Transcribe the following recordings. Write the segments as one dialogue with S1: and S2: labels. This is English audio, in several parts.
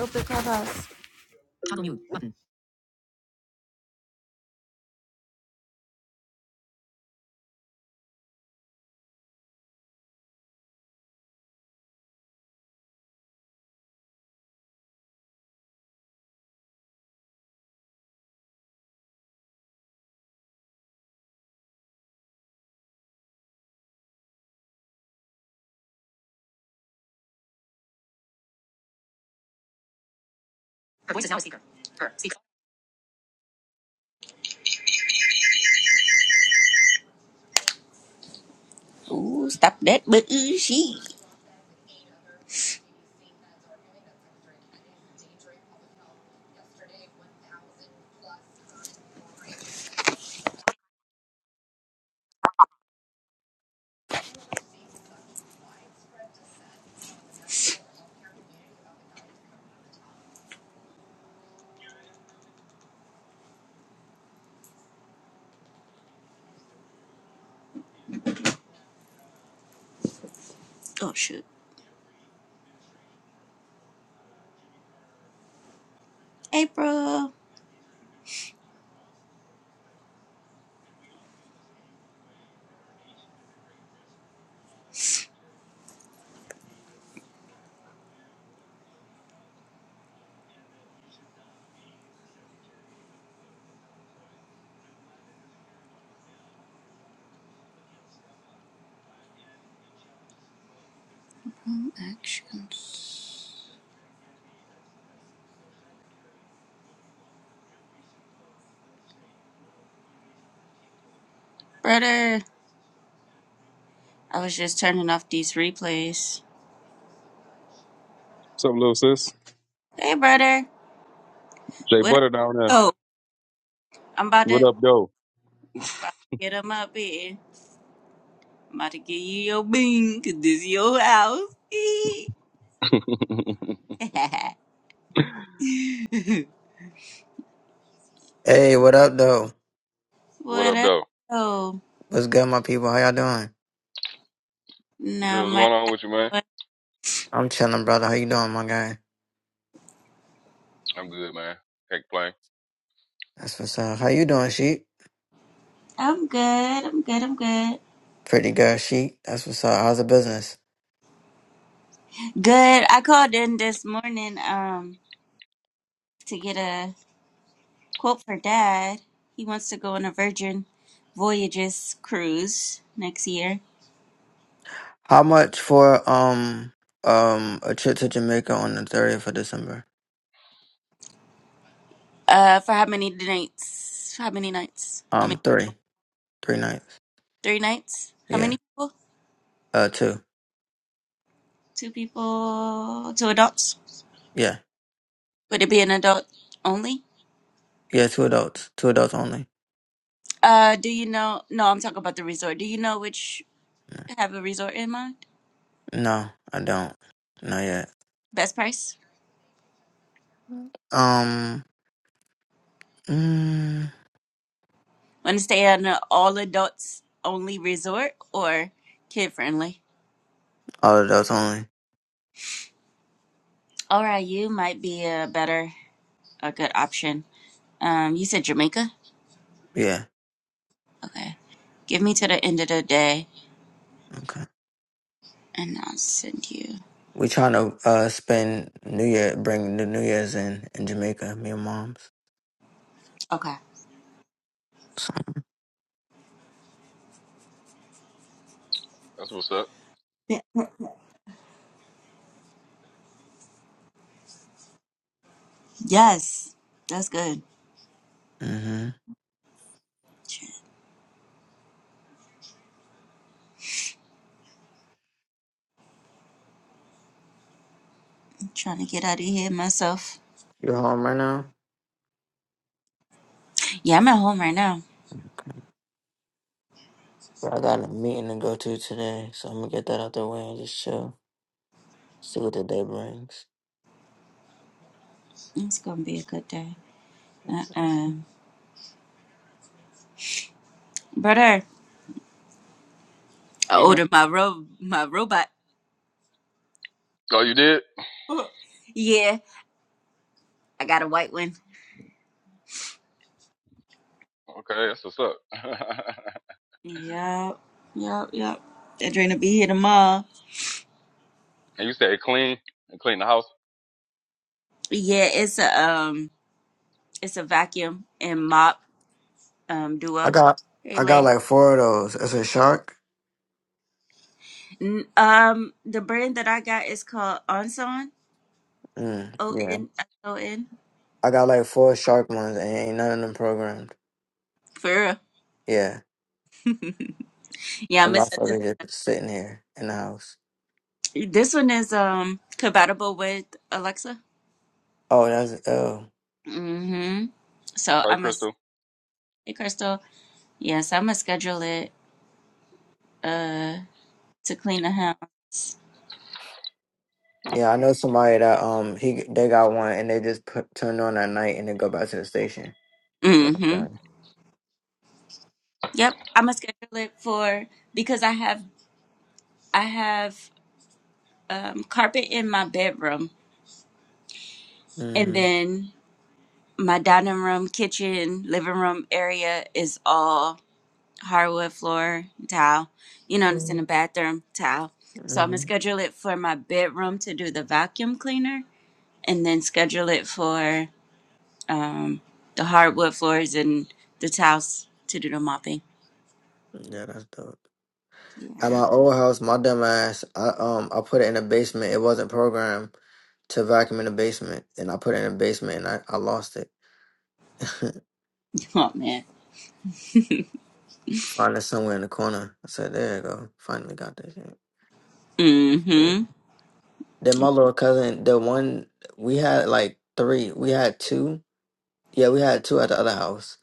S1: Open clubhouse.
S2: Her voice is now a speaker. Her speaker. Ooh, stop that, but ooh, she. Oh shoot, April. Hmm, Actions, brother. I was just turning off these replays.
S3: What's up, little sis?
S2: Hey, brother.
S3: Jay
S2: What? up?
S3: Butter down there.
S2: Oh, I'm about
S3: What
S2: to,
S3: up, though?
S2: about to get on my bed. I'm about to give you your bean, cause this your house. Eee.
S4: Hey, what up, though?
S3: what
S2: what
S3: up,
S2: up?
S3: though?
S2: Oh,
S4: What's good, my people? How y'all doing?
S3: Good.
S2: no,
S3: What's
S2: my.
S3: going on with you, man?
S4: I'm chilling, brother. How you doing, my guy?
S3: I'm good, man. Heck, playing.
S4: That's what's up. How you doing, Sheik?
S2: I'm good. I'm good. I'm good.
S4: Pretty good, Sheik. That's what's up. How's the business?
S2: Good. I called in this morning um to get a Quote for dad. He wants to go on a Virgin Voyages cruise next year.
S4: How much for um um a trip to Jamaica on the 30th of December?
S2: Uh, for how many nights? How many nights? How many?
S4: Um, three, three nights.
S2: Three nights? How
S4: Yeah.
S2: many people?
S4: Uh, two.
S2: Two people. Two adults.
S4: Yeah.
S2: Would it be an adult only?
S4: Yeah, two adults. Two adults only.
S2: Uh, do you know? No, I'm talking about the resort. Do you know which have a resort in mind?
S4: No, I don't. Not yet.
S2: Best price?
S4: Um, mm,
S2: Want to stay at an all adults only resort or kid friendly?
S4: all adults only.
S2: All right, you might be a better, a good option. Um, you said Jamaica?
S4: Yeah.
S2: Okay. Give me to the end of the day
S4: Okay.
S2: and I'll send you.
S4: We trying to uh spend New Year, bring the New Year's in in Jamaica. Me and mom's.
S2: Okay.
S4: So,
S3: That's what's up.
S2: Yeah. Yes. That's good.
S4: hmm
S2: Try- Trying to get out of here myself.
S4: You home right now?
S2: Yeah, I'm at home right now.
S4: Bro, I got a meeting to go to today, so I'm gonna get that out the way and just chill. See what the day brings.
S2: It's gonna be a good day. Uh uh Brother, I
S3: hmm
S2: ordered my ro my robot.
S3: Oh, you did?
S2: Oh, yeah, I got a white one.
S3: Okay, that's what's up.
S2: Yep, yep, yep. They're trying to be here tomorrow.
S3: and you said clean and clean the house.
S2: Yeah, it's a um, it's a vacuum and mop um
S4: I
S2: duo.
S4: got,
S2: Hey,
S4: I got
S2: Lay.
S4: like four of those. It's a shark.
S2: N- Um, the brand that I got is called Onson.
S4: Mm,
S2: O
S4: yeah.
S2: N S O N.
S4: I got like four shark ones, and ain't none of them programmed.
S2: For real.
S4: Yeah,
S2: yeah, I'm
S4: the
S2: gonna set this.
S4: motherfucker just sitting here in the house.
S2: one. This one is um compatible with Alexa.
S4: Oh, that's oh.
S2: Mm-hmm. So
S3: Hi,
S2: I'm gonna.
S3: Crystal.
S2: Hey, Crystal. Yes, I'm gonna schedule it. Uh, to clean the house.
S4: Yeah, I
S3: Mm.
S4: know somebody that um he they got one and they just put turn on at night and they go back to the station. Like
S2: Mm-hmm.
S4: that.
S2: Yep, I'm gonna schedule it for because I have I have um carpet in my bedroom, and
S4: Mhm.
S2: then my dining room, kitchen, living room area is all. hardwood floor towel. You know, it's in the
S4: Mhm.
S2: bathroom towel. So I'm gonna
S4: Mhm.
S2: schedule it for my bedroom to do the vacuum cleaner, and then schedule it for um, the hardwood floors and the towels to do the mopping.
S4: Yeah, that's dope.
S2: Yeah.
S4: At my old house, my dumb ass, I um I put it in the basement. It wasn't programmed to vacuum in the basement, and I put it in the basement and I, I lost it.
S2: Oh man.
S4: Find it somewhere in the corner. I said, "There you go. Finally got this." shit."
S2: Mm-hmm.
S4: Crazy. Then my little cousin, the one we had like three, we had two. Yeah, we had two at the other house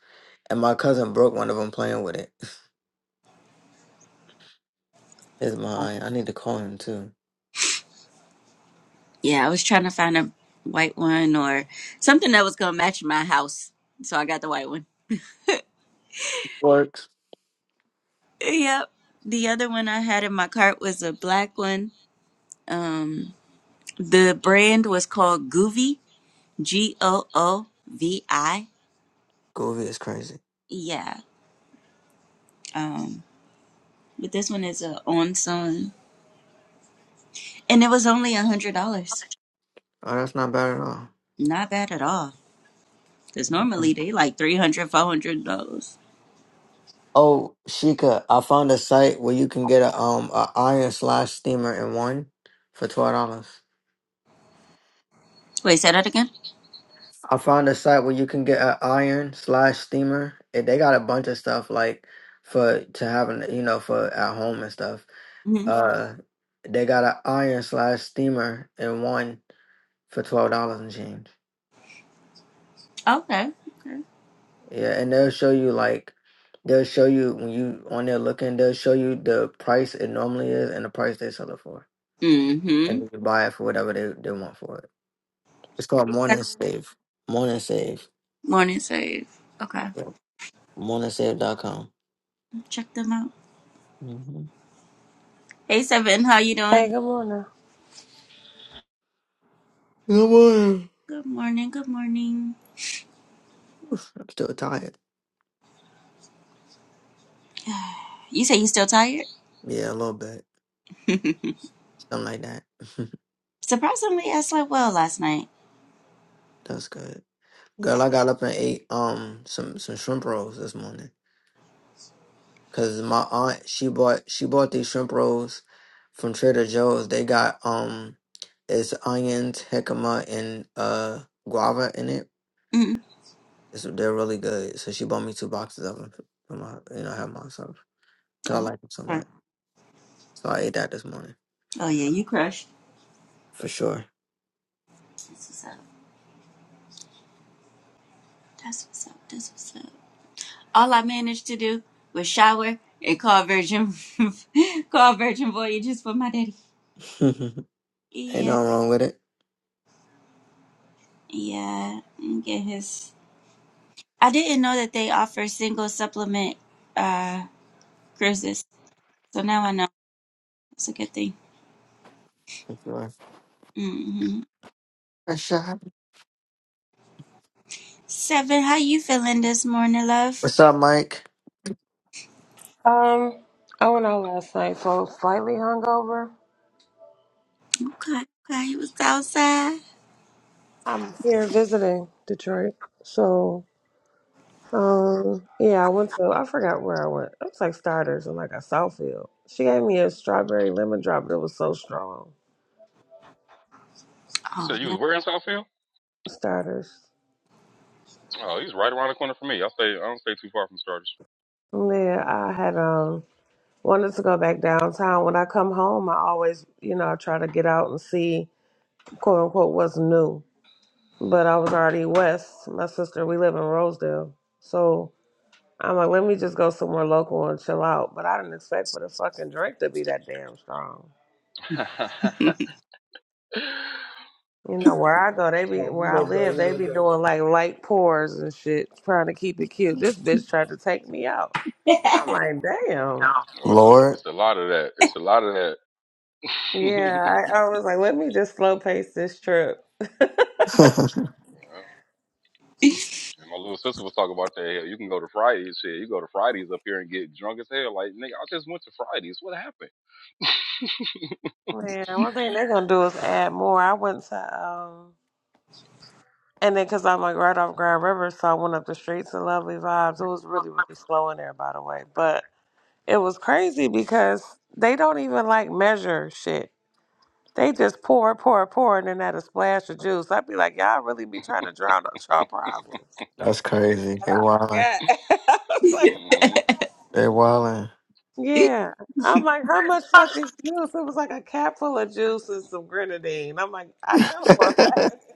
S4: And my cousin broke one of them playing with it. It's mine. I need to call him too.
S2: Yeah, I was trying to find a white one or something that was gonna match my house, so I got the white one.
S4: Works.
S2: Yep. The other one I had in my cart was a black one. Um, the brand was called Goovy G O O V I.
S4: Groovy is crazy.
S2: E, Yeah. Um, but this one is a on song, and it was only a hundred dollars.
S4: Oh, that's not bad at
S2: Not bad at all. Cause normally
S4: all.
S2: they like three hundred, four hundred dollars.
S4: Oh, Sheikah, I found a site where you can get a um a iron slash steamer in one for twelve dollars.
S2: Wait, say that again.
S4: I found a site where you can get an iron slash steamer. and They got a bunch of stuff like for to have an you know for at home and stuff.
S2: hmm
S4: Uh, they got an iron slash steamer in one for twelve dollars and change.
S2: Okay. Okay.
S4: Yeah, and they'll show you like they'll show you when you on there looking, they'll show you the price it normally is and the price they sell it for. And
S2: Mm-hmm.
S4: then you buy it for whatever they, they want for it. It's called
S2: Hey,
S4: Morning
S2: Seven.
S4: Save. Morning Save.
S2: Morning Save. Okay.
S4: Yeah. MorningSave.com.
S2: Check them out.
S4: Mm-hmm.
S2: Hey Seven, how you doing?
S5: Hey, good morning.
S4: Good morning.
S2: Good morning. Good morning.
S4: Oof, I'm still tired.
S2: You say you still tired?
S4: Yeah, a little bit. Something like that.
S2: Surprisingly, I slept well last night.
S4: That's good. Girl,
S2: Yeah.
S4: I got up and ate um some, some shrimp rolls this morning. Cause my aunt she bought she bought these shrimp rolls from Trader Joe's. They got um it's onions, jicama, and uh guava in it.
S2: Mm-mm.
S4: It's, they're really good. So she bought me two boxes of them for for my you know I have myself. Cause I
S2: Oh,
S4: like them so
S2: sorry.
S4: much. So I ate that this morning
S2: Oh yeah, you crushed.
S4: for sure.
S2: That's what's up. That's what's up. That's what's up. All I managed to do was shower and call Virgin, call Virgin Voyages for my daddy.
S4: Ain't nothing
S2: Yeah,
S4: wrong with it.
S2: yeah. and Get his. I didn't know that they offer single supplement uh cruises, so now I know. It's a good thing.
S4: For sure.
S2: hmm
S4: For sure.
S2: Seven, how you feeling this morning, love?
S4: What's up, Mike?
S5: Um, I went out last night, so slightly hungover.
S2: Okay, okay. He was outside.
S5: I'm here visiting Detroit, so um, yeah, I went to I forgot where I went. It was like Starters and like a Southfield. She gave me a strawberry lemon drop that was so strong.
S3: You
S2: Oh
S3: said you was
S2: man,
S3: where in Southfield?
S5: Starters.
S3: Oh, he's right around the corner from me. I stay. I don't stay too far from Starters.
S5: And then I had um wanted to go back downtown. When I come home, I always you know I try to get out and see quote unquote what's new. But I was already west. My sister, we live in Rosedale, so. I'm like, let me just go somewhere local and chill out. But I didn't expect for the fucking drink to be that damn strong. You know, where I go, they be
S6: Oh,
S5: where
S6: what
S5: I
S6: up, though?
S5: live,
S6: What
S5: they
S6: up,
S5: be
S6: though?
S5: doing like light pours and shit, trying to keep it cute. This bitch tried to take me out. I'm like, damn.
S3: oh, it's a
S4: Lord,
S3: it's a lot of that. It's a lot of that.
S5: Yeah, I, I was like, let me just slow pace this trip.
S4: that's
S3: Yeah, And my little sister was talking about that. Hell, you can go to Fridays. Shit, you go to Fridays up here and get drunk as hell. Like, nigga, I just went to Fridays. What happened?
S5: Man, one thing they're gonna do is add more. I went to um, and then cause I'm like right off Grand River, so I went up the streets to Lovely Vibes. It was really really slow in there, by the way, but It was crazy because they don't even like measure shit. They just pour, pour, pour, and then add a splash of juice. I'd be like, y'all really be trying to drown out y'all problems.
S4: crazy.
S5: And
S4: They
S5: I
S4: wildin'.
S5: forgot. I was like, I
S3: mm
S5: forgot.
S4: They wildin'.
S5: Yeah. I'm like, how much fucking juice? It was like a capful of juice and some grenadine. I'm like, I know for a fact.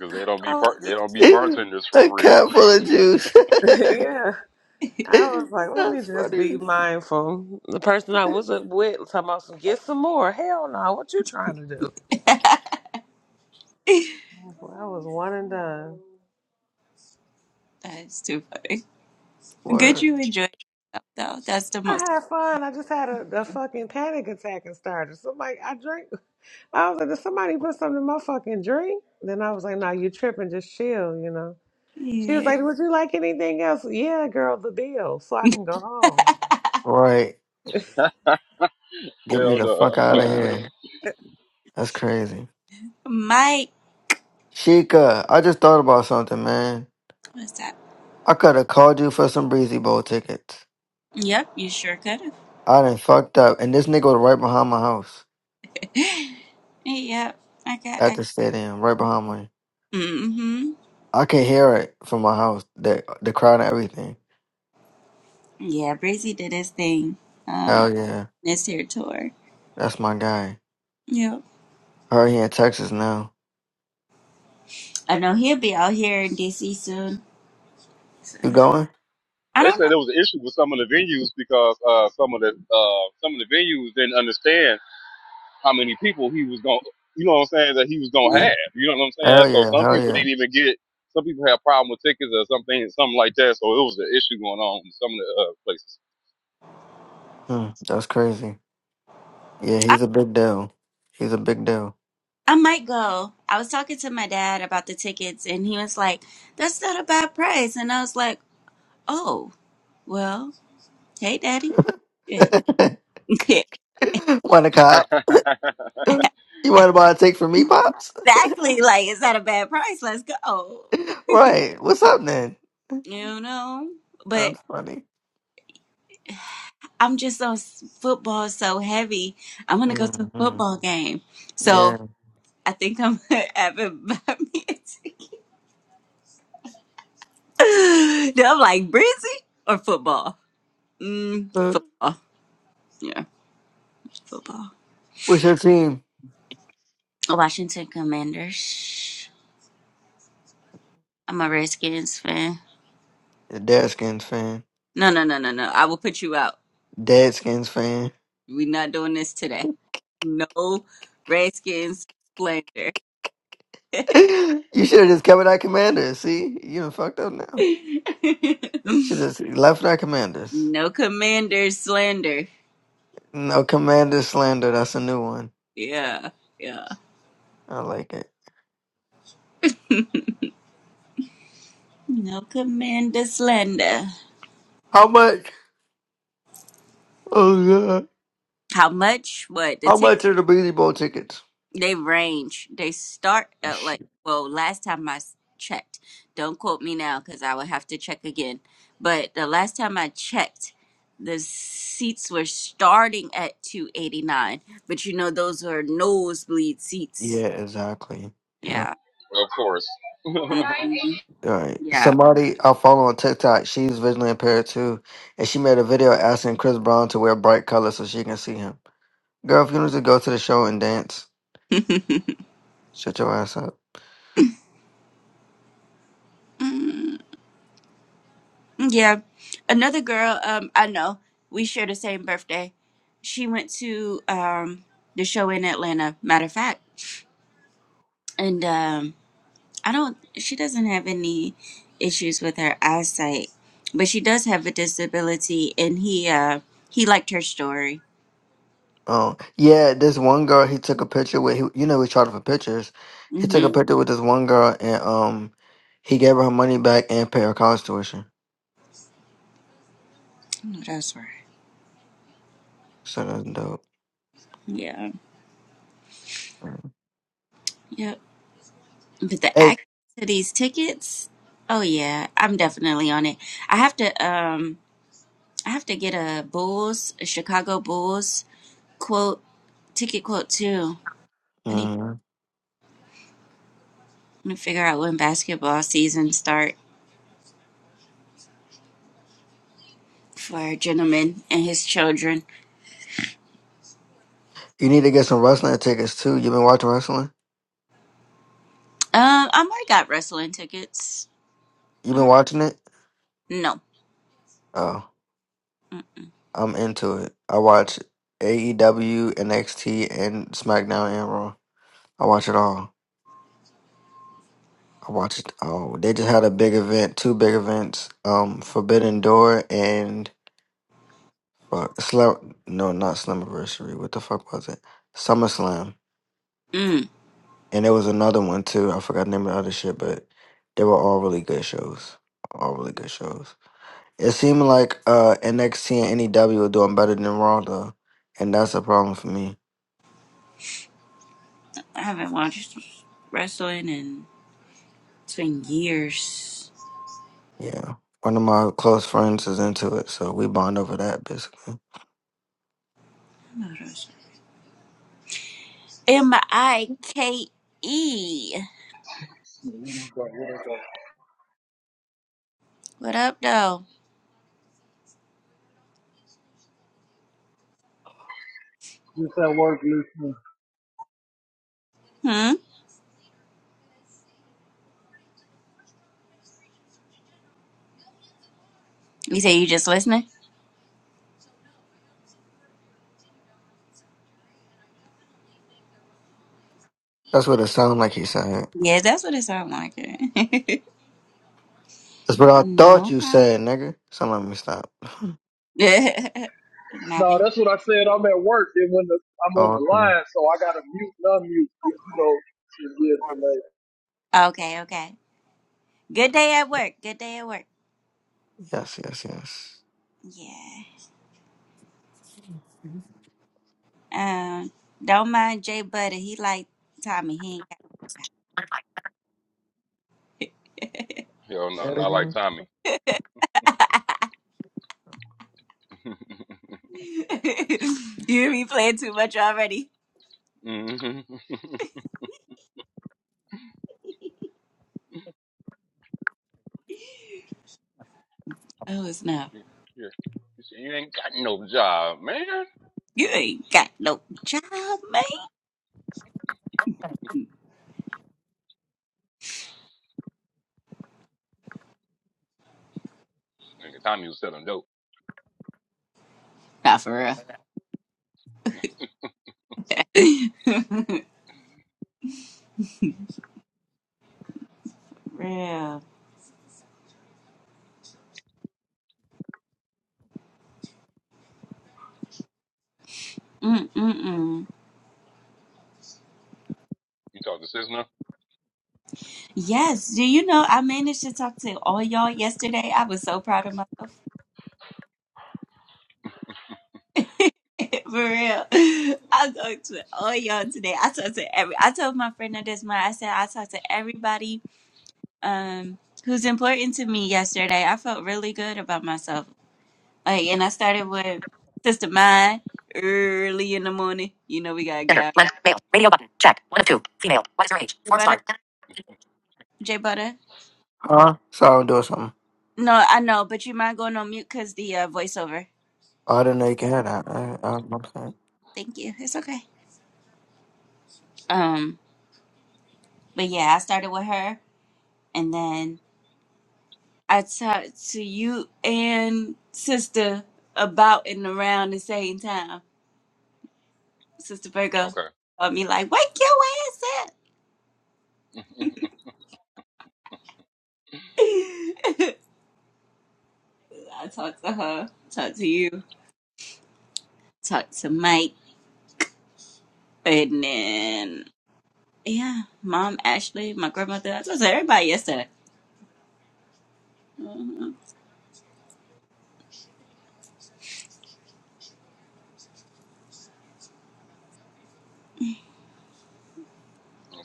S3: Cause they don't
S5: I
S3: be
S5: was like,
S3: part, they don't be
S4: a
S3: bartenders for real.
S4: cup full of juice.
S5: it's- yeah. I was like, let me
S4: That's
S5: just be
S4: funny.
S5: mindful. The person I was with talking about some, get some more. Hell no, what you trying to do? Well, I was one and done.
S2: that is too funny. Good,
S4: Word.
S2: you enjoy yourself though. That's the
S5: I
S2: most.
S5: had fun. I just had a, a fucking panic attack and started. Somebody, I drink. I was like, did somebody put something in my fucking drink? Then I was like, no, you tripping. Just chill, you know. She was
S2: Yeah,
S5: like, would you like anything else? Yeah, girl, the deal. So I can go home.
S4: Right. Get me
S3: Hell
S4: the
S3: no.
S4: fuck out of here. That's crazy.
S2: Mike.
S4: Sheikah, I just thought about something, man.
S2: What's up?
S4: I could have called you for some Breezy Bowl tickets.
S2: Yep, you sure could have.
S4: I done fucked up. And this nigga was right behind my house
S2: yep, I got.
S4: at
S2: I,
S4: the stadium, right behind me.
S2: mm-hmm.
S4: I could hear it from my house, the, the crowd and everything.
S2: Yeah, Breezy did his thing. Um,
S4: Hell yeah.
S2: this here tour.
S4: That's my guy.
S2: Yep.
S4: I Heard he in Texas now.
S2: I know he'll be out here in DC soon.
S4: You going?
S2: I
S3: They
S2: don't know.
S3: said there was an issue with some of the venues because uh, some of the uh, some of the venues didn't understand how many people he was going. to You know what I'm saying? That he was gonna
S4: Yeah.
S2: Mm,
S3: have. You know what I'm saying?
S4: Hell
S3: So
S4: yeah.
S3: some
S4: Hell
S3: people
S4: yeah.
S3: didn't even get. Some people had a problem with tickets or something, something like that. So it was an issue going on in
S4: Hmm, that's crazy. Yeah,
S2: I,
S4: he's a big deal. He's a big deal.
S2: I might go. I was talking to my dad about the tickets, and he was like, "That's not a bad price," and I was like, "Oh, well, hey, daddy." Shit. exactly.
S4: want a
S3: some
S4: cop?
S3: of the uh, places.
S4: You want to buy a take from me, pops?
S2: Like, it's not a bad price. Let's go.
S4: right. What's up, then?
S2: You know. But."
S4: That's funny.
S2: I'm just so football so heavy. I'm gonna go to a
S4: hmm
S2: football game.
S4: Yeah.
S2: So I think I'm gonna have it buy at Bambi. Then I'm like Brizzy or football. Mm,
S4: Uh,
S2: football. Yeah, football.
S4: what's your team?
S2: Washington Commanders. I'm a Redskins fan.
S4: A Deadskins fan.
S2: No, no, no, no, no. I will put you out.
S4: Deadskins fan.
S2: We're not doing this today. No Redskins slander.
S4: you should have just covered our commanders. See, you done fucked up now. Should have left our commanders.
S2: no Commanders slander.
S4: No commander slander. That's a new one.
S2: Yeah. yeah.
S4: I like it.
S2: No commander slender.
S4: How much? Oh god.
S2: How much? What the
S4: How
S2: tick?
S4: much are the Beanie Bowl tickets?
S2: They range. They start at like well. Last time I s- checked, don't quote me now because I would have to check again. But the last time I checked, the seats were starting at two eighty nine. But you know those are nosebleed seats.
S4: Yeah, exactly. Yeah.
S2: Yeah.
S3: Well, Of course. Hell
S2: hmm
S4: All right.
S2: Yeah.
S4: Somebody I follow on TikTok, she's visually impaired too, and she made a video asking Chris Brown to wear bright colors so she can see him. Girl, if you need to go to the show and dance, shut your ass up.
S2: Yeah. Another girl, um, I know, we share the same birthday. She went to um the show in Atlanta, matter of fact. And um I don't she doesn't have any issues with her eyesight, but she does have a disability and he uh he liked her story.
S4: Oh, yeah, this one girl he took a picture with. He, you know, we charged for pictures. He took a
S2: Mm-hmm.
S4: picture with this one girl, and um, he gave her her money back and paid her college tuition.
S2: That's right.
S4: So that's dope.
S2: Yeah. Yep. But the
S4: Hey,
S2: act to these tickets, oh yeah, I'm definitely on it. I have to um I have to get a Bulls, a Chicago Bulls quote ticket quote too. I need
S4: mhm.
S2: to figure out when basketball season start for our gentleman and his children.
S4: you need to get some wrestling tickets too. You've been watching wrestling?
S2: Um, I might got wrestling tickets.
S4: You've
S2: I
S4: been
S2: might-
S4: watching it?
S2: No,
S4: Oh. I'm into it. I watch AEW, NXT, and SmackDown and Raw. I watch it all. I watch it all. They just had a big event, two big events, um, Forbidden Door and fuck, Slam. No, not Slammiversary. What the fuck was it? SummerSlam.
S2: mm,
S4: And there was another one too. I forgot the name of the other shit, but they were all really good shows. All really good shows. It seemed like uh, NXT and NEW were doing better than Raw though, and that's a problem for me.
S2: I haven't watched wrestling in it's been years.
S4: Yeah. One of my close friends is into it, so we bond over that basically.
S2: M I K E.
S6: Yeah, What up, though? What up, though?
S2: What up, though?
S6: Just at work listening.
S2: Hmm. You say you just listening?
S4: That's what it sounded like he said.
S2: Yeah, that's what it sounds like.
S4: That's what I thought
S2: no
S4: you
S2: problem.
S4: said, nigga. So let me stop.
S2: now
S6: No,
S2: we
S6: that's what I said. I'm at work, Then when the, I'm on
S4: Oh,
S6: the
S4: okay.
S6: line, so I gotta mute and unmute, you know, to get delayed.
S2: okay. Okay. Good day at work. Good day at work.
S4: Yes, yes, yes.
S2: Yeah. Um, don't mind Jay Butter. He like Tommy. He ain't got
S3: no,
S4: That
S3: not like
S4: again?
S3: Tommy.
S2: You hear me playing too much already?
S3: hmm
S2: Oh, it's not.
S3: yeah. yeah. You say you ain't got no job, man.
S2: You ain't got no job, man.
S3: Nigga, Tommy was selling dope.
S2: Not for real. real. Mm-mm-mm.
S3: You talk to Sis now?
S2: Yes. Do you know I managed to talk to all y'all yesterday? I was so proud of myself. For real. I talked to all y'all today. I talked to every I told my friend that that's mine. I said I talked to everybody um who's important to me yesterday. I felt really good about myself. Like and I started with Sister Mine early in the morning. You know we gotta get
S4: Gender,
S2: out.
S4: length, male, radio button, check. One of two, female. What is your age?
S2: J
S4: Form
S2: Butter,
S4: start.
S2: J Butter.
S4: Huh? So I'll do something.
S2: No, I know, but you mind going on mute because the uh, voiceover.
S4: Oh, I didn't know you can have that. I,
S2: Thank you. It's okay. Um but yeah, I started with her and then I talked to you and sister about and around the same time. Sister Virgo
S3: Okay.
S2: called me like, wake your ass
S3: That's
S2: up. So I talked to her, talked to you, talked to Mike, and then yeah, mom, Ashley, my grandmother. I talked to everybody yesterday. hmm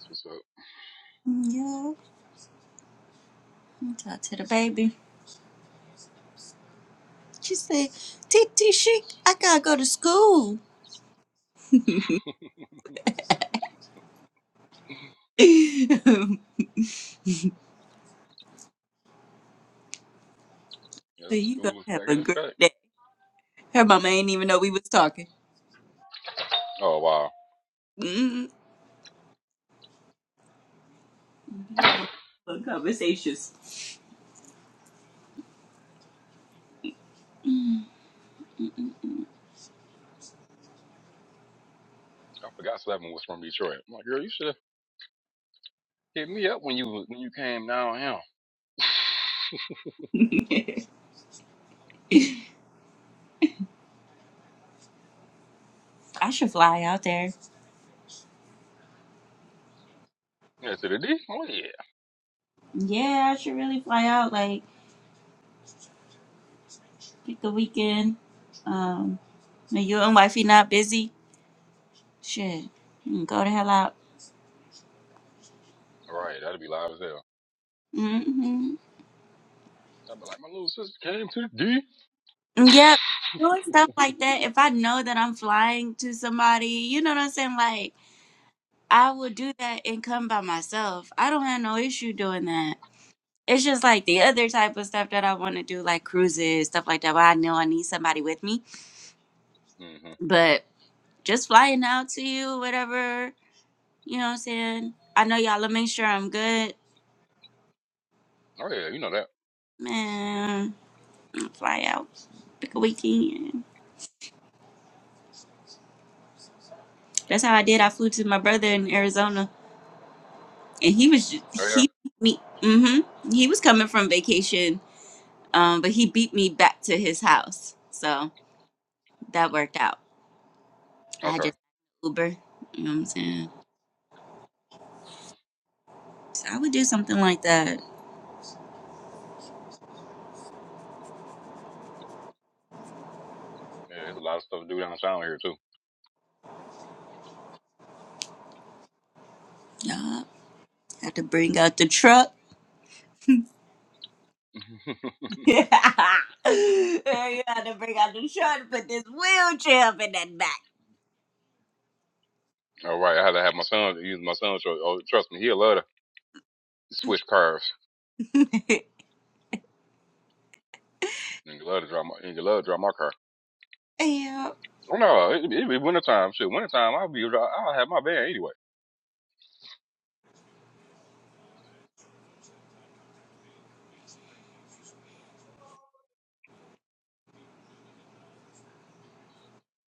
S3: what's up.
S2: Yeah, I talked to the baby. She said, "TT Chic, I gotta go to school." so you
S3: Yeah,
S2: gonna
S3: school is
S2: have
S3: back
S2: a
S3: in
S2: great
S3: effect.
S2: day. Her mama ain't even know we was talking.
S3: Oh wow.
S2: Mm-hmm. We having fun conversations.
S3: I forgot Slevin was from Detroit. I'm like, girl, you should have hit me up when you when you came down here.
S2: I should fly out there.
S3: Yeah, to the D? Oh yeah.
S2: Yeah, I should really fly out. Like pick a weekend. Um, when you and wifey not busy. Shit, Mm, go the hell out.
S3: Right, that'd be live as hell.
S2: Mm-hmm.
S3: I'd be like, my little sister came to the D.
S2: Mm, Yep, doing stuff like that. If I know that I'm flying to somebody, you know what I'm saying. Like I would do that and come by myself. I don't have no issue doing that. It's just like the other type of stuff that I want to do, like cruises, stuff like that. But I know I need somebody with me.
S3: hmm
S2: But just flying out to you, whatever, you know what I'm saying? I know y'all will make sure I'm good.
S3: Oh yeah, you know that.
S2: Man, I'll fly out, pick a weekend. That's how I did. I flew to my brother in Arizona, and he was, ju-
S3: Oh yeah.
S2: he, beat me, mm hmm. He was coming from vacation, um, but he beat me back to his house. So that worked out. I had
S3: Okay.
S2: just Uber, you know what I'm saying? So I would do something like that.
S3: Yeah, there's a lot of stuff to do downtown here too.
S2: Yeah, have to bring out the truck. Yeah, you have to bring out the truck and put this wheelchair up in that back.
S3: All right, I had to have my son use my son's truck. Oh, trust me, he'll love to switch cars. And he love to drive my and he love to drive my car.
S2: yeah,
S3: Oh no, it, it be winter time. Shit, winter time. I'll be I'll have my van anyway.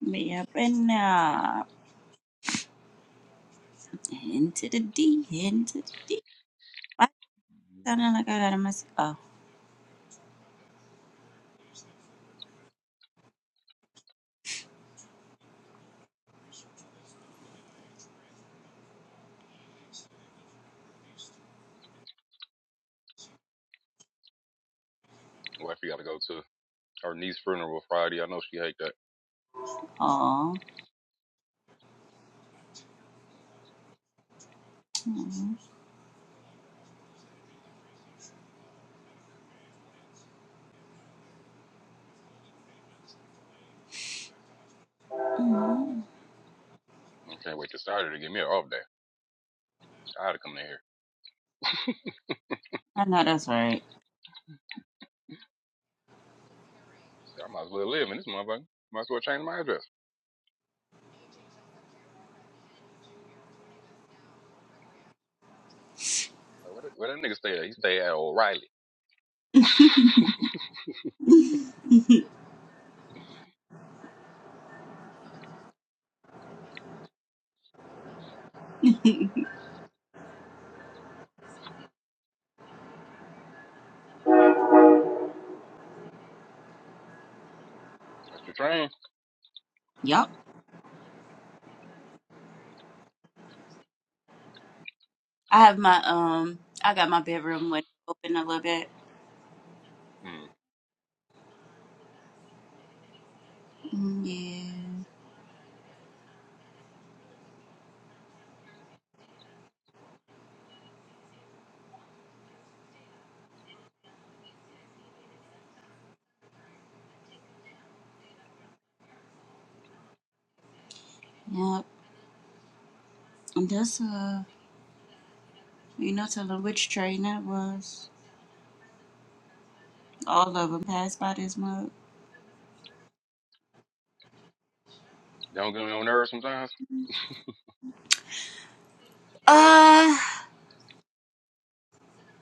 S2: me up and up into the D, into the D. Why
S3: hmm
S2: sounding like I got a mess? Oh,
S3: Wife, got to go to her niece's funeral Friday. I know she hate that.
S2: oh, mm
S3: I can't wait to Saturday to give me an off day. I had to come in here.
S2: I know that's right.
S3: I might as well live in this motherfucker. Might as well change my address. Like, where, that- where that nigga stay at? He stay at O'Reilly. That's your train.
S2: yup, I have my um, I got my bedroom window open a little bit.
S3: Mm.
S2: Mm, Yeah, yep, and that's uh. You know, telling which train that was. All of them passed by this mug.
S3: Don't get on your nerves sometimes.
S2: Uh,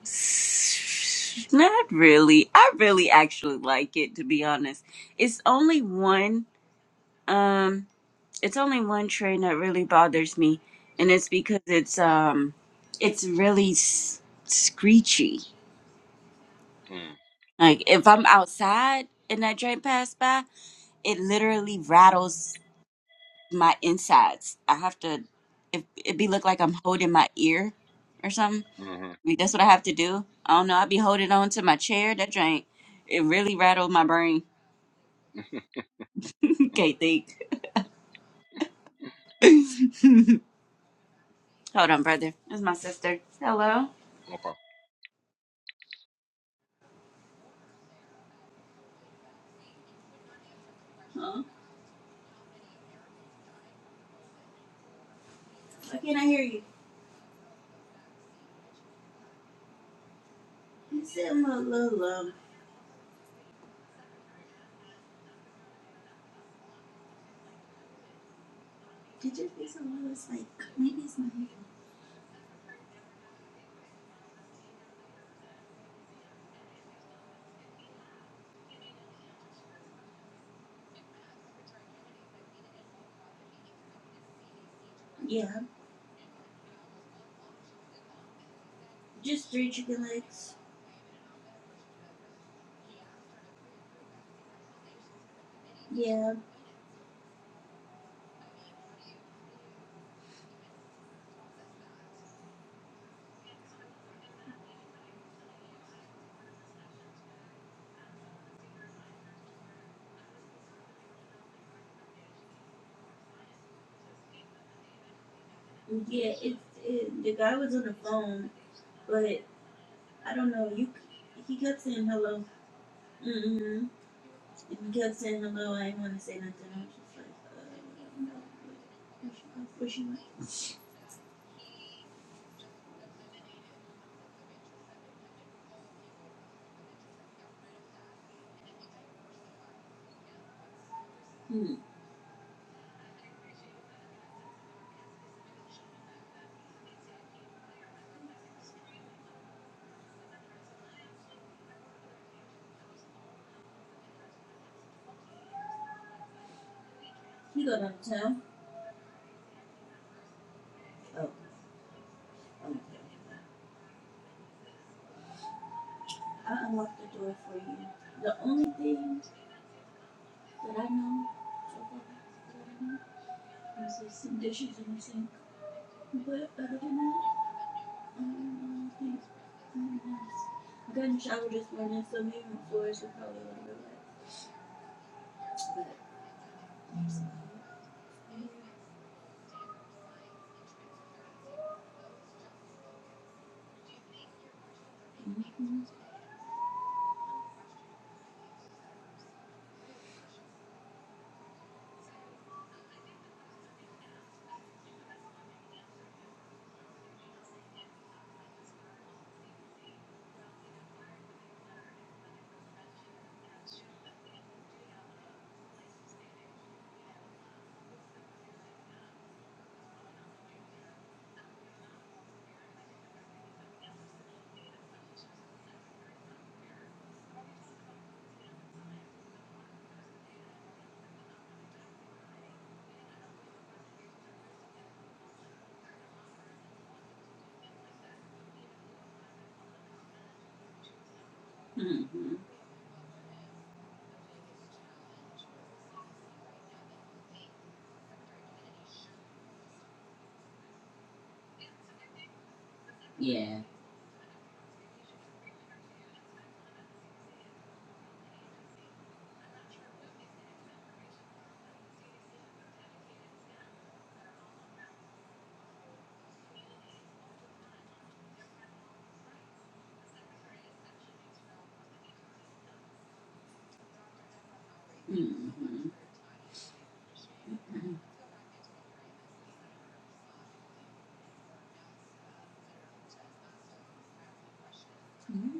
S2: s- not really. I really actually like it to be honest. It's only one. Um, it's only one train that really bothers me, and it's because it's um, it's really s- screechy.
S3: Mm.
S2: Like if I'm outside and that train passed by, it literally rattles. my insides. I have to it it be look like I'm holding my ear or something.
S3: Mm-hmm.
S2: I mean, that's what I have to do. I don't know. I be holding on to my chair. That drink it really rattled my brain. Can't think. Hold on, brother. That's my sister. Hello.
S3: Okay.
S2: Huh? Why can't I hear you? You said I'm a little um. Did you feel something that was like maybe it's my hair? yeah, just three chicken legs. Yeah, yeah. It, it the guy was on the phone, but. I don't know. You, he kept saying hello. mm mm. And he kept saying hello. I didn't want to say nothing. I was just like, uh, no. Where she go? Where she went? Hmm. He got out of town. Oh, okay. I unlocked the door for you. The only thing that I know so far that I know is there's some dishes in the sink. But other than that, I don't know. Things pretty nice. I got in the shower this morning, so maybe my floors are probably a little bit wet. But anyway. Mm-hmm. Yeah. Hmm.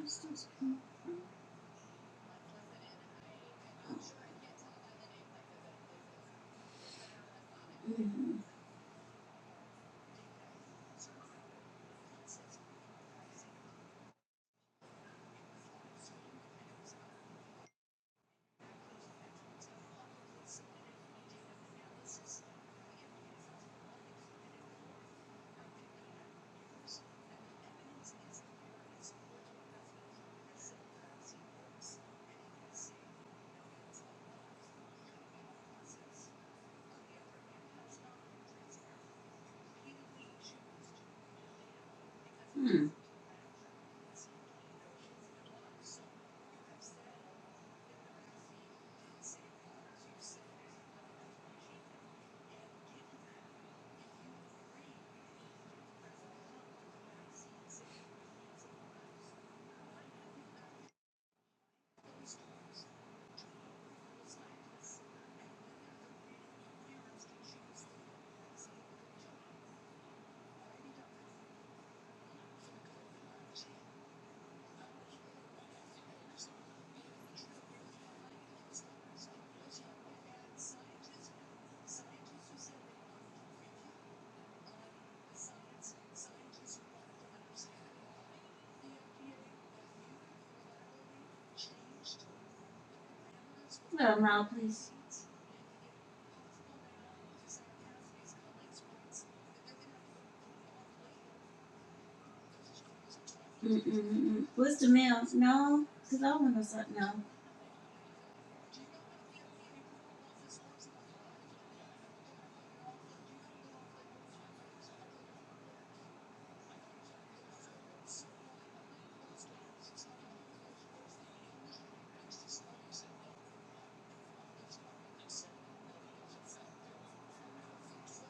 S2: Mm-mm-mm. What's the mail? No, because I want to start now.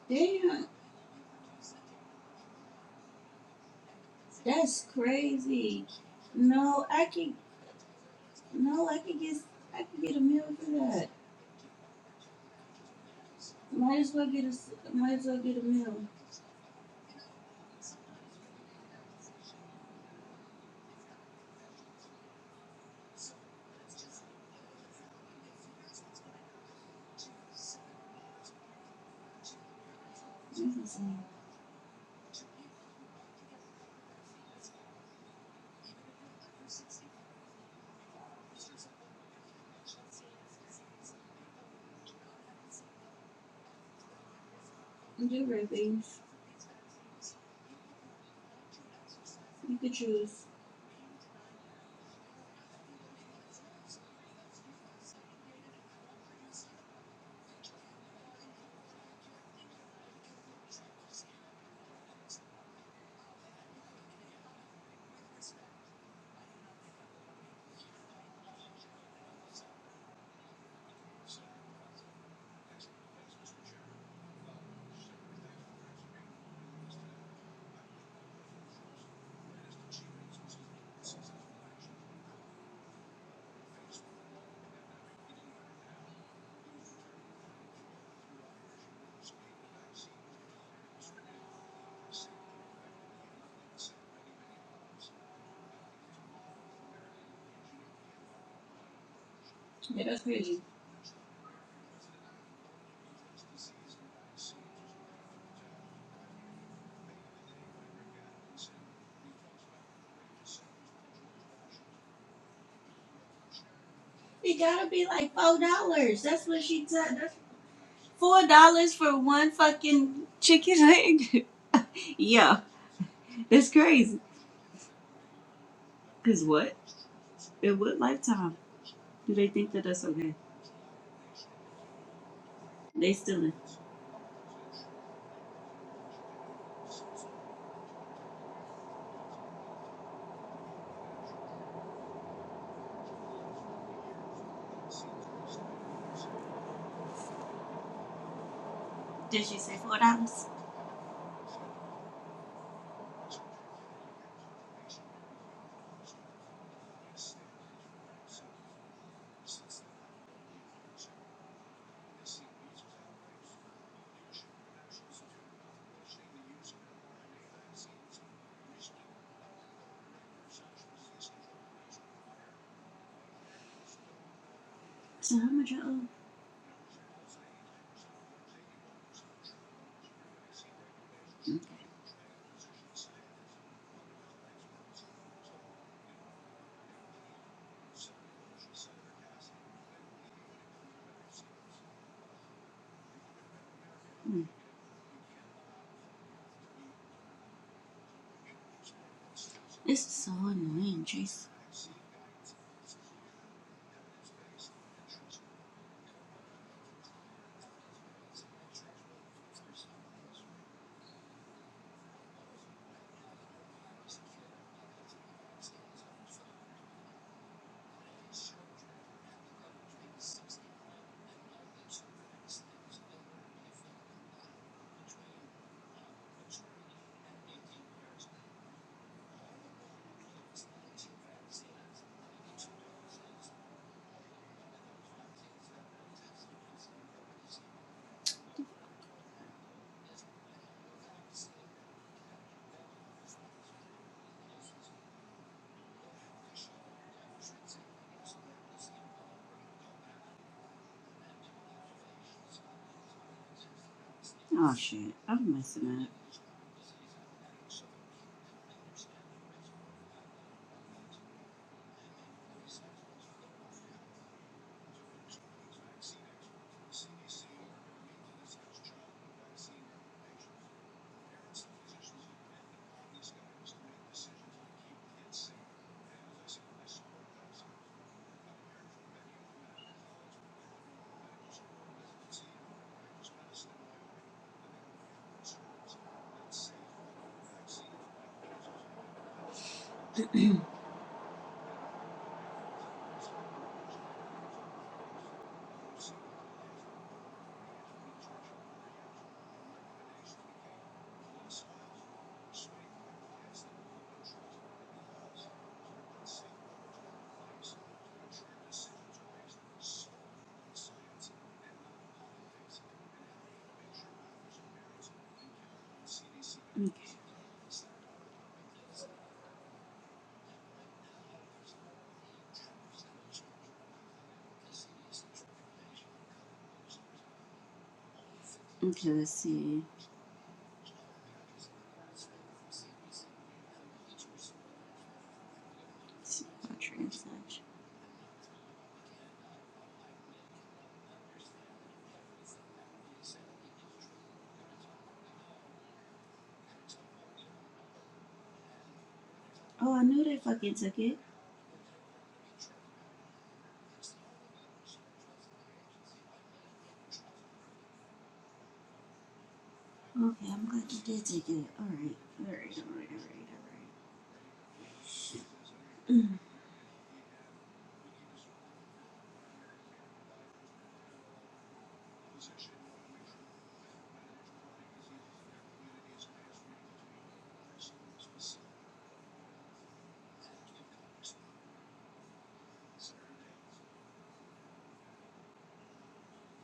S2: Damn, that's crazy. No, I can. No, I can get. I can get a meal for that. Might as well get a. Might as well get a meal. Listen, and do red beans. You could choose. Yeah, that's crazy. It gotta be like four dollars. That's what she said. That's four dollars for one fucking chicken leg. Yeah, that's crazy. Cause what? In what lifetime do they think that that's okay? They stealing. They say four dollars. So how much I owe? Hmm. This is so annoying, Chase. Oh shit, I'm messing up. Okay, okay let's see. Let's see about transaction. Oh, I knew they fucking took it. Okay, I'm glad you did take it. All right, all right, all right, all right,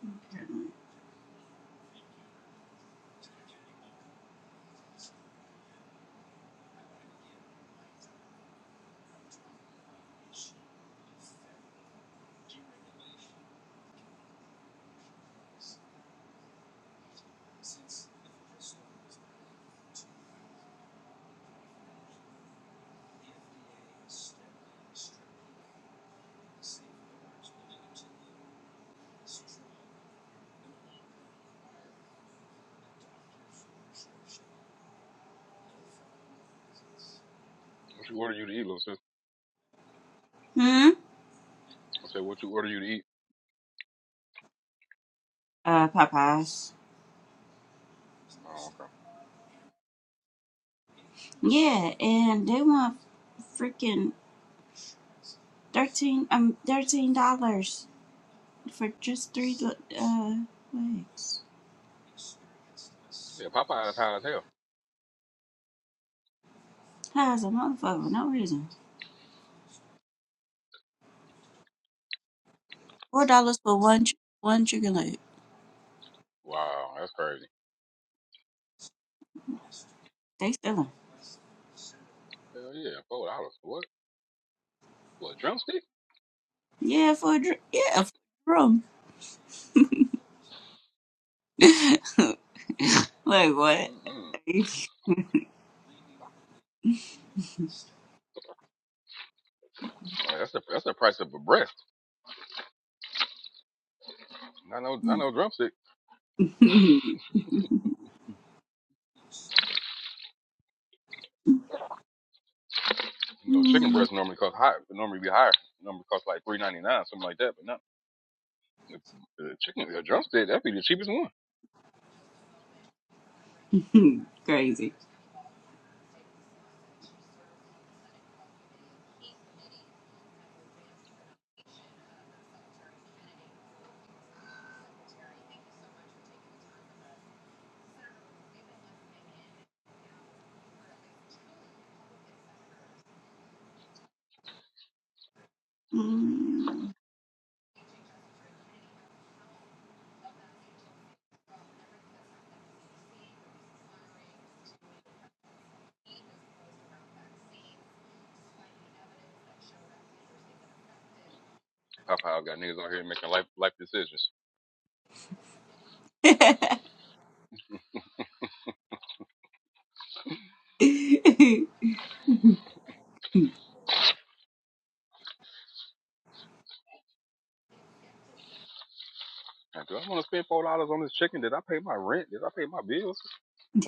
S2: all right.
S3: What you order you to eat, little sis?
S2: Apparently. Hmm.
S3: I said, what you order you to eat?
S2: Uh, Popeyes.
S3: Oh, okay.
S2: Yeah, and they want freaking thirteen um thirteen dollars. for just three uh legs.
S3: Yeah, Popeye's high as hell.
S2: How's a motherfucker? for No reason. Four dollars for one ch- one chicken leg.
S3: Wow, that's crazy.
S2: They stealing.
S3: Hell yeah, four dollars. What? What a drumstick?
S2: Yeah, for a dr- yeah for a drum. like what?
S3: Mm-mm. Yeah, That's the that's the price of a breast. I know I know drumstick. You know, chicken breast normally cost high. Normally be higher. Normally cost like three ninety nine, something like that. But not uh, chicken a drumstick. That'd be the cheapest one.
S2: Crazy. Mm.
S3: Popeye got niggas out here making life life decisions. Like, Do I want to spend four dollars on this chicken? Did I pay my rent? Did I pay my bills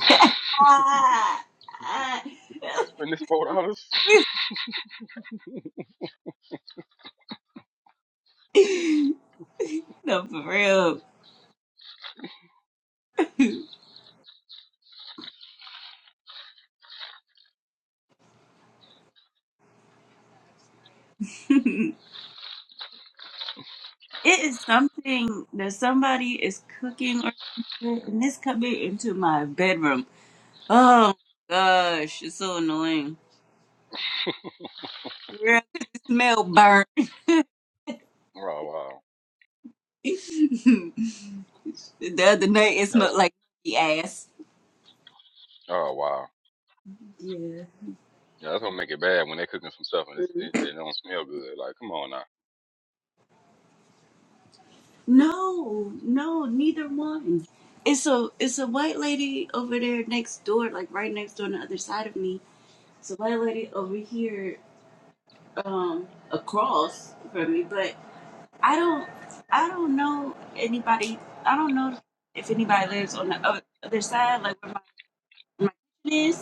S2: Ah, ah.
S3: before I spend this four dollars?
S2: no, for real. it is something that somebody is cooking or something, and this coming into my bedroom. Oh my gosh, it's so annoying. Girl, 'cause it smell burnt.
S3: Oh wow.
S2: the other night it
S3: Yeah, that's
S2: smelled
S3: what,
S2: like monkey ass.
S3: oh wow.
S2: Yeah.
S3: Yeah, that's gonna make it bad when they're cooking some stuff and it's,
S2: Mhm.
S3: it, it don't smell good. Like, come on now.
S2: No, no, neither one. It's a it's a white lady over there next door, like right next door on the other side of me. It's a white lady over here, um, across from me. But I don't I don't know anybody. I don't know if anybody lives on the other, other side, like where my, my kitchen is.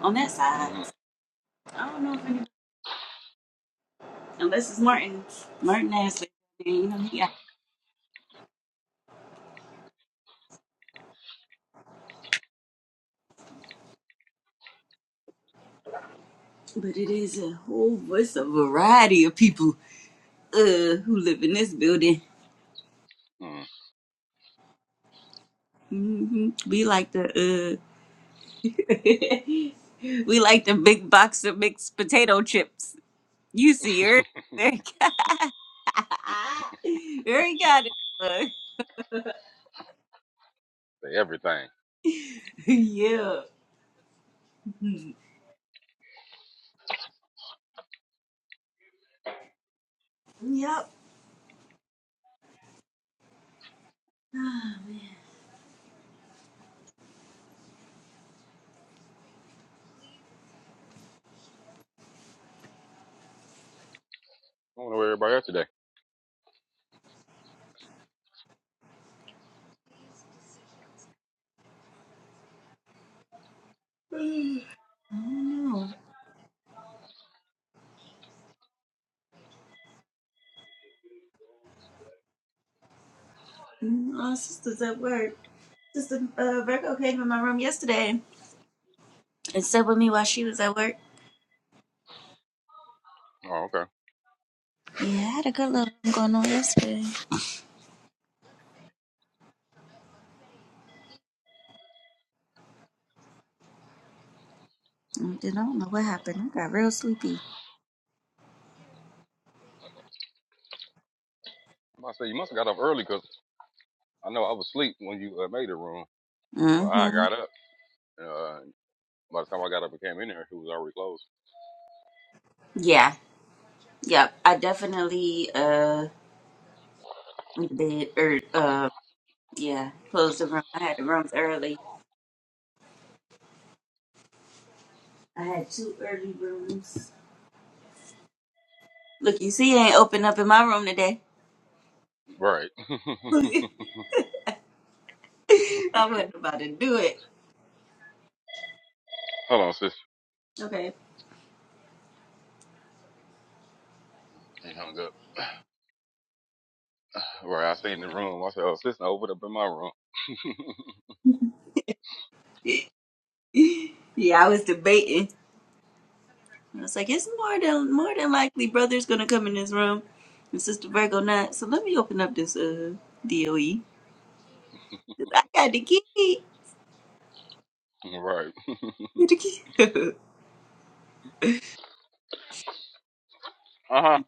S2: On that side,
S3: Mm-hmm.
S2: I don't know if any, unless it's Martin. Martin Ashley, and, you know he. Got, but it is a whole, it's a variety of people uh who live in this building.
S3: Mm.
S2: hmm We like the uh, we like the big box of mixed potato chips. You see her, Eric Eric got it. uh,
S3: Say everything. I
S2: yeah. I
S3: wonder where everybody at today.
S2: don't know. Mm, Our sister's at work. Sister uh, Virgo came in my room yesterday. and slept with me while she was at work.
S3: Oh, okay.
S2: Yeah, I had a good little one going on yesterday. And I don't know what happened. I got real sleepy.
S3: I'm about to say you must have got up early, cause I know I was asleep when you uh, made the room. Well, I
S2: Mm-hmm.
S3: got up. Uh, by the time I got up and came in here, it was already closed.
S2: Yeah. Yep. I definitely uh went to bed or uh yeah, closed the room. I had the rooms early. I had two early rooms. Look, you see, I ain't opened up in my room today.
S3: Right.
S2: I wasn't about to do it.
S3: Hold on, sis.
S2: Okay.
S3: Ain't hung up. Right. I seen the room. I said, oh, sis, I opened up in my room.
S2: yeah, I was debating. And I was like, it's more than more than likely brother's gonna come in this room and sister Virgo not. So let me open up this uh DOE. 'Cause I got the key.
S3: right. uh huh.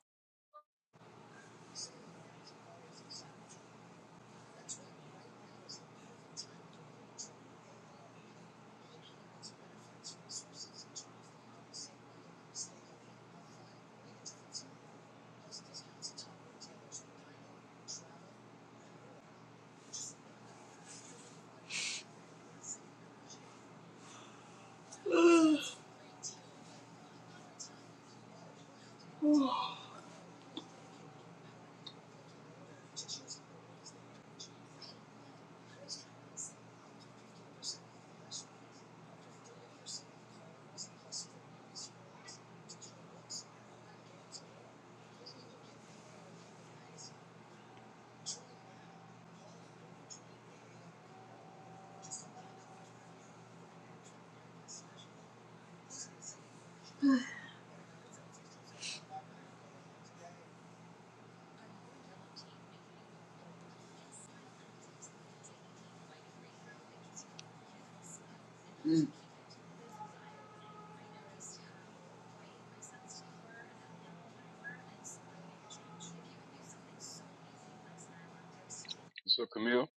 S3: What's up, Camille?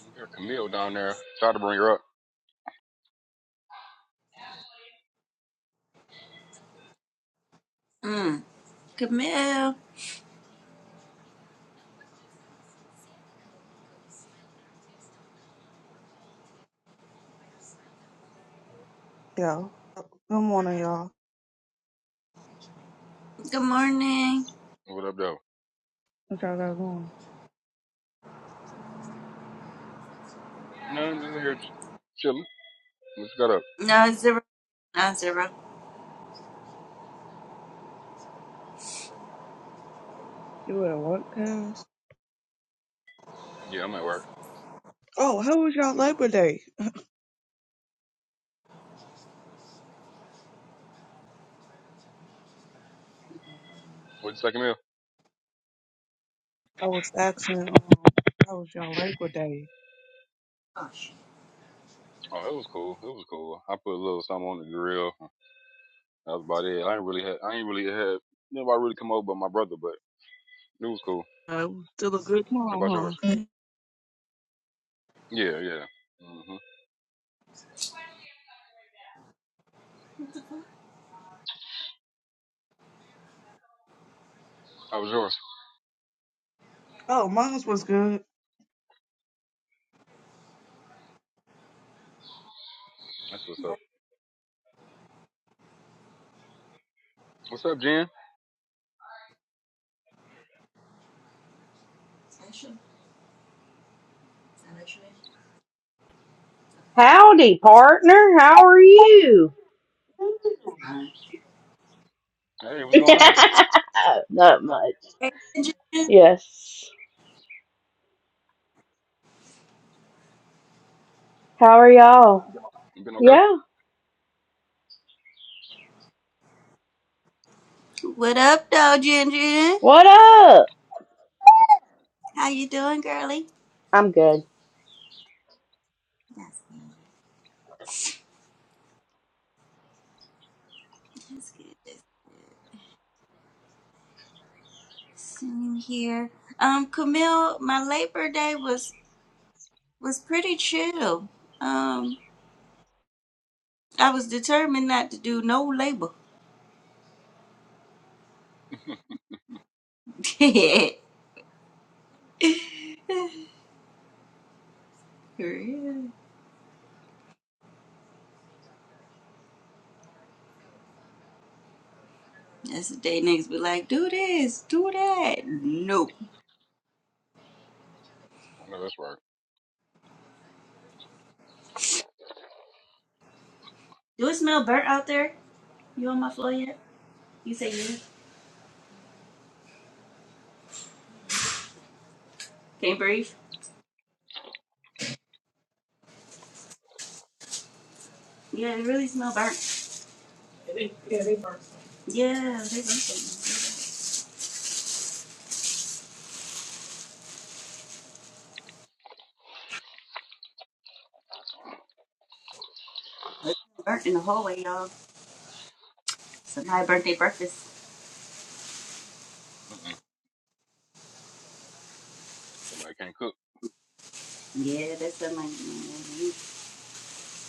S3: We got Camille down there. Try to bring her up.
S2: Mm. Camille,
S7: Yeah. Good morning, y'all.
S2: good morning.
S3: What up, though?
S7: What y'all got going?
S3: No, I'm just here chilling. Just got up.
S2: No zero, not zero.
S7: You at work, Cass?
S3: Yeah, I'm at work.
S7: Oh, how was y'all Labor Day?
S3: What'd you second meal?
S7: I was asking, um, how was y'all Labor Day?
S3: Oh, it was cool. It was cool. I put a little something on the grill. That was about it. I ain't really had. I ain't really had. Nobody really come over but my brother, but it was cool.
S7: Uh, it was still a good
S3: How about yours?
S7: time, huh?
S3: Yeah, yeah. Mhm.
S2: What the fuck?
S3: How was yours?
S7: Oh, mine was good.
S3: That's what's up. What's up, Jen?
S2: Special. Special.
S8: Howdy, partner. How are you?
S3: Hey, what's going on?
S8: Not much.
S2: Hey, Ginger.
S8: Yes. How are y'all?
S3: You been okay?
S8: Yeah.
S2: What up, though, Ginger?
S8: What up?
S2: How you doing, girly?
S8: I'm good.
S2: That's good. That's good. Just Sitting here. Um, Camille, my Labor Day was was pretty chill. Um, I was determined not to do no labor. For real. That's the day niggas be like, do this, do that. Nope.
S3: I know that's right.
S2: Do it smell burnt out there? You on my floor yet? You say you can't breathe? Yeah, it really smell burnt. Yeah, they burnt something. It smell burnt in the hallway, y'all. Somebody burnt their breakfast.
S3: Mm-mm. Somebody can't cook.
S2: Yeah, that's something like, mm, you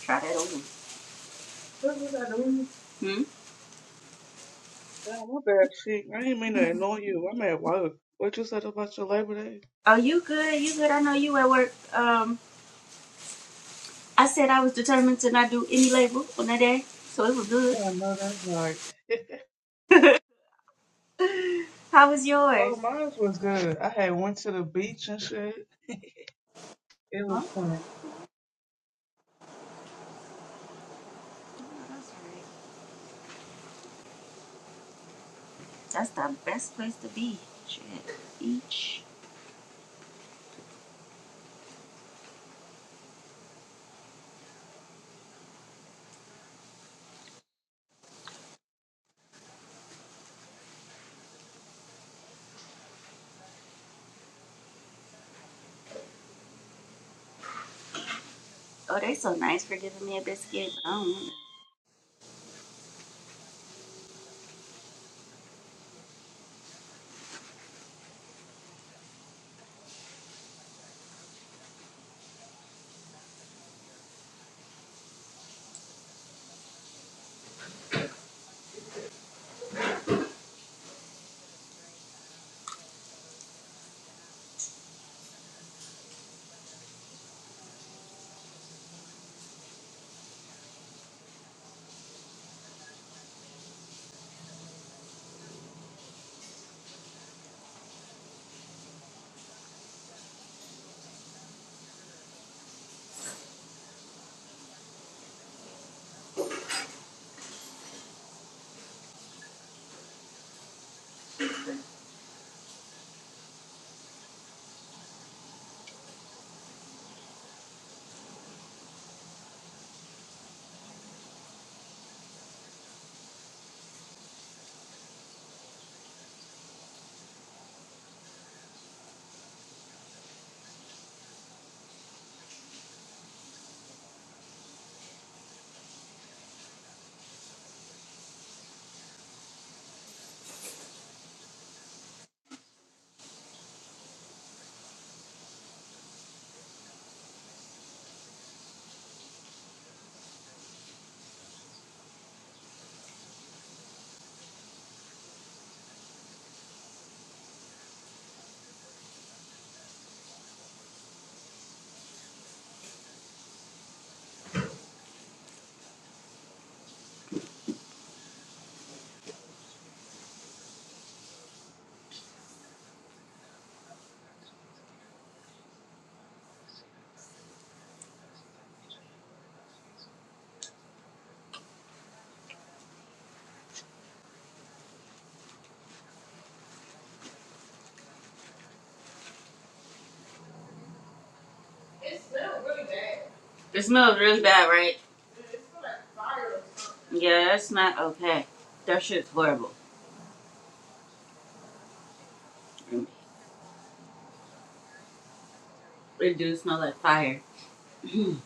S2: try that over. Hmm?
S7: Damn, my bad, shit. I didn't mean to annoy you. I'm at work. What you said about your Labor Day?
S2: Oh, you good? You good? I know you at work. Um, I said I was determined to not do any labor on that day, so it was good.
S7: Oh, no, that's right.
S2: How was
S7: Oh,
S2: yours?
S7: mine was good. I had went to the beach and shit. It
S2: Huh?
S7: was fun.
S2: That's right. That's the best place to be. Shit. Beach. Oh, they so nice for giving me a biscuit, but I don't want it. It smells really bad, right? Yeah, that's not okay. That shit's horrible. It do smell like fire. and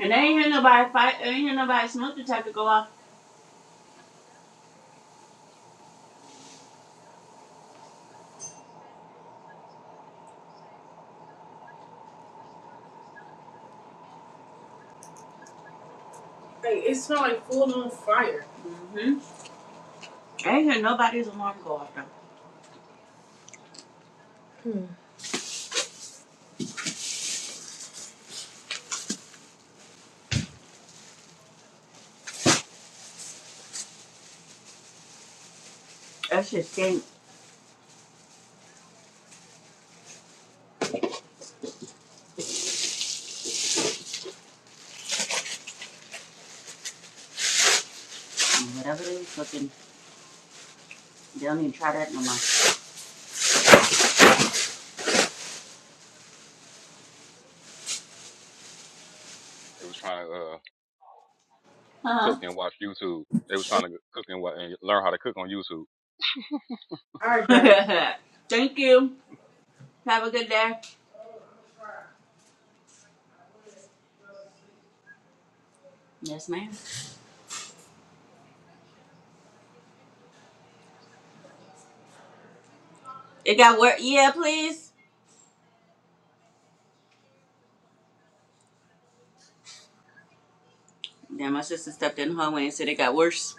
S2: I ain't hear nobody fight. I ain't hear nobody smoke detector go off. hmm I ain't hear nobody's alarm go off though. That shit stink. Whatever they was cooking, they don't even try that no
S3: They was trying to uh, cook and watch YouTube. They was trying to cook and, wa- and learn how to cook on YouTube.
S2: more. Thank you. Have a good day. Yes, ma'am. It got worse. Yeah, please. Then my sister stepped in the hallway and said it got worse.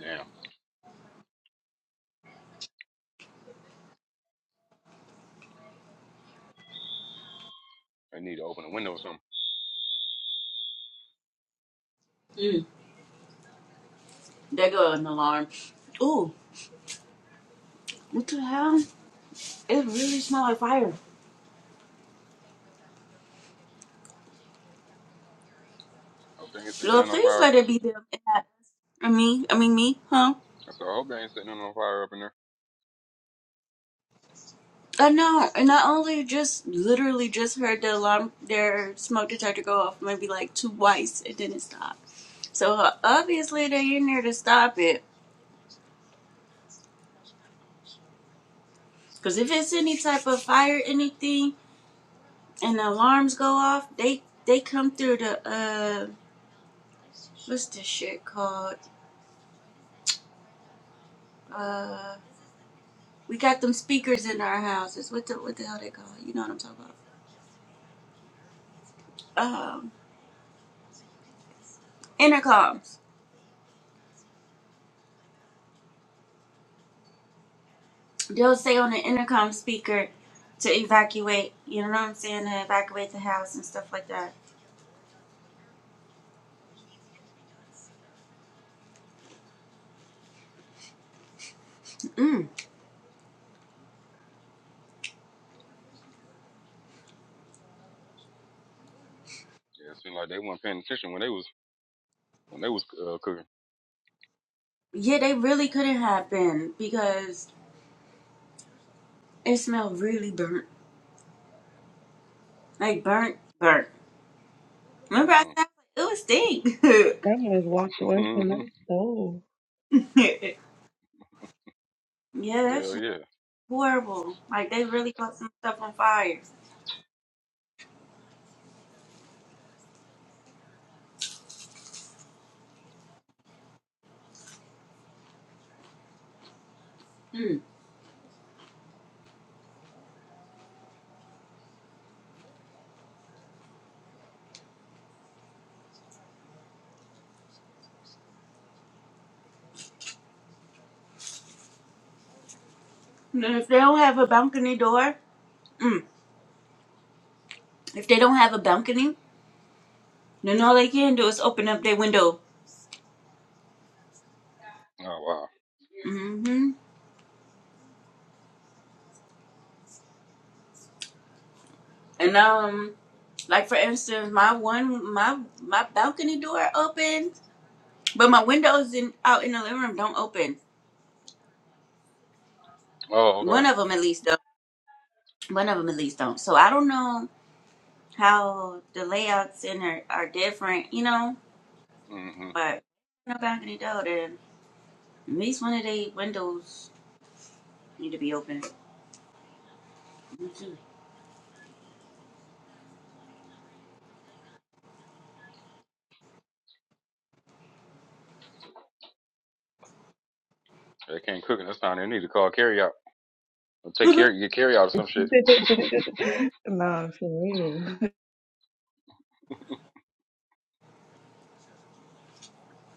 S3: Damn, they need to open a window or something.
S2: There go an alarm. Ooh, what the hell? It really smells like fire.
S3: I hope they ain't setting
S2: Lord,
S3: nothing on
S2: please
S3: fire.
S2: let it be them and not us. I mean, I mean me, huh?
S3: I said, I hope they ain't setting nothing on fire up in there.
S2: I know. And I only just literally just heard the alarm, their smoke detector go off maybe like twice. It didn't stop. So uh, obviously they're in there to stop it. Cause if it's any type of fire, anything, and the alarms go off, they they come through the uh what's this shit called? Uh, we got them speakers in our houses. What the what the hell they called? You know what I'm talking about? Um, intercoms. They'll say on the intercom speaker to evacuate. You know what I'm saying? To evacuate the house and stuff like that.
S3: Yeah, it seemed like they weren't paying attention when they was when they was uh, cooking.
S2: Yeah, they really couldn't have been because it smelled really burnt, like burnt, burnt. Remember I
S3: Mm-hmm.
S2: said it was stink.
S7: That one just walked away from that store.
S2: yeah, that
S3: Hell
S2: shit
S3: yeah.
S2: horrible. Like they really caught some stuff on fire. Mm. And if they don't have a balcony door. Mm. If they don't have a balcony, then all they can do is open up their window.
S3: Oh wow.
S2: hmm And um, like for instance, my one my my balcony door opens, but my windows in out in the living room don't open.
S3: Oh
S2: One
S3: okay.
S2: of them at least don't. One of them at least don't. So I don't know how the layouts in there are different, you know.
S3: Mm-hmm.
S2: But no balcony door, then at least one of the windows need to be open.
S3: They can't cook it. this time they need to call carry out. Or take care get carry out or some shit.
S7: no, for real.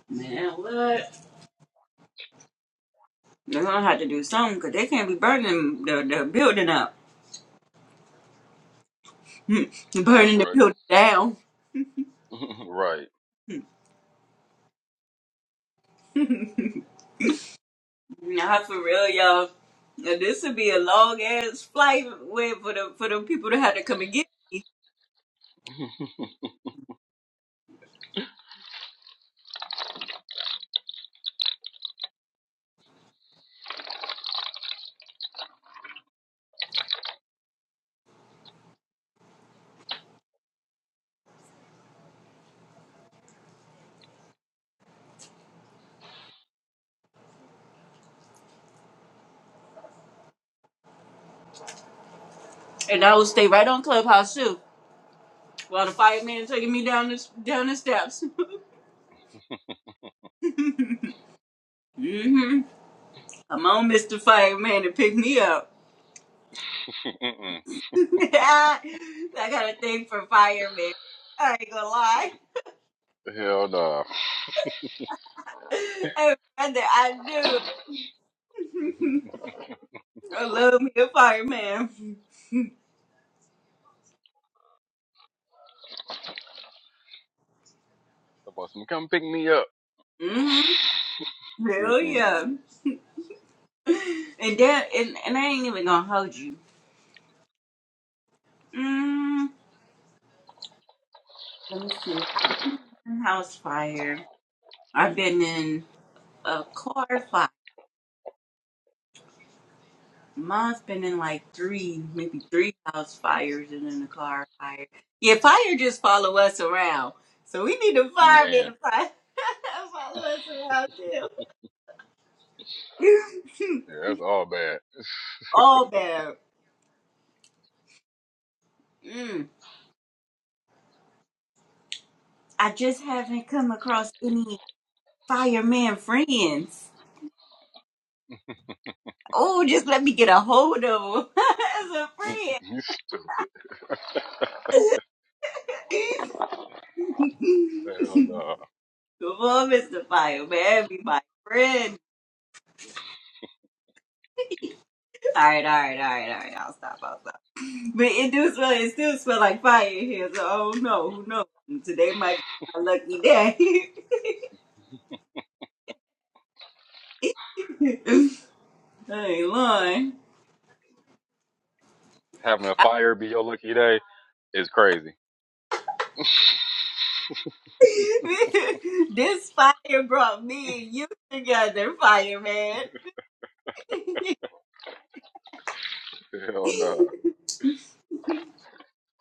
S2: Man, what? They're gonna have to do something because they can't be burning the, the building up.
S3: No, that's
S2: burning the
S3: right.
S2: building down.
S3: right.
S2: Nah, for real, y'all. Now, This would be a long ass flight way for the for the people to have to come and get. And I would stay right on clubhouse too, while the fireman taking me down the down the steps. hmm I'm on Mr. Fireman to pick me up.
S3: Mm-mm.
S2: I got a thing for firemen. I ain't gonna lie.
S3: Hell nah.
S2: Everything I do. I love me a fireman.
S3: About some come pick me up.
S2: Mm-hmm. Hell
S3: Mm-mm.
S2: yeah. And that and, and I ain't even gonna hold you. Mm, let me see. I've been in a house fire. I've been in a car fire. Mine's been in like three, maybe three house fires and then a car fire. Yeah, fire just follow us around. So we need a fireman
S3: Man. Yeah,
S2: to fire follow us around too.
S3: that's all bad.
S2: All bad. Mm. I just haven't come across any Fireman friends. Oh, just let me get a hold of him as a friend.
S3: You stupid. Hell no.
S2: Come on, Mr. Fireman, be my friend. All right, all right, all right, all right. I'll stop. I'll stop. But it do smell. It still smell like fire in here. So oh no, who knows? Today might be my lucky day. I ain't lying.
S3: Having a fire be your lucky day is crazy.
S2: this fire brought me and you together, fireman.
S3: Hell nah.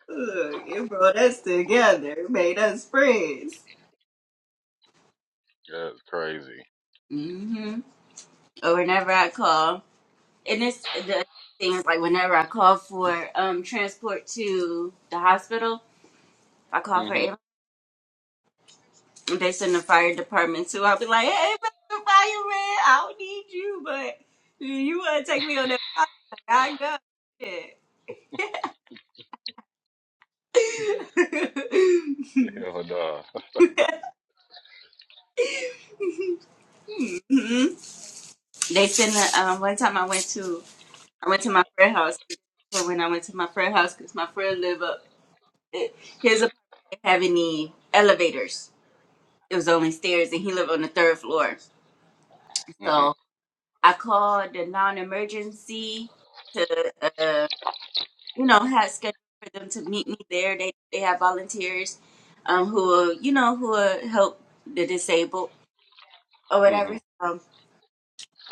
S2: Look, it brought us together, it made us friends.
S3: That's crazy.
S2: hmm Or whenever I call, and it's the thing is like whenever I call for um transport to the hospital, if I call for
S3: hmm
S2: ambulance, and they send the fire department too. I'll be like, hey, Mr. Fireman, I don't need you, but you want to take me on that fire? I go. Yeah.
S3: Hell nah.
S2: Mhm. They send the um, one time I went to I went to my friend's house. But when I went to my friend's house, because my friend lived up, it, his apartment didn't have any elevators. It was only stairs, and he lived on the third floor.
S3: hmm
S2: So I called the non-emergency to, uh, you know, have scheduled for them to meet me there. They they have volunteers, um, who will, you know, who will help the disabled or
S3: hmm
S2: whatever. So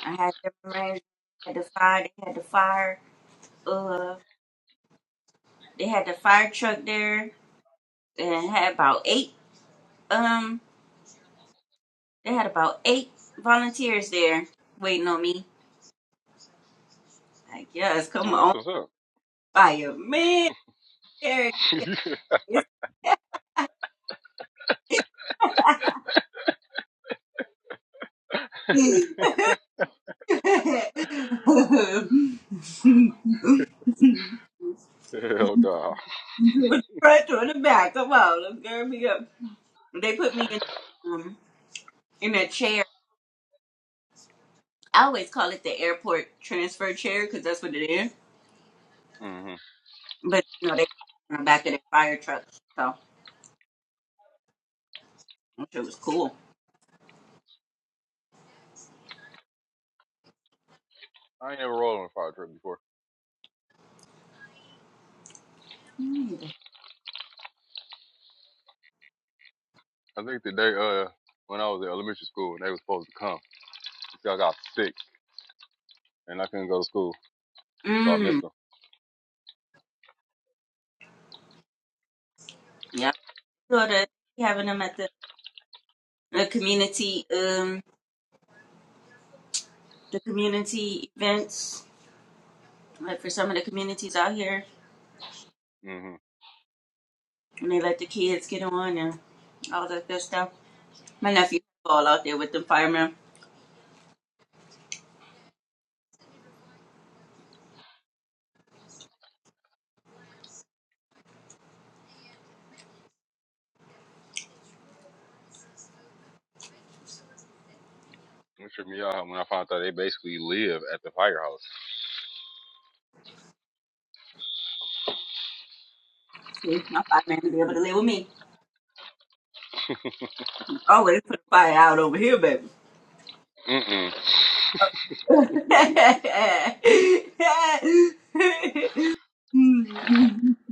S2: I had them arranged. Had the fire. They had the fire. Uh, they had the fire truck there and had about eight um they had about eight volunteers there waiting on me. Like, yes, come
S3: Well, that's
S2: on
S3: what's up.
S2: fire. Man, there it is.
S3: Hell nah.
S2: front or the back. Come on, let's gird me up. They put me in um in a chair. I always call it the airport transfer chair because that's what it is.
S3: hmm
S2: But you know they on the back of their fire truck, so which it was cool.
S3: I ain't never rolled on a fire truck before. I think the day uh when I was in elementary school and they was supposed to come, I got sick and I couldn't go to school, so I
S2: Mm,
S3: missed them.
S2: yeah. go to having them at the, the community um the community events like for some of the communities out here
S3: hmm
S2: and they let the kids get on and all that good stuff. My nephew all out there with the firemen.
S3: It tripped me out when I found out they basically live at the firehouse.
S2: See, my fireman will be able to live with me. Always put a fire out over here, baby.
S3: Mm-mm.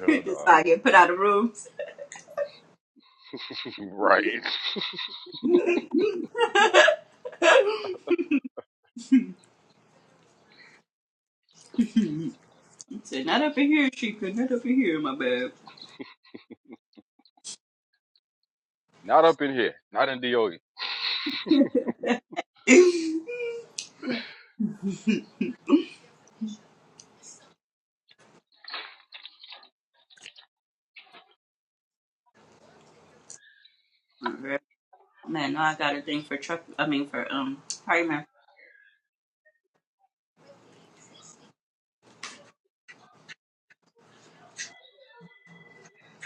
S3: Hell
S2: Just so
S3: nah.
S2: I get put out of rooms.
S3: right.
S2: Said, not up in here, Chica. Not up in here, my babe.
S3: Not up in here. Not in DOE.
S2: Alright. Man, no, I got a thing for truck. I mean, for um, fireman. I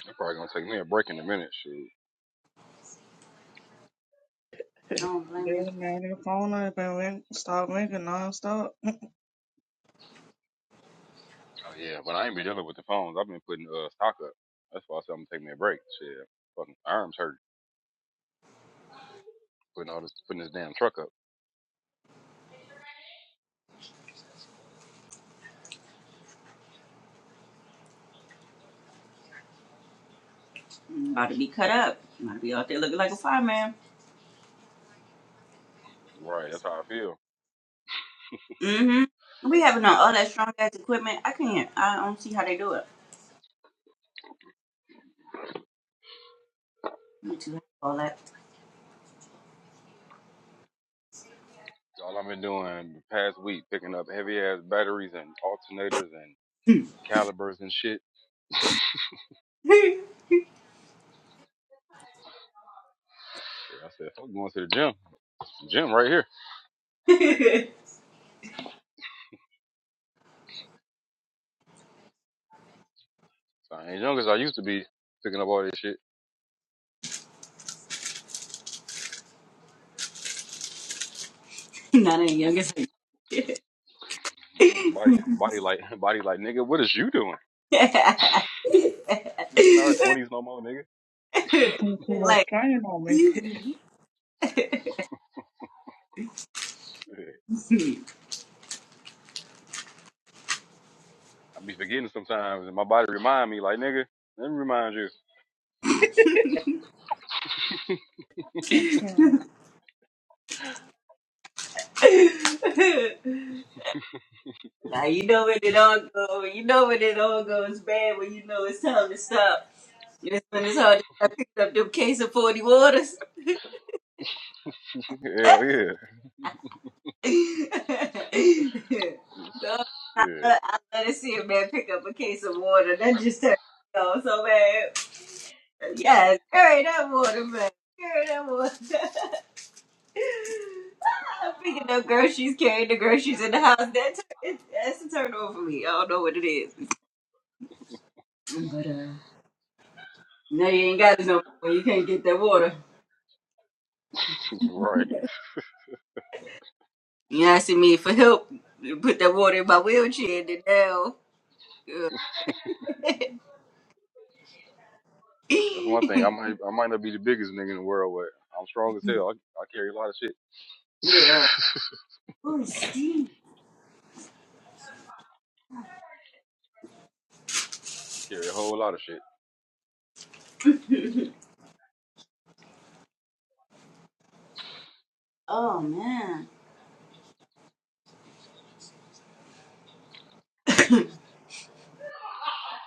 S3: It's probably gonna take me a break in a minute. Shoot.
S2: don't blame
S7: Dude,
S2: you.
S7: man, your phone has been ring- stop ringing nonstop.
S3: Oh yeah, but I ain't been dealing with the phones. I've been putting uh stock up. That's why I said I'm gonna take me a break. Shit, fucking arms hurt putting all this putting this damn truck up.
S2: Mm, About to be cut up. About to be out there looking like a fireman.
S3: Right, that's how I feel.
S2: Mm-hmm. We having all all that strong ass equipment. I can't. I don't see how they do it. You too high for all that.
S3: All I've been doing the past week, picking up heavy ass batteries and alternators and calibers and shit. Shit, I said, I'm going to the gym. Gym right here. So I ain't young as I used to be picking up all this shit.
S2: not any youngest.
S3: Mm, Body, body like, body like, nigga, what is you doing? You in our 20s no more, nigga.
S7: You put too much
S2: like.
S7: strain on me.
S2: excuse
S3: Shit.
S2: me.
S3: I be forgetting sometimes, and my body remind me, like nigga, let me remind you.
S7: Okay.
S2: Now you know when it all go, you know when it all goes bad when you know it's time to stop. It's when it's hard to stop picking up them case of forty waters.
S3: Hell yeah,
S2: So, I, love,
S3: shit,
S2: I love to see a man pick up a case of water. That just turns me on so bad. Yes, carry that water, man. Carry that water. Ah, Picking up groceries, carrying the groceries in the house. That tur- it, that's a turn on for me. I don't know what it is. But uh. No, you ain't got it no more when you can't get that water.
S3: right.
S2: You asking me for help to put that water in my wheelchair and now. uh,
S3: That's one thing. I might, I might not be the biggest nigga in the world, but I'm strong as hell. I, I carry a lot of shit.
S2: yeah.
S3: I
S2: Oh, Steve.
S3: carry a whole lot of shit.
S2: Oh, man.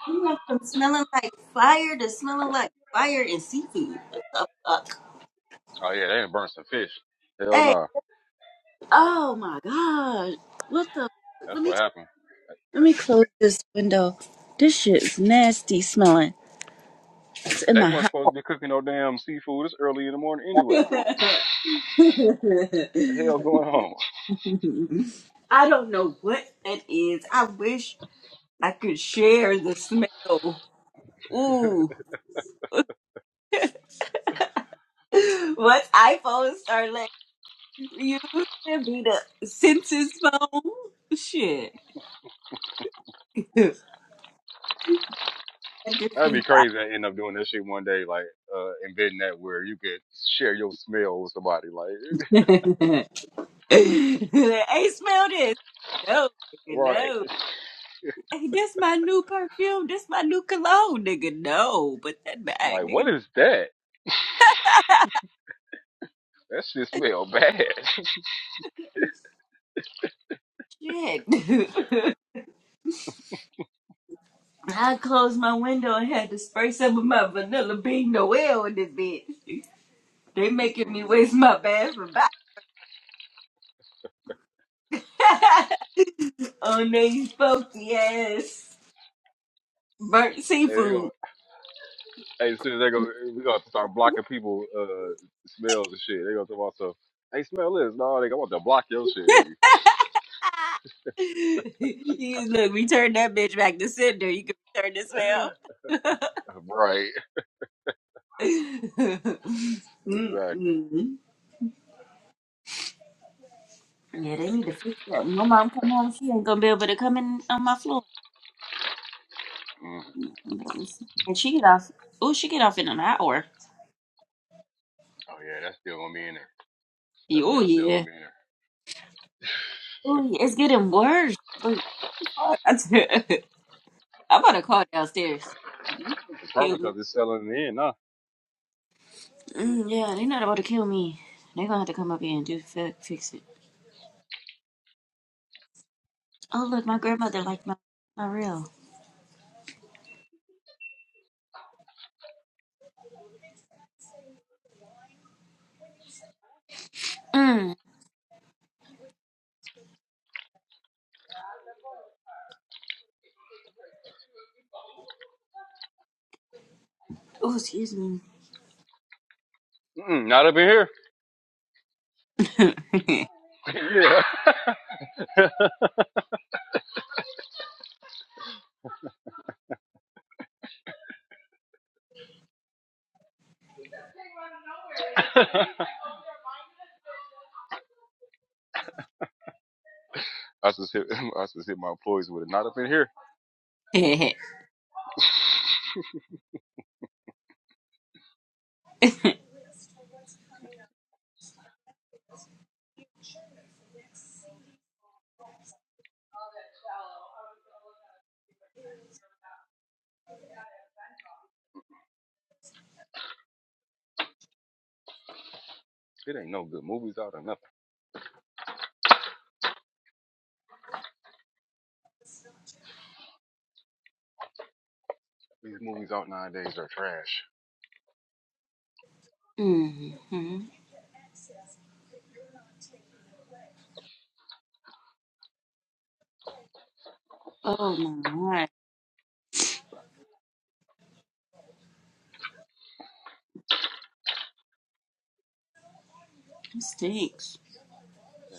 S2: You went from smelling like fire to smelling like fire and seafood. What the fuck?
S3: Oh yeah, they done burnt some fish. Hell no,
S2: Hey.
S3: Nah.
S2: Oh, my God. What the
S3: that's
S2: Let me,
S3: what happened.
S2: let me close this window. This shit's nasty smelling. It's in
S3: They
S2: my
S3: wasn't
S2: house.
S3: supposed to be cooking no damn seafood. It's early in the morning anyway. What the hell going on?
S2: Mm-hmm. I don't know what that is. I wish I could share the smell. Ooh. what iPhones are like used be the census phone? Shit. I just
S3: That'd
S2: see
S3: be crazy. to end up doing this shit one day, like uh, inventing that where you could share your smell with somebody. Like,
S2: that. hey, smell this. No, nigga,
S3: right?
S2: no. Hey, this my new perfume. This my new cologne, nigga. No, but that bag,
S3: Like, what
S2: nigga.
S3: is that? That shit smell bad.
S2: no Shit. I closed my window and had to spray some of my vanilla bean Noel in this bitch. They making me
S3: Mm-mm.
S2: waste my bathroom by on these funky ass burnt
S3: Hey, they gonna,
S2: seafood.
S3: hey, soon as they go, we gonna start blocking people uh smells and shit. They gonna talk about stuff. Hey, smell this, no, nigga. I want to block your shit, nigga.
S2: you just look, we turn that bitch back to cinder. You can turn the smell.
S3: Right. Exactly.
S2: Mm-mm. yeah, they need to fix that. When My mom come home, she ain't gonna be able to come in on my floor.
S3: Mm.
S2: That was- And she get off. Oh, she get off in an hour.
S3: Oh yeah, that's still gonna be in there. That
S2: Oh
S3: smell's still
S2: yeah.
S3: gonna be in there.
S2: Oh, it's getting worse. Like, fuck, I am about to call downstairs.
S3: It's
S2: They
S3: probably
S2: not about to kill me.
S3: because it's selling in, nah.
S2: Mm, yeah, they're not about to kill me. They're gonna have to come up here and do fi- fix it. Oh look, my grandmother liked my my real. Mm.
S3: Mm-mm, not up in here. yeah. I just hit, I just hit my employees with it. Not up in here. It ain't no good movies out or nothing. These movies out nowadays are trash.
S2: hmm Oh my god, it stinks.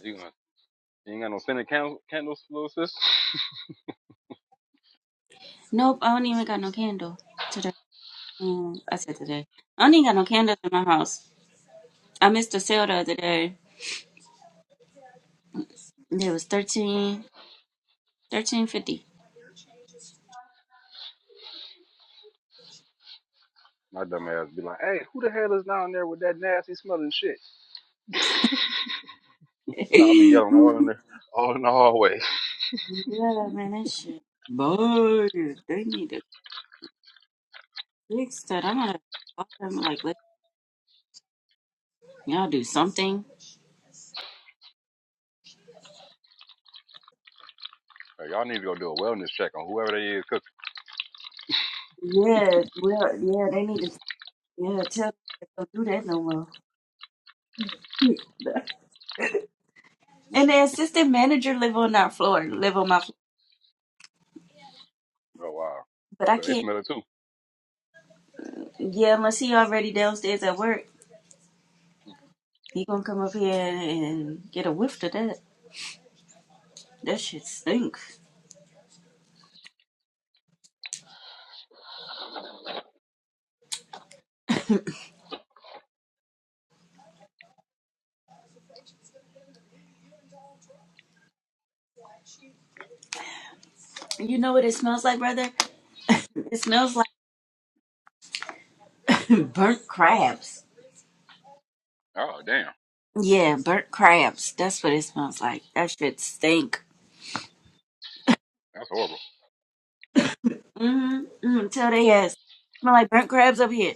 S3: You gonna you ain't got no scented candle, candles, little sis.
S2: Nope, I don't even got no candle today. Mm, I said today. I don't even got no candles in my house. I missed a sale the other day. It was thirteen, thirteen fifty.
S3: My dumb ass be like, "Hey, who the hell is down there with that nasty smelling shit?" I'll be yelling all in the all in the hallway.
S2: Yeah, man, that shit. Boy, they need to fix that. I'm gonna fuck them like let y'all do something.
S3: Like, y'all need to go do a wellness check on whoever they is cooking.
S2: Yeah, well, yeah, they need to yeah tell them they don't do that no more. And the assistant manager live on our floor, live on my floor,
S3: Oh wow,
S2: but I
S3: so they
S2: can't.
S3: smell it too.
S2: Yeah, unless he already downstairs at work, he gonna come up here and get a whiff to that. That shit stinks. You know what it smells like, brother? It smells like burnt crabs.
S3: Oh damn,
S2: Yeah, burnt crabs. That's what it smells like. That shit stink.
S3: that's horrible.
S2: Mm-hmm. Mm-hmm. Tell they ass. Smell like burnt crabs up here.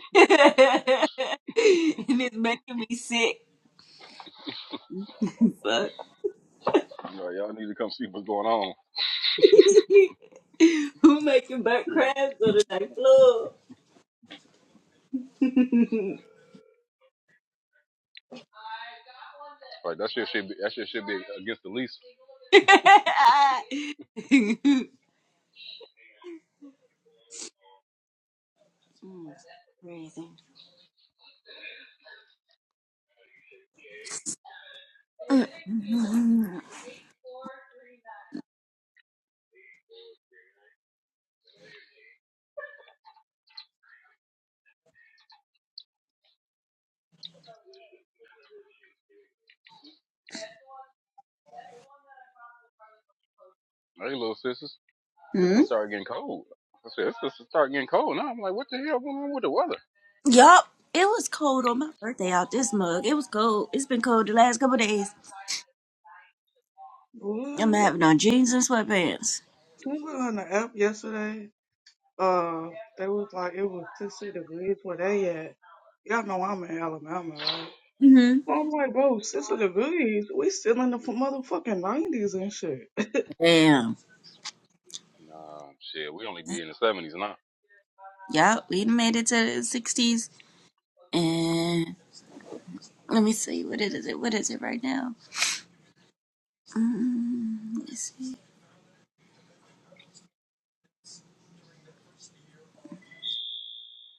S2: and it's making me sick. Fuck.
S3: You know, y'all need to come see what's going on.
S2: Who making burnt
S3: Sure.
S2: crabs on the night floor?
S3: Like that shit should be that shit should be against the lease.
S2: Mm, Crazy.
S3: Hey, little sisters. This
S2: Hmm?
S3: one started getting cold. I said, this one start getting cold now. I'm like, what the hell going on with the weather?
S2: Yup. It was cold on my birthday out this mug. It was cold. It's been cold the last couple of days.
S3: Oh,
S2: I'm
S3: yeah.
S7: Ooh,
S2: having on jeans and sweatpants.
S7: Somewhere on the app yesterday, uh, they was like it was 60 degrees where they at. Y'all know I'm in Alabama, right?
S2: Mm-hmm.
S7: So I'm like, bro, 60 degrees. We still in the f- motherfucking 90s and shit.
S2: Damn.
S3: Nah, shit, we only be in the seventies now.
S2: Yeah, we made it to the 60s. And let me see, what is it? What is it right now? Mm, let's see.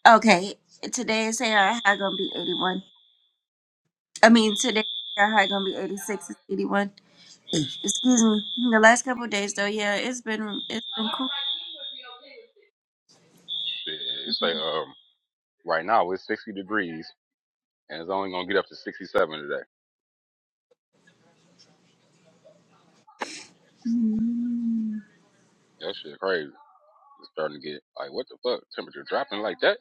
S2: Okay, today's is high gonna be 81. I mean, today AI high gonna be 86. It's 81. Excuse me. The last couple of days though, yeah, it's been it's been cool.
S3: Shit, it's like um right now it's sixty degrees and it's only gonna get up to sixty seven today. That shit crazy. It's starting to get like what the fuck? Temperature dropping like that?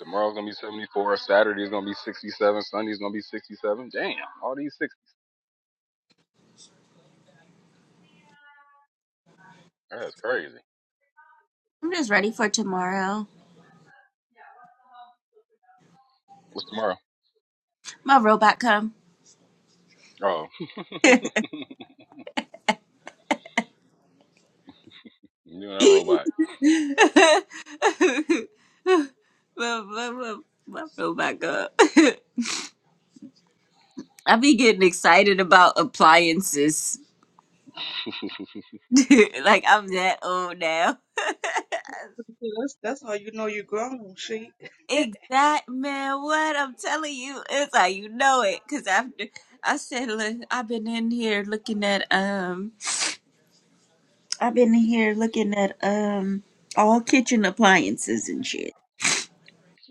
S3: Tomorrow's gonna be seventy four, Saturday's gonna be sixty seven, Sunday's gonna be sixty seven. Damn, all these six that's crazy.
S2: I'm just ready for tomorrow.
S3: What's tomorrow?
S2: My robot come.
S3: Oh you and that robot.
S2: my, my, my, my robot come. I be getting excited about appliances. like I'm that old now.
S7: That's that's how you know you grown, shit.
S2: Exact man, what I'm telling you is how you know it. Cause after I said, look, I've been in here looking at um, I've been in here looking at um, all kitchen appliances and shit.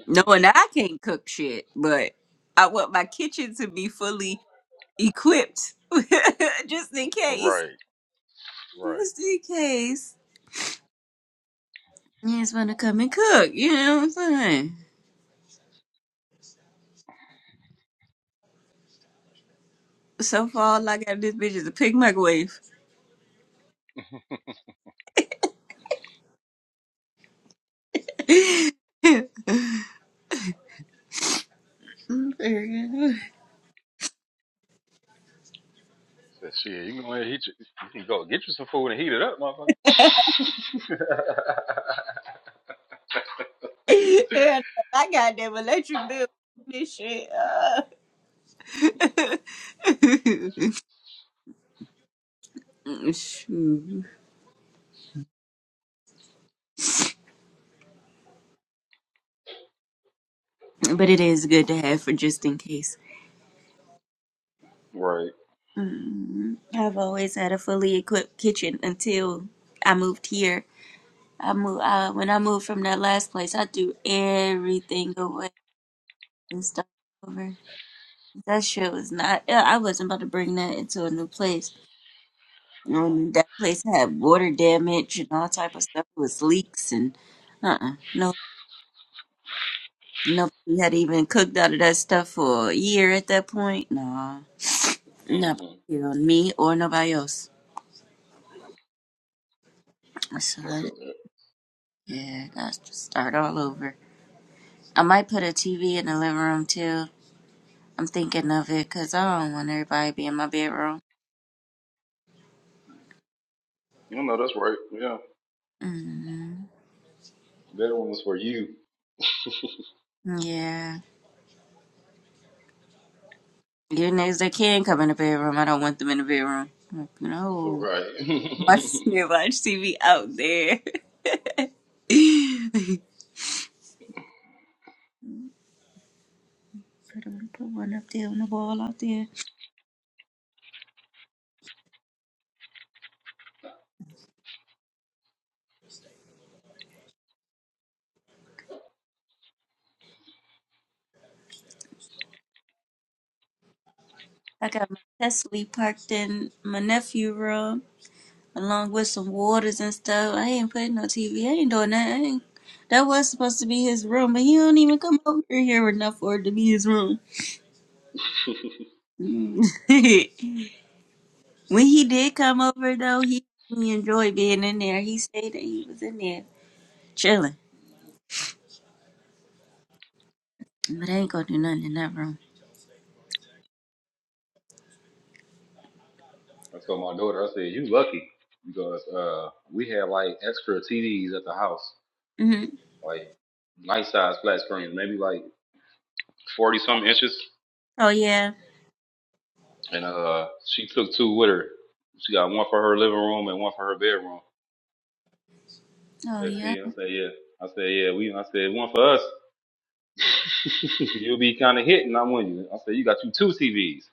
S2: Knowing I can't cook shit, but I want my kitchen to be fully equipped, just in case,
S3: right, right.
S2: just in case. You just want to come and cook, you know what I'm saying? So far, all I got in this bitch is a pig microwave. Yeah,
S3: Said, shit, you can go ahead and heat you, you can go get you some food and heat it up, motherfucker.
S2: I got that electric bill. This shit. Uh. Shoot. But it is good to have for just in case.
S3: right.
S2: Mm, I've always had a fully equipped kitchen until I moved here. I moved uh, when I moved from that last place. I threw everything away and stuff over. That shit was not. uh, I wasn't about to bring that into a new place. Um, that place had water damage and all type of stuff. It was leaks and uh-uh. No, nobody had even cooked out of that stuff for a year at that point. Nah, nobody
S3: Mm-hmm.
S2: on me or nobody else. So
S3: I feel that.
S2: yeah, I got to start all over. I might put a TV in the living room too. I'm thinking of it because I don't want everybody to be in my bedroom.
S3: You know, that's right. Yeah.
S2: hmm
S3: That one was for you.
S2: Yeah, even if they can come in the bedroom, I don't want them in the bedroom. Like, no.
S3: right.
S2: Watch me, watch see me out there. Put one put one up there on the wall out there. I got my Tesla parked in my nephew room along with some waters and stuff. I ain't putting no TV. I ain't doing that. I ain't, that was supposed to be his room, but he don't even come over here enough for it to be his room. Mm. when he did come over though, he he enjoyed being in there. He said that he was in there chilling, but I ain't gonna do nothing in that room.
S3: I told my daughter, I said, you lucky because uh, we had like extra TVs at the house,
S2: hmm
S3: like nice size flat screens, maybe like 40 something inches.
S2: Oh yeah.
S3: And uh, she took two with her. She got one for her living room and one for her bedroom. I
S2: Oh
S3: said,
S2: yeah.
S3: see, I said, yeah. I said, yeah, we I said one for us. You'll be kinda hitting, I want you. I said, you got you two TVs.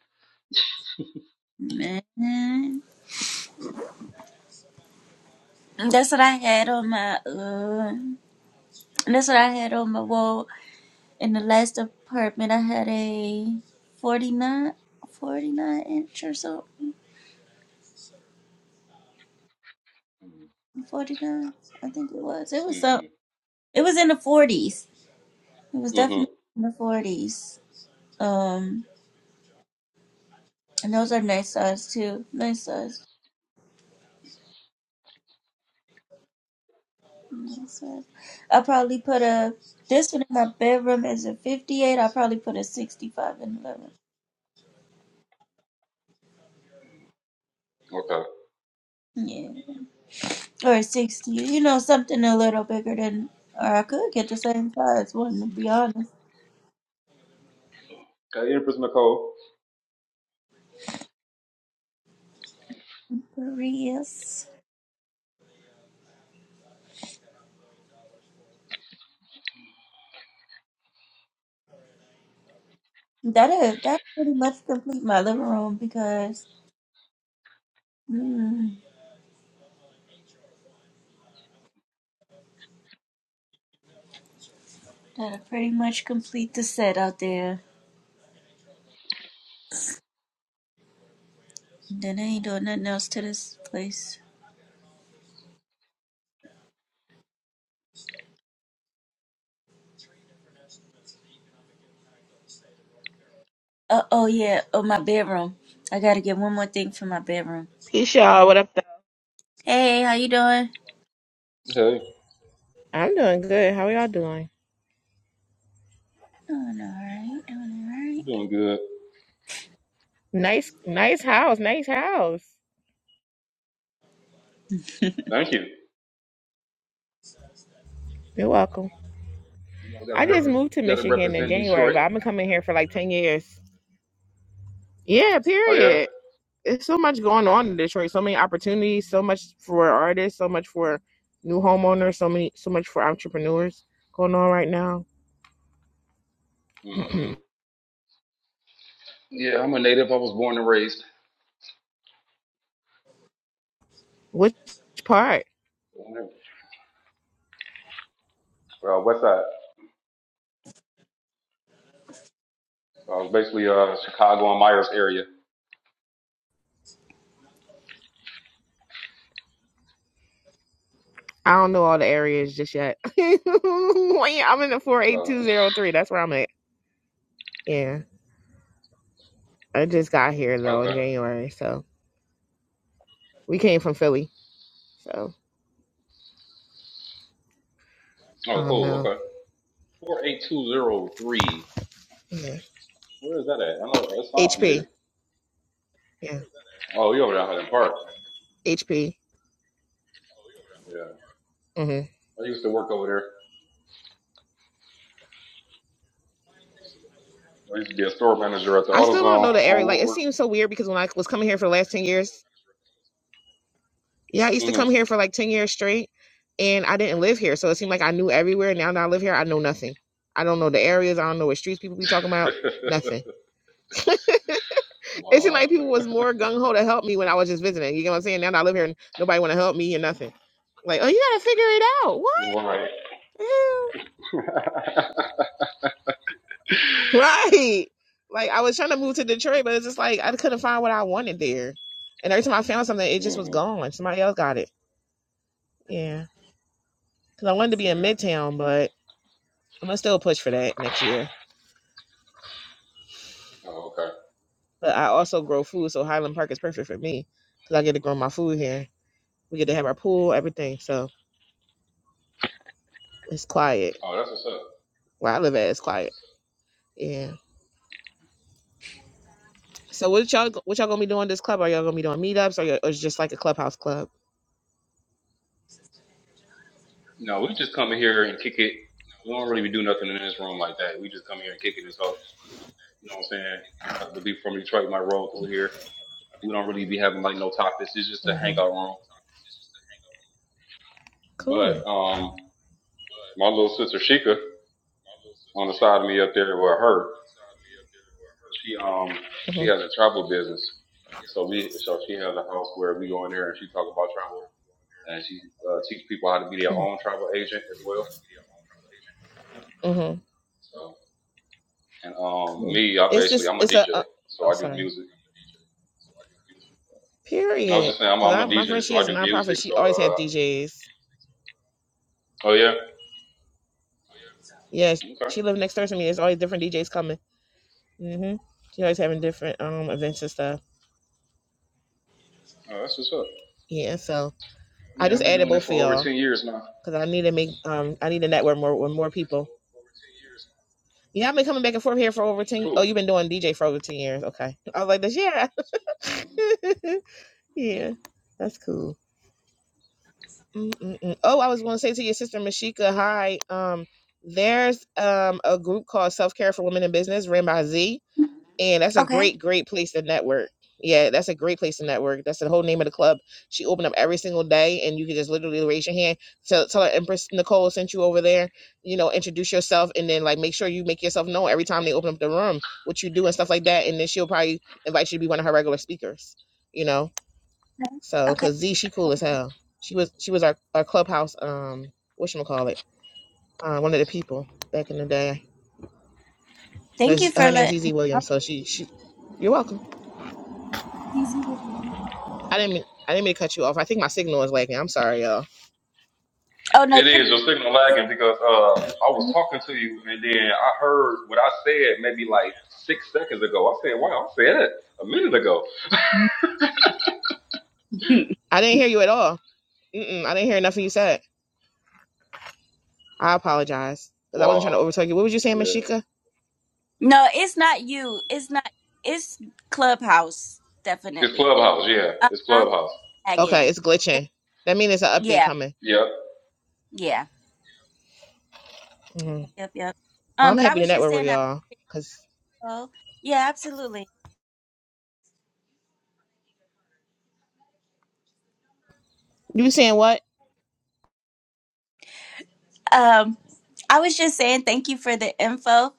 S2: Man, that's what I had on my uh, that's what I had on my wall in the last apartment. I had a 49, 49 inch or so,
S3: Mm-hmm.
S2: forty nine. I think it was. It was so.
S3: Mm-hmm.
S2: It was in the forties. It was
S3: Mm-hmm.
S2: definitely in the forties. Um,
S3: Okay. Hey, Empress Nicole.
S2: Prius. That'll that pretty much complete my living room because mm, that'll pretty much complete the set out there. Then I ain't doing nothing else to this place. Uh, oh yeah, oh my bedroom. I gotta get one more thing for my bedroom.
S9: Peace, y'all. What up, though?
S2: Hey, how you doing?
S3: Hey,
S9: I'm doing good. How are y'all doing?
S2: Doing alright, doing
S3: you
S2: alright.
S3: doing good.
S9: Nice, nice house, nice house.
S3: Thank you.
S9: You're welcome.
S3: You know, we got
S9: I
S3: to
S9: just
S3: rep-
S9: moved to
S3: got to
S9: Michigan in
S3: represent
S9: January,
S3: Detroit.
S9: but I've been coming here for like ten years. Yeah,
S3: Oh yeah.
S9: period. It's so much going on in Detroit. So many opportunities. So much for artists. So much for new homeowners. So many, so much for entrepreneurs going on right now.
S3: Mm-hmm. Yeah, I'm a native. I was born and raised.
S9: Which part?
S3: Well, west side. Uh, basically, uh, Chicago and Myers area.
S9: I don't know all the areas just yet. I'm in the four eight
S3: Uh,
S9: two zero three. That's where I'm at. Yeah. I just got here though in
S3: okay.
S9: January, so we came from Philly. So I
S3: Oh,
S9: don't
S3: cool.
S9: know.
S3: Okay. Four eight two zero three.
S9: Yeah.
S3: Where is that at? I know that sounds familiar.
S9: HP. Yeah.
S3: Oh, you over there in Highland Park?
S9: HP.
S3: Yeah.
S9: hmm
S3: I used to work over there. I used to be a store manager at the
S9: I still don't
S3: AutoZone
S9: know the area.
S3: on
S9: Like it
S3: Woodward.
S9: seems so weird because when I was coming here for the last ten years, yeah, I used to come
S3: Mm-hmm.
S9: here for like ten years straight, and I didn't live here, so it seemed like I knew everywhere. Now that I live here, I know nothing. I don't know the areas. I don't know what streets people be talking about. Nothing. It seemed
S3: wow.
S9: like people was more gung ho to help me when I was just visiting. You know what I'm saying? Now that I live here, and nobody want to help me or nothing. Like, oh, you gotta figure it out. What?
S3: Right.
S9: Ew. Right. Like I was trying to move to Detroit, but it's just like I couldn't find what I wanted there. And every time I found something, it just was
S3: mm-hmm.
S9: gone. Somebody else got it. Yeah. Because I wanted to be in
S3: Yeah.
S9: Midtown, but I'm going to still push for that next year.
S3: Oh, okay.
S9: But I also grow food, so Highland Park is perfect for me because I get to grow my food here. We get to have our pool, everything. So it's quiet.
S3: Oh, that's what's up.
S9: Where I live at, it's quiet. Yeah. So what y'all what y'all gonna be doing this club? Are y'all gonna be doing meetups or, y- or it's just like a clubhouse club?
S3: No, we just come in here and kick it. We don't really do nothing in this room like that. We just come here and kick it and talk. You know what I'm saying? Uh, The people from Detroit might roll through here. We don't really be having like no topics. It's just a
S9: hmm
S3: hangout room.
S9: Cool.
S3: But um, my little sister Sheikah on the side of me up there with her. She um
S9: hmm
S3: she has a travel business, so we so she has a house where we go in there and she talk about travel and she uh, teach people how to be their
S9: Cool.
S3: own travel agent as well. So and um
S9: Cool.
S3: me, I
S9: It's
S3: basically
S9: just
S3: I'm a
S9: it's a uh,
S3: DJ, so
S9: oh
S3: I do
S9: sorry.
S3: music. I was
S9: Period.
S3: just saying I'm,
S9: Cause
S3: I'm
S9: I
S3: a
S9: my
S3: DJ,
S9: friend she
S3: so I
S9: has a
S3: do
S9: nonprofit.
S3: music.
S9: She
S3: So
S9: always has
S3: uh
S9: DJs.
S3: oh yeah,
S9: Yeah,
S3: okay,
S9: she lived next door to me. There's always different DJs coming. Mhm. She always having different um events and stuff.
S3: oh, that's what's up.
S9: Yeah. So I
S3: Yeah,
S9: just
S3: I've been
S9: added
S3: doing it
S9: both for
S3: for over
S9: y'all
S3: ten years now.
S9: because I need to make um I need to network more with more people. Yeah, I've been coming back and forth here for over ten. Oh,
S3: Cool.
S9: you've been doing DJ for over ten years. Okay. I was like this. Yeah.
S3: Mhm.
S9: yeah. That's cool. Mm-mm-mm. Oh, I was going to say to your sister Mashika, hi. Um, there's um a group called Self Care for Women in Business, ran by Z, and that's a
S2: Okay,
S9: great, great place to network. Yeah, that's a great place to network. That's the whole name of the club. She opened up every single day, and you can just literally raise your hand. Tell, tell her Empress Nicole sent you over there. You know, introduce yourself, and then like make sure you make yourself known every time they open up the room, what you do and stuff like that. And then she'll probably invite you to be one of her regular speakers. You know. So,
S2: okay.
S9: cause Z, she cool as hell. She was she was our, our clubhouse um what call it uh, one of the people back in the day.
S2: Thank
S9: But
S2: you
S9: she-
S2: for
S9: her name's
S2: letting.
S9: ZZ Williams, so she she you're welcome.
S2: Easy.
S9: I didn't mean I didn't mean to cut you off. I think my signal is lagging. I'm sorry, y'all.
S2: Oh no,
S3: It
S2: you're.
S3: is your signal
S2: It's,
S3: lagging because uh, I was talking to you and then I heard what I said maybe like six seconds ago. I said, "Wow, I said it a minute ago."
S9: I didn't hear you at all. Mm-mm, I didn't hear nothing you said. I apologize because I wasn't trying to
S3: Wow,
S9: overtalk you. What was you saying,
S3: yeah,
S9: Mashika?
S2: no, it's not you. It's not. It's Clubhouse,
S3: it's
S2: definitely.
S3: clubhouse. Yeah,
S2: Uh
S3: it's
S2: huh.
S3: clubhouse.
S9: Okay,
S2: Again.
S9: it's
S2: It,
S9: glitching. That means it's an update
S2: yeah,
S9: coming.
S3: Yep.
S2: yeah.
S9: hmm
S2: Yep, yep.
S9: Well,
S2: Um,
S9: I'm
S2: but I
S9: happy to
S2: was just
S9: network with
S2: saying. that-
S9: y'all because
S2: Oh, yeah, absolutely.
S9: you were saying what?
S2: Um, I was just saying thank you for the info.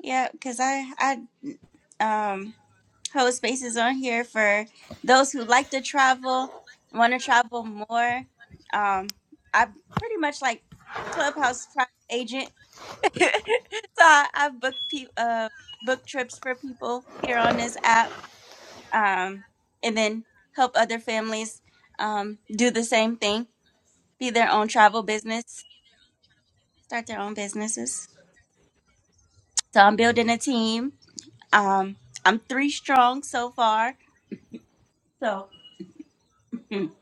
S2: Yeah, cause I, I, um. hold spaces on here for those who like to travel, want to travel more. Um, i pretty much like Clubhouse travel agent, so I, I've booked pe- uh, book trips for people here on this app, um, and then help other families um, do the same thing, be their own travel business, start their own businesses. So I'm building a team. Um, I'm three strong so far. So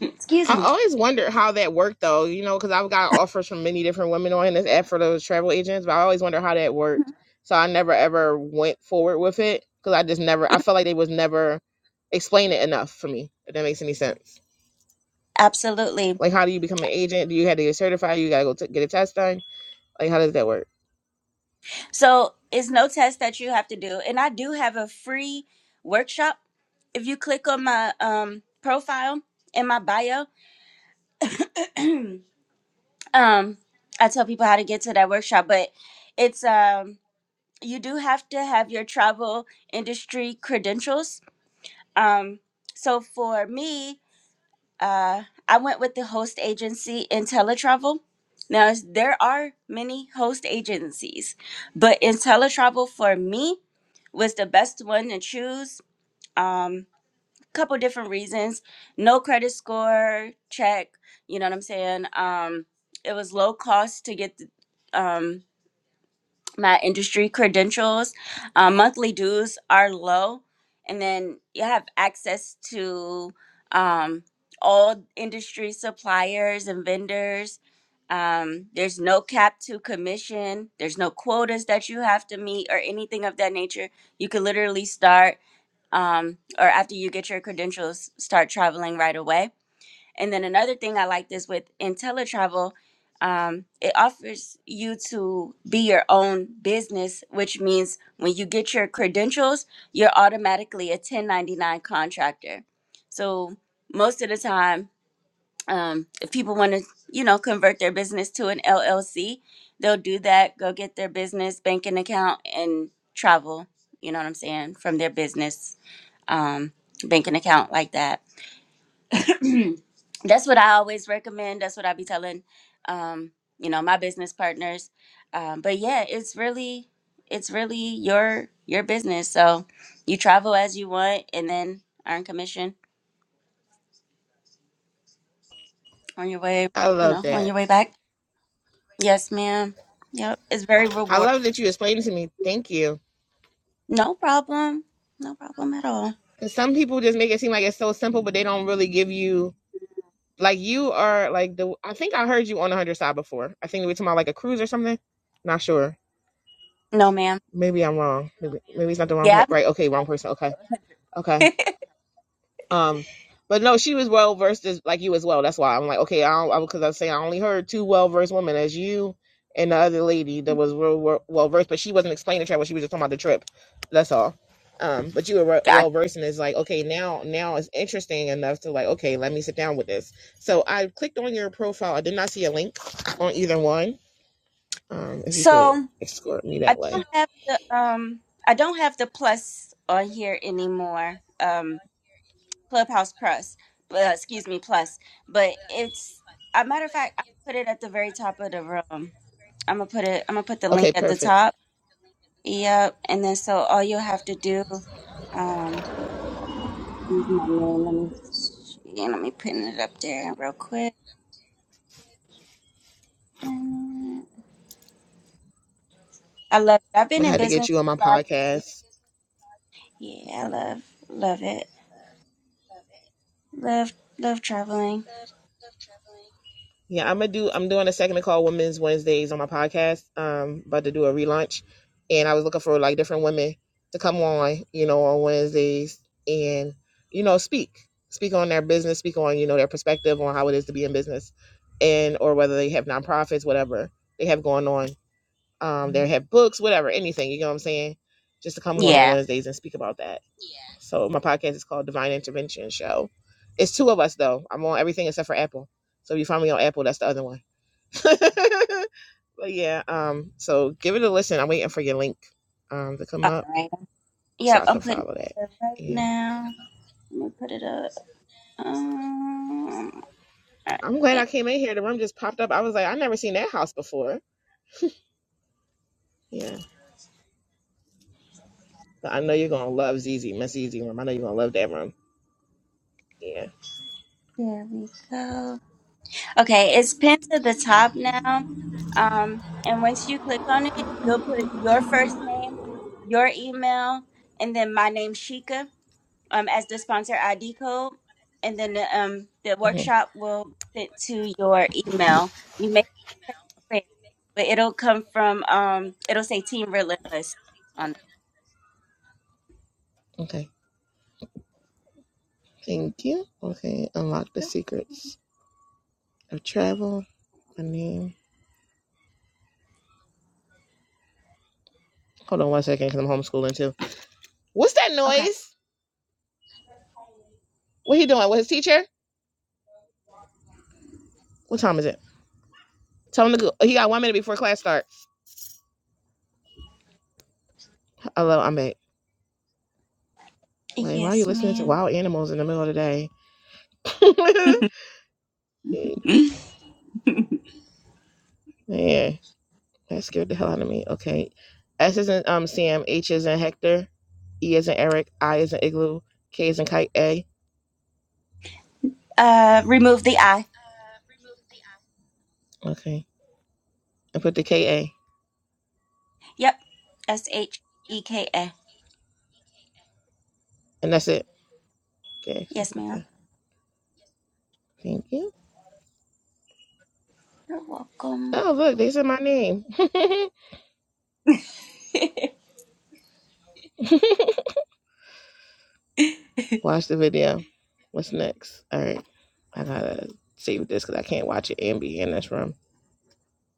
S2: excuse
S9: I
S2: me
S9: always wondered how that worked though, you know, because I've got offers from many different women on this app for those travel agents, but I always wonder how that worked. So I never ever went forward with it because I just never, I felt like they was never explain it enough for me, if that makes any sense.
S2: Absolutely.
S9: Like, how do you become an agent? Do you have to get certified? You got to go t- get a test done? Like, how does that work?
S2: So it's no test that you have to do. And I do have a free workshop. If you click on my um, profile in my bio, um, I tell people how to get to that workshop. But it's um, you do have to have your travel industry credentials. Um, so for me, uh, I went with the host agency IntelliTravel. Now, there are many host agencies, but IntelliTravel for me was the best one to choose. Um, couple different reasons: no credit score check. You know what I'm saying? Um, it was low cost to get the, um, my industry credentials. Uh, monthly dues are low, and then you have access to um, all industry suppliers and vendors. Um, there's no cap to commission. There's no quotas that you have to meet or anything of that nature. You could literally start um, or after you get your credentials, start traveling right away. And then another thing I like this with IntelliTravel, um, it offers you to be your own business, which means when you get your credentials, you're automatically a 1099 contractor. So most of the time, um, if people want to, you know, convert their business to an LLC, they'll do that. Go get their business banking account and travel. You know what I'm saying from their business um, banking account like that. That's what I always recommend. That's what I be telling, um, you know, my business partners. Um, but yeah, it's really, it's really your your business. So you travel as you want, and then earn commission on your way,
S9: I
S2: you
S9: love
S2: know, on
S9: that.
S2: your way back. Yes, ma'am. Yep, it's very
S9: I
S2: rewarding.
S9: love that you explained it to me. Thank you.
S2: No problem. No problem at all.
S9: 'Cause some people just make it seem like it's so simple, but they don't really give you Like you are like the I think I heard you on the hundred side before. I think we were talking about like a cruise or something. Not sure.
S2: No, ma'am.
S9: Maybe I'm wrong. Maybe, maybe it's not the wrong
S2: Yeah.
S9: right. Okay, wrong person. Okay, okay.
S2: i
S9: Um, but no, she was well versed as like you as well. That's why I'm like, okay, I don't because I I was saying I only heard two well versed women as you and the other lady that was real well versed, but she wasn't explaining the travel. She was just talking about the trip. That's all. Um, but you were
S2: God.
S9: well versed, and it's like, okay, now now it's interesting enough to like, okay, let me sit down with this. So I clicked on your profile. I did not see a link on either one. Um, if you could
S2: So.
S9: escort me
S2: I
S9: that way,
S2: don't have the um I don't have the plus on here anymore. Um Clubhouse Plus. But, excuse me, plus. But it's a matter of fact, I put it at the very top of the room. I'm gonna put it I'm gonna put the link
S9: okay,
S2: at the
S9: perfect.
S2: top. Yep. And then so all you'll have to do um use my name. Let me see. Let me pin it up there real quick. I love it. I've
S9: I
S2: been in
S9: had to get
S2: business
S9: you on my
S2: for five years.
S9: podcast.
S2: Yeah, I love love it. Love love traveling.
S9: Yeah, I'm gonna do. I'm doing a segment called Women's Wednesdays on my podcast. Um, about to do a relaunch, and I was looking for like different women to come on, you know, on Wednesdays and you know speak, speak on their business, speak on you know their perspective on how it is to be in business, and or whether they have nonprofits, whatever they have going on. Um, they have books, whatever, anything. You know what I'm saying? Just to come on on
S2: Yeah.
S9: Wednesdays and speak about that. So my podcast is called Divine Intervention Show. It's two of us though. I'm on everything except for Apple. So if you find me on Apple, that's the other one. but yeah, um, so give it a listen. I'm waiting for your link um to come
S2: All
S9: up
S2: right.
S9: so
S2: Yep,
S9: I can
S2: I'm putting
S9: follow that.
S2: it up right
S9: Yeah.
S2: now. Let me put it up. Um, all
S9: I'm glad
S2: right.
S9: I came in here. The room just popped up. I was like, I never seen that house before. Yeah. But I know you're gonna love ZZ, Miss ZZ room. I know you're gonna love that room. Yeah.
S2: There we go. Okay, it's pinned to the top now. Um, and once you click on it, you'll put your first name, your email, and then my name Shika um as the sponsor ID code, and then the, um the
S9: hmm
S2: workshop will send to your email. You may have to check spam, but it'll come from um it'll say Team Relentless on.
S9: Okay. Thank you. Okay, unlock the secrets of travel. My name. Hold on one second, because I'm homeschooling too. What's that
S2: Okay.
S9: noise? What he doing? What his teacher? What time is it? Tell him to go. He got one minute before class starts. Hello, I'm back. Like, why are you
S2: Yes,
S9: listening to
S2: ma'am.
S9: wild animals in the middle of the day? Man, that scared the hell out of me. Okay. S is in um Sam, H is in Hector, E is in Eric, I is in Igloo, K is in Kite A.
S2: uh, remove the I.
S9: Okay. And put the K A.
S2: Yep. S H E K A.
S9: And that's it. Okay. so-
S2: Yes, ma'am.
S9: Okay. Thank you.
S2: You're welcome.
S9: Oh look, they said my name. Watch the video. What's next? All right. I gotta save this because I can't watch it and be in this room.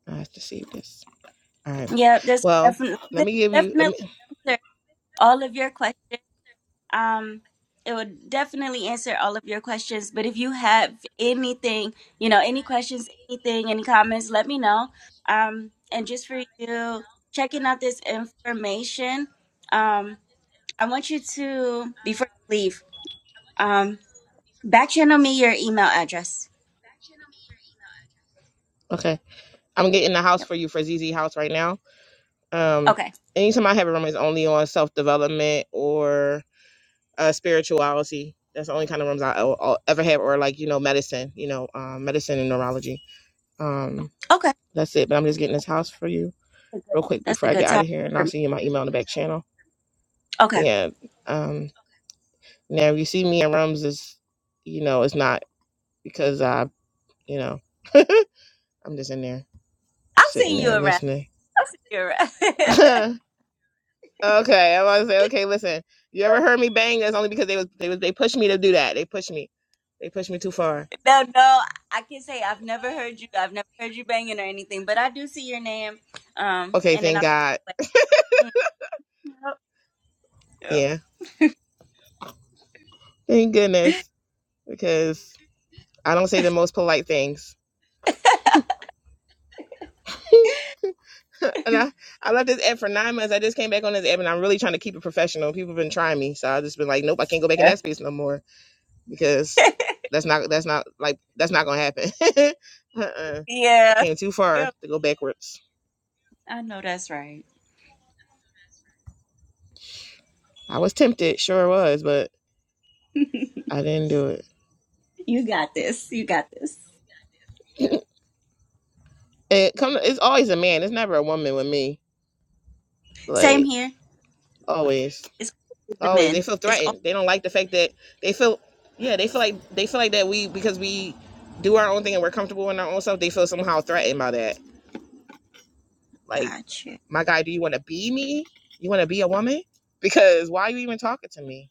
S9: I have to save this. All right.
S2: yeah, this
S9: Well,
S2: definitely
S9: let me give you. Let
S2: definitely
S9: me.
S2: answer all of your questions. Um, it would definitely answer all of your questions. But if you have anything, you know, any questions, anything, any comments, let me know. Um, and just for you checking out this information. Um, I want you to before you leave, um, back channel me your email address.
S9: Okay. I'm getting a house
S2: Yep.
S9: for you for ZZ House right now. Um,
S2: Okay.
S9: anytime I have a room, it's only on self development or uh, spirituality. That's the only kind of rooms I- I'll, I'll ever have, or like you know, medicine. You know, um, medicine and neurology. Um,
S2: Okay.
S9: that's it. But I'm just getting this house for you
S2: That's a good.
S9: real quick
S2: That's
S9: before
S2: a
S9: I
S2: good
S9: get out of
S2: topic
S9: here, and
S2: for
S9: I'll
S2: me.
S9: send you my email in the back channel.
S2: Okay.
S9: And um, now if you see me in rooms, is you know, it's not because I, you know, I'm just in there
S2: I'll
S9: sitting
S2: see you
S9: there
S2: around.
S9: listening.
S2: I'll see you around.
S9: Okay, I was gonna say, okay, listen. You ever heard me bang? That's only because they was they was they pushed me to do that. They pushed me. They pushed me too far.
S2: no, no, I can say I've never heard you. I've never heard you banging or anything, but I do see your name. Um,
S9: Okay,
S2: and then
S9: thank
S2: I thought
S9: God.
S2: like, mm, yep,
S9: Yeah, thank goodness because I don't say the most polite things. and I I left this app for nine months. I just came back on this app, and I'm really trying to keep it professional. People have been trying me, so I just been like, nope, I can't go back in
S2: yep.
S9: that space no more because that's not that's not like that's not gonna happen. uh-uh. I
S2: yeah,
S9: came too far
S2: yep.
S9: to go backwards.
S2: I know that's right.
S9: I was tempted, sure was, but I didn't do it.
S2: You got this. You got this.
S9: It come. It's always a man. It's never a woman with me.
S2: Same
S9: Like
S2: here.
S9: always,
S2: It's the
S9: always. They
S2: men.
S9: feel
S2: It's all
S9: threatened. They don't like the fact that they feel. Yeah, they feel like they feel like that we because we do our own thing and we're comfortable in our own self. They feel somehow threatened by that. Like
S2: got you.
S9: my guy, do you want to be me? You want to be a woman? Because why are you even talking to me?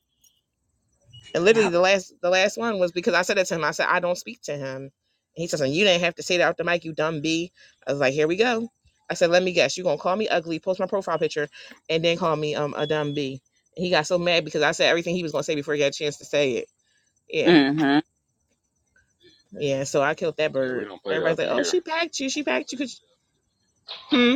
S9: And literally
S2: Yep.
S9: the last the last one was because I said it to him. I said, I don't speak to him. And he says, You didn't have to say that out the mic, you dumb bee. I was like, Here we go. I said, Let me guess, you gonna call me ugly, post my profile picture, and then call me um a dumb B?" And he got so mad because I said everything he was gonna say before he got a chance to say it. Yeah.
S2: Mm-hmm.
S9: Yeah. So I killed that
S3: Yeah, we
S9: bird.
S3: don't play that
S9: Everybody's
S3: up
S9: like,
S3: in
S9: Oh,
S3: here.
S9: she packed you, she packed you. Cause Hmm?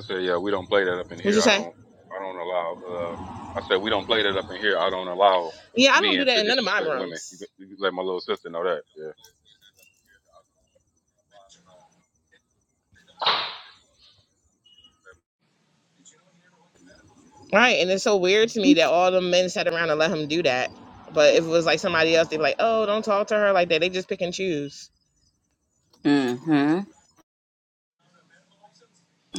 S3: I said, "Yeah, we don't play that up in
S9: What'd you
S3: here. I
S9: say?
S3: don't, I don't allow." Uh, I said, "We don't play that up in here. I don't allow
S9: Yeah, I don't do
S3: men
S9: that
S3: to
S9: in none of my
S3: disrespect women."
S9: rooms.
S3: You, you let my little sister know that. Yeah,
S9: Right. And it's so weird to me that all the men sat around and let him do that. But if it was like somebody else, they'd be like, Oh, don't talk to her like that. They just pick and choose.
S2: Mm-hmm.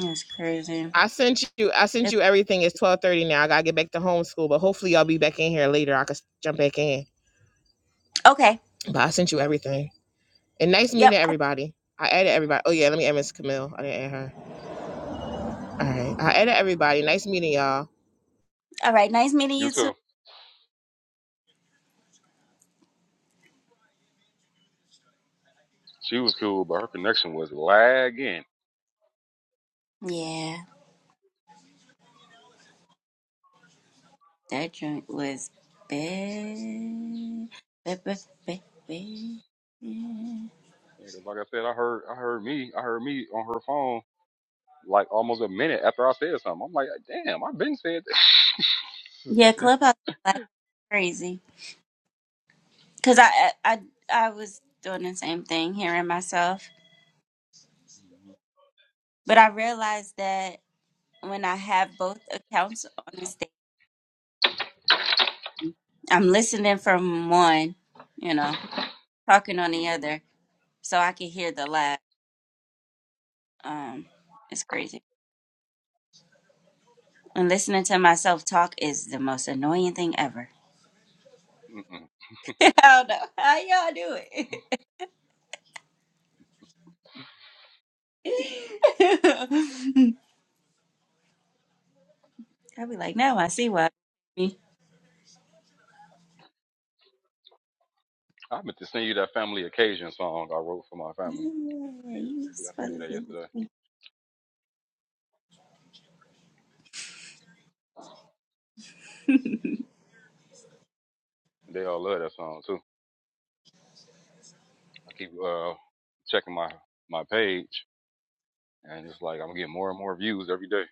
S2: That's crazy.
S9: I sent you I sent
S2: Yep.
S9: you everything. It's twelve thirty now. I gotta get back to homeschool, but hopefully y'all be back in here later. I could jump back in.
S2: Okay.
S9: But I sent you everything. And nice meeting
S2: Yep.
S9: everybody. I added everybody. Oh yeah, let me add Miss Camille. I didn't add her. All right. I added everybody. Nice meeting y'all.
S2: All right. Nice meeting
S3: you
S2: you too.
S3: too. She was cool, but her connection was lagging.
S2: Yeah. That joint was bad. Bad, bad, bad, bad.
S3: Yeah, 'cause like I said, I heard I heard me I heard me on her phone like almost a minute after I said something. I'm like, damn, I've been said that.
S2: Yeah, Clubhouse is like crazy. Cause I, I I I was doing the same thing, hearing myself. But I realized that when I have both accounts on the stage, I'm listening from one, you know, talking on the
S3: mm-hmm.
S2: other, so I can hear the laugh. Um, it's crazy. And listening to myself talk is the most annoying thing ever.
S3: Mm-mm.
S2: I don't know how y'all do it. I be like, now I see why. Me.
S3: I meant to send you that family occasion song I wrote for my
S2: Yeah,
S3: family.
S2: you
S3: We got to do
S2: supposed
S3: that
S2: to.
S3: yesterday. They all love that song too. I keep uh checking my my page and it's like I'm getting more and more views every day.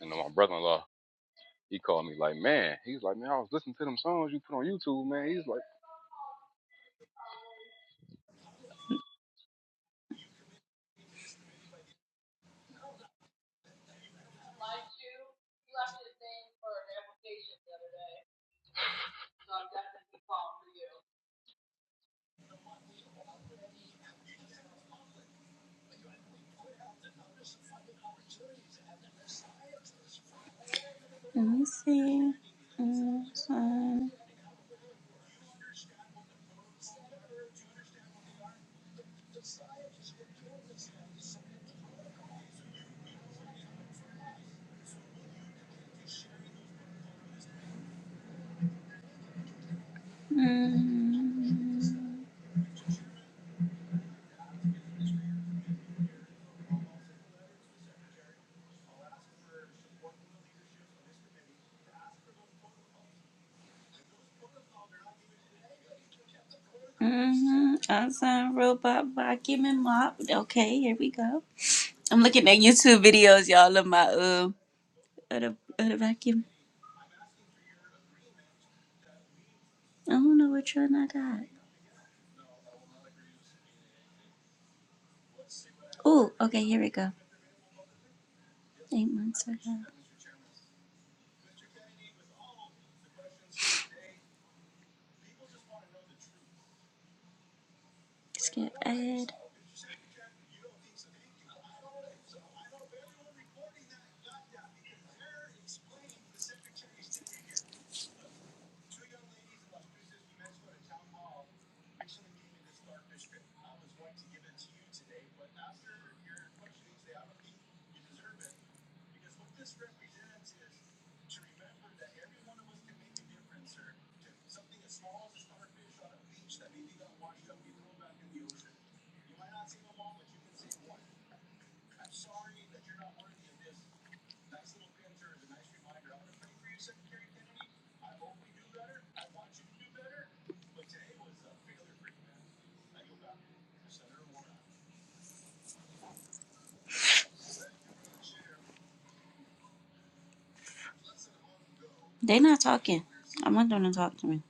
S3: And then my brother-in-law, he called me like, man, he's like, man, I was listening to them songs you put on YouTube, man. He's like,
S2: Let me see. Mm-hmm. Awesome robot vacuum and mop. Okay, here we go. I'm looking at YouTube videos, y'all, of my um, of the, of the vacuum. I don't know which one I got. Oh, okay, here we go. Eight months ago. Skip ahead. They not talking. I want them to talk to me.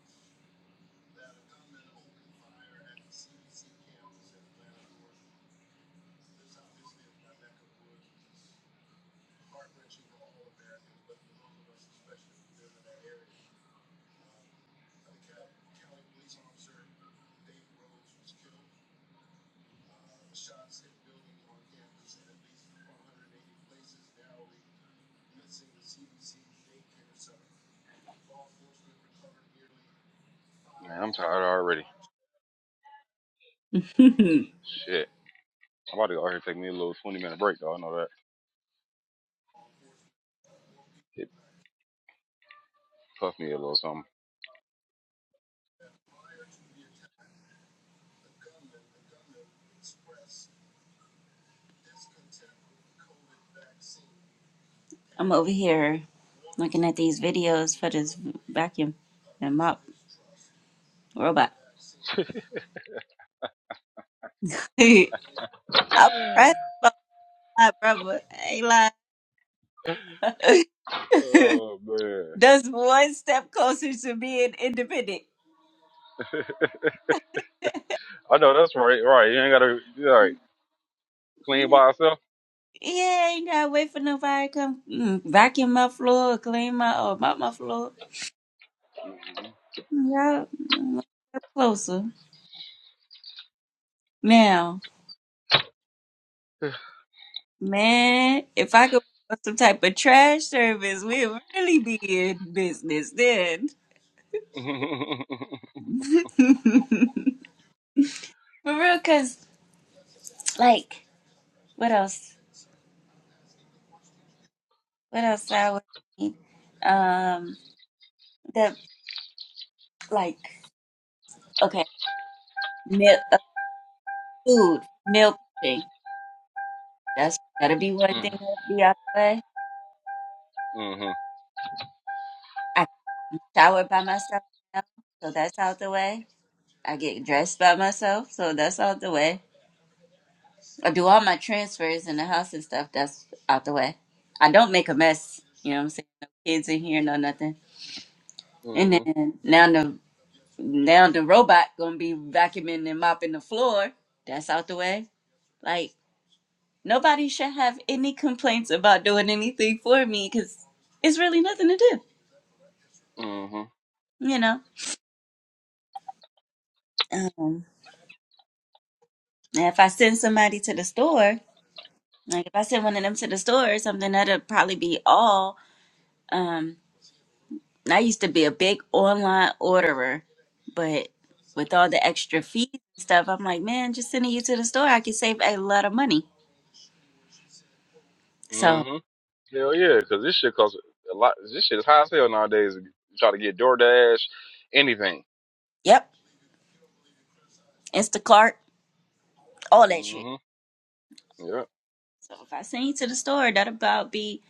S3: man, I'm tired already. Shit. I'm about to go out here and take me a little 20 minute break, though. I know that. It puffed me a little something.
S2: I'm over here looking at these videos for this vacuum and mop robot. I'm pressed by my brother. Hey, lie.
S3: oh, man.
S2: That's one step closer to being independent.
S3: I know that's right. Right. You ain't got to, you all right. Clean
S2: Yeah.
S3: by yourself?
S2: Yeah, ain't gotta wait for nobody to come mm, vacuum my floor or clean my or mop my floor. Y'all mm, closer. Now, man, if I could have some type of trash service, we'd really be in business then.
S3: Mm-hmm.
S2: for real, cause like what else? What else I would need? Um the like okay, milk uh, food, meal prepping. That's gotta be one thing that'd be out the way.
S3: mm-hmm.
S2: shower by myself now, so that's out the way. I get dressed by myself, so that's out the way. I do all my transfers in the house and stuff, that's out the way. I don't make a mess, you know what I'm saying? No kids in here, no nothing. And
S3: Mm-hmm.
S2: then now the now the robot gonna be vacuuming and mopping the floor. That's out the way. Like nobody should have any complaints about doing anything for me because it's really nothing to do,
S3: Mm-hmm.
S2: you know. Um, now if I send somebody to the store, Like if I send one of them to the store or something, that'd probably be all. Um, I used to be a big online orderer, but with all the extra fees and stuff, I'm like, man, just sending you to the store, I could save a lot of money. So,
S3: Mm-hmm. Hell yeah, because this shit costs a lot. This shit is high as hell nowadays. You try to get DoorDash, anything.
S2: yep, Instacart, all that shit.
S3: Mm-hmm. Yeah.
S2: So if I send you to the store, that about be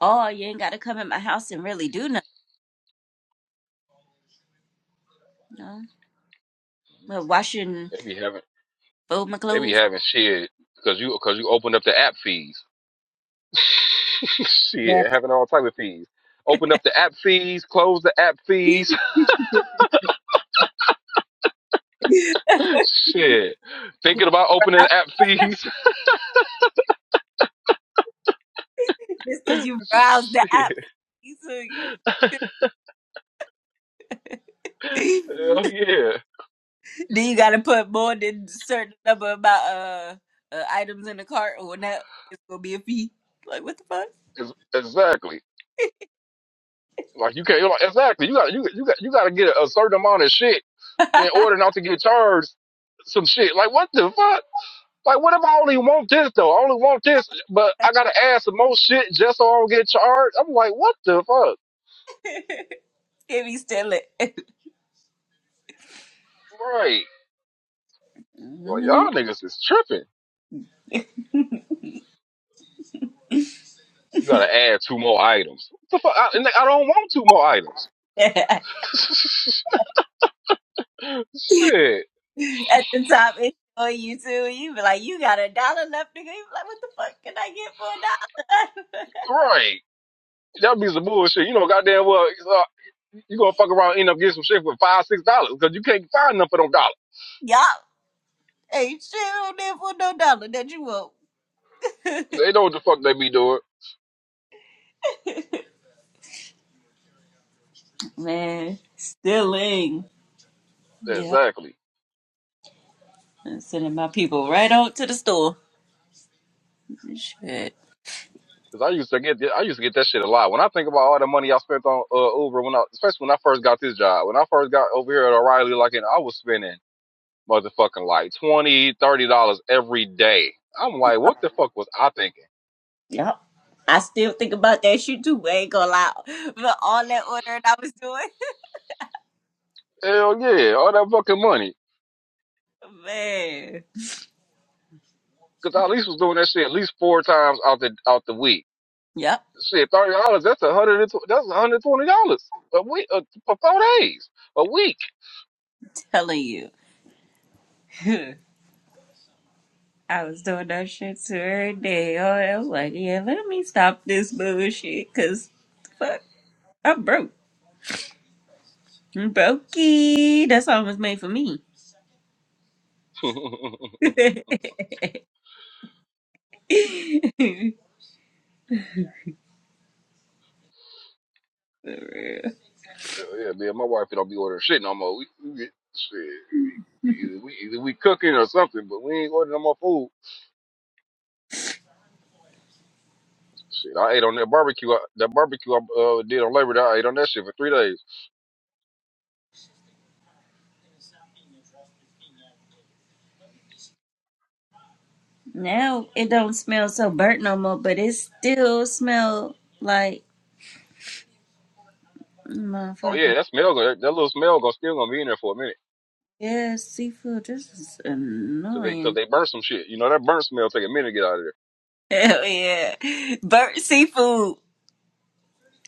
S2: all. You ain't gotta come at my house and really do nothing. You know? Well, washing,
S3: They be having,
S2: fold my
S3: they be
S2: clothes,
S3: having shit because you, because you opened up the app fees.
S2: man.
S3: Shit, having all type of fees. Open up the app fees, close the app fees. Shit, thinking about opening app fees.
S2: Just because you browse the app,
S3: Shit,
S2: you so you.
S3: hell yeah,
S2: Then you gotta put more than certain number about uh, uh items in the cart, or not it's gonna be a fee. Like what the fuck?
S3: Ex- exactly. Like you can't, like, exactly. You got you you got you got to get a, a certain amount of shit in order not to get charged some shit. Like what the fuck? Like what if I only want this though? I only want this, but I gotta add some more shit just so I don't get charged. I'm like, what the fuck?
S2: Can be still it.
S3: Right? Like
S2: Mhm.
S3: y'all niggas is tripping. You gotta add two more items. What the fuck? I, and I don't want two more items.
S2: At
S3: Shit.
S2: the top, it's on you too. You be like, you got a dollar left to go. You be like, what the fuck can I get for a dollar?
S3: Right. That be some bullshit. You know, goddamn well, uh, you gonna fuck around and end up getting some shit for five, six dollars because you can't find nothing for them dollars.
S2: Y'all ain't shit on there for no dollar that you want.
S3: They know what the fuck they be doing.
S2: Man, stealing. Yeah,
S3: Exactly.
S2: I'm sending my people right out to the store. Shit.
S3: Because I used to get, I used to get that shit a lot. When I think about all the money I spent on uh, Uber, when I, especially when I first got this job, when I first got over here at O'Reilly, like, and I was spending motherfucking like twenty, thirty dollars every day. I'm like, what the fuck was I thinking?
S2: Yep. I still think about that shit too. I ain't gonna lie. But all that ordering I was doing,
S3: Hell yeah, all that fucking money.
S2: man.
S3: Cause I at least was doing that shit at least four times out the out the week.
S2: Yep.
S3: Shit, thirty dollars. That's a hundred. and tw- That's a hundred twenty dollars a week uh, for four days a week.
S2: Telling you. I was doing that shit too every day. Oh, I was like, yeah, let me stop this bullshit. Cause fuck, I'm broke. I'm brokey. That song was made for me.
S3: Hell yeah, man. My wife don't be ordering shit no more. We, we get shit. We, either we either we cooking or something, but we ain't ordering no more food. Shit, I ate on that barbecue. I, that barbecue I uh, did on Labor Day. I ate on that shit for three days.
S2: now it don't smell so burnt no more, but it still smell like
S3: Oh yeah,
S2: motherfucking
S3: that smell. Gonna- That, that little smell gonna still gonna be in there for a minute.
S2: yeah seafood. This is
S3: Cause they,
S2: annoying.
S3: cause they burn some shit. You know that burn smell take a minute to get out of there.
S2: Hell yeah. Burnt seafood.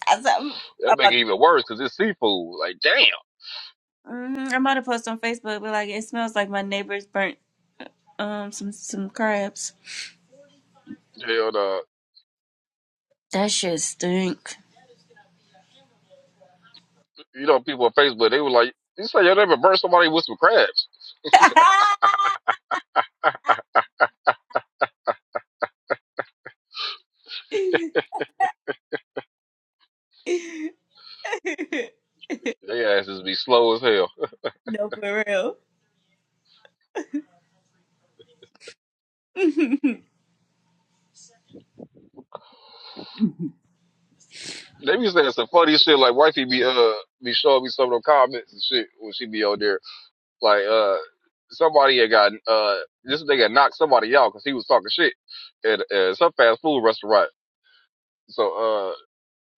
S2: I said, I'm, I'm
S3: That make
S2: about,
S3: it even worse because it's seafood. Like, damn.
S2: mm, I'm about to post on Facebook, but like, it smells like my neighbors burnt um some, some crabs.
S3: Hell, uh,
S2: That shit stink.
S3: you know, people on Facebook, they were like, you say you'll never burn somebody with some crabs. they asses be slow as hell.
S2: no, for real.
S3: They be saying some funny shit like wifey be uh be showing me some of them comments and shit when she be on there. Like uh somebody had got uh this nigga knocked somebody out because he was talking shit at, at some fast food restaurant. So uh.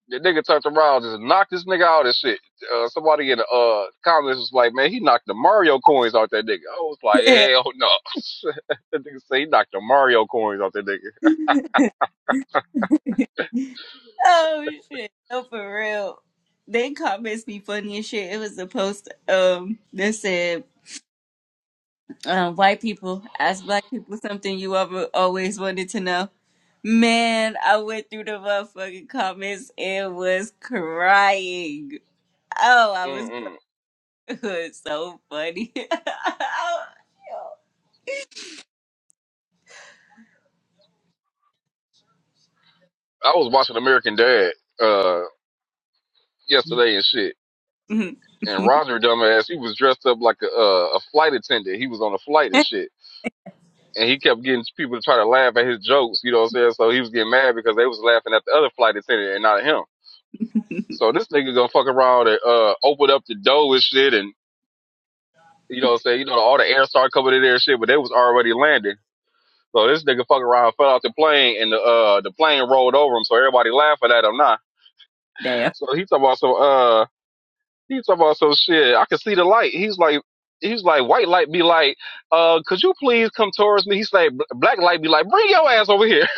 S3: The nigga turned around, just knocked this nigga out and shit. Uh, somebody in the uh, comments was like, man, he knocked the Mario coins out that nigga. I was like, hell no. that nigga said he knocked the Mario coins out that nigga.
S2: Oh, shit. No, for real. They comments be funny as shit. It was a post um that said, um, white people ask black people something you ever always wanted to know. Man, I went through the motherfucking comments and was crying. Oh, I was crying.
S3: Mm-mm.
S2: It's so funny. oh,
S3: I was watching American Dad uh, yesterday and shit.
S2: yo.
S3: And Roger, dumbass, he was dressed up like a, uh, a flight attendant. He was on a flight and shit. And he kept getting people to try to laugh at his jokes, you know what I'm saying? So he was getting mad because they was laughing at the other flight attendant and not at him. So this nigga gonna fuck around and uh, open up the door and shit. and You know what I'm saying? You know, all the air started coming in there and shit, but they was already landing. So this nigga fuck around, fell out the plane, and the uh the plane rolled over him. So everybody laughing at him now.
S2: Damn.
S3: So he talking about some uh he talking about some shit. I can see the light. He's like he's like white light be like uh could you please come towards me? He's like black light be like bring your ass over here.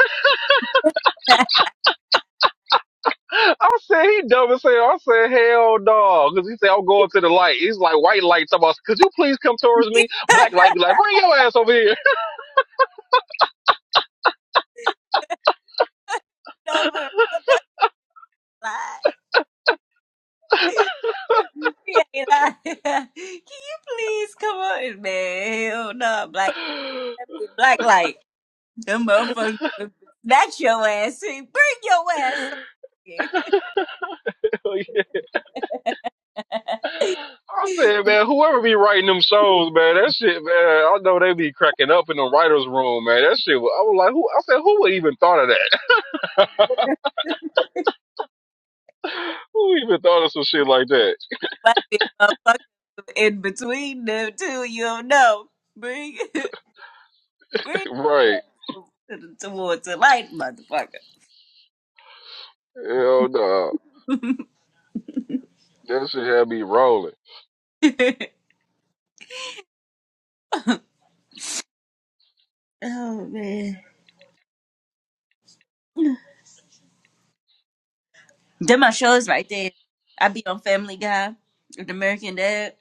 S3: I said he dumb as hell. I said hell no because he said I'm going to the light. He's like white light talking about could you please come towards me? Black light be like bring your ass over
S2: Lie. Yeah, you lie. Can you please come on, man? Hell no, black, that
S3: here.
S2: be a black light. Them motherfuckers, would snatch your ass. See, bring your ass on here.
S3: I said, man, whoever be writing them shows, man, that shit, man, I know they be cracking up in the writers' room, man. That shit, was- I was like, who? I said, who would even thought of that? who even thought of some shit like that?
S2: Might be a motherfucker in between them two. You don't know. Bring, bring your
S3: right?
S2: ass to the, towards the light, motherfucker.
S3: Hell no, that shit had me rolling.
S2: oh man. Them my shows right there. I be on Family Guy with American Dad.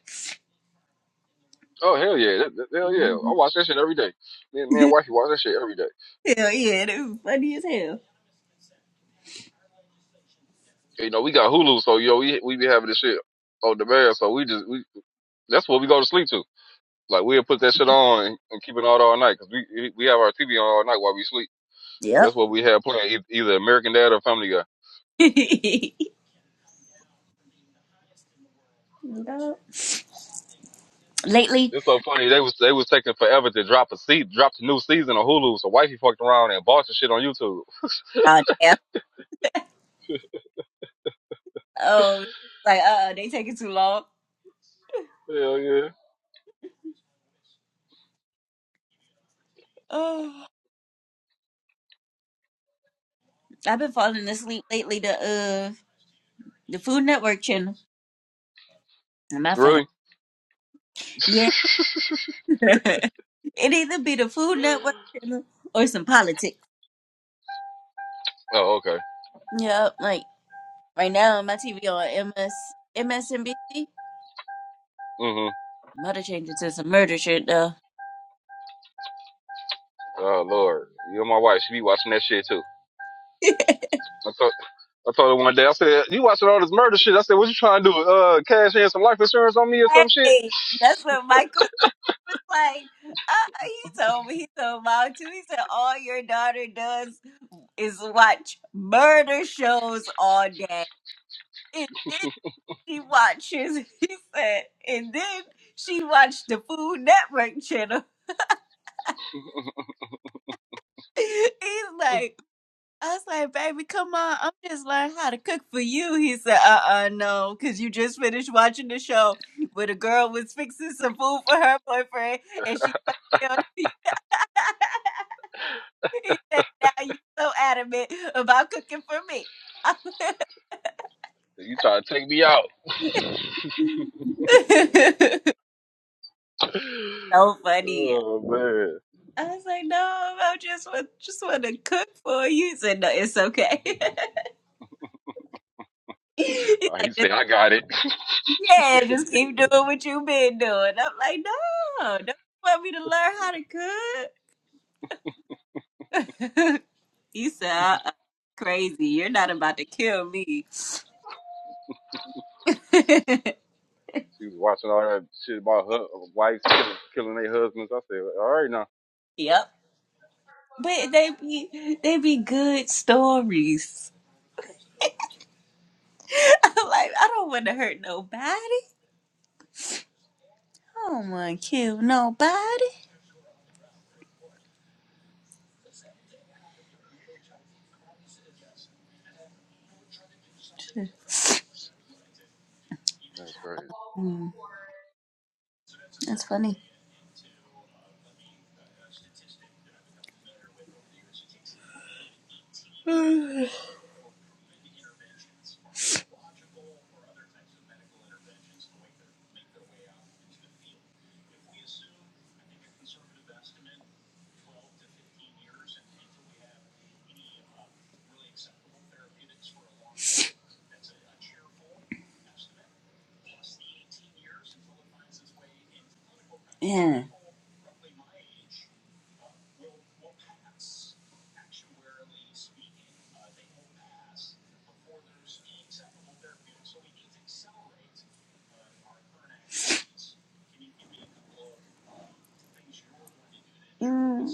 S3: Oh hell yeah, that, that- hell yeah!
S2: hmm
S3: I watch that shit every day. Me, and- me and wifey watch that shit every day.
S2: hell yeah, they was funny as hell.
S3: You know, we got Hulu, so yo, we we be having this shit on demand, so we just we that's what we go to sleep to. Like we'll put that shit on and, and keep it on all night because we we have our TV on all night while we sleep. That's
S2: Yep.
S3: what we had playing e- either American Dad or Family Guy.
S2: Lately,
S3: It's so funny they was they was taking forever to drop a seat, drop the new season of Hulu. So wifey fucked around and bought the shit on YouTube.
S2: uh, yeah. oh, like uh, they taking too long.
S3: Hell yeah,
S2: Oh, I've been falling asleep lately. The uh, the Food Network channel. Am my fat?
S3: really?
S2: ass. Yeah. it either be the Food Network channel or some politics.
S3: oh okay.
S2: Yep. Like right now, my TV on MS MSNBC.
S3: Mhm.
S2: Mother changed it to some murder shit though.
S3: Oh lord, you and my wife, she be watching that shit too. I told I told her one day, I said, "You watching all this murder shit?" I said, "What you trying to do? Uh, cash in some life insurance on me or some shit?"
S2: Hey, that's what Michael said. He was like, uh, he told me, he told Mom too. He said, all your daughter does is watch murder shows all day. And then she watches, he said, and then she watched the Food Network channel. He's like, I was like, baby, come on. I'm just learning how to cook for you. He said, uh uh no, because you just finished watching the show where the girl was fixing some food for her boyfriend and she He said, now you so adamant about cooking for me. so
S3: You trying to take me out?
S2: funny.
S3: oh man.
S2: I was like, no, I just want just want to cook for you. He said, no, it's okay. He's
S3: Oh,
S2: like,
S3: he
S2: just,
S3: said, "I got it."
S2: yeah, just keep doing what you've been doing. I'm like, no, don't you want me to learn how to cook? he said, uh-uh, crazy. You're not about to kill me.
S3: She was watching all that shit about her wives killing, killing their husbands. I said, all right now.
S2: yep. But they be they be good stories. I'm like, I don't want to hurt nobody. I don't want to kill nobody.
S3: That's crazy.
S2: Mm, that's funny. Yeah. Mm,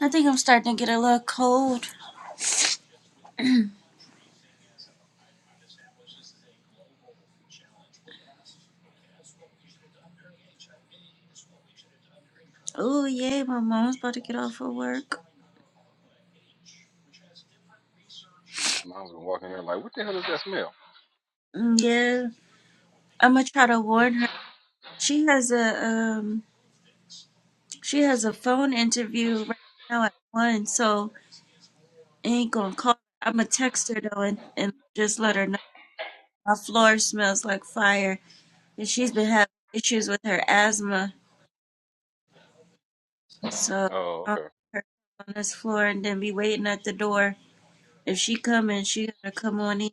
S2: I think I'm starting to get a little cold. Oh, yeah, my mom's about to get off of work.
S3: My husband walking in there like, what the hell is that smell?
S2: Mm, Yeah. I'm going to try to warn her. She has a, um, she has a phone interview right now at one, so I ain't gonna call. her. I'm gonna text her though and, and just let her know my floor smells like fire, and she's been having issues with her asthma. So
S3: Oh,
S2: I'll
S3: okay.
S2: put her on this floor and then be waiting at the door. If she coming, she gotta come on in.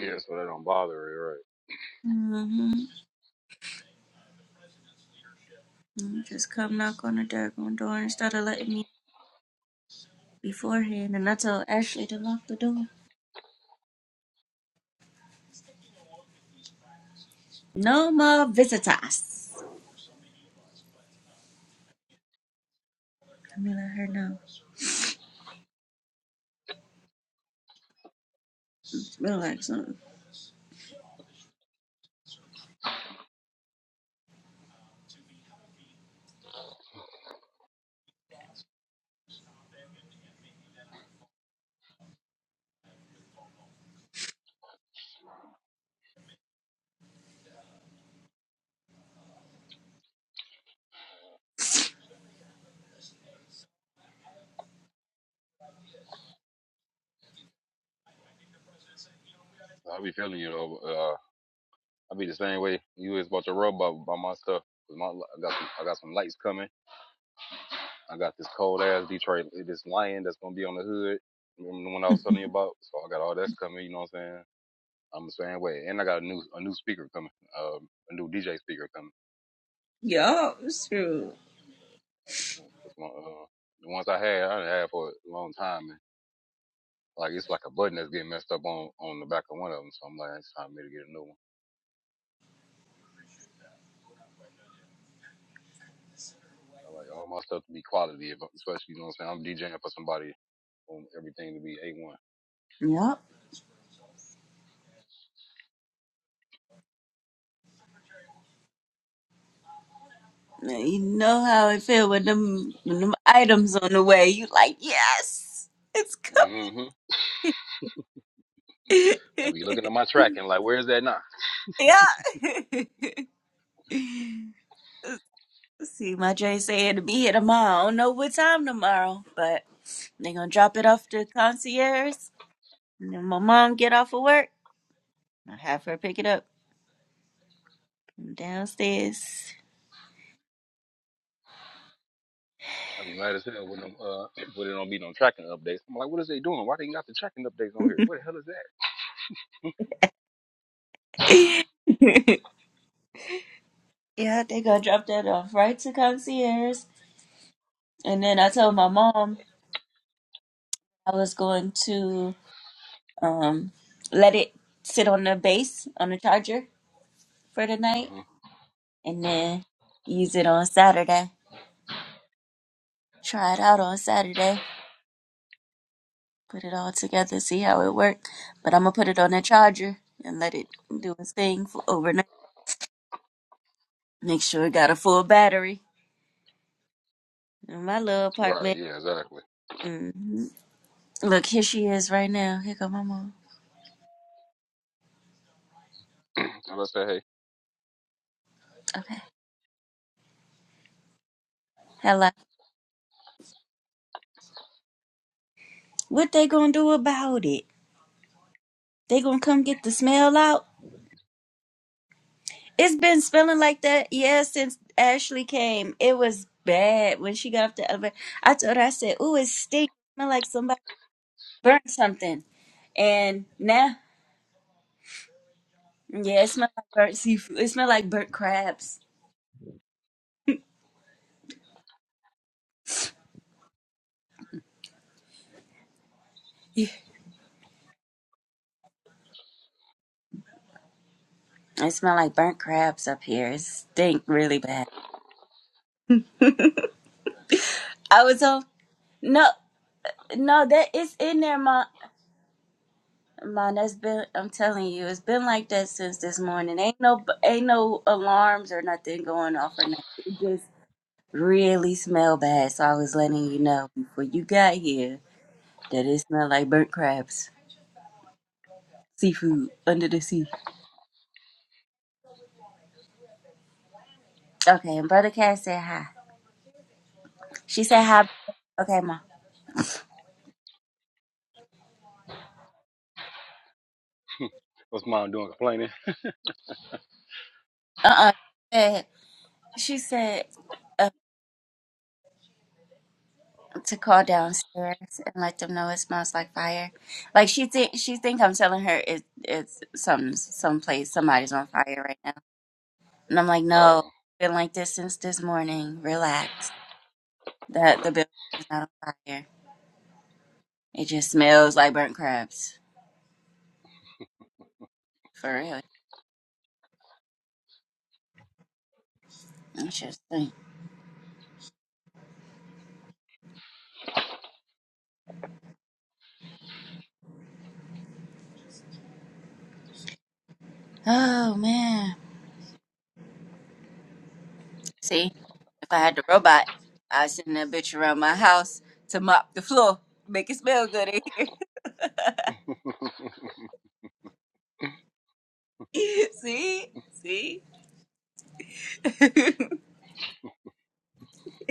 S3: Yeah, so that don't bother her,
S2: Mm-hmm. Mm-hmm. Just come knock on the daggone door instead of letting me beforehand. And I told Ashley to lock the door. No more visitors. Let me let her know. Smell like something.
S3: right? I be feeling you though. Uh, I be the same way you is about to rub about, about my stuff. My, I got some, I got some lights coming. I got this cold ass Detroit, this lion that's gonna be on the hood. Remember the one I was telling you about? So I got all that's coming. You know what I'm saying? I'm the same way, and I got a new a new speaker coming, um, a new DJ speaker coming.
S2: Yup, it's true.
S3: Cause my uh, the ones I had, I done had for a long time, and like it's like a button that's getting messed up on on the back of one of them. So I'm like, it's time for me to get a new one. I like all my stuff to be quality, if- especially you know what I'm saying. I'm DJing for somebody, on everything to be a one.
S2: Yup. Now You know how I feel when them when them items on the way. You like, yes, it's coming.
S3: Mm-hmm. I be looking at my tracking, like, where is that now?
S2: yeah. See, my Jay saying to be here tomorrow. I don't know what time tomorrow, but they gonna drop it off to the concierge. And then my mom get off of work. I have her pick it up from downstairs.
S3: I be mad as hell when them, uh, when it don't be no tracking updates. I'm like, what is they doing? Why they got the tracking updates on here? What the hell is that?
S2: yeah, they gonna drop that off right to concierge. And then I told my mom I was going to um let it sit on the base on the charger for the night,
S3: hmm
S2: and then use it on Saturday. Try it out on Saturday. put it all together, see how it works. But I'm gonna put it on a charger and let it do its thing for overnight. Make sure it got a full battery in my little
S3: Right,
S2: apartment.
S3: yeah, exactly.
S2: hmm Look, here she is right now. Here go my mom.
S3: so I say, hey,
S2: Okay, hello. What they gonna do about it? They gonna come get the smell out? It's been smelling like that, yeah, since Ashley came. It was bad when she got off the elevator. I told her, I said, "Ooh, it stinks. Smell like somebody burnt something." And now Yeah, it smell like burnt seafood. It smell like burnt crabs. Yeah. It smell like burnt crabs up here. It stink really bad. I was on no, no, that it's in there, ma. Ma, that's been. I'm telling you, it's been like that since this morning. Ain't no, ain't no alarms or nothing going off or nothing. It just really smell bad. So I was letting you know before you got here that it smelled like burnt crabs, seafood under the sea. Okay, and brother Cat said hi. She said hi. Okay, ma.
S3: what's mom doing complaining?
S2: Uh uh She said uh, to call downstairs and let them know it smells like fire. Like she think she think I'm telling her it it's some someplace somebody's on fire right now. And I'm like, no,
S3: Uh,
S2: been like this since this morning. Relax. That the building is not on fire. It just smells like burnt crabs. For real. It's just like, oh man. See, if I had the robot, I'd send that bitch around my house to mop the floor, make it smell good in here. See? See?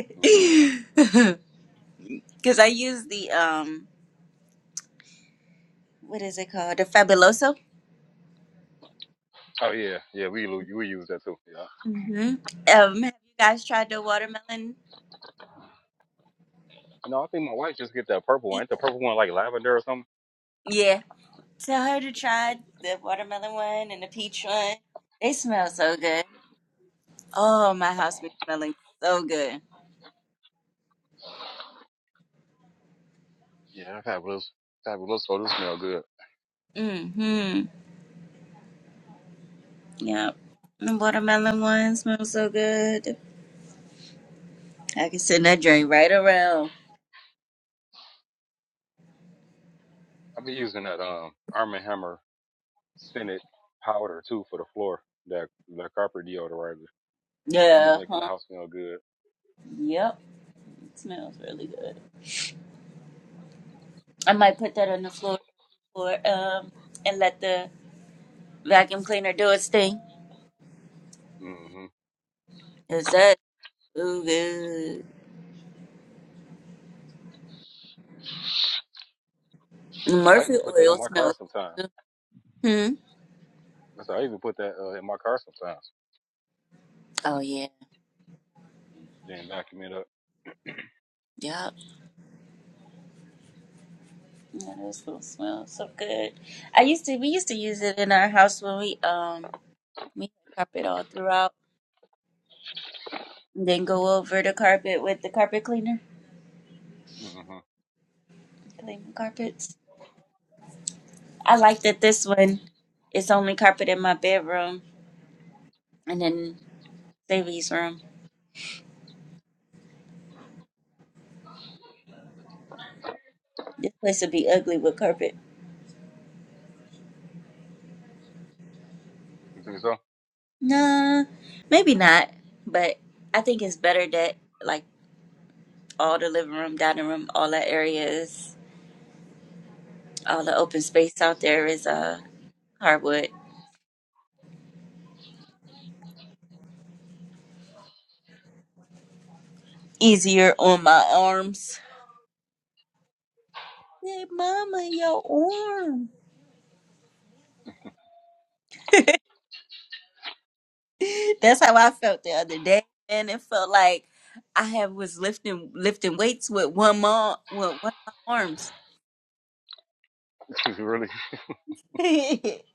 S3: mhm.
S2: Because I use the, um, what is it called? The Fabuloso?
S3: Oh yeah, yeah, we lo- we use that too. Yeah.
S2: hmm Um, have you guys tried the watermelon
S3: No, I think my wife just get that purple one.
S2: peach?
S3: Ain't the purple one like lavender or something?
S2: Yeah. Tell her to try the watermelon one and the peach one. They smell so good. Oh, my house be smelling so good.
S3: Yeah, fabulous, fabulous. Oh, this smell good.
S2: Mm-hmm. Yep. The watermelon one smells so good. I can send that drink right around.
S3: i be using that um Arm and Hammer scented powder too for the floor. That that copper deodorizer. I be
S2: Yeah.
S3: making the
S2: Huh?
S3: house smell good.
S2: Yep. It smells really good. I might put that on the floor for um and let the vacuum cleaner do its thing.
S3: hmm
S2: Cause that's so good. The
S3: I
S2: Murphy
S3: even put that
S2: oil
S3: in my car
S2: smells
S3: sometimes.
S2: good too. Hmm.
S3: That's how I even put that uh, in my car sometimes.
S2: Oh yeah.
S3: Then vacuum it up.
S2: Yup. Yeah, those little smell so good. I used to we used to use it in our house when we um we had carpet all throughout. And then go over the carpet with the carpet cleaner.
S3: hmm
S2: Clean the carpets. I like that this one is only carpet in my bedroom and then Davy's room. This place would be ugly with carpet.
S3: You think so?
S2: Nah, maybe not. But I think it's better that like all the living room, dining room, all that area is all the open space out there is uh hardwood. Easier on my arms. Hey, mama, your arm. That's how I felt the other day, and it felt like I have was lifting lifting weights with one ma with one of my arms.
S3: really?
S2: that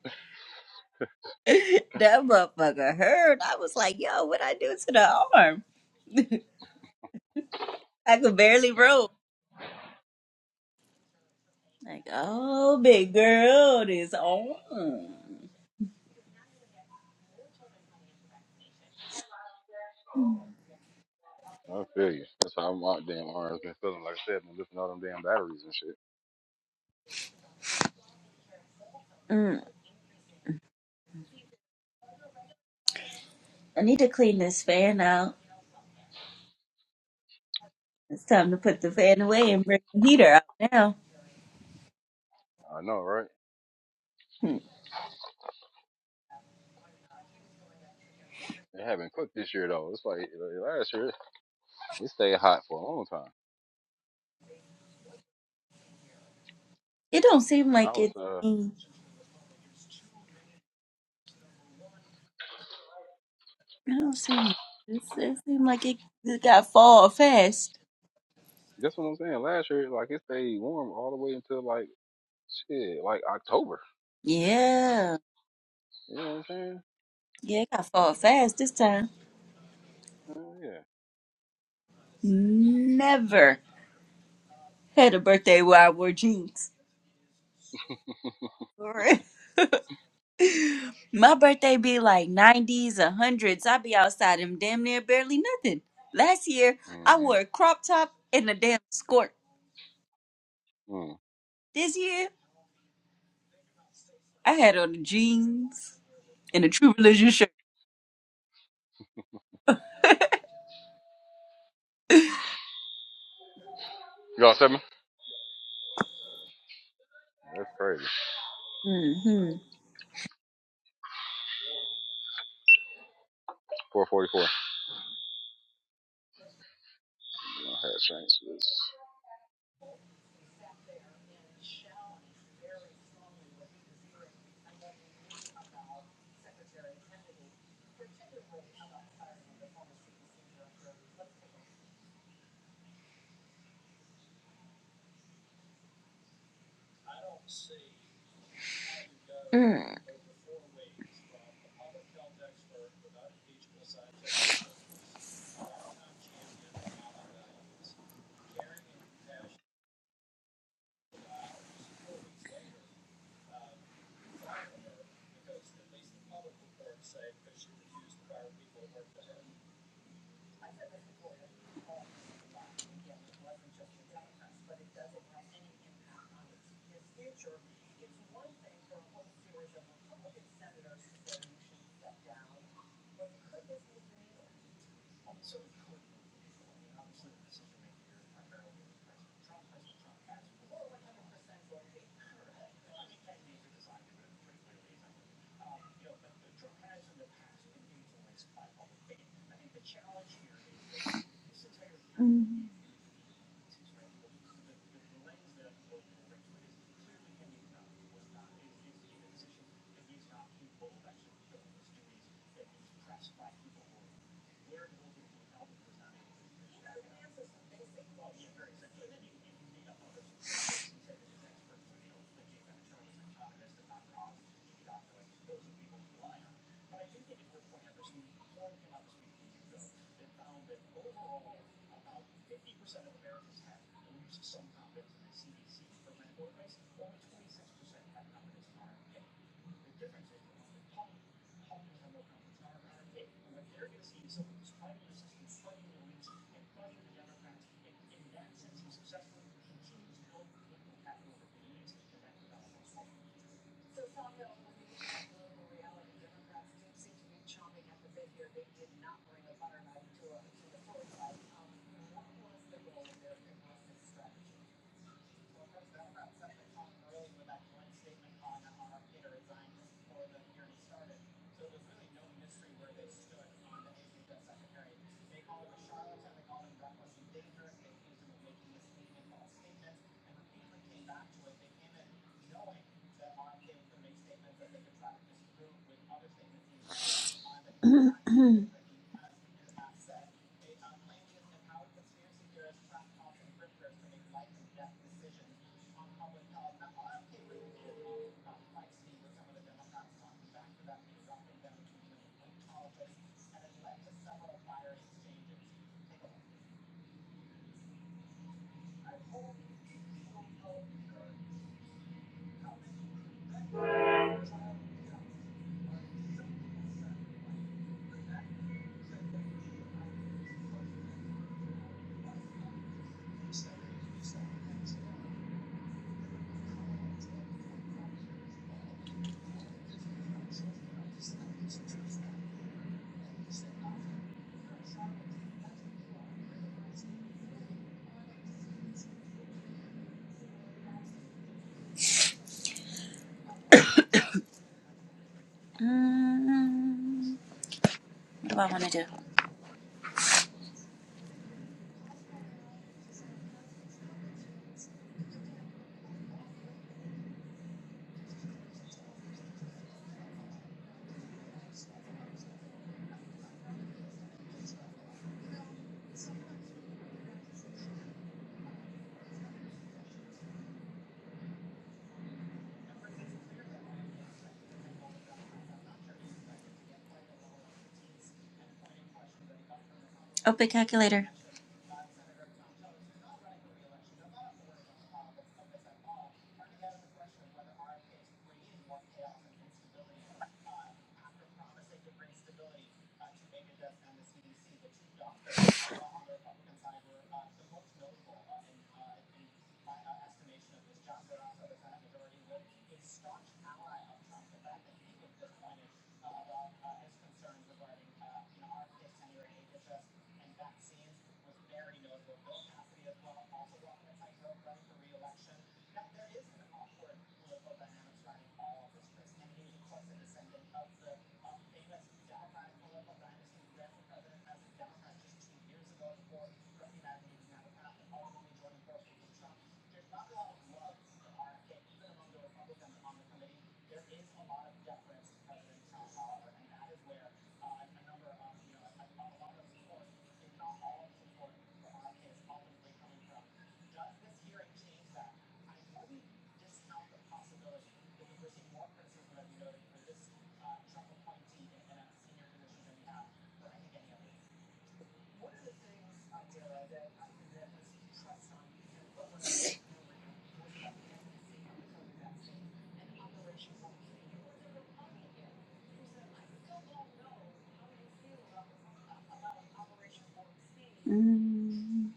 S2: motherfucker hurt. I was like, yo, what I do to the arm? I could barely roll. Like, oh, big girl is on.
S3: I feel you. That's how my damn arm's been feeling. Like I said, been lifting all them damn batteries and shit.
S2: Mm, I need to clean this fan out. It's time to put the fan away and bring the heater out now.
S3: I know, right?
S2: Hmm.
S3: It haven't cooked this year though. It's like uh, last year, it stayed hot for a long time.
S2: It don't seem
S3: And I
S2: like
S3: was
S2: it's.
S3: uh,
S2: mm, It don't seem. like It's, it seem like it, it got fall fast.
S3: that's what I'm saying. Last year, like it stayed warm all the way until like shit, like October.
S2: Yeah,
S3: You know what I'm saying?
S2: yeah, it got fall fast this time.
S3: Uh, yeah.
S2: Never had a birthday where I wore jeans. My birthday be like 90s or 100s. I be outside in damn near barely nothing. Last year, I wore a
S3: Mm-hmm.
S2: crop top and a damn skirt.
S3: Mm.
S2: This year, I had on jeans and a True Religion shirt.
S3: Y'all seven? That's crazy.
S2: Mm-hmm.
S3: 444. I had change for this.
S2: Mm-hmm. What do I want to do? Open calculator. Mm.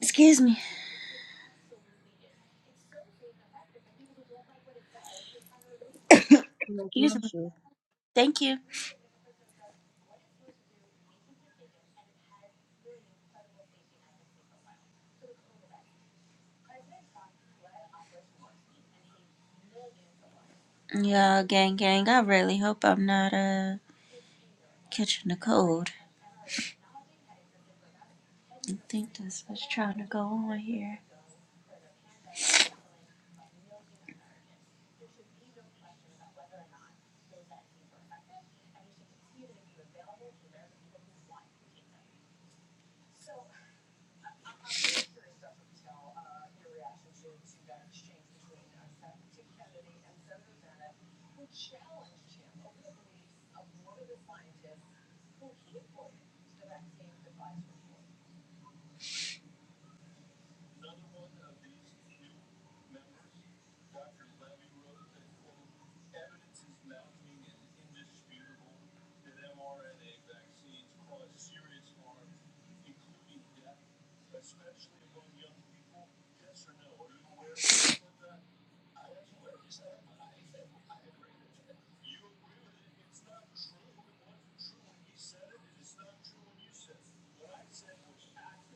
S2: Excuse me.
S7: No
S2: Excuse me.
S7: pressure.
S2: Thank you. Y'all, gang, gang, I really hope I'm not uh, catching a cold. I think that's what's trying to go on here.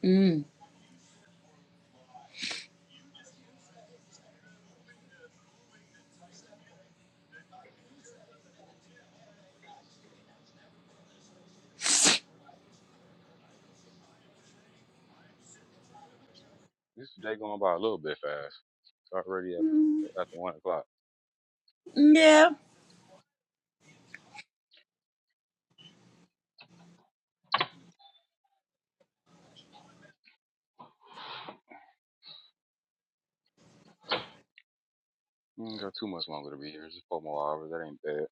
S2: Mm.
S3: This day going by a little bit fast. It's already at the, at the one o'clock.
S2: Yeah.
S3: Ain't got too much longer to be here. Just four more hours. That ain't bad.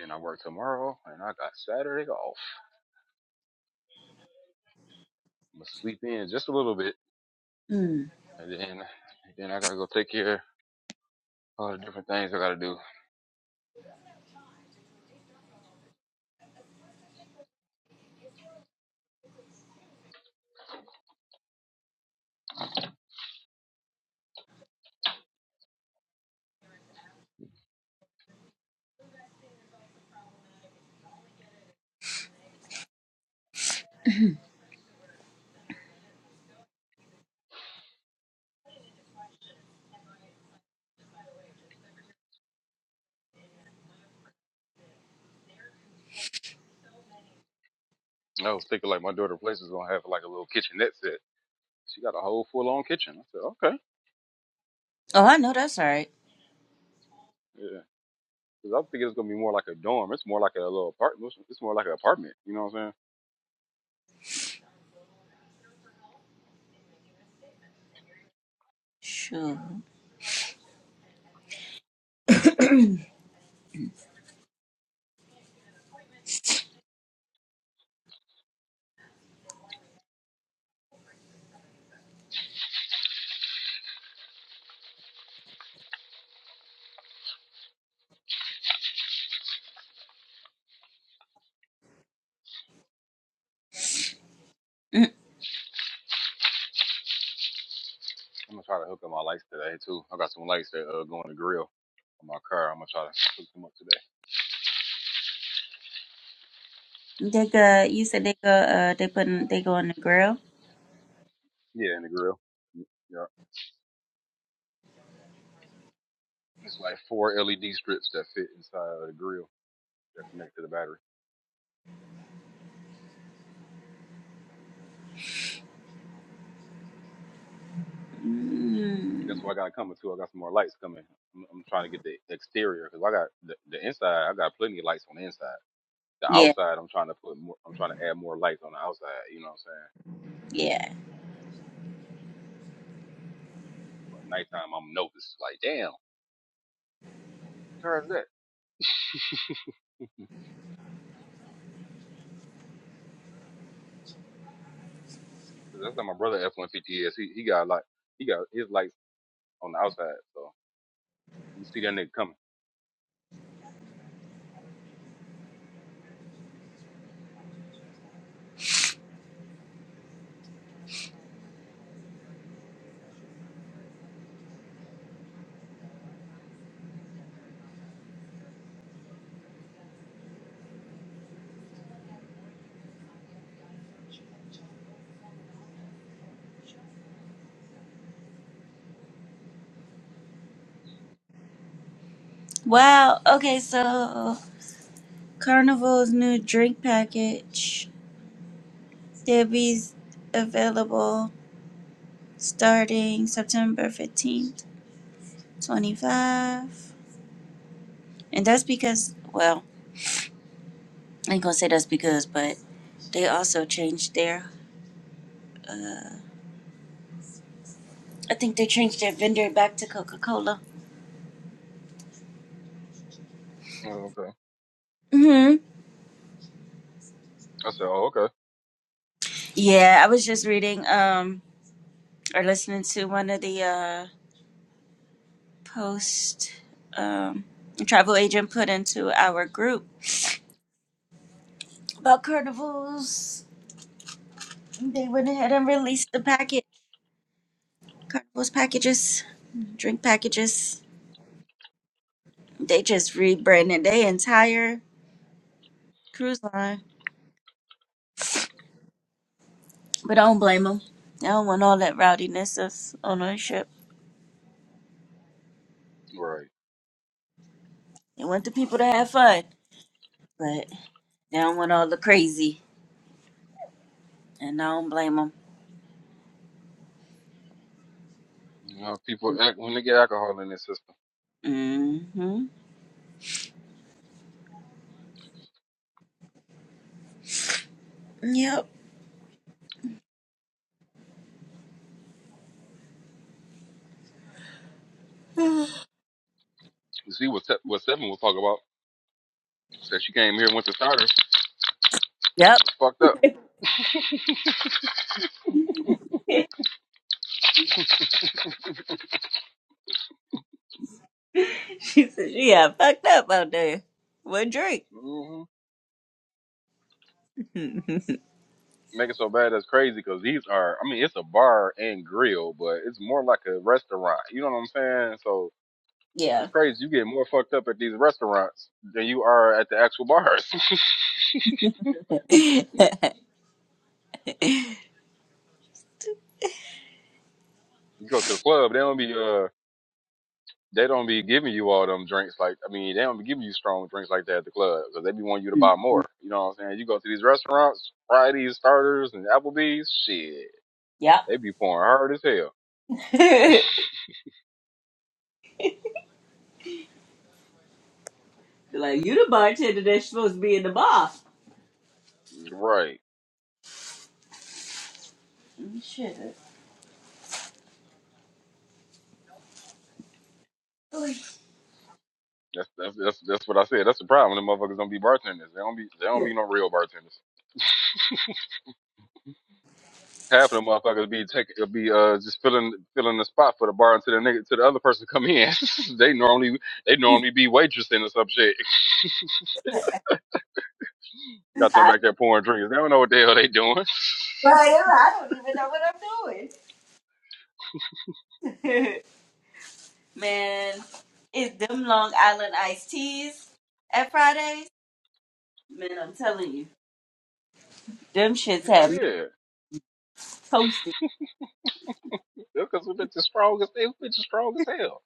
S3: Then I work tomorrow, and I got Saturday off. I'ma sleep in just a little bit
S2: Mm.
S3: And then then I gotta go take care of all the different things I gotta do. And I was thinking like my daughter place is gonna have like a little kitchenette set. She got a whole full on kitchen. I said, okay.
S2: Oh, I know that's all right.
S3: Yeah. Cause I think it's gonna be more like a dorm. It's more like a little apartment. It's more like an apartment. You know what I'm saying?
S2: Sure. Mm.
S3: I'm gonna try to hook up my lights today too. I got some lights that uh, go in the grill on my car. I'm gonna try to hook them up today.
S2: They go. You said they go. Uh, they put. In, they go on the grill.
S3: Yeah, in the grill. Yeah. It's like four LED strips that fit inside of the grill that connect to the battery.
S2: Mm.
S3: That's what I got coming too. I got some more lights coming. I'm, I'm trying to get the exterior because I got the, the inside. I got plenty of lights on the inside. The
S2: Yeah.
S3: outside, I'm trying to put more. I'm trying to add more lights on the outside. You know what I'm saying?
S2: Yeah.
S3: But at nighttime, I'm noticed. Like, damn, what car is that? 'Cause that's how my brother F150 is. He he got like he got his lights on the outside, so you see that nigga coming.
S2: Wow. Okay. So Carnival's new drink package. They'll be available starting September fifteenth, twenty-five. And that's because. Well, I ain't gonna say that's because, but they also changed their. Uh, I think they changed their vendor back to Coca Cola.
S3: Oh, okay. I said, oh, okay.
S2: Yeah, I was just reading um or listening to one of the uh post um a travel agent put into our group about carnivals. They went ahead and released the packet carnivals packages, drink packages. They just rebranded their entire cruise line, but I don't blame them. They don't want all that rowdiness of ownership.
S3: Right.
S2: They want the people to have fun, but they don't want all the crazy, and I don't blame them.
S3: You know, people act when they get alcohol in their system.
S2: hmm Yep.
S3: You see what Se- what Seven was talking about? Said she came here and went to starter. It's
S2: Yep.
S3: fucked up.
S2: She said she got fucked up out there. What drink?
S3: Mhm. Make it so bad that's crazy because these are. I mean, it's a bar and grill, but it's more like a restaurant. You know what I'm saying? So
S2: Yeah.
S3: it's crazy. You get more fucked up at these restaurants than you are at the actual bars.
S2: Mhm.
S3: you go to the club, they don't be uh they don't be giving you all them drinks like I mean they don't be giving you strong drinks like that at the club because they be wanting you to buy more. You know what I'm saying? You go to these restaurants, Fridays, starters, and Applebee's, shit,
S2: yep.
S3: they be pouring hard as hell.
S2: like you the bartender that's supposed to be in the bar.
S3: Right.
S2: Shit.
S3: That's that's that's that's what I said. That's the problem. The motherfuckers don't be bartenders. They don't be they don't be no real bartenders. Half of the motherfuckers be take uh, be uh just filling filling the spot for the bar until the nigga to the other person come in. they normally they normally be waitressing or some shit. Got them
S2: I,
S3: back there pouring drinks. They don't know what the hell they doing.
S2: man, it's them Long Island iced teas at Fridays. Man, I'm telling you, them shits have
S3: hell
S2: me
S3: yeah,
S2: toasted.
S3: because we bitches strong as they bitches strong as hell.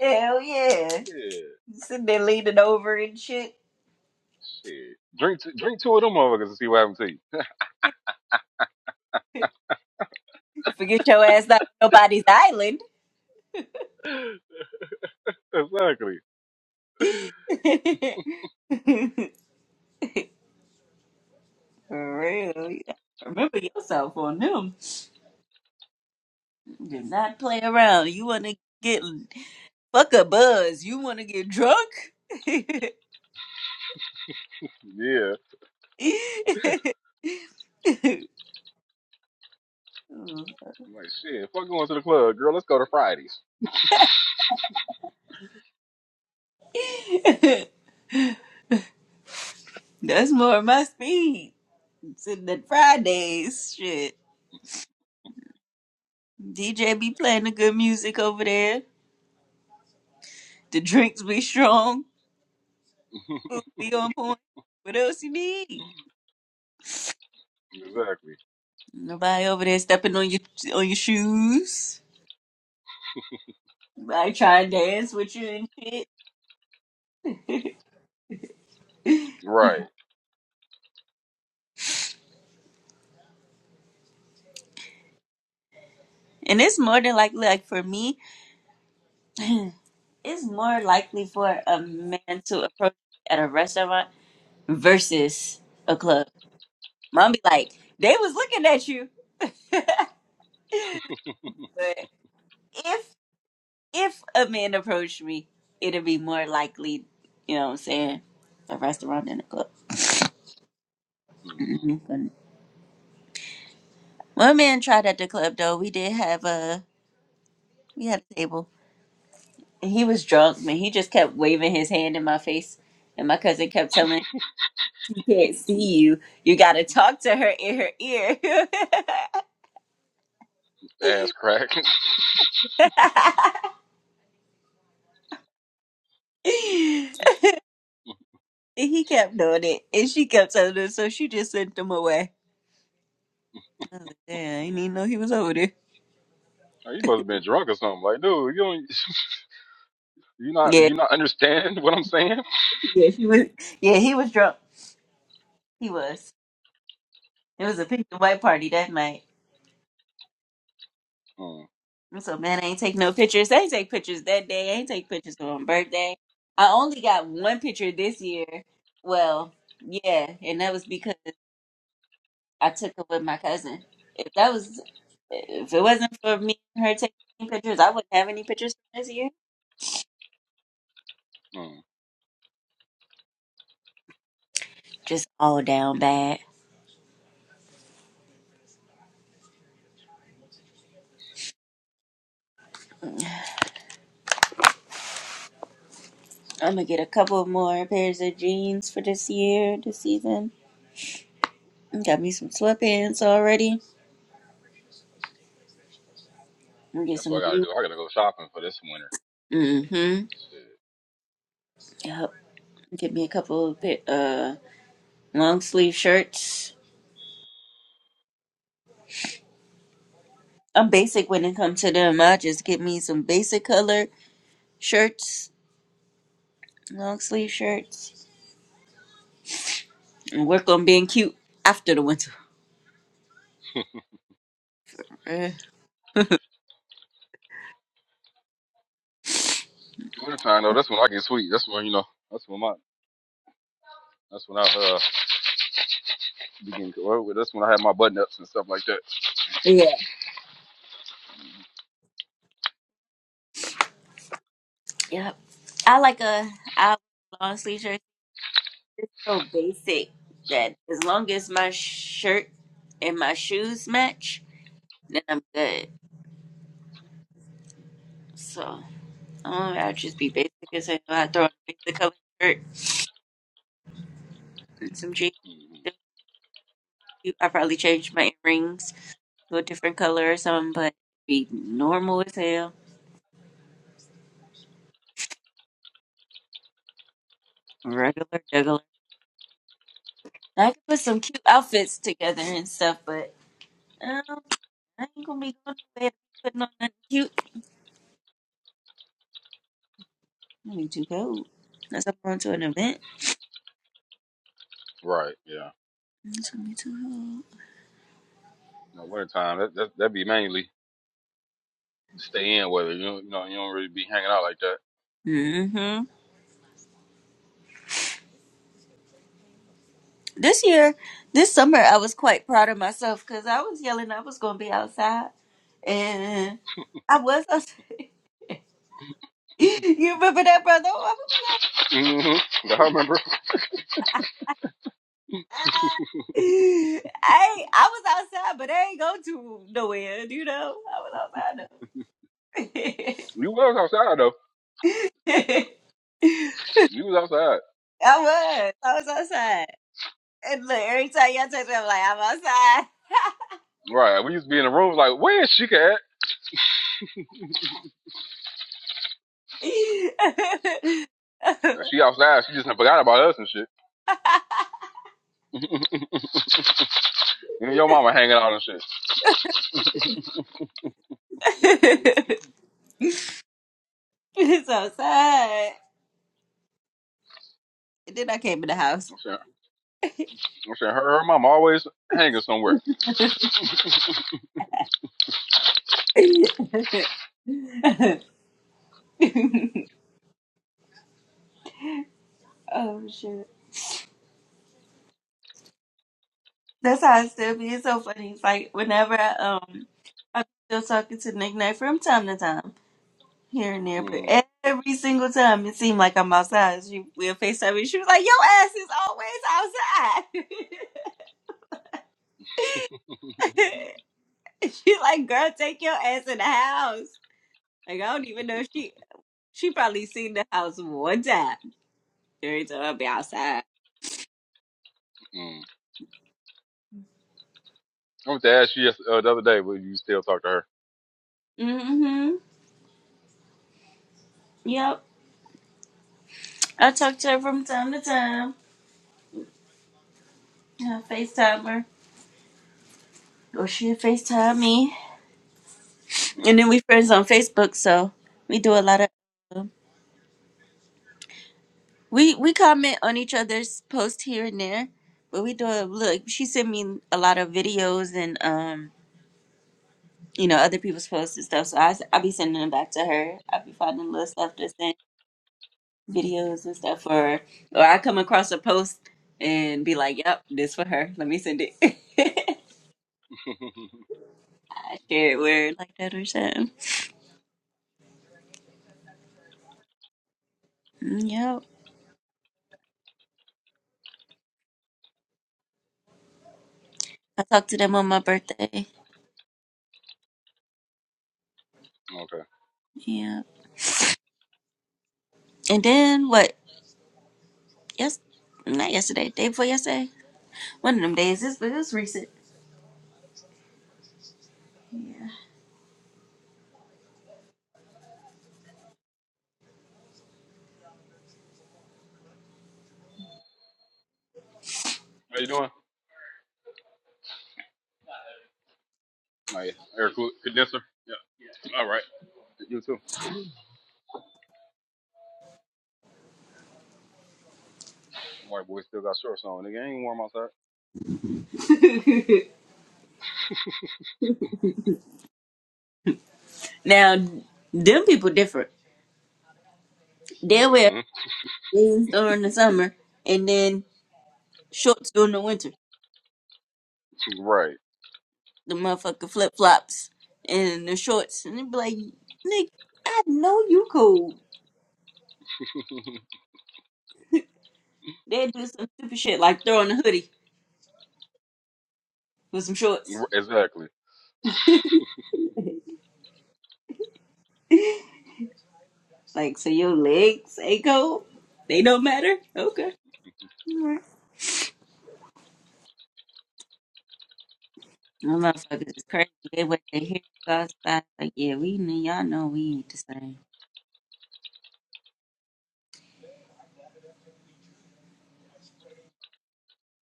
S2: Hell yeah.
S3: Yeah,
S2: You sitting there leaning over and shit.
S3: shit. Drink t- drink two of them motherfuckers and see what happens to you.
S2: Forget your ass not on nobody's island.
S3: exactly.
S2: For real. You gotta remember yourself on them. Do not play around. You want to get fuck a buzz. You want to get drunk?
S3: Yeah. I'm like shit. Fuck going to the club, girl. Let's go to Fridays.
S2: That's more of my speed. Sitting at Fridays, shit. DJ be playing the good music over there. The drinks be strong. Food be on point. What else you need?
S3: exactly.
S2: Nobody over there stepping on your on your shoes. Nobody trying to dance with you and shit.
S3: Right.
S2: And it's more than likely, like for me, it's more likely for a man to approach me at a restaurant versus a club. Mom be like, they was looking at you. but if if a man approached me, it'd be more likely, you know what I'm saying, a restaurant than a club.
S3: hmm
S2: Mm-hmm. One man tried at the club though. We did have a we had a table. And he was drunk, man. He just kept waving his hand in my face. And my cousin kept telling can't see you. You got to talk to her in her ear.
S3: Ass crack.
S2: and he kept doing it, and she kept telling him, so she just sent him away. I was like, damn, I didn't even know he was over there.
S3: Oh, you must have been drunk or something. Like, dude, you don't, you not,
S2: Yeah,
S3: you not understand what I'm saying?
S2: yeah, she was. Yeah, he was drunk. He was. It was a pink and white party that night.
S3: Mm,
S2: I'm so man, I ain't take no pictures. I ain't take pictures that day. I ain't take pictures on my birthday. I only got one picture this year. Well, yeah, and that was because. I took it with my cousin. If that was, if it wasn't for me and her taking pictures, I wouldn't have any pictures from this year.
S3: mm.
S2: Just all down bad. I'm gonna get a couple more pairs of jeans for this year, this season. Got me some sweatpants already. I'm gonna get
S3: That's what
S2: some.
S3: I gotta do. I gotta go shopping for this winter.
S2: Mm-hmm.
S3: Shit.
S2: Yep. Get me a couple of pa- uh long sleeve shirts. I'm basic when it comes to them. I just get me some basic color shirts, long sleeve shirts, and work on being cute after the winter. Mm,
S3: Winter time though, that's when I get sweet. That's when you know. That's when my. That's when I uh begin. well, That's when I have my button ups and stuff like that.
S2: Yeah. yep. I like a I long sleeve shirt. It's so basic that as long as my shirt and my shoes match, then I'm good. So um, I'll just be basic as hell. I throw on a basic color shirt and some jeans.
S3: hmm
S2: I probably change my earrings to a different color or something, but be normal as hell, regular, regular. I can put some cute outfits together and stuff, but um, I ain't gonna be going to bed putting on nothing cute. I need to go. Unless I'm going to an event.
S3: Right. Yeah.
S2: It's gonna be too hot.
S3: No winter time. That that that be mainly stay in weather. You know. You know. You don't really be hanging out like that.
S2: hmm This year, this summer, I was quite proud of myself because I was yelling I was going to be outside. And I was. I was- you remember that, brother? Oh, I'm going to be
S3: hmm I remember.
S2: outside. I, ain't- I was outside, but I ain't go to nowhere, you know? I was outside,
S3: You was outside though.
S2: though.
S3: You was outside.
S2: I was. I was outside. And look, every time y'all text me, I'm like, I'm
S3: Right. We used to be in the room like, where is she at?
S2: outside.
S3: She outside. She just forgot about us and shit. you know, your mama hanging out and shit.
S2: it's outside. And then I came in the house.
S3: I'm saying, I'm saying her, her mama always hanging somewhere.
S2: oh shit. That's how I still be. It's so funny. It's like whenever I um still talking to Nick Knight from time to time, here and there, but
S3: hmm
S2: every single time it seemed like I'm outside. She will FaceTime me. She was like, Your ass is always outside. she like, girl, take your ass in the house. Like I don't even know if she she probably seen the house one time. Every time I be outside.
S3: mm. I went to ask you yes, uh, the other day, but you still talk to her.
S2: hmm Yep. I talk to her from time to time. I FaceTime her. Or she FaceTime me. And then
S3: hmm
S2: we friends on Facebook, so we do a lot of um, we we comment on each other's posts here and there. But we do a look. She sent me a lot of videos and um you know other people's posts and stuff. So I s- I be sending them back to her. I be finding little stuff to send videos and stuff for her. Or I come across a post and be like, "Yep, this for her. Let me send it." I share it weird like that or something. Mm, Yep. I talked to them on my birthday.
S3: okay.
S2: Yeah. And then what? Yes, not yesterday. Day before yesterday. One of them days. This but this recent.
S3: How you doing? Oh, yeah. Air cool condenser? Yeah. yeah. All right. You too. White boy still got shorts on. Nigga, ain't warm outside.
S2: Now, them people different. They
S3: mm
S2: wear
S3: hmm
S2: jeans during the summer and then shorts during the winter.
S3: Right.
S2: The motherfucking flip flops and the shorts. And they be like, nigga, I know you cold. They do some stupid shit like throwing a hoodie with some shorts.
S3: exactly.
S2: Like, so your legs ain't cold? They don't matter? Okay. Them motherfuckers is crazy. They wait to hear us outside. Like, yeah, we knew y'all know we ain't the same.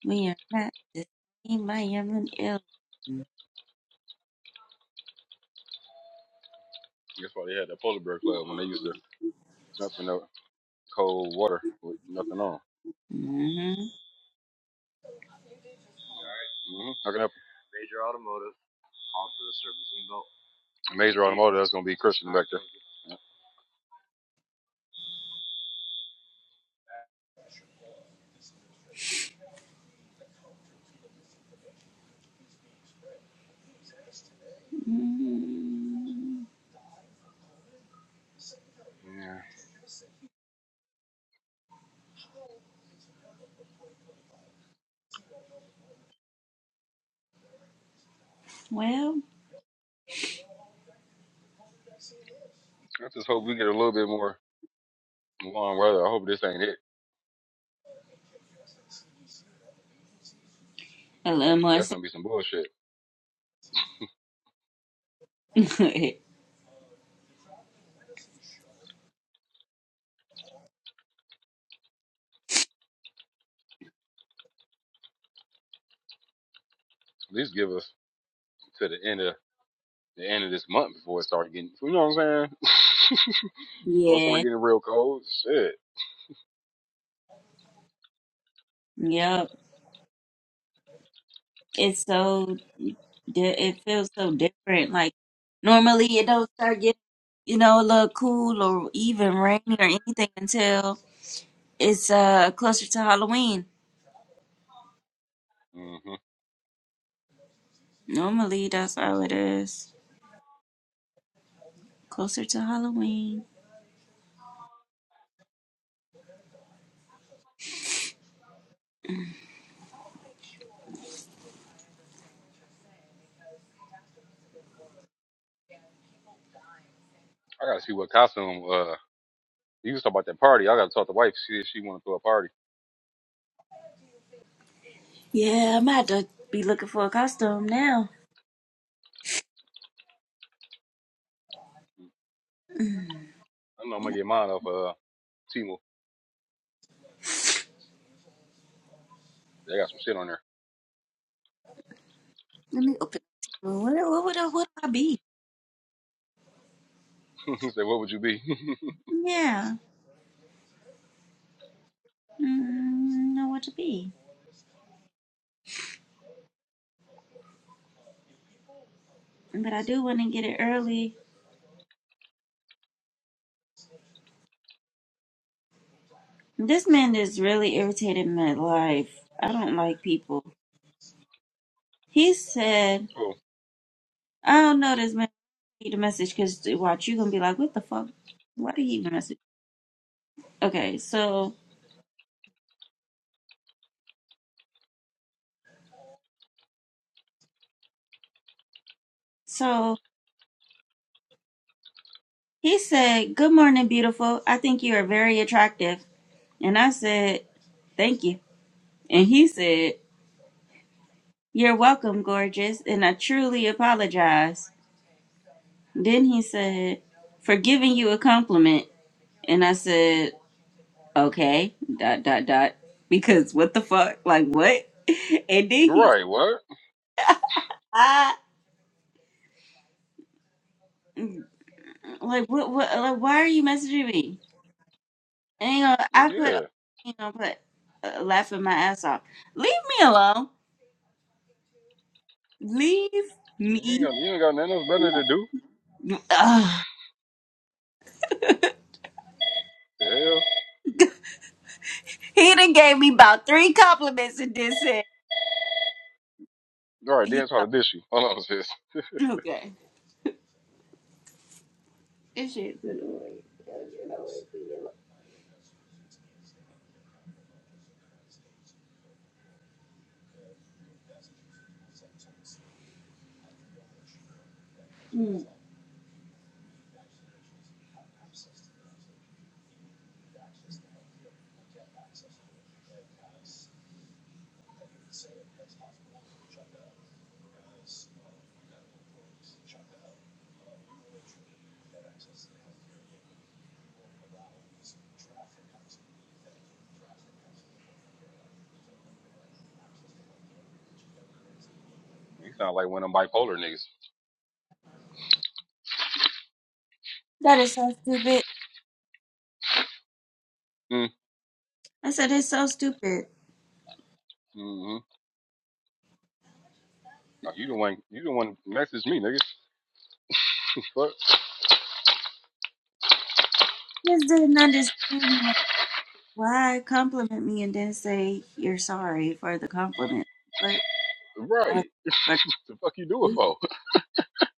S2: We are not the same. I am an ill.
S3: That's why they had that polar bear club when they used to jump in the cold water with nothing on.
S2: Mm-hmm.
S3: Yeah. Mm-hmm. How can I help Major Automotive, call for the servicing belt. you? Major automotive. That's gonna be Christian back there.
S2: mm
S3: Yeah.
S2: Well,
S3: I just hope we get a little bit more long weather. I hope this ain't it.
S2: a little more
S3: That's
S2: so
S3: gonna be some bullshit.
S2: good.
S3: At least give us to the end of the end of this month before it starts getting. You know what I'm saying? before it
S2: Yeah.
S3: starts getting real cold. Shit.
S2: Yep. It's so. Di- it feels so different. Like normally it don't start getting, you know, a little cool or even rainy or anything until it's uh closer to Halloween.
S3: hmm
S2: Normally that's how it is. Closer to Halloween.
S3: I gotta see what costume. Uh, you was talking about that party. I gotta talk to wife. She she want to throw a party.
S2: Yeah, I'm gonna have to be looking for a costume now.
S3: I know I'm gonna get mine off uh Timo. They got some shit on there.
S2: Let me open. What, what would I, what would I be?
S3: Say, what would you be?
S2: Yeah, mm, know what to be. But I do want to get it early. This man is really irritating my life. I don't like people. He said,
S3: oh,
S2: I don't know this man need a message because watch, you going to be like, what the fuck? Why did he even message? Okay, so, so he said, good morning, beautiful. I think you are very attractive. And I said, Thank you. And he said, You're welcome, gorgeous, and I truly apologize. Then he said, For giving you a compliment. And I said, Okay, dot, dot, dot. Because what the fuck? Like, what? And then he
S3: right. What?
S2: ah, like, what, what, like, why are you messaging me? And, you know, I put,
S3: Yeah.
S2: you know, put uh, laughing my ass off. Leave me alone. Leave
S3: You ain't
S2: me.
S3: got you ain't got nothing else better to do.
S2: Ugh.
S3: Yeah.
S2: He done gave me about three compliments and then said.
S3: All right,
S2: He,
S3: then try to dish you. Hold on, sis.
S2: okay. This shit.
S3: You sound like one of them bipolar niggas.
S2: That is so stupid.
S3: Mm,
S2: I said it's so stupid.
S3: mm-hmm. Oh, you the one. You the one message me, nigga. Fuck.
S2: Just didn't understand like why compliment me and then say you're sorry for the compliment. But I
S3: Right. The fuck you do it
S2: was
S3: for,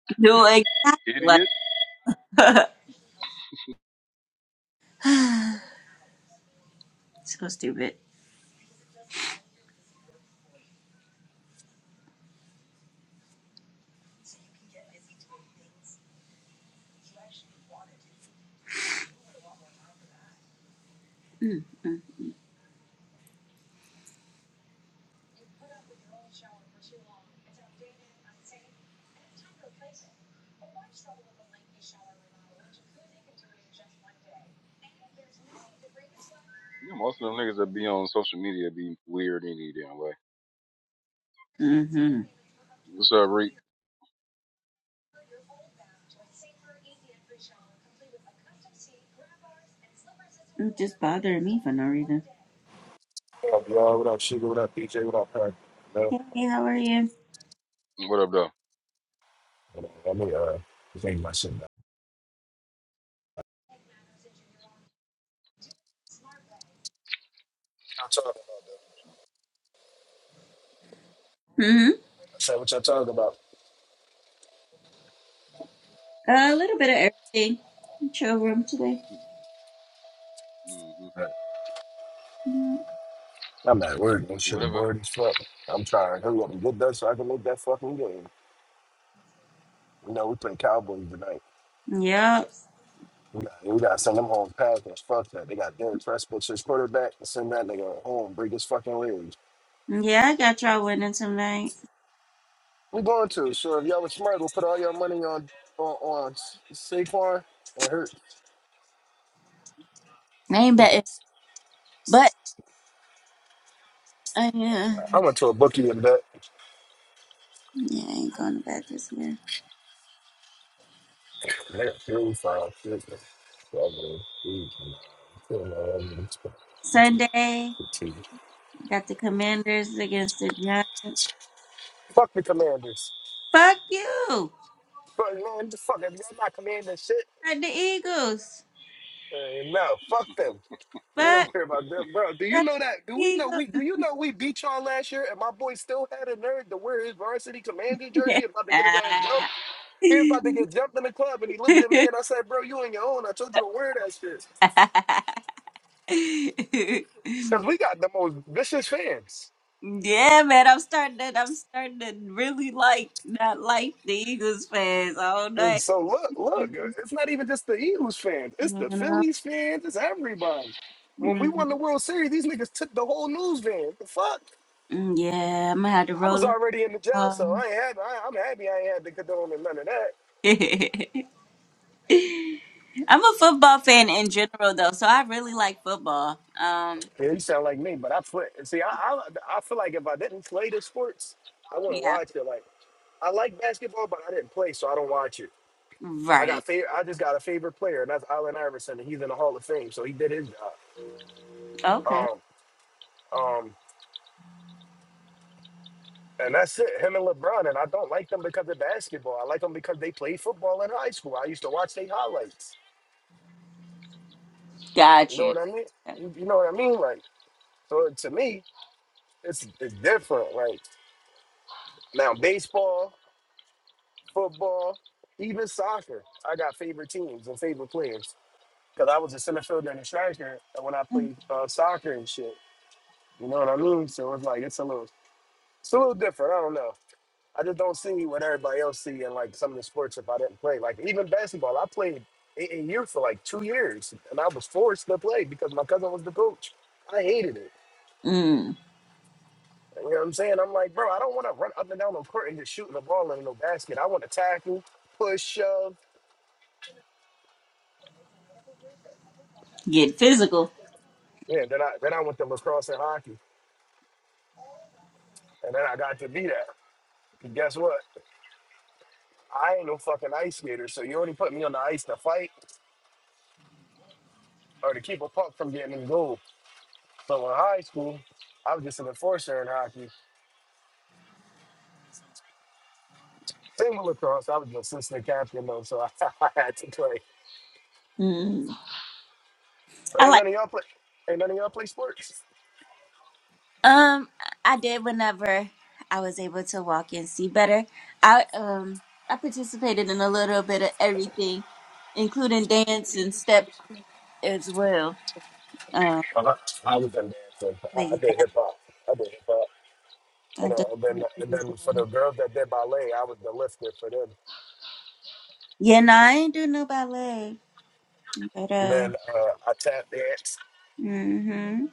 S2: no exactly like
S3: idiot.
S2: so stupid.
S3: Yeah, most of them niggas that be on social media be weird any damn way.
S2: Mm-hmm.
S3: What's up, Reek?
S2: It just bothering me for no reason.
S10: What up, y'all? What up, Sugar? What up, DJ? What up, her? No,
S2: Hey, how are you?
S3: What up, though?
S10: Hold on, let me uh, think my shit now. Y'all talking about that?
S2: hmm
S10: I said what y'all talking about.
S2: a little bit of everything. Chill room today.
S3: Mm-hmm.
S10: Right.
S2: Yeah.
S10: I'm not worried. No
S3: What's
S10: shit,
S3: Whatever.
S10: bored as fuck. I'm trying to hurry up and get done so I can make that fucking game. You know, we play Cowboys tonight.
S2: Yep.
S10: We got, we got to send them home packing. Fuck that. They got Derek Prescott as quarterback. Send that nigga home. Break his fucking legs.
S2: Yeah, I got y'all winning tonight.
S10: We going to. So if y'all was smart, we'll put all your money on on, on Saquon and Hurt.
S2: I ain't betting. but. I, uh,
S10: I went to a bookie and bet.
S2: yeah, I ain't going to bed this year.
S10: That food sounds chicken. So I mean, we can you know, I mean,
S2: Sunday,
S10: it's chicken.
S2: got the Commanders against the Giants.
S10: Fuck the commanders.
S2: Fuck you!
S10: Fuck man, the fuck if y'all not commanding shit.
S2: Fuck the Eagles!
S10: Uh, no, fuck them. We don't
S2: Fuck,
S10: care about them, bro. Do you
S2: fuck
S10: know that? Do
S2: the
S10: we know
S2: Eagles!
S10: we? Do you know we beat y'all last year? And my boy still had a nerve to wear his varsity commander jersey, about to get his ass jumped. He was about to get jumped in the club, and he looked at me, and I said, "Bro, you on your own." I told you to wear that shit because we got the most vicious fans.
S2: yeah, man, I'm starting to, I'm starting to really like, not like the Eagles fans all
S10: And
S2: night.
S10: so look,
S2: You
S10: look, it's not even just the Eagles fans. It's the
S2: know?
S10: Phillies fans. It's everybody. When we
S2: Mm,
S10: won the World Series, these niggas took the whole news van. The fuck?
S2: mm, Yeah, I'm gonna have to
S10: I was
S2: roll
S10: already in the jail, so
S2: up.
S10: I ain't happy. I, I'm happy I ain't had to condone and none of that.
S2: I'm a football fan in general though, so I really like football. Um,
S10: Yeah, you sound like me, but I play. See, I, I I feel like if I didn't play the sports, I wouldn't
S2: yeah.
S10: watch it. Like I like basketball, but I didn't play, so I don't watch it. I got
S2: Right.
S10: favorite. I just got a favorite player, and that's Allen Iverson, and he's in the Hall of Fame, so he did his job.
S2: Okay.
S10: Um, um, And that's it, him and LeBron. And I don't like them because of basketball. I like them because they played football in high school. I used to watch their highlights. You
S2: Got
S10: know
S2: you.
S10: what I mean? You you know what I mean? Like, so to me, it's it's different. Like now baseball, football, even soccer. I got favorite teams and favorite players. Cause I was a center fielder and a striker when I played uh, soccer and shit. You know what I mean? So it's like it's a little it's a little different. I don't know. I just don't see what everybody else see in like some of the sports if I didn't play. Like even basketball, I played in in year for like two years, and I was forced to play because my cousin was the coach. I hated it.
S2: Mm.
S10: You know what I'm saying? I'm like, bro, I don't want to run up and down the court and just shooting the ball in no basket. I want to tackle, push, shove.
S2: Get physical.
S10: Yeah, then I then I went to lacrosse and hockey, and then I got to be that. And guess what? I ain't no fucking ice skater, so you only put me on the ice to fight or to keep a puck from getting in goal. So in high school, I was just an enforcer in hockey Same with lacrosse. I was the assistant captain though, so I, I had to play.
S2: Mm.
S10: But
S2: I
S10: ain't
S2: like
S10: none of y'all play. Ain't none of y'all play sports.
S2: um I did whenever I was able to walk and see better. I um I participated in a little bit of everything, including dance and step as well. Um
S10: Uh-huh. I was in dancing. I,
S2: but
S10: I did
S2: yeah,
S10: hip hop. I did hip hop.
S2: I
S10: And, uh, and then
S2: definitely
S10: and
S2: was
S10: then for
S2: uh
S10: the girls that did ballet, I was the lifter for them.
S2: yeah, no, I ain't do no ballet. But
S10: And
S2: uh
S10: then uh, I tap dance.
S2: hmm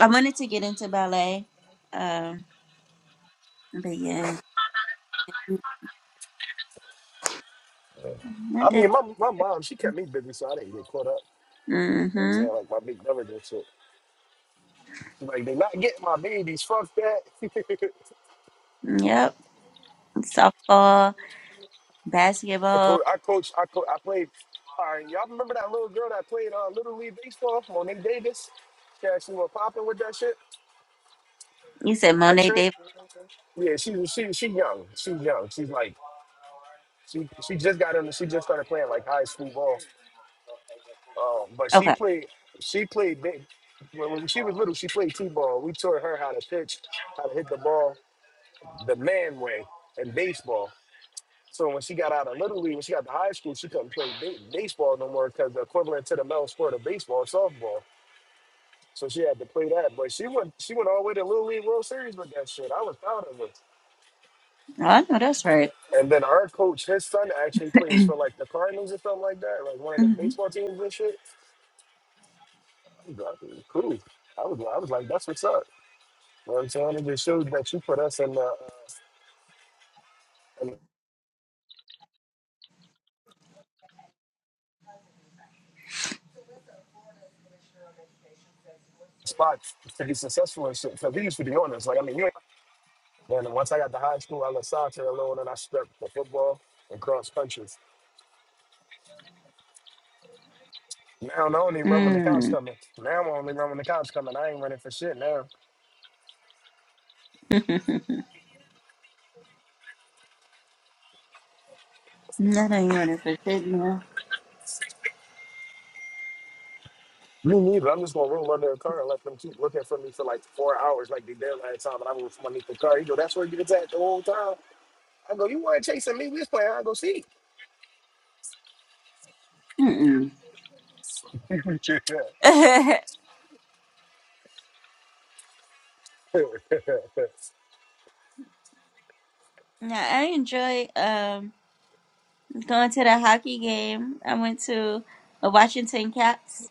S2: I wanted to get into ballet, uh, but yeah,
S10: I
S2: not that.
S10: mean, my my mom she kept me busy, so I didn't get caught up. You know what I'm
S2: hmm
S10: saying like my big brother did shit. She's like, they not getting my babies. Fuck that.
S2: Yep, softball,
S10: I coach.
S2: basketball.
S10: I coach. I co- I played. All right, y'all remember that little girl that played uh, little league baseball, Monet Davis? Yeah, she was popping with that shit.
S2: You said
S10: I
S2: Monet
S10: trained.
S2: Davis.
S10: Yeah, she was. She she young. She's young. She's like she she just got in. She just started playing like high school ball. Um, but she
S2: Okay,
S10: played. She played big. When when she was little, she played t-ball. We taught her how to pitch, how to hit the ball the man way in baseball. So when she got out of Little League, when she got to high school, she couldn't play ba- baseball no more because the equivalent to the male sport of baseball is softball. So she had to play that. But she went she went all the way to Little League World Series with that shit. I was proud of her.
S2: oh, I know that's right.
S10: And then our coach, his son actually plays for like the Cardinals or something like that, like one of the
S2: Mm-hmm.
S10: baseball teams and shit. I was like, cool. I was I was like, that's what's up. You know what I'm saying? It just shows that you put us in the, in the spot to be successful and shit. Because we used to be honest. Like, I mean, you ain't Then once I got to high school, I left soccer alone and I stuck for football and cross countries. Now I only run when the cops
S2: Mm.
S10: coming. Now I only run when the cops coming. I ain't running for shit now.
S2: Not on you want it for shit now.
S10: Me neither. I'm just gonna roll under a car and let them keep looking for me for like four hours, like they did last time. And I rolled from underneath the car. He go, "That's where you was at the whole time." I go, "You weren't chasing me. We was playing hide and go seek."
S2: Mm-mm. Now I enjoy um going to the hockey game. I went to a Washington Caps.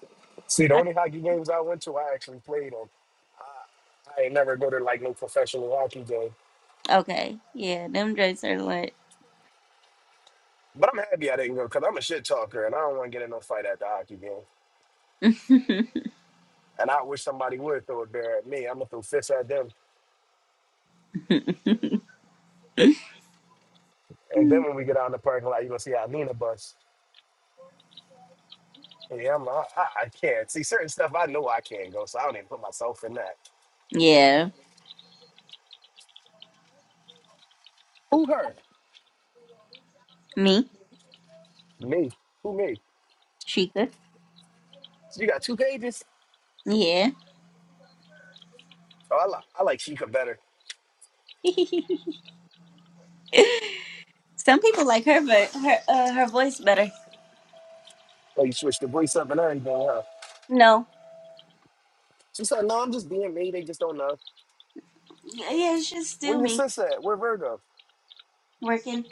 S10: See, the only
S2: hockey-
S10: hockey games I went to, I actually played on. I ain't never go to like no professional hockey game.
S2: Okay, yeah, them drinks are lit.
S10: But I'm happy I didn't go because I'm a shit talker and I don't want to get in no fight at the hockey game. And I wish somebody would throw a bear at me. I'm gonna throw fists at them. And then when we get out in the parking lot, you're gonna see how Nina bust. And yeah, I'm like, I, I can't. See, certain stuff I know I can't go, so I don't even put myself in that.
S2: yeah,
S10: Who her?
S2: me.
S10: Me. Who me?
S2: She
S10: So you got two pages?
S2: Yeah.
S10: Oh, I, li- I like Sheikah better.
S2: Some people like her, but her uh, her voice better.
S10: Oh, you switched the voice up and everything, huh?
S2: No.
S10: She said, no, I'm just being me. They just don't know.
S2: Yeah, it's just
S10: Where
S2: still
S10: your
S2: me
S10: sister at? Where Virgo?
S2: working.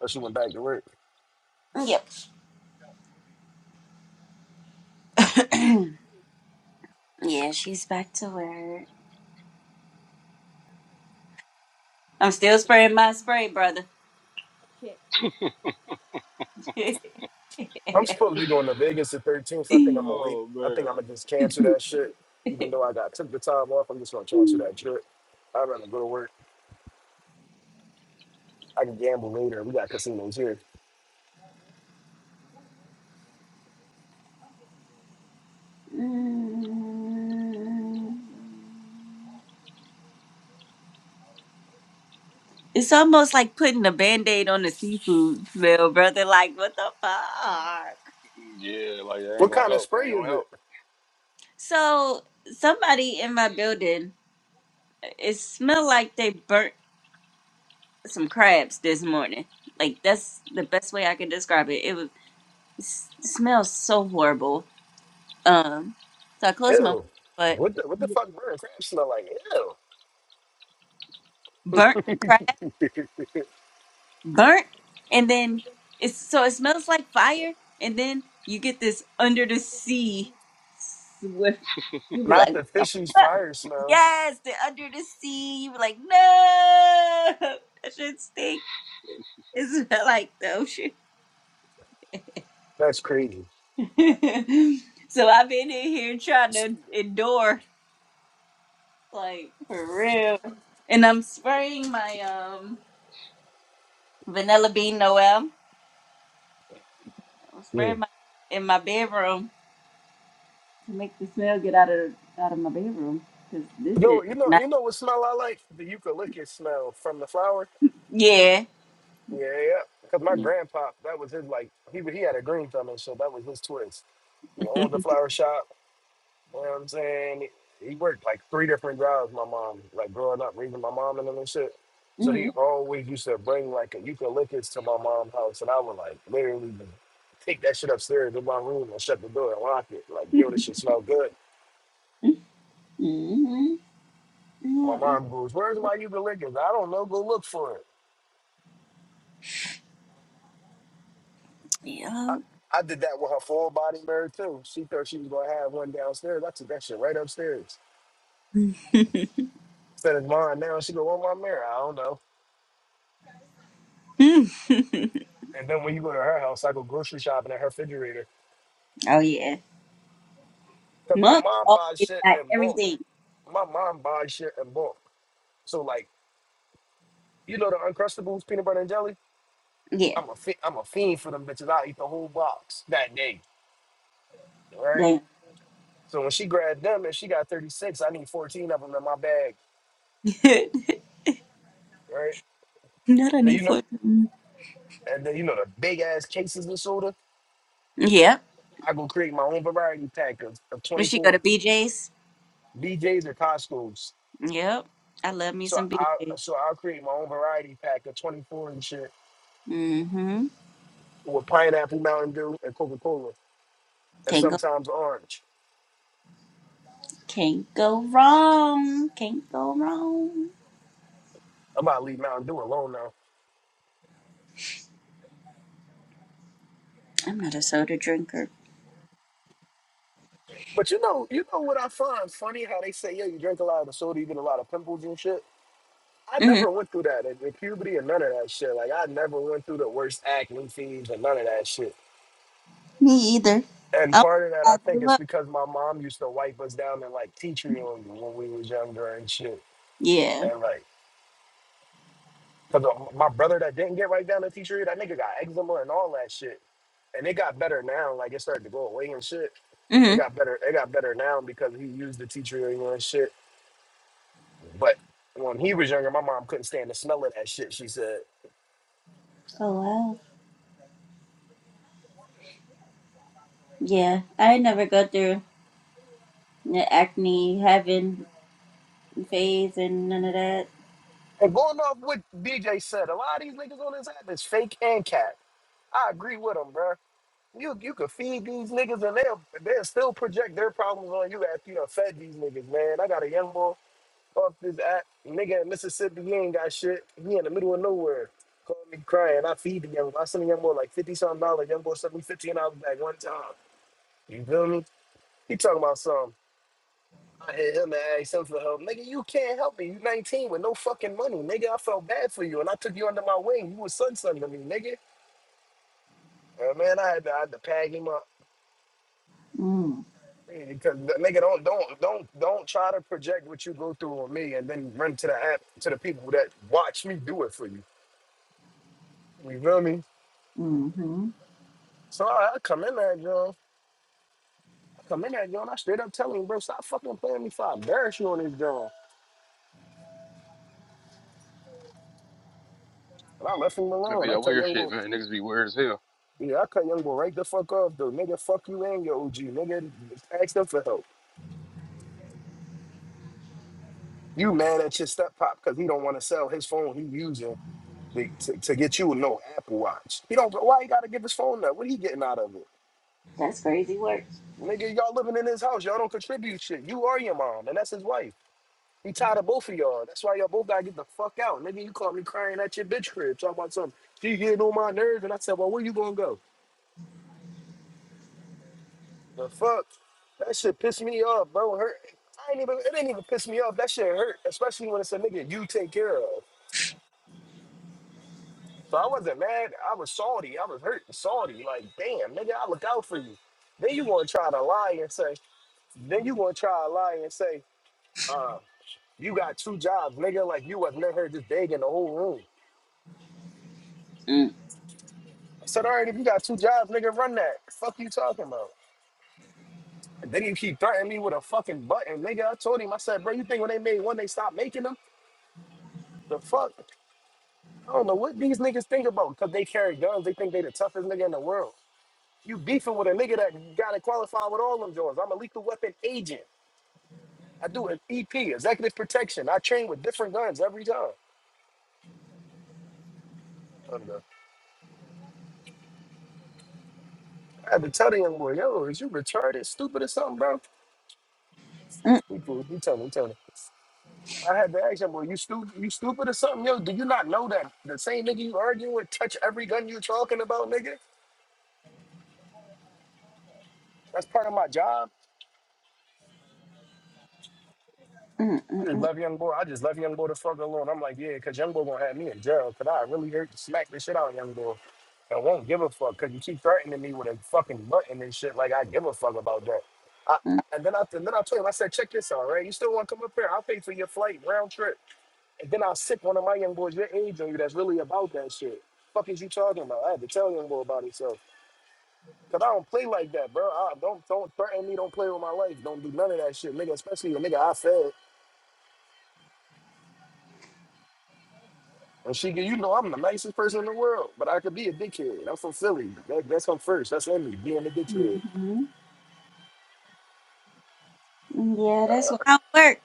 S10: Oh, she went back to work.
S2: Yep. yeah, she's back to work. I'm still spraying my spray, brother. Shit.
S10: I'm supposed to be going to Vegas the 13th. I think I'm gonna wait.
S3: Oh
S10: I think I'm
S3: man.
S10: gonna just cancel that shit. Even though I got took the time off, I'm just gonna cancel that trip. I'd rather go to work. I can gamble later. We got casinos here.
S2: it's almost like putting a band-aid on the seafood smell, brother. Like, what the fuck?
S3: Yeah, like that
S10: What
S3: ain't gonna
S10: kind of
S3: help. It
S10: spray
S3: ain't
S10: is
S3: gonna help.
S10: it?
S2: So somebody in my building, it smelled like they burnt. some crabs this morning. Like that's the best way I can describe it. It was it s- smells so horrible. Um, so I closed my
S10: Ew.
S2: but
S10: What the what the
S2: yeah,
S10: fuck burn crab smell like?
S2: burnt crab,
S10: Ew.
S2: burnt, and then it's so it smells like fire, and then you get this under the sea swift. You be like,
S10: Not
S2: "What
S10: the
S2: the
S10: fishy's
S2: fuck?"
S10: fire smell.
S2: yes, the under the sea. You be like, no, that should stink. It's like the ocean.
S10: That's crazy.
S2: so I've been in here trying to endure, like for real. And I'm spraying my um vanilla bean Noel. I'm
S10: Yeah.
S2: spraying my in my bedroom to make the smell get out of out of my bedroom because
S10: You
S2: this shit.
S10: you know,
S2: Not,
S10: you know what smell I like? The eucalyptus smell from the flower.
S2: yeah.
S10: Yeah, yeah. because my grandpa, that was his like he he had a green thumb and so that was his twist. He owned the flower shop. You know what I'm saying? He worked like three different jobs. My mom, like growing up, raising my mom and them and shit. So he
S2: hmm
S10: always used to bring like a eucalyptus to my mom's house, and I would like literally take that shit upstairs to my room and shut the door and lock it. Like, yo, this shit smell good.
S2: hmm Yeah,
S10: My
S2: yeah.
S10: mom goes, "Where's my eucalyptus? I don't know. Go look for it." I,
S2: yeah.
S10: I did that with her full body mirror too. She thought she was gonna have one downstairs. I took that shit right upstairs. Instead of mine now, she go, "What my mirror? I don't know." And then when you go to her house, I go grocery shopping at her refrigerator
S2: oh yeah.
S10: because my
S2: Mom
S10: mom buys
S2: always
S10: shit
S2: got
S10: in bulk.
S2: everything.
S10: My mom buys shit in bulk. So like, you know the Uncrustables peanut butter and jelly.
S2: Yeah.
S10: I'm a fi- I'm a fiend for them bitches. I eat the whole box that day. Right.
S2: Damn.
S10: So when she grabbed them and she got 36, I need 14 of them in my bag. Right.
S2: Not
S10: Then
S2: any
S10: you know,
S2: foot.
S10: and then you know the big ass cases of soda.
S2: Yeah.
S10: I go create my own variety pack of, of
S2: When she go to
S10: 24
S2: BJ's?
S10: BJs or Costco's.
S2: Yep. I love me
S10: So
S2: some
S10: I
S2: BJ's.
S10: so I'll create my own variety pack of 24 and shit
S2: Mm-hmm.
S10: with pineapple, Mountain Dew, and Coca Cola, and
S2: Can't go
S10: sometimes orange.
S2: can't go wrong. Can't go wrong.
S10: I'm about to leave Mountain Dew alone now.
S2: I'm not a soda drinker.
S10: But you know, you know what I find funny how they say, yeah, you drink a lot of soda, you get a lot of pimples and shit. I
S2: hmm
S10: never went through that in, in puberty and none of that shit. Like I never went through the worst acne phase and none of that shit.
S2: Me either.
S10: and
S2: Oh
S10: part of that, I
S2: I
S10: think
S2: grew
S10: it's
S2: up.
S10: because my mom used to wipe us down and like teach read on you when we was younger and shit.
S2: Yeah.
S10: And like, cause of my brother that didn't get right down to teach read, that nigga got eczema and all that shit. And it got better now. Like it started to go away and shit. It
S2: mm hmm
S10: got better. It got better now because he used the teacher and shit. But when he was younger, my mom couldn't stand the smell of that shit. She said.
S2: Oh wow. Yeah. I never go through the acne having phase and none of that.
S10: And going off what DJ said, a lot of these niggas on this app is fake and cat. I agree with him, bruh. You you could feed these niggas and they'll they'll still project their problems on you after you done fed these niggas, man. I got a young boy off this app, nigga in Mississippi, he ain't got shit. He in the middle of nowhere. Call me crying. I feed the young boy. I send the young boy like fifty something dollars. Young boy sent me fifteen dollars back one time. You feel me? He talking about something. I hit him and asked him for help. Nigga, you can't help me. You 19 with no fucking money. Nigga, I felt bad for you and I took you under my wing. You was son son to me, nigga. Uh, man, I had to, I had to pack him up. Because nigga, don't don't don't don't try to project what you go through on me, and then run to the app to the people that watch me do it for you. You feel me? So I, I come in there, John. I come in there, John. I straight up tell him, bro, stop fucking playing me. For I embarrass you on this, John. And I left him
S3: That
S10: alone.
S3: be
S10: I
S3: that
S10: tell
S3: weird
S10: young
S3: shit,
S10: boy,
S3: man. Niggas be weird as hell.
S10: yeah, I cut young boy right the fuck off, though. Nigga, fuck you and your OG. Nigga, ask them for help. You mad at your step pop because he don't want to sell his phone he using to, to, to get you no Apple Watch. He don't. Why he gotta give his phone up? What he getting out of it?
S2: That's crazy work.
S10: Nigga, y'all living in his house. Y'all don't contribute shit. You are your mom, and that's his wife. He tired of both of y'all. That's why y'all both gotta get the fuck out. Nigga, you caught me crying at your bitch crib, talking about something. She getting on my nerves, and I said, well, where you gonna go? The fuck? That shit pissed me off, bro. Hurt. I ain't even, it didn't even piss me off. That shit hurt, especially when it's a nigga you take care of. So I wasn't mad. I was salty. I was hurt and salty. Like, damn, nigga, I look out for you. Then you gonna try to lie and say, then you gonna try to lie and say, Uh. You got two jobs, nigga. Like you wasn't in here just begging the whole room.
S2: Mm.
S10: I said, all right, if you got two jobs, nigga, run that. Fuck you talking about. And then you keep threatening me with a fucking button, nigga. I told him, I said, bro, you think when they made one, they stopped making them? The fuck? I don't know what these niggas think about because they carry guns. They think they the toughest nigga in the world. You beefing with a nigga that got to qualify with all them joints. I'm a lethal weapon agent. I do an EP, executive protection. I train with different guns every time. Thunder. I had to tell the young boy, yo, is you retarded, stupid or something, bro?
S2: Mm,
S10: He fool. He tell me, he tell me. I had to ask him, "Well, you stupid, you stupid or something, yo? Do you not know that the same nigga you arguing with touch every gun you talking about, nigga? That's part of my job.
S2: mm,
S10: I just
S2: mm,
S10: love young boy. I just love young boy to fuck alone. I'm like, yeah, cause young boy gonna have me in jail. Cause I really hurt, smack the shit out of young boy, and won't give a fuck. Cause you keep threatening me with a fucking button and shit. Like I give a fuck about that. I,
S2: mm,
S10: and then I and then I told him, I said, check this out, right? You still want to come up here? I'll pay for your flight round trip. And then I will sick one of my young boys your age on you that's really about that shit. Fuck is you talking about? I had to tell young boy about himself. Cause I don't play like that, bro. I, don't don't threaten me. Don't play with my life. Don't do none of that shit, nigga. Especially the nigga I fed. And she, get- you know, I'm the nicest person in the world, but I could be a dickhead. I'm from Philly. That, that's come first. That's in me being a dickhead.
S2: mm. hmm Yeah, that's how it work.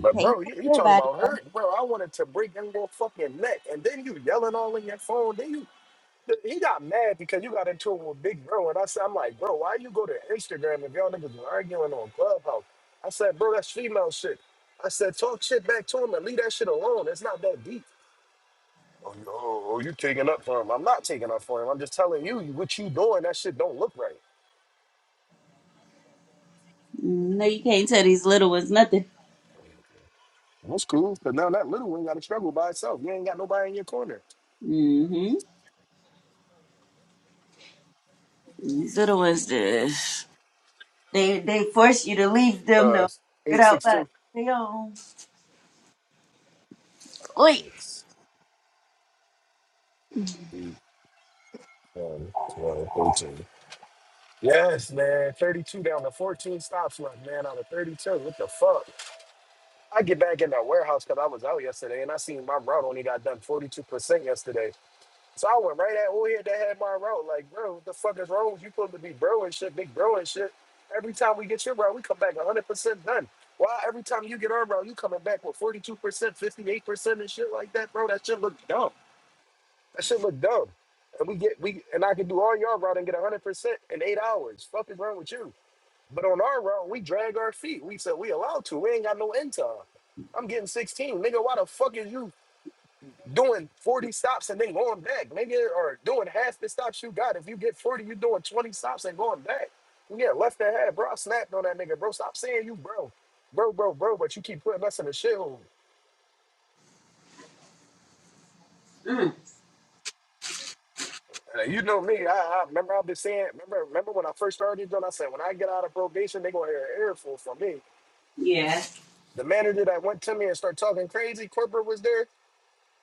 S10: But
S2: Take
S10: bro, you, you
S2: care of
S10: talking
S2: everybody
S10: about hurt, bro? I wanted to break young boy fucking neck, and then you yelling all in your phone. Then you th- he got mad because you got into it with Big Bro. And I said, I'm like, bro, why you go to Instagram if y'all niggas arguing on Clubhouse? I said, bro, that's female shit. I said, talk shit back to him and leave that shit alone. It's not that deep. Oh, you, oh, oh, you taking up for him. I'm not taking up for him. I'm just telling you what you doing. That shit don't look right.
S2: Mm, No, you can't tell these little ones nothing.
S10: That's cool. Because now that little one got to struggle by itself. You ain't got nobody in your corner.
S2: hmm These little ones, just, they they force you to leave them
S10: Uh,
S2: to
S10: 862.
S2: figure it out
S10: 6,
S2: But
S10: two.
S2: they own. Wait.
S10: Six, 8, ten, twelve, thirteen. Yes, man. 32 down to 14 stops left, man, out of 32. What the fuck? I get back in that warehouse because I was out yesterday and I seen my route only got done 42% yesterday. So I went right at over here that had my route. Like, bro, what the fuck is wrong with you? supposed to be bro and shit, big bro and shit. Every time we get your route, we come back 100% done. Why every time you get our route, you coming back with 42%, 58% and shit like that, bro? That shit look dumb. That shit look dumb. And we get, we, and I can do all your route and get 100% in eight hours. Fuck is wrong with you? But on our round, we drag our feet. We said we allowed to. We ain't got no end time. I'm getting 16. Nigga, why the fuck is you doing 40 stops and then going back? Nigga, or doing half the stops you got. If you get 40, you doing 20 stops and going back. Yeah, left that half, bro. I snapped on that nigga, bro. Stop saying you, bro. Bro, bro, bro, but you keep putting us in the shithole. Uh, You know me. I, I remember I've been saying, remember, remember when I first started doing, I said, when I get out of probation, they gonna hear an earful from me.
S2: Yeah.
S10: The manager that went to me and started talking crazy, corporate was there.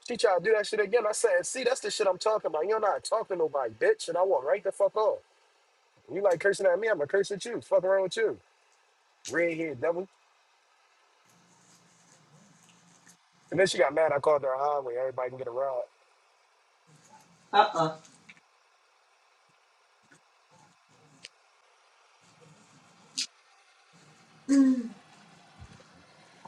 S10: She tried to do that shit again. I said, see, that's the shit I'm talking about. You're not talking to nobody, bitch. And I walk right the fuck off. You like cursing at me, I'm gonna curse at you. Fuck around with you. redhead devil. And then she got mad. I called her a highway. Everybody can get a ride.
S2: Uh oh.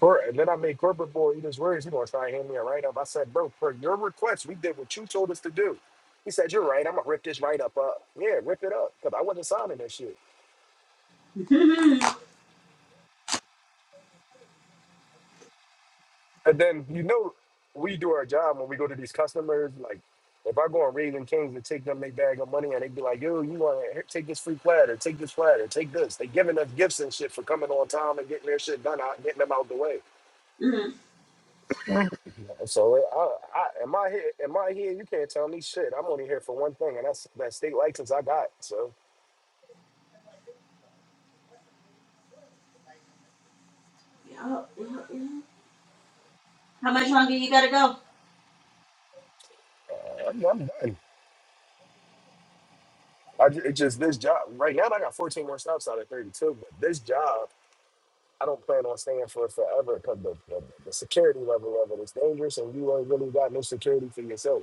S10: Cor- And then I made corporate boy eat his words. He gonna try and hand me a write up. I said, bro, for your request, we did what you told us to do. He said, you're right. I'm gonna rip this write up up. Yeah, rip it up. Cause I wasn't signing that shit. And then you know we do our job when we go to these customers. Like if I go on Raising Kings and take them their bag of money and they be like, yo, you want to take this free platter, take this platter, take this. They giving us gifts and shit for coming on time and getting their shit done out, getting them out the way. So I, I am I here? Am I here? You can't tell me shit. I'm only here for one thing, and that's that state license I got. So
S2: How much longer you gotta go?
S10: uh, I'm, I'm done. I, ju- it's just this job right now. I got 14 more stops out of 32, but this job. I don't plan on staying for it forever because the, the, the security level of it is dangerous and you ain't really got no security for yourself.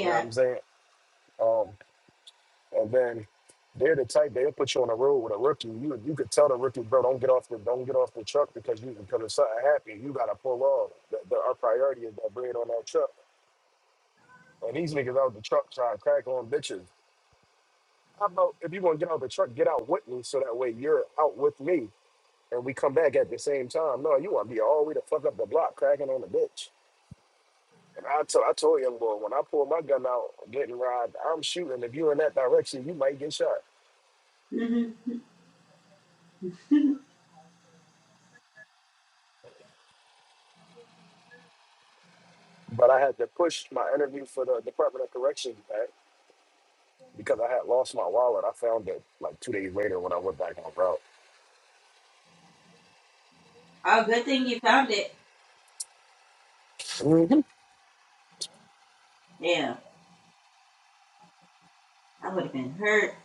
S10: You know what I'm saying? Um, and then they're the type they'll put you on the road with a rookie. You you could tell the rookie, bro, don't get off the don't get off the truck because you because if something happens, you gotta pull off. The, the, our priority is that bread on that truck. And these niggas out the truck trying to crack on bitches. How about if you gonna get out the truck, get out with me so that way you're out with me and we come back at the same time. No, you wanna be all the way to fuck up the block cracking on the bitch. And I told I told young boy when I pull my gun out, getting robbed, I'm shooting. If you're in that direction, you might get shot. But I had to push my interview for the Department of Corrections back because I had lost my wallet. I found it like two days later when I went back on route.
S2: Oh, good thing you found it.
S10: Mhm.
S2: Yeah. I would have been hurt.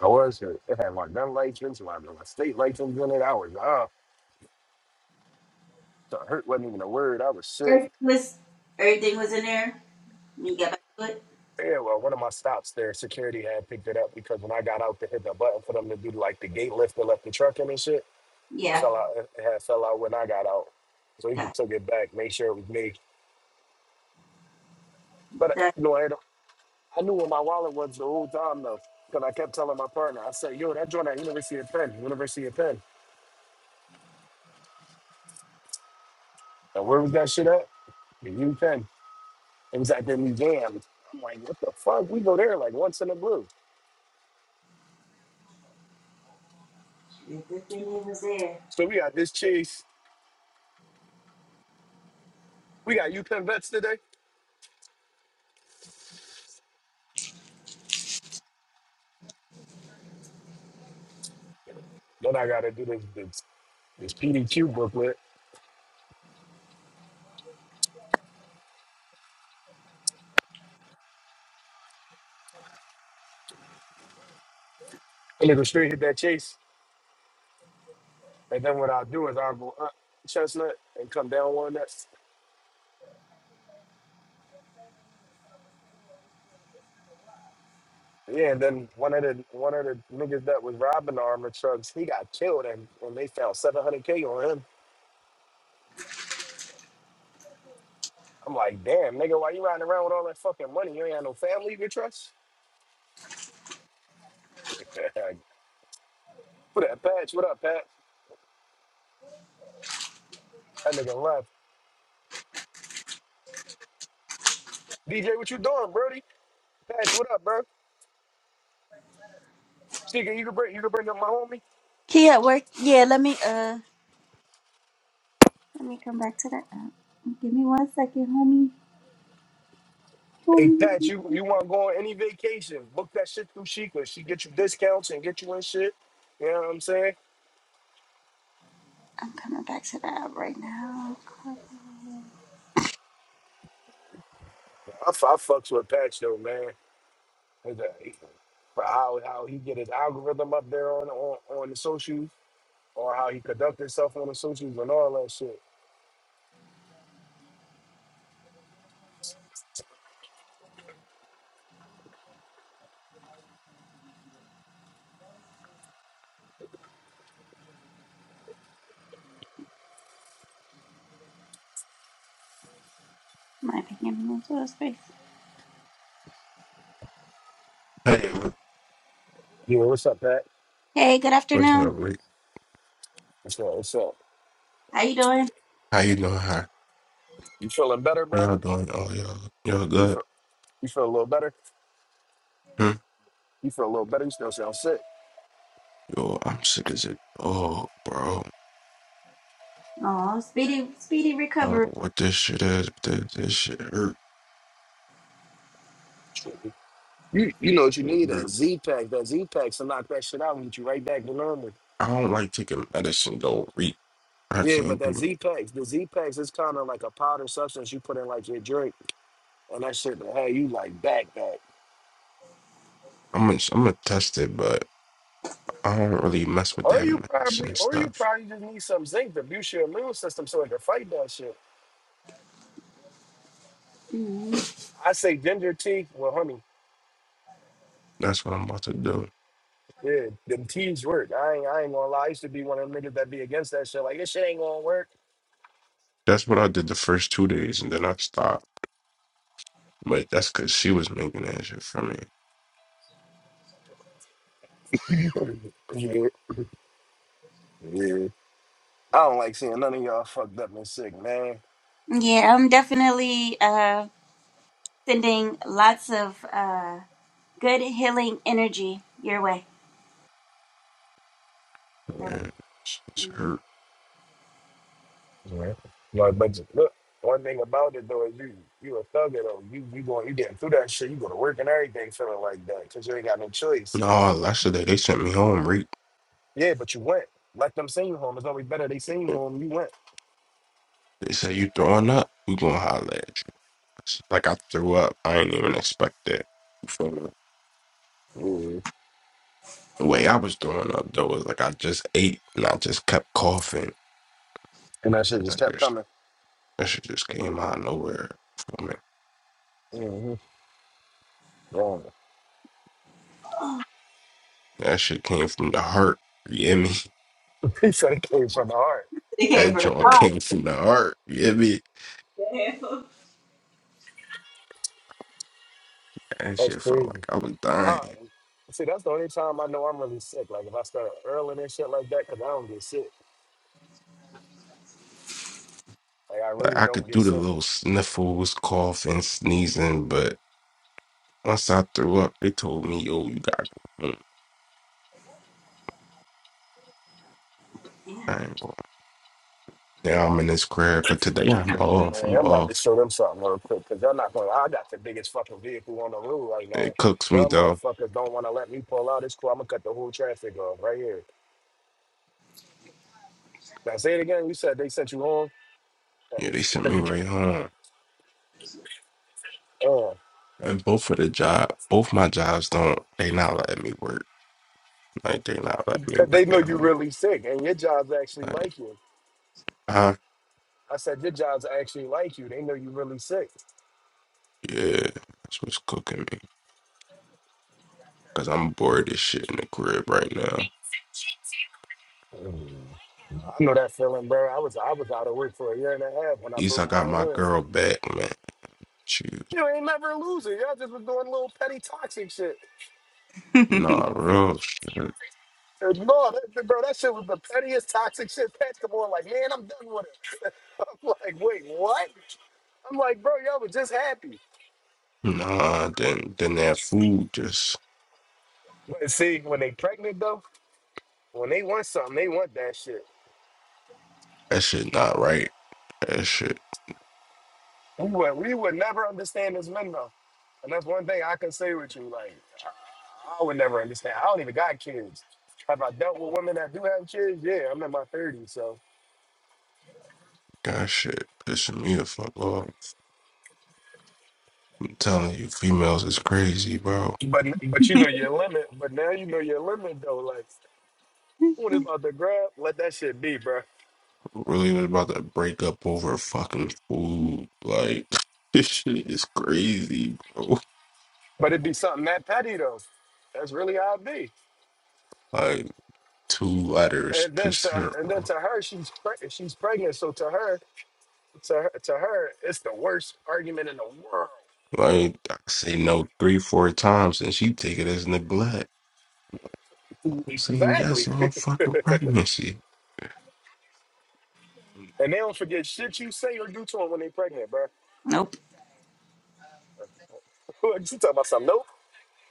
S10: I was hurt. It had my gun license, my, my state license in it. I was ah, so hurt wasn't even a word. I was sick.
S2: Everything was everything was in there when you got back to it.
S10: Yeah, well, one of my stops there, security had picked it up because when I got out to hit the button for them to do like the gate lift that left the truck in and shit,
S2: Yeah.
S10: fell out. It had fell out when I got out, so he just
S2: Got
S10: took it back, make sure it was me. But uh,
S2: that.
S10: you know, I, had- I knew where my wallet was the whole time though, because I kept telling my partner, I said, "Yo, that joint at University of Penn, University of Penn." And where was that shit at? The U Penn. It was at the museum. I'm like, what the fuck? We go there like once in a blue.
S2: Yeah, Good thing it was there.
S10: So we got this chase. We got U Penn vets today. Then I gotta do this this, this PDQ booklet. And it go straight hit that chase. And then what I'll do is I'll go up Chestnut and come down one. Yeah, and then one of the one of the niggas that was robbing the armor trucks, he got killed, and when they found seven hundred k on him, I'm like, damn, nigga, why you riding around with all that fucking money? You ain't got no family you can trust. what up, Patch? What up, Patch? That nigga left. DJ, what you doing, Brody? Patch, what up, bro? Sheikah, you can bring you can bring up my homie.
S2: He at work. Yeah. Let me uh. Let me come back to that. app. Give me one second, homie.
S10: Hey,
S2: homie.
S10: Patch, you you want to go on any vacation? Book that shit through Sheikah. She get you discounts and get you in shit. You know what I'm saying?
S2: I'm coming back to the app right now.
S10: I, f- I fucks with Patch though, man. for how how he get his algorithm up there on on, on the socials or how he conduct himself on the socials and all that shit.
S2: Might be getting into a space.
S11: Hey, what-
S10: Yeah, what's up, Pat?
S2: Hey, good
S11: what's up,
S2: afternoon.
S11: Rick?
S10: What's up? What's up?
S2: How you doing?
S11: How you doing? How,
S10: You feeling better,
S11: how
S10: bro?
S11: y'all doing? Oh, y'all, y'all
S10: You
S11: good?
S10: feel you feel a little better?
S11: Hmm?
S10: You feel a little better? You still sound sick.
S11: Yo, I'm sick as it. Oh, bro,
S2: Oh, speedy, speedy
S11: I don't
S2: recovery.
S11: know what this shit is, but this, this shit hurt.
S10: You you know what you
S11: It
S10: need that
S11: hurt.
S10: Z pack, that Z packs to knock that shit out and get you right back to normal.
S11: I don't like taking medicine though, Rick. I
S10: Yeah, but
S11: can't
S10: that
S11: do it.
S10: Z packs, the Z packs is kind of like a powder substance you put in like your drink, and that shit will have you like back back.
S11: I'm gonna, I'm gonna test it, but I don't really mess with
S10: Or
S11: that
S10: you probably,
S11: medicine
S10: or you
S11: stuff.
S10: probably just need some zinc to boost your immune system so it can fight that shit. I say ginger tea. Well, honey,
S11: That's what I'm about to do.
S10: yeah, them teas work. I ain't, I ain't gonna lie. I used to be one of them niggas that be against that shit. Like this shit ain't gonna work.
S11: That's what I did the first two days, and then I stopped. But that's because she was making that shit for me.
S10: Yeah, yeah. I don't like seeing none of y'all fucked up and sick, man.
S2: Yeah, I'm definitely uh sending lots of uh good healing energy your way.
S10: Mm,
S11: Yeah, it's, it's hurt.
S10: yeah. Like, but look, one thing about it though is you, you a thugger though. You, you going, you getting through that shit. You go to work and everything feeling like that because you ain't got no choice.
S11: No, last day they sent me home, Rick.
S10: Yeah, but you went. Like them senior home, it's always better they senior home. You went.
S11: They say you throwing up, we gonna holler at you. It's Like I threw up, I ain't even expect that. You feel me?
S10: Mhm.
S11: The way I was throwing up though was like I just ate and I just kept coughing.
S10: And that shit just
S11: That
S10: kept
S11: just-
S10: coming.
S11: that shit just came out of nowhere. You feel me?
S10: hmm
S11: That shit came from the heart. You hear me?
S10: he said it came from the heart.
S11: That joint came from the heart. You hear me? That
S10: that's
S11: shit felt
S10: crazy.
S11: like I was
S10: All
S11: dying.
S10: right. See, that's the only time I know I'm really sick. Like if I start early and shit like that, because I don't get sick. Like I
S11: Like
S10: really
S11: I
S10: don't
S11: could
S10: get
S11: do the
S10: sick.
S11: little sniffles, coughing, sneezing, but once I threw up, they told me, "Yo, you gotta go home."
S2: Yeah.
S11: I ain't going Now I'm in this crib, but today yeah, I'm
S10: Mhm.
S11: off.
S10: Man,
S11: I'm
S10: I'm about to
S11: off.
S10: show them something real quick, because y'all not going to, I got the biggest fucking vehicle on the road right now.
S11: It cooks me
S10: Y'all
S11: though.
S10: motherfuckers don't want to let me pull out. It's cool. I'm going to cut the whole traffic off right here. Now say it again. You said they sent you home
S11: Yeah, they sent
S10: because
S11: me right home.
S10: you. uh,
S11: And both of the job, both my jobs don't. They not letting me work. Like they not letting me
S10: because they
S11: work
S10: know
S11: at
S10: you
S11: home.
S10: really sick and your job's actually
S11: Like,
S10: like you.
S11: huh?
S10: I said your job's actually like you. They know you really sick.
S11: Yeah, that's what's cooking me. Cause I'm bored as shit in the crib right now. At
S10: I know that feeling, bro. I was I was out of work for a year and a half when I
S11: least I
S10: broke
S11: got
S10: my
S11: my
S10: hands.
S11: girl back, man. Shoot,
S10: You ain't never a loser. Y'all just was doing little petty toxic shit.
S11: nah, real shit.
S10: And No, that, bro, that shit was the pettiest toxic shit. Pat come on, like, man, I'm done with it. I'm like, wait, what? I'm like, bro, y'all was just happy.
S11: Nah, then then that food just
S10: But see, when they pregnant though, when they want something, they want that shit.
S11: that shit not right. That shit,
S10: We would, we would never understand this lingo. And that's one thing I can say with you. Like, I would never understand. I don't even got kids. Have I dealt with women that do have kids? Yeah, I'm in my 30s. So,
S11: that shit pissing me the fuck off. telling you, females is crazy, bro.
S10: but but you know your limit. But now you know your limit, though. Like, what is about to grab? Let that shit be, bro.
S11: Really was about to break up over fucking food. Like, this shit is crazy, bro.
S10: But it'd be something that petty, though. That's really how it be.
S11: Like, two letters
S10: And then
S11: pissed
S10: to
S11: her
S10: and then
S11: off.
S10: to her, she's pre- she's pregnant. So to her, to her, to her, it's the worst argument in the world.
S11: Like, I say no three, four times, and she take it as neglect. I'm saying yes,
S10: Exactly.
S11: all fucking pregnancy.
S10: And they don't forget shit you say or do to them when they pregnant, bro.
S2: Nope.
S10: you talking about something? Nope.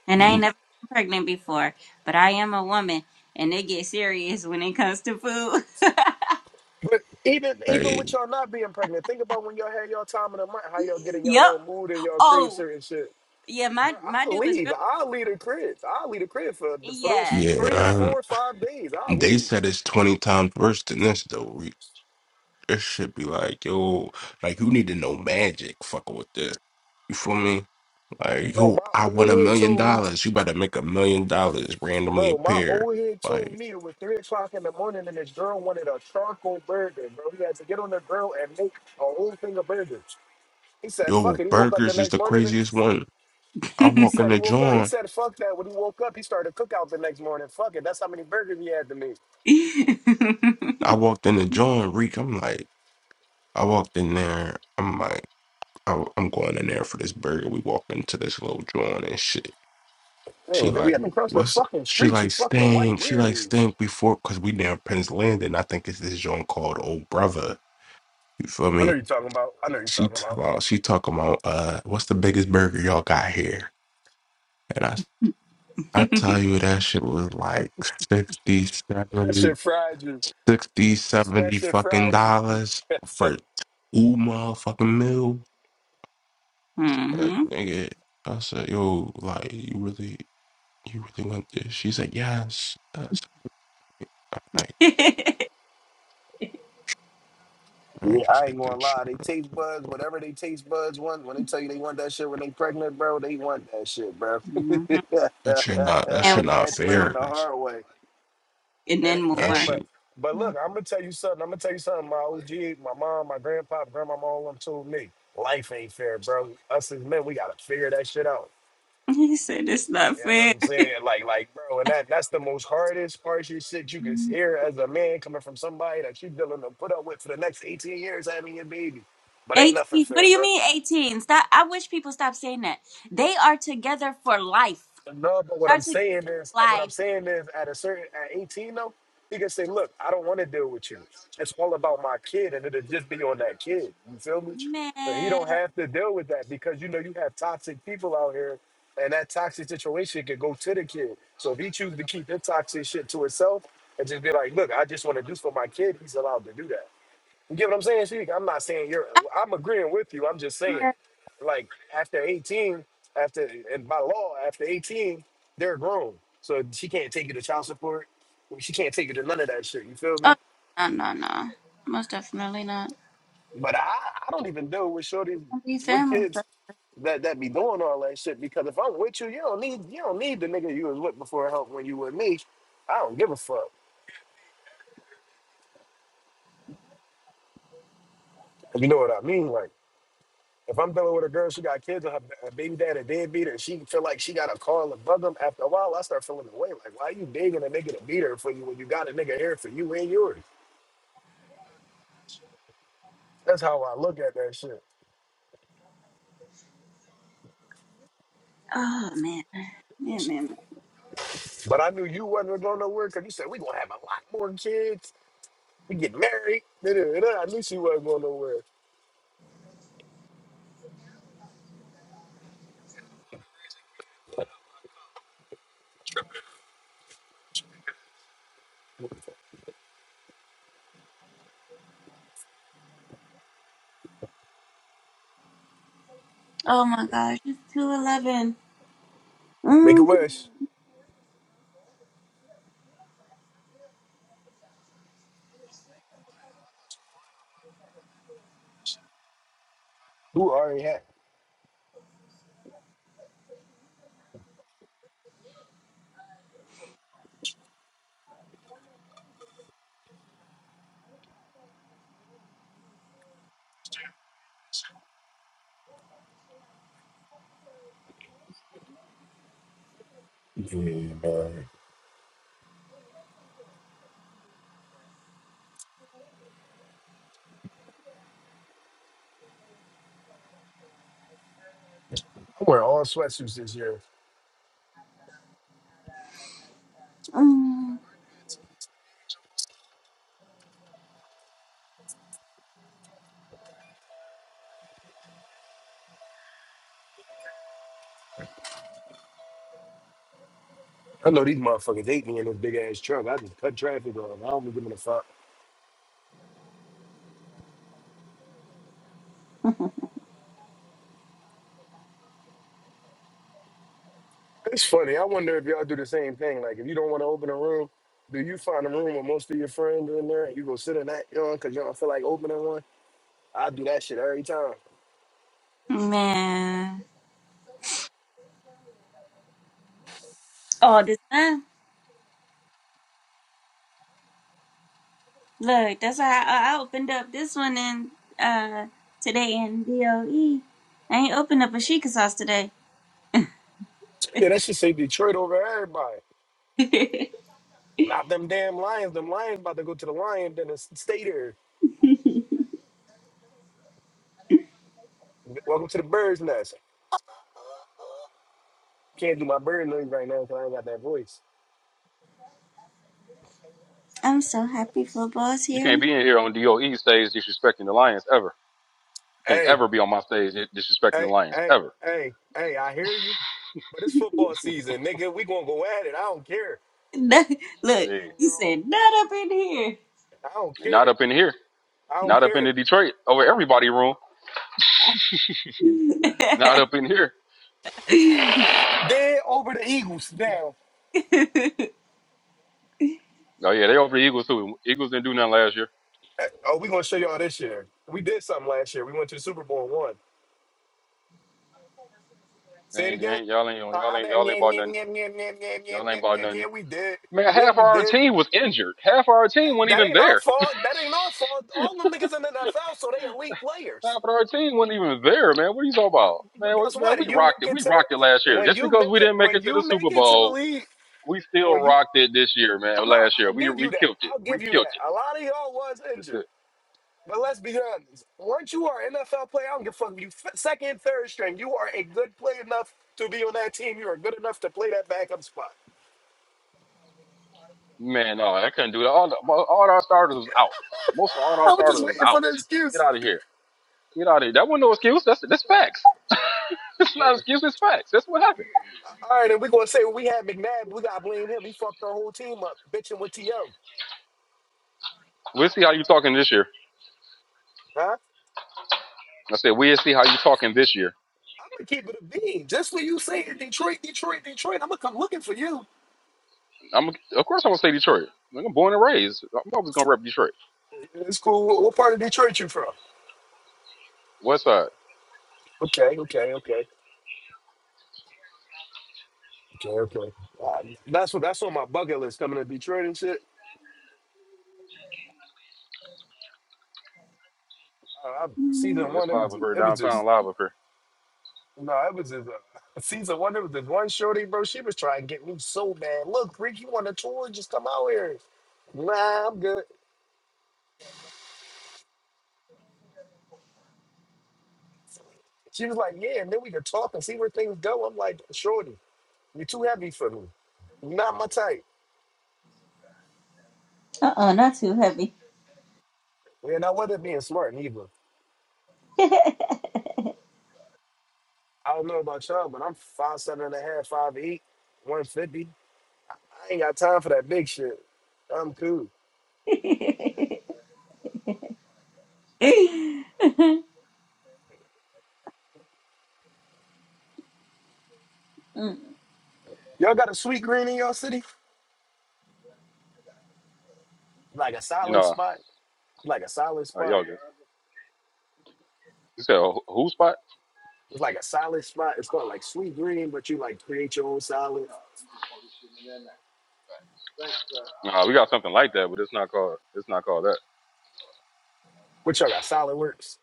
S2: And I ain't
S11: You,
S2: never been pregnant before, but I am a woman, and it gets serious when it comes to food.
S10: But even even with
S11: hey,
S10: y'all not being pregnant, think about when y'all had y'all time in the month, how y'all get in your
S2: yep.
S10: little mood and y'all crave
S2: Oh,
S10: certain shit.
S2: yeah.
S10: Bro,
S2: My my
S10: I'll
S2: dude is
S10: leave. I'll leave the crib. I'll leave the crib for for those
S2: real.
S11: yeah,
S10: three,
S11: I don't-
S10: four, five days. I'll
S11: they
S10: leave.
S11: said it's 20 times worse than this, though. We- This should be like, yo, like, you need to know magic fucking with this. You feel me? Like,
S10: Bro,
S11: yo,
S10: my
S11: I
S10: old
S11: want a
S10: head
S11: million
S10: told me,
S11: dollars. You better make a million dollars randomly
S10: bro, my
S11: appear.
S10: old head told
S11: Like,
S10: me it was three o'clock in the morning and this girl wanted a charcoal burger, bro. He had to get on the grill and make a whole thing of burgers. He said, fuck
S11: yo,
S10: it. He woke up the
S11: burgers is
S10: next
S11: the
S10: morning.
S11: craziest one. I
S10: He
S11: walk in
S10: said he
S11: the
S10: woke up. He
S11: joint.
S10: said, fuck that. When he woke up, he started a cookout the next morning. Fuck it. That's how many burgers he had to me.
S2: Yeah.
S11: I walked in the joint, Reek. I'm like, I walked in there. I'm like, I- I'm going in there for this burger. We walk into this little joint and shit. She
S10: Oh, we
S11: like,
S10: had no
S11: what's she like
S10: fucking
S11: staying? She like
S10: leaves.
S11: staying before because we down Penn's Landing. I think it's this joint called Old Brother. You feel
S10: I know
S11: me?
S10: you're talking about. I know you're
S11: She
S10: talking
S11: t-
S10: about.
S11: uh, she talking about uh, what's the biggest burger y'all got here? And I, I tell you, that shit was like 60,
S10: That shit
S11: 70,
S10: fried you.
S11: 60, seventy
S10: That shit
S11: fucking
S10: fried you.
S11: dollars for two motherfucking meal. Uh,
S2: hmm
S11: nigga, I said, yo, like, you really, you really want this? She said, yes. I said, I'm like,
S2: hmm
S11: let me
S10: Yeah,
S11: just
S10: I ain't
S11: get this
S10: gonna
S11: shit.
S10: lie. They taste buds, whatever they taste buds want. When they tell you they want that shit when they pregnant, bro, they want that shit, bro.
S11: That shit not, that
S2: And
S11: shit not
S10: Patch learning
S11: fair.
S10: the
S11: That's,
S10: hard way.
S2: and
S10: And
S2: then
S11: That
S10: yeah,
S2: more.
S11: shit.
S10: but but look, I'm gonna tell you something. I'm gonna tell you something. My OG, my mom, my grandpa, grandma, all them told me life ain't fair, bro. Us as men, we gotta figure that shit out.
S2: He said it's not
S10: You know what
S2: fair.
S10: I'm saying? Like, like, bro, and that that's the most hardest, harshest shit you can hear as a man coming from somebody that you dealing to put up with for the next 18 years having your baby. But ain't nothing
S2: Eighteen. What
S10: fair,
S2: do you
S10: bro.
S2: mean eighteen? Stop. I wish people stop saying that. They are together for life.
S10: No, but what
S2: Are
S10: I'm
S2: together
S10: saying is,
S2: for
S10: what I'm
S2: life,
S10: saying is, at a certain, at 18 though, he can say, "Look, I don't want to deal with you. It's all about my kid, and it'll just be on that kid." You feel me? But he don't
S2: man.
S10: have to deal with that because you know you have toxic people out here, and that toxic situation could go to the kid. So if he chooses to keep that toxic shit to himself and just be like, "Look, I just want to do this for my kid," he's allowed to do that. You get what I'm saying? Sheik? I'm not saying you're. I'm agreeing with you. I'm just saying, like after 18, after and by law after 18, they're grown, so she can't take you to child support. She can't take you to none of that shit. You feel
S2: Oh
S10: me?
S2: no no no. Most definitely not.
S10: But I, I don't even know with shorties,
S2: Don't be
S10: with
S2: family.
S10: kids
S2: first.
S10: that that be doing all that shit. Because if I'm with you, you don't need you don't need the nigga you was with before help when you with me. I don't give a fuck. You know what I mean? Like. If I'm dealing with a girl, she got kids, and her her baby dad a deadbeat, and she feel like she got to call and bug him. After a while, I start feeling away. Like, why you begging a nigga to beat her for you when you got a nigga here for you and yours? That's how I look at that shit.
S2: Oh man. Yeah man.
S10: But I knew you wasn't going nowhere because you said we gonna have a lot more kids. We get married. Da-da-da-da. I knew she wasn't going nowhere.
S2: Oh my gosh. It's two eleven.
S10: Make a
S2: Mm-hmm.
S10: wish. Who already had? Yeah, man. I'm wearing all sweatsuits this year. I know these motherfuckers hate me in this big ass truck. I just cut traffic off. I don't be giving a fuck. It's funny. I wonder if y'all do the same thing. Like, if you don't want to open a room, do you find a room with most of your friends in there and you go sit in that, you know, because you don't feel like opening one? I do that shit every time.
S2: Man. All this time. Look, that's why I, I opened up this one in uh today in DOE. I ain't opened up a Sheikah sauce today.
S10: Yeah, that should say Detroit over everybody. Not them damn lions. Them lions about to go to the lion den and s- stay there. Welcome to the bird's nest. Can't do my bird noise right now because I ain't got that voice.
S2: I'm so happy football's
S3: You can't
S2: here.
S3: be in here on DOE stage disrespecting the Lions ever. You can't
S10: Hey,
S3: ever be on my stage disrespecting the
S10: hey,
S3: Lions
S10: hey,
S3: ever.
S10: hey, hey, I hear you, but it's football season, nigga. We gonna go at it. I don't care.
S2: Look,
S3: Hey.
S2: you said not up in here.
S10: I don't
S3: And Not
S10: care.
S3: up in here.
S10: I don't
S3: Not up in the
S10: care.
S3: Detroit over everybody room. Not up in here.
S10: They're over the Eagles now.
S3: Oh yeah, they over the Eagles too. Eagles didn't do nothing last year.
S10: Uh, Oh, we're gonna show y'all this year. We did something last year. We went to the Super Bowl and won.
S3: They
S10: Say it
S3: ain't, they
S10: again.
S3: ain't y'all ain't
S10: Uh,
S3: y'all
S10: uh,
S3: ain't
S10: yeah,
S3: y'all
S10: yeah,
S3: ain't bought
S10: yeah,
S3: nothing.
S10: yeah, yeah, yeah, yeah, yeah,
S3: Y'all
S10: yeah,
S3: ain't bought
S10: yeah, yeah,
S3: nothing.
S10: we did.
S3: Man,
S10: Yeah,
S3: half
S10: we
S3: our
S10: did.
S3: team was injured. Half our team wasn't
S10: That
S3: even
S10: ain't our
S3: there.
S10: fault. That ain't our fault. All them niggas in the NFL, so they elite
S3: Nah,
S10: players.
S3: but our team wasn't even there, man. What are you talking
S10: Uh,
S3: about,
S10: But
S3: man? We,
S10: guess
S3: man,
S10: what?
S3: we
S10: You
S3: rocked
S10: make
S3: it.
S10: it
S3: We
S10: to the
S3: rocked it last year.
S10: when
S3: Just
S10: you
S3: because we
S10: make it
S3: didn't make
S10: when
S3: it to the
S10: you make
S3: Super
S10: it to the
S3: Bowl,
S10: league.
S3: we still
S10: When you
S3: rocked it this year, man.
S10: no,
S3: Last year,
S10: I'll
S3: we
S10: give you
S3: we killed
S10: that.
S3: it.
S10: I'll give
S3: We
S10: you
S3: killed
S10: that.
S3: it.
S10: A lot of y'all was
S3: That's
S10: injured.
S3: it,
S10: But let's be honest. Once you are an NFL player, I don't give a fuck if you f- second, third string. You are a good player enough to be on that team. You are good enough to play that backup spot.
S3: man. No, I couldn't do that. All, the, all our starters was out. Most of all our
S10: I was
S3: starters
S10: just
S3: was
S10: waiting for
S3: out.
S10: the
S3: Get
S10: excuse.
S3: out of here. Get out of here. That wasn't no excuse. That's that's facts. It's not
S10: All
S3: an excuse. It's facts. That's what happened.
S10: right, and we're gonna say we had McNabb. We gotta blame him. He fucked our whole team up, bitching with To.
S3: We'll see how you talking this year.
S10: Huh?
S3: I said we'll see how you talking this year.
S10: I'm gonna keep it a bean. Just for you saying Detroit, Detroit, Detroit. I'm gonna come looking for you.
S3: I'm of course I'm gonna say Detroit. Like, I'm born and raised. I'm always gonna rep Detroit.
S10: It's cool. What what part of Detroit you from?
S3: West Side.
S10: Okay, okay, okay, okay, okay. Uh, that's what that's on my bucket list. Coming to Detroit and shit. Uh,
S3: Oh,
S10: season
S3: yeah, it's
S10: one, it
S3: live
S10: was
S3: up
S10: just,
S3: here,
S10: it was
S3: downtown
S10: just
S3: live up here.
S10: no, it was just uh, season one. It was just one shorty, bro. She was trying to get me so bad. Look, Rick, you want a tour? Just come out here. Nah, I'm good. She was like, yeah, and then we could talk and see where things go. I'm like, shorty, you're too heavy for me. You're not my type.
S2: uh oh, not too heavy.
S10: And I wasn't being smart neither. I don't know about y'all, but I'm five seven and a half, five eight, one fifty. I ain't got time for that big shit. I'm cool.
S2: Mm,
S10: Y'all got a sweet green in y'all city? Like a solid
S3: No,
S10: spot? Like a solid
S3: oh,
S10: spot?
S3: y'all good. You said a who spot?
S10: It's like a salad spot. It's called like Sweet Green, but you like create your own salad.
S3: Nah, we got something like that, but it's not called. It's not called that.
S10: What y'all got? Salad Works.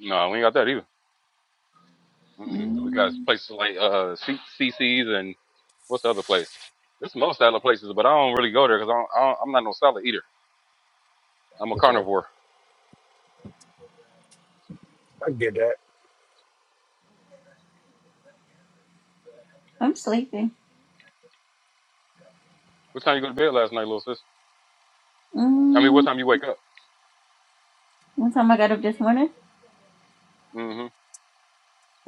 S3: No, we ain't got that either. Mm-mm.
S10: Mm,
S3: We got places like uh C- CC's and what's the other place? There's most other places, but I don't really go there because I don't, I don't, I'm not no salad eater. I'm a
S10: okay,
S3: carnivore.
S10: I can get that.
S2: I'm sleepy.
S3: What time you go to bed last night, little sis? I mean, what
S2: Mm,
S3: time you wake up?
S2: what time I got up this morning?
S3: hmm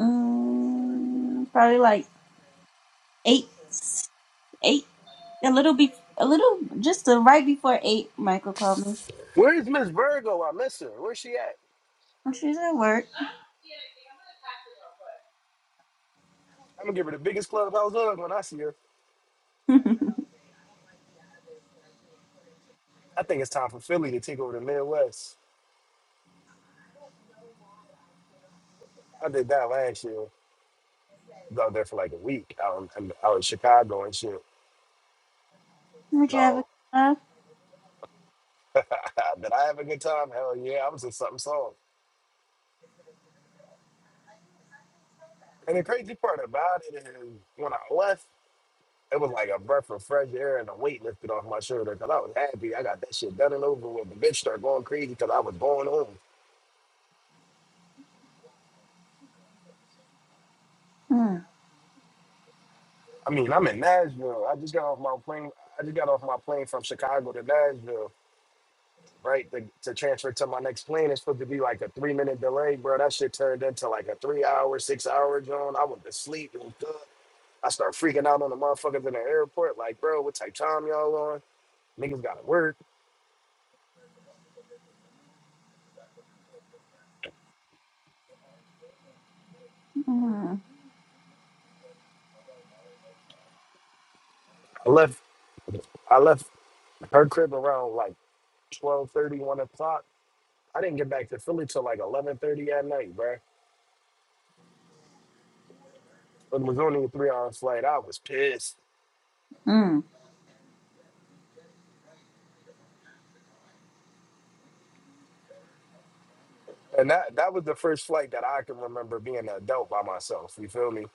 S2: Mm, probably like eight. eight, a little be, a little just uh, right before eight. Michael called me.
S10: Where is Miss Virgo? I miss her. Where's she at?
S2: I'm sure at work.
S10: I'm gonna give her the biggest clubhouse hug when I see her.
S2: Would
S10: I think it's time for Philly to take over the Midwest. I did that last year. I was out there for like a week out in, out in Chicago and shit.
S2: you have a
S10: No,
S2: cup?
S10: did I have a good time? Hell yeah, I was in something soft. And the crazy part about it is when I left. It was like a breath of fresh air and a weight lifted off my shoulder because I was happy. I got that shit done and over with. The bitch started going crazy because I was going home. I mean, I'm in Nashville. I just got off my plane. I just got off my plane from Chicago to Nashville, right? To, to transfer to my next plane. It's supposed to be like a three minute delay, bro. That shit turned into like a three hour, six hour zone. I went to sleep. It was good. I started freaking out on the motherfuckers in the airport. Like, bro, what type time y'all on? Niggas got to work.
S2: Mm.
S10: I left. I left her crib around like twelve thirty one o'clock. I didn't get back to Philly till like eleven thirty at night, bro. It was only a three hour flight. I was pissed,
S2: Mm.
S10: and that that was the first flight that I can remember being an adult by myself. You feel me?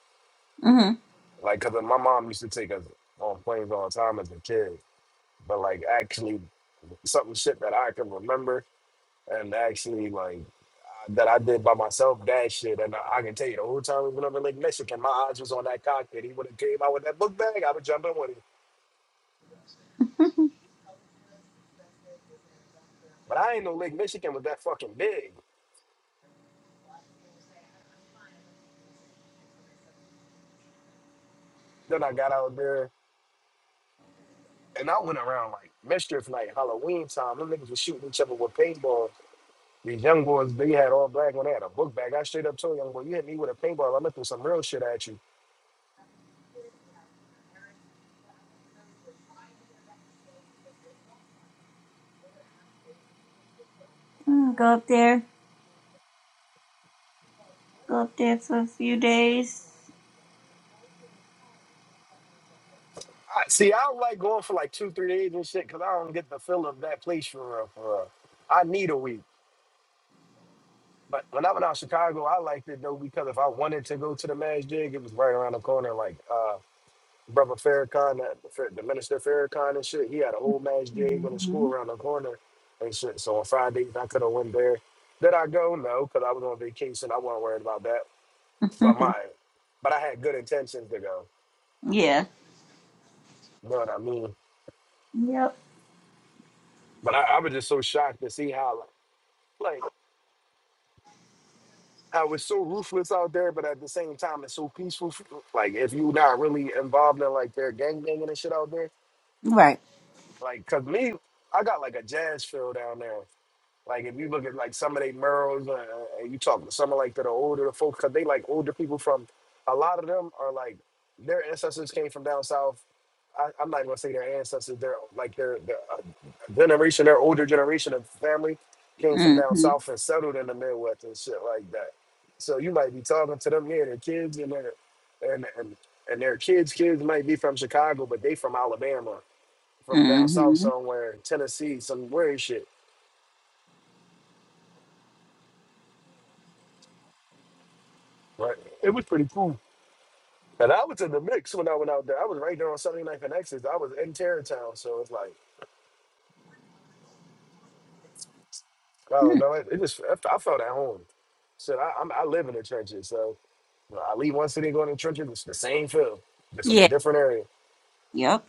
S2: Mm.
S10: Like, cause my mom used to take us on planes all the time as a kid, but like actually something shit that I can remember and actually like that I did by myself. That shit, and I, I can tell you the whole time we went over Lake Michigan, my eyes was on that cockpit. He would have came out with that book bag. I would jump in with him, but I ain't know Lake Michigan was that fucking big. Then I got out there and I went around like mischief like Halloween time. Them niggas was shooting each other with paintballs. These young boys, they had all black on. they had a book bag. I straight up told young boy, you hit me with a paintball, I'm gonna throw some real shit at you.
S2: Mm. Go up there. Go up there for a few days.
S10: I, see, I don't like going for like two, three days and shit, cause I don't get the feel of that place for real, for real. I need a week. But when I went out to Chicago, I liked it though because if I wanted to go to the Mass Jig, it was right around the corner. Like, uh, brother Farrakhan, that the minister Farrakhan and shit, he had a whole match game in the school
S2: hmm
S10: around the corner and shit. So on Fridays, I could have went there. Did I go? No, because I was on vacation. I wasn't worried about that. But my, but I had good intentions to go.
S2: yeah.
S10: You know what I mean?
S2: Yep.
S10: But I, I was just so shocked to see how like, like how it's so ruthless out there, but at the same time it's so peaceful. Like if you not really involved in like their gang banging and shit out there,
S2: Right.
S10: like cause me, I got like a jazz feel down there. Like if you look at like some of they murals, uh, uh, and you talk to some of like the are older folks, cause they like older people from. A lot of them are like their ancestors came from down south. I, I'm not gonna say their ancestors. They're like their their uh, generation, their older generation of family came from down
S2: Mm-hmm.
S10: south and settled in the Midwest and shit like that. So you might be talking to them, yeah, their kids and their and and and their kids' kids might be from Chicago, but they from Alabama, from down south
S2: Mm-hmm.
S10: somewhere, Tennessee, some weird shit Right. It was pretty cool. And I was in the mix when I went out there. I was right there on Sunday Night Connections. I was in Tarrytown, so it's like, oh
S2: Mm.
S10: no, it, it just I, f- I felt at home. So I, I'm, I live in the trenches, so you know, I leave one city and go in the trenches. It's the same feel, just in a
S2: Yeah.
S10: different area.
S2: Yep.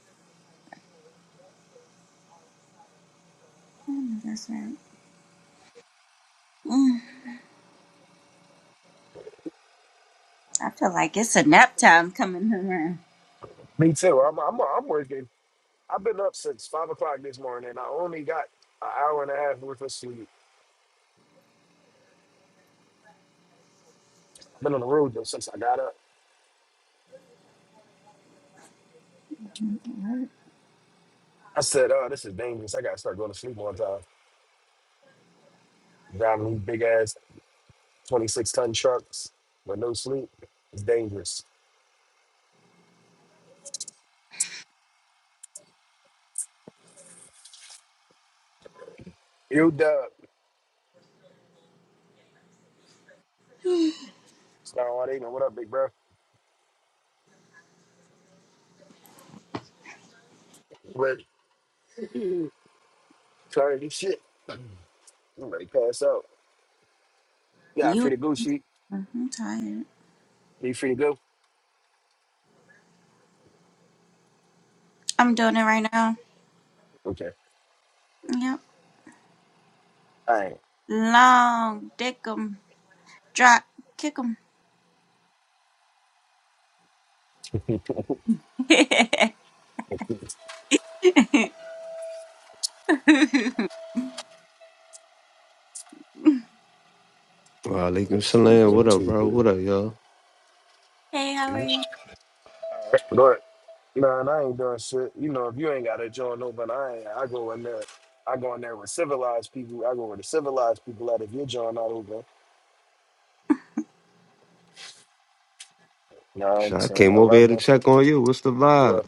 S2: Mm, that's right. Mm. I feel like it's a nap time coming around.
S10: Me too. I'm I'm I'm working. I've been up since five o'clock this morning, and I only got an hour and a half worth of sleep. I've been on the road though since I got up. I said, oh, this is dangerous. I gotta start going to sleep on time. Driving these big ass 26 ton trucks with no sleep. It's dangerous. Yo, Dub. Star One Eight, man. What up, big bro? What? Tired of this shit. I'm ready to pass out. Yeah,
S2: You.
S10: free to go, sheet.
S2: I'm tired.
S10: Are you free to go?
S2: I'm doing it right now.
S10: Okay.
S2: Yep.
S10: All right.
S2: Long, dick 'em, drop, kick 'em. hey,
S12: Alaikum salam.
S10: One,
S12: What up,
S10: two,
S12: bro?
S10: three.
S12: What up, y'all?
S2: how are you?
S10: Go ahead. Nah, I ain't doing shit. You know, if you ain't got a joint open, I ain't, I go in there. I go in there with civilized people. I go with the civilized people out of your joint not open. You know what
S12: Shit,
S10: I'm
S12: I
S10: saying?
S12: came over here to
S10: 11,
S12: check on you. What's the vibe?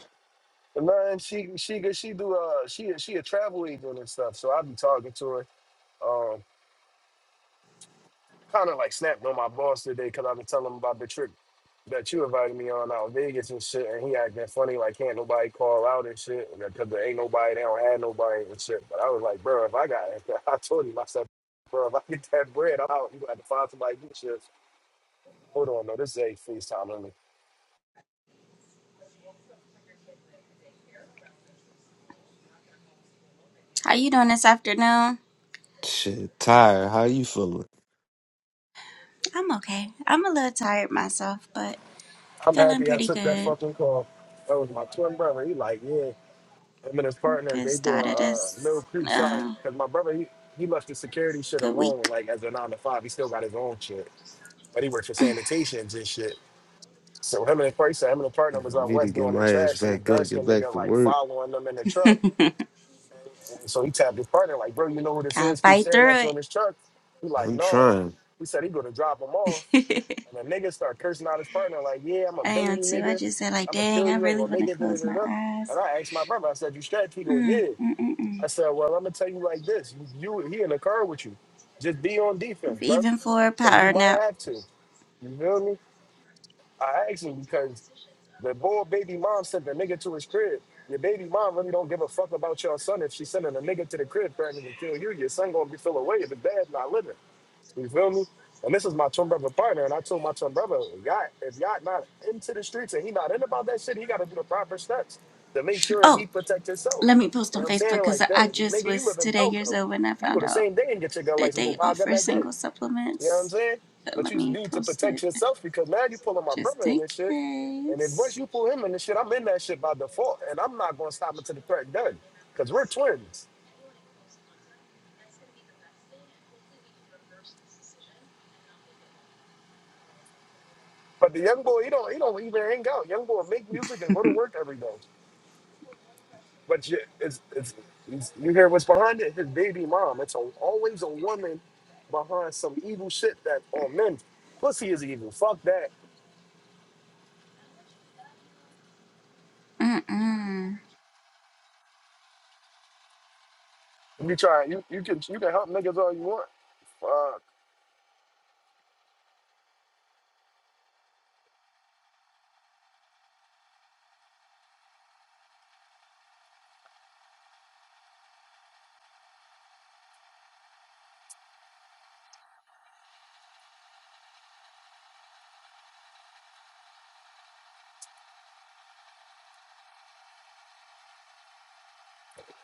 S10: Man, she she good. She do uh she she a travel agent and stuff. So i be talking to her. Um, kind of like snapped on my boss today because i been telling him about the trip that you invited me on out in Vegas and shit. And he acting funny like can't nobody call out and shit because there ain't nobody. They don't have nobody and shit. But I was like, bro, if I got, I told him I said, bro, if I get that bread, I'm out. You got to find somebody to do shit. Hold on, no, this is a FaceTime. Let me.
S2: How you doing this afternoon?
S12: Shit, tired. How you feeling?
S2: I'm okay. I'm a little tired myself, but
S10: I'm
S2: feeling
S10: happy I
S2: pretty
S10: took that
S2: good.
S10: fucking call. That was my twin brother. He like, yeah. him and his partner,
S2: Good
S10: they
S2: start
S10: doing
S2: of
S10: uh Mill
S2: this
S10: Creek side
S2: uh,
S10: because my brother he, he left the security shit
S2: good
S10: alone,
S2: week.
S10: like as a nine to five. He still got his own shit. But he works for sanitations and shit. So him and his partner, him and his
S12: I
S10: partner was out
S12: need to
S10: west
S12: get
S10: doing their
S12: my ass
S10: trash and his
S12: back
S10: dark
S12: up, get
S10: skinned
S12: back
S10: nigga
S12: to
S10: like
S12: work.
S10: following them in the truck. And so he tapped his partner, like, bro, you know who this is?
S2: Gotta
S10: Keep
S2: fight
S10: staring at you
S2: through
S10: in this truck. He like,
S12: I'm
S10: no.
S12: trying.
S10: He said he gonna drop him off.
S2: it.
S10: And the nigga start cursing out his partner, like, yeah, I'ma
S2: I
S10: bang
S2: am
S10: you
S2: too. I
S10: nigga.
S2: just said like,
S10: I'ma
S2: dang,
S10: kill
S2: I
S10: you, ain't
S2: really
S10: gonna
S2: want
S10: make
S2: to
S10: it, da da
S2: close
S10: da
S2: my
S10: da.
S2: eyes.
S10: And I asked my brother, I said, you strapped? He go,
S2: Mm,
S10: yeah.
S2: mm, mm, mm.
S10: I said, well, I'm gonna tell you like this: you, you he in the car with you. Just be on defense, bro,
S2: Even for a
S10: because you
S2: power
S10: might
S2: nap.
S10: have to. You feel me? I asked him because the boy baby mom sent the nigga to his crib. Your baby mom really don't give a fuck about your son. If she's sending a nigga to the crib threatening to kill you, your son gonna be feel away if his dad's not living. You feel me? And this is my twin brother partner. And I told my twin brother, Yacht, if Yacht not into the streets and he not in about that shit, he got to do the proper steps to make sure he
S2: Oh,
S10: protect himself.
S2: let me post
S10: You know
S2: on
S10: what I'm
S2: Facebook
S10: saying?
S2: because
S10: Like,
S2: I
S10: that,
S2: just
S10: nigga, you
S2: was
S10: live in
S2: today years
S10: Belco.
S2: old when I
S10: You can go
S2: found
S10: the
S2: out.
S10: same day and get your gun
S2: that
S10: license, go
S2: they
S10: buy a gun
S2: offer
S10: that day.
S2: single
S10: You know what I'm
S2: supplements.
S10: saying?
S2: Uh,
S10: But
S2: Let
S10: you
S2: me
S10: need to
S2: post
S10: protect
S2: it
S10: yourself because now you pulling my
S2: just
S10: brother in
S2: in
S10: this shit. And then once
S2: case.
S10: you pull him in this shit, I'm in that shit by default. And I'm not going to stop until the threat done because we're twins. But the young boy, he don't, he don't even hang out. Young boy make music and go to work every day. But you, it's, it's, it's, you hear what's behind it? His baby mom. It's a, always a woman behind some evil shit that on men. Pussy is evil. Fuck that.
S2: Mm-mm.
S10: You try. You, you can you can help niggas all you want. Fuck.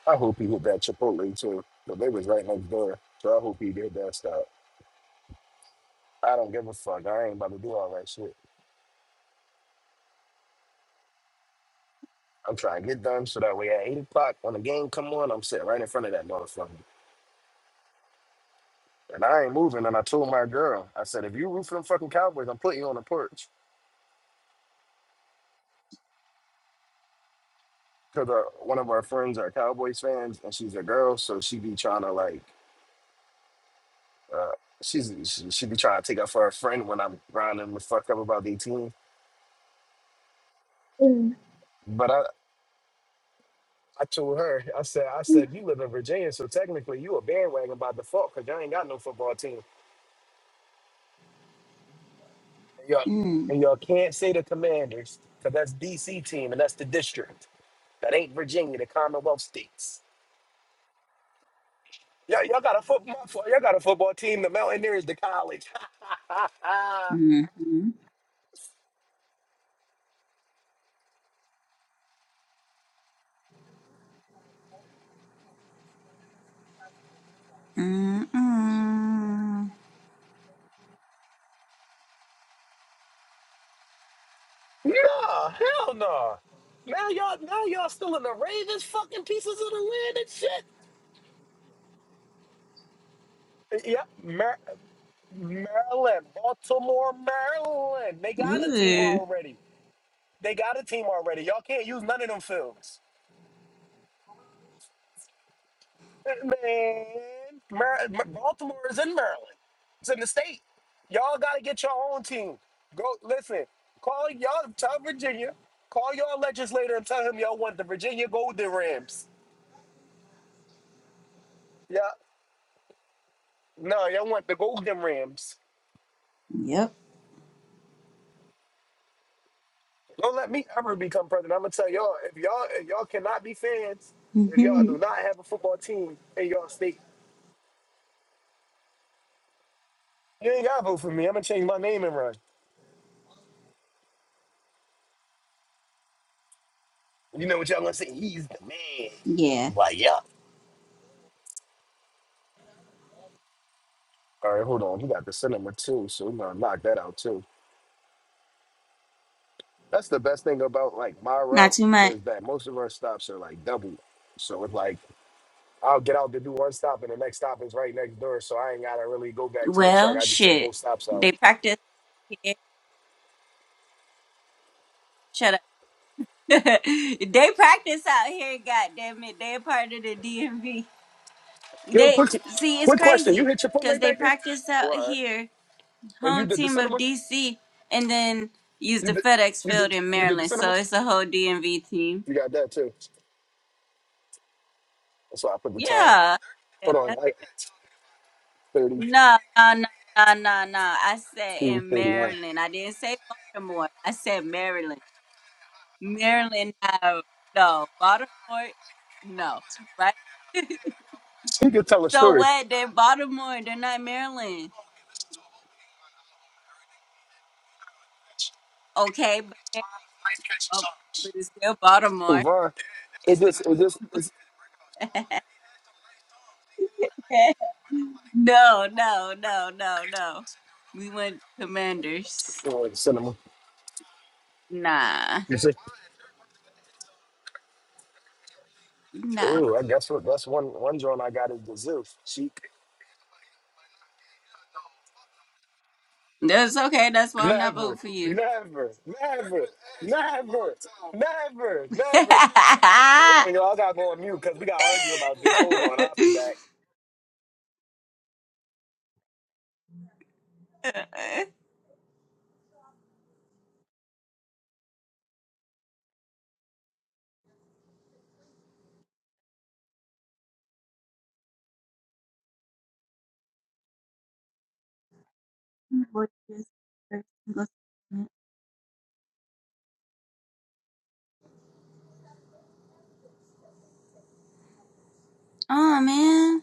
S10: I hope he hit that Chipotle too. But they was right next door. So I hope he did that stuff. I don't give a fuck. I ain't about to do all that shit. I'm trying to get done so that way at eight o'clock when the game come on, I'm sitting right in front of that motherfucker. And I ain't moving. And I told my girl, I said, if you root for them fucking Cowboys, I'm putting you on the porch. because one of our friends are Cowboys fans, and she's a girl, so she be trying to like, uh, she's she, she be trying to take up for her friend when I'm grinding the fuck up about their team. But I, I told her, I said, I said, you live in Virginia, so technically you a bandwagon by default because y'all ain't got no football team, and y'all,
S2: Mm.
S10: and y'all can't say the Commanders because that's DC team and that's the district that ain't Virginia, the Commonwealth states. Y'all, y'all got a football, y'all got a football team. The Mountaineers, the college.
S2: Mm-mm.
S10: Nah, hell nah. Now y'all, now y'all still in the Ravens fucking pieces of the land and shit. Yep, Mar- Maryland, Baltimore, Maryland. They got a team
S2: Ooh.
S10: already. They got a team already. Y'all can't use none of them fields. Man, Mar- Mar- Baltimore is in Maryland. It's in the state. Y'all gotta get your own team. Go listen. Call y'all. Tell Virginia. Call y'all legislator and tell him y'all want the Virginia Golden Rams. Yeah. No, y'all want the Golden Rams.
S2: Yep.
S10: Don't let me ever become president. I'm gonna tell y'all if y'all if y'all cannot be fans, if y'all do not have a football team in y'all state, you ain't gotta vote for me. I'm gonna change my name and run. You know what y'all gonna say? He's the man.
S2: Yeah.
S10: Why yeah. All right, hold on. He got the cinema too, so we're gonna knock that out too. That's the best thing about like my
S2: Not
S10: route
S2: too much.
S10: is that most of our stops are like double. So it's like I'll get out to do one stop and the next stop is right next door. So I ain't gotta really go back to the truck.
S2: Well,
S10: I just take both
S2: shit.
S10: stops out.
S2: They practice here. Shut up. they practice out here. God damn it. They a part of the DMV.
S10: Yo,
S2: They
S10: quick,
S2: see. It's
S10: quick question. You
S2: crazy
S10: hit
S2: because
S10: Chipotle
S2: they
S10: back there?
S2: practice
S10: Oh,
S2: out
S10: all right.
S2: here
S10: And you
S2: home
S10: did the
S2: team of
S10: cinema?
S2: DC, and then use
S10: You
S2: the
S10: did,
S2: FedEx
S10: you did,
S2: Field in
S10: you did the
S2: Maryland.
S10: cinema?
S2: So it's a whole DMV team.
S10: You got that too. That's why I put the time.
S2: Yeah.
S10: Hold on, like thirty,
S2: No, no, no, no, no, no. I said
S10: two
S2: in
S10: thirty-one.
S2: Maryland. I didn't say Baltimore. I said Maryland. Maryland, no, no. Baltimore, no. Right?
S10: You could tell a
S2: so
S10: story.
S2: what? They're Baltimore. They're not Maryland. Okay, but, they're, oh, but it's still Baltimore.
S10: Uvar. It
S2: It's still.
S10: just, it just, it's
S2: No, no, no, no, no. We went commanders.
S10: oh, the cinema.
S2: Nah,
S10: You see?
S2: nah.
S10: Oh, I guess what, that's one, one joint I got is the Zeus. Chic.
S2: That's okay. That's why I'm not voting
S10: Never,
S2: for you.
S10: never, never, never, never, never. Hold on, y'all. I gotta go on mute because we gotta argue about this. Hold on, I'll be back,
S2: oh man.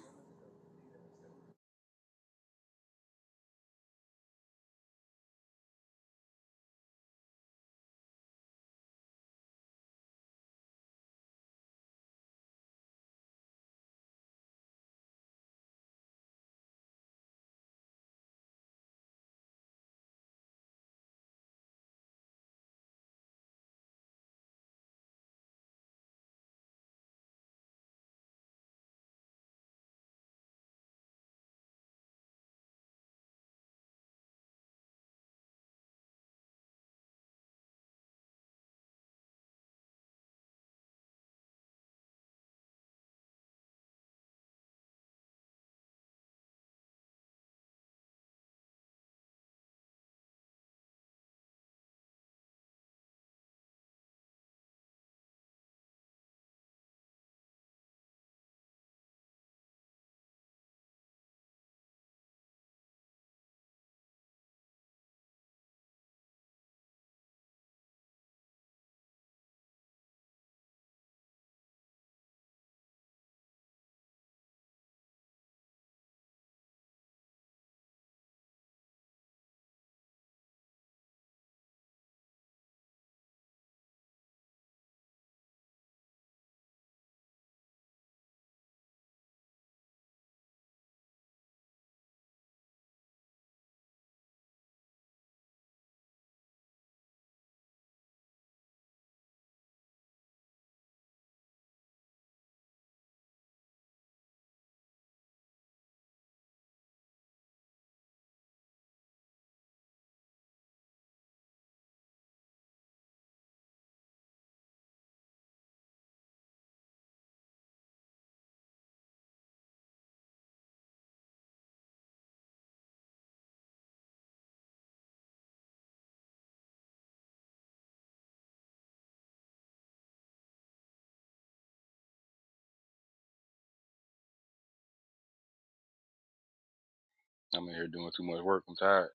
S3: I'm in here doing too much work. I'm tired.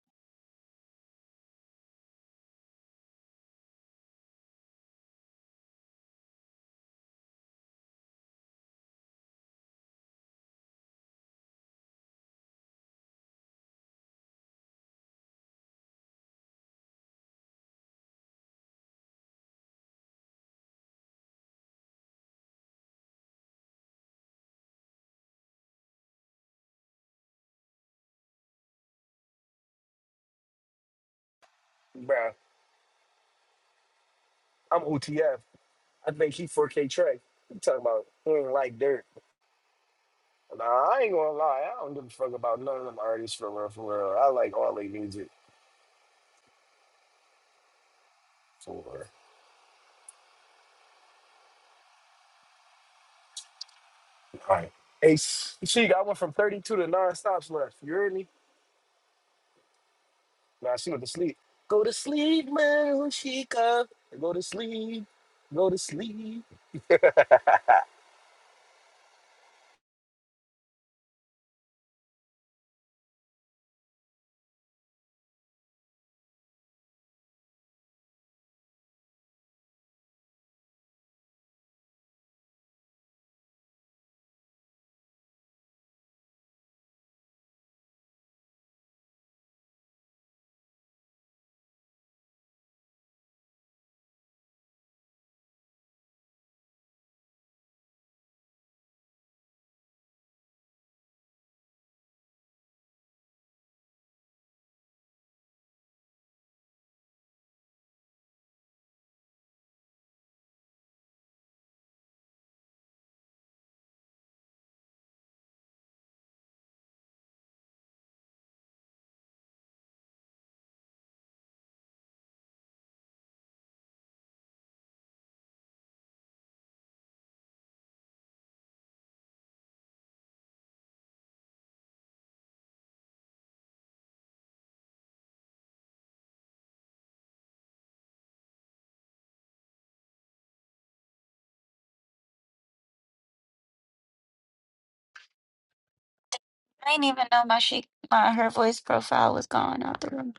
S10: bruh. I'm OTF. I think he 4K Trey. You talking about he ain't like dirt. Nah, I ain't gonna lie. I don't give a fuck about none of them artists for real, for real. I like all they music for real. All right. Ace, she got one from 32 to nine stops left. You heard me? Nah, she went to sleep. Go to sleep, little Chica. Go to sleep. Go to sleep.
S1: I didn't even know my chic, my her voice profile was gone out the room.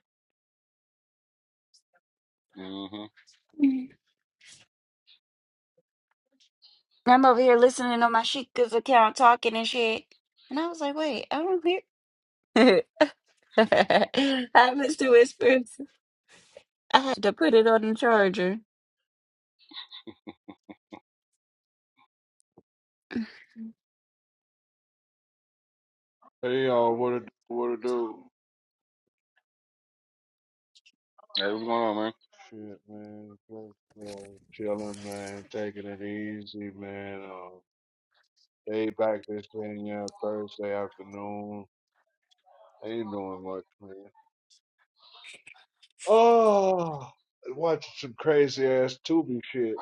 S3: hmm
S1: Mhm. I'm over here listening on my chica's account talking and shit, and I was like, wait, I don't hear. I missed the whispers. I had to put it on the charger.
S13: Hey y'all, what it what it do?
S3: Hey, what's going on, man?
S13: Shit, man, just uh, chilling, man, taking it easy, man. Uh, day back this thing, yeah, Thursday afternoon. Ain't doing much, man. Oh, watching some crazy ass Tubi shit.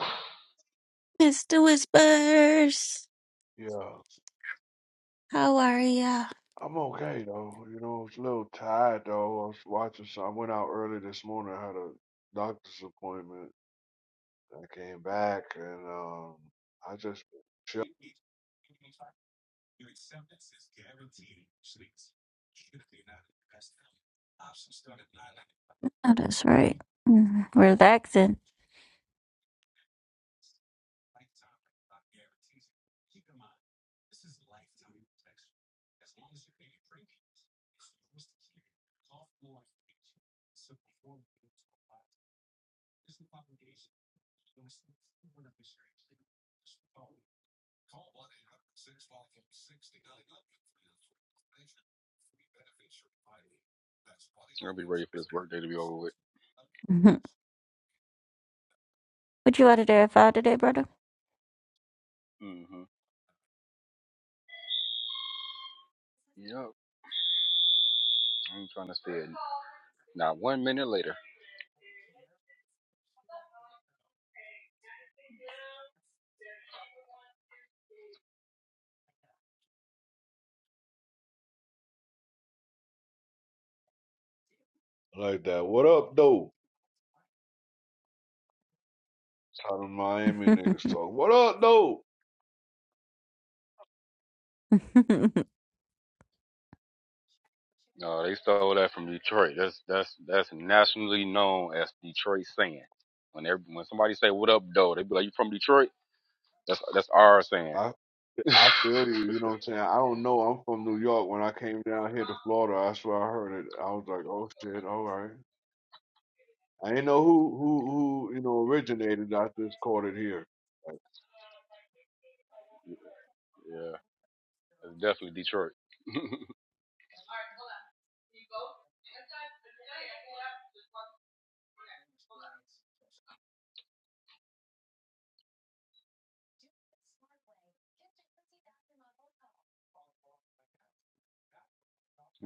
S1: Mr. Whispers,
S13: Yeah,
S1: how are ya?
S13: I'm okay though. You know, I was a little tired though. I was watching some. I went out early this morning. I had a doctor's appointment. I came back and um, I just
S1: Oh, that's right. Mm, Relaxing.
S3: I'll be ready for this work day to be over with.
S1: you out of there about today, brother?
S3: hmm Yep. I'm trying to see it. Not one minute later.
S13: like that. What up, though? How the Miami niggas
S1: it
S13: talk. What up, though?
S3: No, they stole that from Detroit. That's that's that's nationally known as Detroit saying. When every, when somebody say "What up, though?" they be like, "You from Detroit?" That's that's our saying.
S13: I
S3: yeah,
S13: I feel you. You know what I'm saying? I don't know. I'm from New York. When I came down here to Florida, that's where I heard it. I was like, oh shit, all right. I didn't know who who who you know originated. I just caught it here. Like,
S3: yeah, it's definitely Detroit. you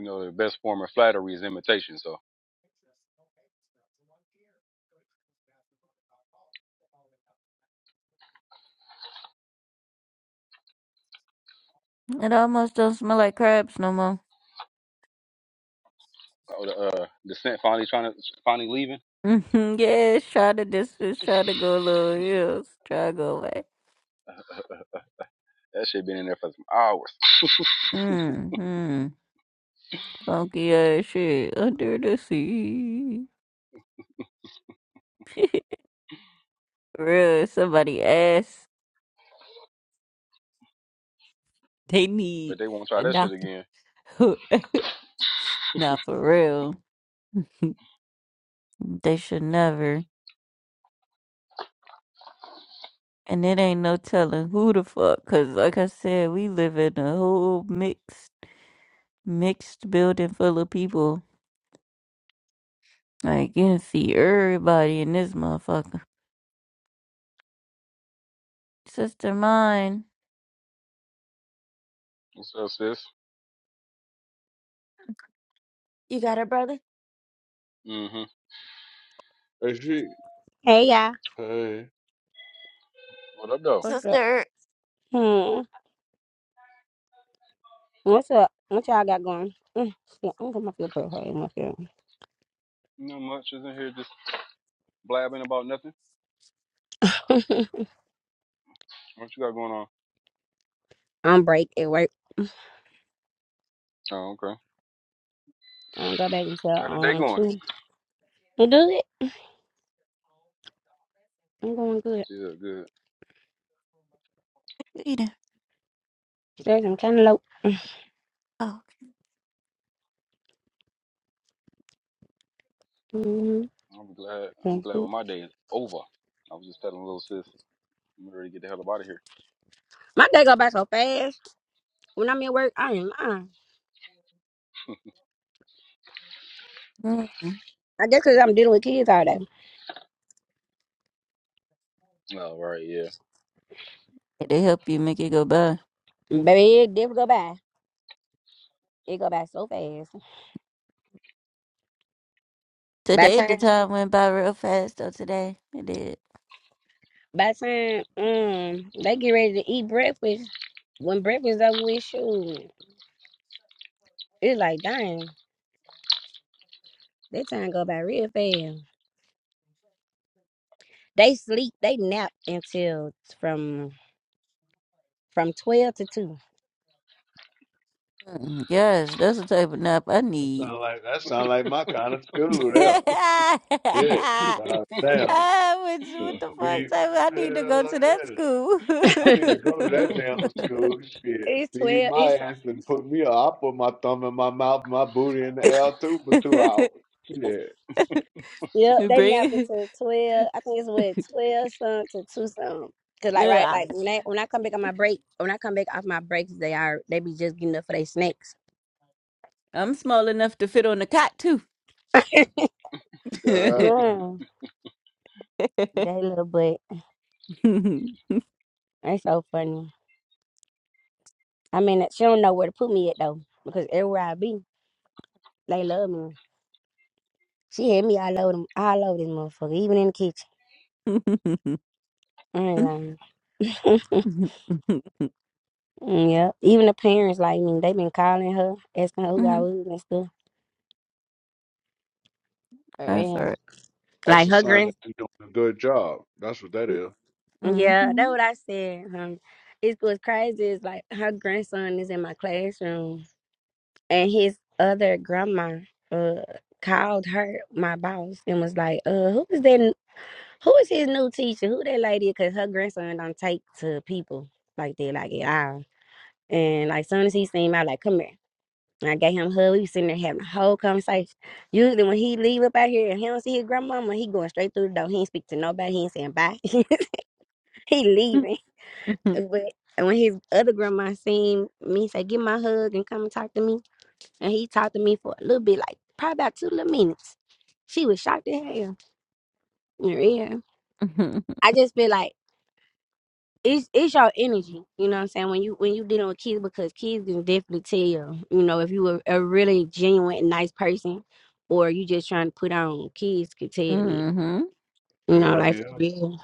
S3: know, the best form of flattery is imitation. So,
S1: almost don't smell like crabs no more.
S3: oh, the uh, descent finally trying to finally leaving.
S1: Mm-hmm. Yeah, it's try to distance, try to go low hills, try to go away.
S3: That shit been in there for some hours,
S1: Mm-hmm. Funky ass shit under the sea. Real, somebody ass. They
S3: but
S1: need
S3: they won't try
S1: a
S3: that shit
S1: doctor.
S3: again.
S1: Not for real. They should never. And it ain't no telling who the fuck, cause like I said, we live in a whole mixed, mixed building full of people. Like you can see everybody in this motherfucker. Sister mine.
S3: What's up, sis? mm hmm
S13: hey, shit.
S14: Hey y'all,
S13: Hey,
S3: What up, though?
S14: what's up? Hmm, what's up? What y'all got going? Mm, shit, I'm gonna feel pretty hard in my feelings.
S3: Not much. Isn't here just blabbing about nothing. What you got going on?
S14: I'm break at work.
S3: Oh, okay.
S14: I'm go back until
S3: How the day
S14: um
S3: going?
S14: two. You do it? I'm going good.
S3: Yeah, good.
S14: Stress, I'm kind of low.
S1: Oh,
S14: mm
S3: I'm glad. I'm glad when my day is over. I was just telling little sis, I'm ready to get the hell up out of here.
S14: My day go by so fast. When I'm at work, I ain't lying.
S1: mm.
S14: I guess 'cause I'm dealing with kids all day.
S3: Oh, right, yeah.
S1: Did they help you make it go by?
S14: Baby, it never go by. It go by so fast. By the
S1: Today, the
S14: time,
S1: time went by real fast, though. Today, it did.
S14: by the time, um, they get ready to eat breakfast. When breakfast over with, shoot, it's like dang. That time go by real fast. They sleep, they nap until from from twelve to two.
S1: Mm. Yes, that's the type of nap I
S13: that
S1: need.
S13: sound like that sound like my kind of school. There, yeah.
S1: ah,
S13: But I- damn,
S1: what,
S13: the
S1: what the fuck?
S13: beat.
S1: Type, I
S13: yeah,
S1: need to go
S13: like,
S1: to that
S13: yeah.
S1: school.
S13: I need to
S14: it's
S13: go to that damn school. Shit, feed
S14: twelve.
S13: my
S14: It's
S13: ass and put me up. i put my thumb in my mouth, my booty in the air too for two hours. Shit.
S14: yeah.
S1: You
S14: They nap
S1: Bring
S14: until twelve. I think it's what twelve some to two some. Cause like
S1: Look,
S14: right,
S1: I,
S14: like when I when I come back on my break, when I come back off my breaks, they are they be just getting up for their snacks.
S1: I'm small enough to fit on the cot, too.
S13: God,
S14: Mm, that little butt. That's so funny. I mean, she don't know where to put me at though, because everywhere I be, they love me. She had me all over them, all over this motherfucker, even in the kitchen. I ain't lying. Mm, Yeah, even the parents like me. They been calling her, asking her who I was and stuff. uh,
S1: That's all
S14: And
S1: right.
S13: that's
S14: like
S13: a
S14: her
S13: sign that
S14: grand,
S13: you're doing a good job. That's what that is.
S1: Mm-hmm.
S14: yeah, that's what I said. Um, it's what's crazy is like her grandson is in my classroom, and his other grandma uh called her my boss and was like, uh, who is that? Who is his new teacher? Who that lady? Cause her grandson don't take to people like that, like at all. And like soon as he seen me, I like come here. And I gave him a hug. We was sitting there having a whole conversation. Usually when he leave up out here and he don't see his grandmama, he going straight through the door. He ain't speak to nobody. He ain't saying bye. he leaving.
S1: Mhm,
S14: But and when his other grandma seen me say, get my hug and come and talk to me. And he talked to me for a little bit, like probably about two little minutes. She was shocked to hell. Yeah.
S1: mhm,
S14: I just feel like it's it's your energy, you know what I'm saying, when you when you dealing with kids because kids can definitely tell, you you know, if you a, a really genuine and nice person or you just trying to put on, kids can tell it.
S1: mhm.
S14: You know,
S13: Hell
S14: like for
S13: yeah.
S14: real.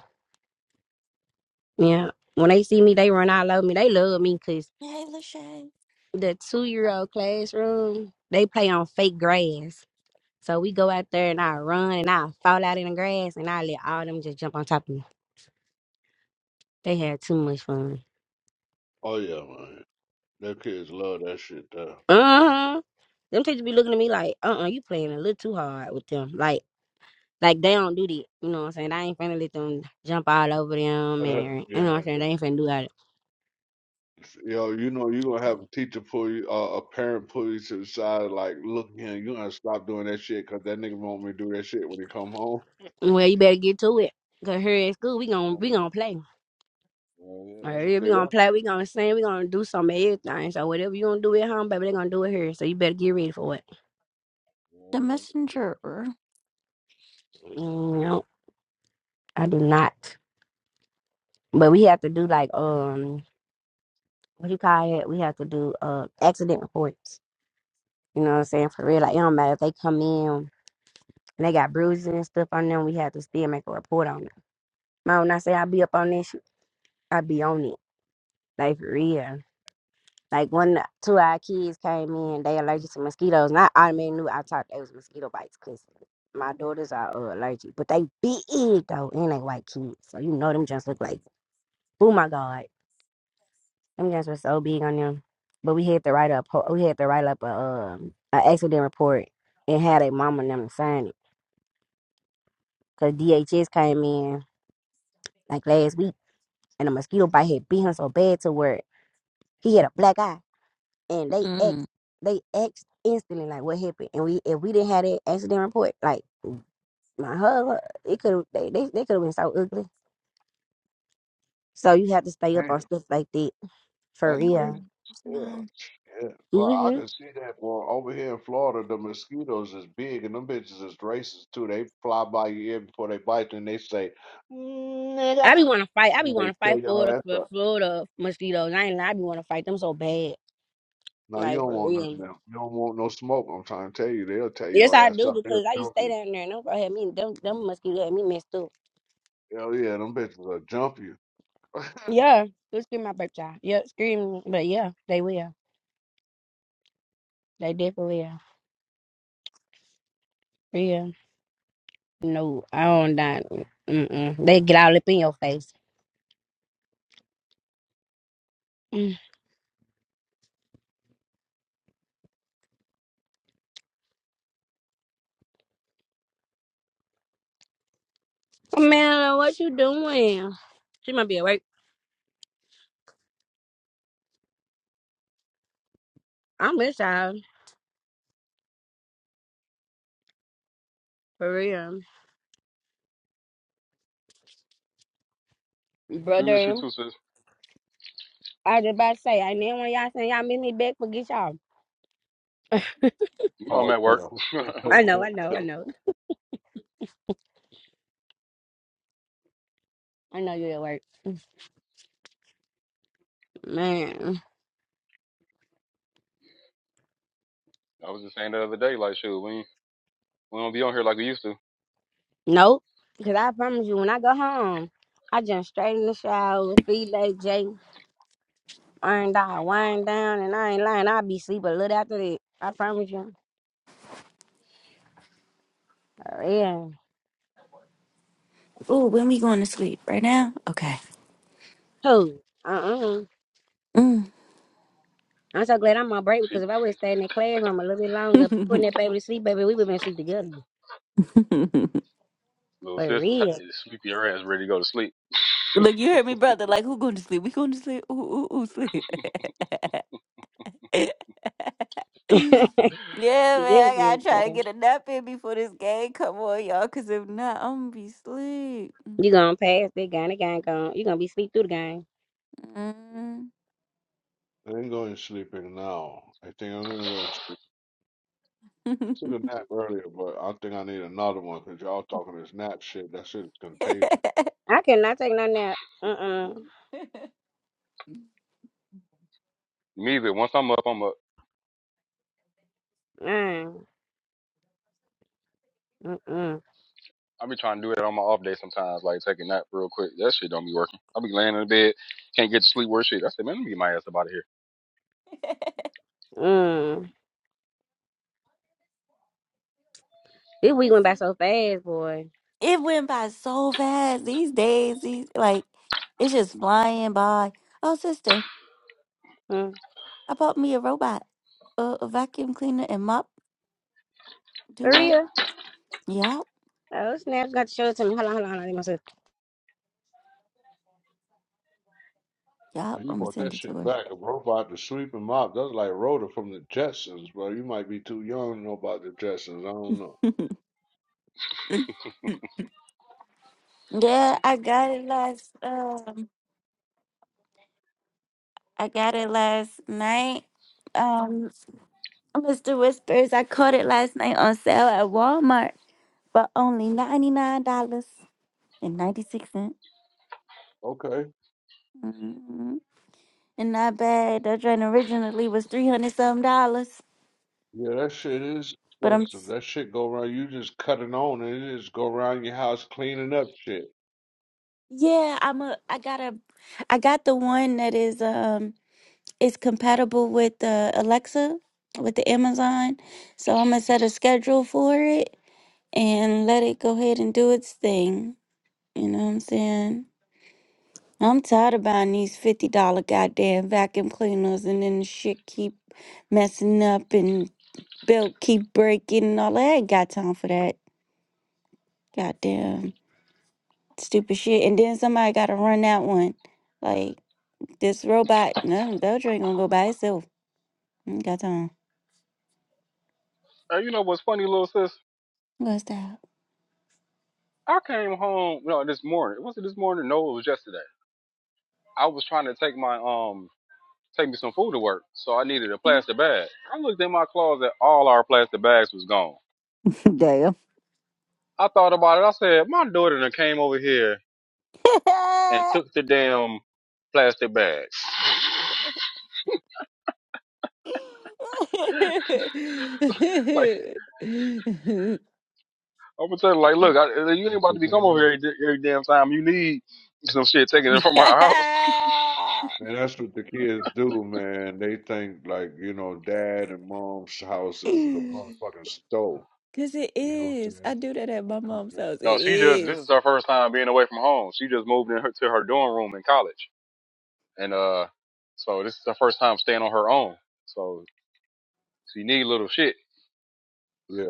S14: Yeah. When they see me, they run all over me. They love me because
S1: Hey, Lachey.
S14: the two year old classroom, they play on fake grass. So we go out there and I run and I fall out in the grass and I let all them just jump on top of me. They had too much fun.
S13: Oh yeah, man. Them kids love that shit though.
S14: Uh-huh. Them teachers be looking at me like, uh uh you playing a little too hard with them. Like like they don't do that. You know what I'm saying? I ain't finna let them jump all over them
S13: Uh,
S14: and you
S13: yeah,
S14: know what I'm saying,
S13: yeah.
S14: they ain't finna do that.
S13: Yo, you know you gonna have a teacher pull you, uh, a parent pull you to the side, like, look here, you gonna stop doing that shit because that nigga want me to do that shit when he come home.
S14: Well you better get to it. Cause here at school we gon' we gonna play.
S13: Yeah, yeah,
S14: All
S13: that's what
S14: right, we
S13: they there
S14: gonna play,
S13: for.
S14: we gonna sing, we gonna do some of everything. So whatever you gonna do at home, baby, they gonna do it here. So you better get ready for it.
S13: Yeah,
S1: The
S13: yeah.
S1: messenger.
S14: Mm, No, I do not. But we have to do like um what do you call it? We have to do uh accident reports. You know what I'm saying? For real. Like it don't matter if they come in and they got bruises and stuff on them, we had to still make a report on them. Man, when I say I be up on this shit, I be on it. Like for real. Like when two of our kids came in, they allergic to mosquitoes, and I automatically knew I thought they was mosquito bites because my daughters are uh, allergic, but they big though, and they white kids, so you know them just look like, oh my god, them just were so big on them. But we had to write up, we had to write up a um, an accident report and had a mama and them sign it because DHS came in like last week and a mosquito bite had beat him so bad to where he had a black eye. And they
S1: Mm.
S14: asked, they asked instantly like, what happened? And we, if we didn't have that accident report, like my hug, it could, they, they, they could have been so ugly. So you have to stay up on
S13: Damn,
S14: stuff like that for
S13: that
S1: Oh,
S13: crazy.
S14: real.
S1: where's
S13: Yeah,
S1: mom?
S13: yeah. Well, I
S14: hmm
S13: can see that. Well, over here in Florida, the mosquitoes is big, and them bitches is racist too. They fly by your ear before they bite you, and they say, "Nigga,"
S14: I be want to fight. I be
S13: and
S14: want
S13: they
S14: to fight
S13: tell your
S14: Florida
S13: ass
S14: for
S13: up.
S14: Florida mosquitoes. I ain't lie. I be want to fight them so bad,
S13: No, you
S14: like
S13: don't
S14: for
S13: want nothing.
S14: real.
S13: Now. You don't want no smoke. I'm trying to tell you, they'll tell
S14: Yes,
S13: your
S14: I
S13: ass
S14: do
S13: up. They'll
S14: because I
S13: jump
S14: used to stay
S13: you.
S14: down there and them bro had me them them mosquitoes had me messed up.
S13: Hell yeah, them bitches will jump you.
S14: Yeah, they scream my birthday. Yeah, scream, but yeah, they will. They definitely are. Yeah. No, I don't not. Mm-mm. They get all up in your face. Mm. Man, what you doing? She might be awake. I'm with y'all. For real.
S3: we miss you
S14: Brother,
S3: too, sis.
S14: I just about to say, I then when y'all Say y'all miss me back, forget y'all.
S3: You know I'm
S13: oh
S3: at work.
S13: damn.
S14: I
S3: I
S14: know, I know, I know. I know you at work. Man.
S3: was just saying the other day, like, shoot, we we don't be on here like we used to.
S14: Nope. Because I promise you, when I go home, I jump straight in the shower, feed like Jay, ironed out, wind down, and I ain't lying. I'll be asleep a little after that. I promise you. Yeah.
S1: Oh, when we going to sleep? Right now? Okay.
S14: Who? Uh-uh.
S1: Mm.
S14: I'm so glad I'm on break
S3: She,
S14: because if I would have stayed in that classroom a little bit longer, putting that baby to sleep, baby, we would have been asleep together.
S3: little
S14: For
S3: sis,
S14: real.
S3: sleepy her ass, ready to go to sleep.
S1: Look, you heard me, brother. Like, who going to sleep? We going to sleep? Ooh, ooh, ooh, sleep. yeah,
S14: yeah,
S1: man, I
S14: yeah,
S1: gotta try to
S14: yeah.
S1: get a nap in before this game come on, y'all. Cause if not, I'm gonna be asleep.
S14: You gonna pass that guy, the guy gone. You gonna be sleep through the game.
S1: Mm.
S13: I ain't going to sleep in now. I think I'm gonna go to I took a nap earlier, but I think I need another one because y'all talking this nap shit. That shit is contagious.
S14: I cannot take no nap. Uh-uh.
S3: Me either. Once I'm up, I'm up.
S14: Uh, Uh-uh.
S3: I be trying to do that on my off day sometimes, like take a nap real quick. That shit don't be working. I be laying in the bed, can't get to sleep. Worse shit. I said, man, let me get my ass up out of here.
S14: Mm. This week
S1: but
S14: went by
S1: see,
S14: so fast, boy.
S1: It went by so fast these days. These like it's just flying by. Oh, sister,
S14: Mm.
S1: I bought me a robot, a, a vacuum cleaner and mop
S14: For
S1: duo.
S14: real?
S1: Yup,
S14: Oh, snap. Got to show it to me. Hold on, hold on, hold on.
S1: yup.
S13: When you
S1: I'm gonna
S13: brought
S1: send
S13: that
S1: it to
S13: shit back, a robot to sweep him up. That's like Rhoda from the Jetsons, bro. You might be too young to know about the Jetsons. I don't know.
S1: her. yeah, I got it last. Um, I got it last night. Um, Mr. Whispers, I caught it last night on sale at Walmart for only ninety nine dollars and ninety six cents.
S13: Okay.
S1: Mm-hmm. and not bad. That joint originally was three hundred some dollars,
S13: Yeah, that shit is
S1: but I'm
S13: expensive. That shit go around. You just cut it on and it just go around your house cleaning up shit.
S1: yeah, I'm a I got a I got the one that is um is compatible with the Alexa with the Amazon, so I'm gonna set a schedule for it and let it go ahead and do its thing. You know what I'm saying? I'm tired of buying these fifty dollar goddamn vacuum cleaners and then shit keep messing up and belt keep breaking and all that. I ain't got time for that. Goddamn. stupid shit. And then somebody got to run that one. Like this robot, no, Belcher ain't gonna go by itself. Mm, Got time.
S3: Hey, you know what's funny, little sis?
S1: I'm gonna stop.
S3: I came home, you know, this morning. Was it this morning? No, it was yesterday. I was trying to take my um, take me some food to work, so I needed a plastic bag. I looked in my closet, all our plastic bags was gone.
S1: Damn.
S3: I thought about it. I said, my daughter done came over here and took the damn plastic bags. like I'm gonna tell her like, look, I, you ain't
S13: That's
S3: about
S13: what
S3: to be
S13: they
S3: coming over here
S13: do.
S3: every, di- every damn time. You need some shit taken from her house.
S13: Man, that's what the kids do, man. They think like, you know, dad and mom's house is the motherfucking stove.
S1: Cause it
S13: You know what I'm
S1: is.
S13: saying?
S1: I do that at
S13: They
S1: my
S13: come
S1: mom's
S13: from-
S1: house. It
S3: No, she just this
S1: is.
S3: is her first time being away from home. She just moved in her, to her dorm room in college, and uh, so this is her first time staying on her own. So she need little shit,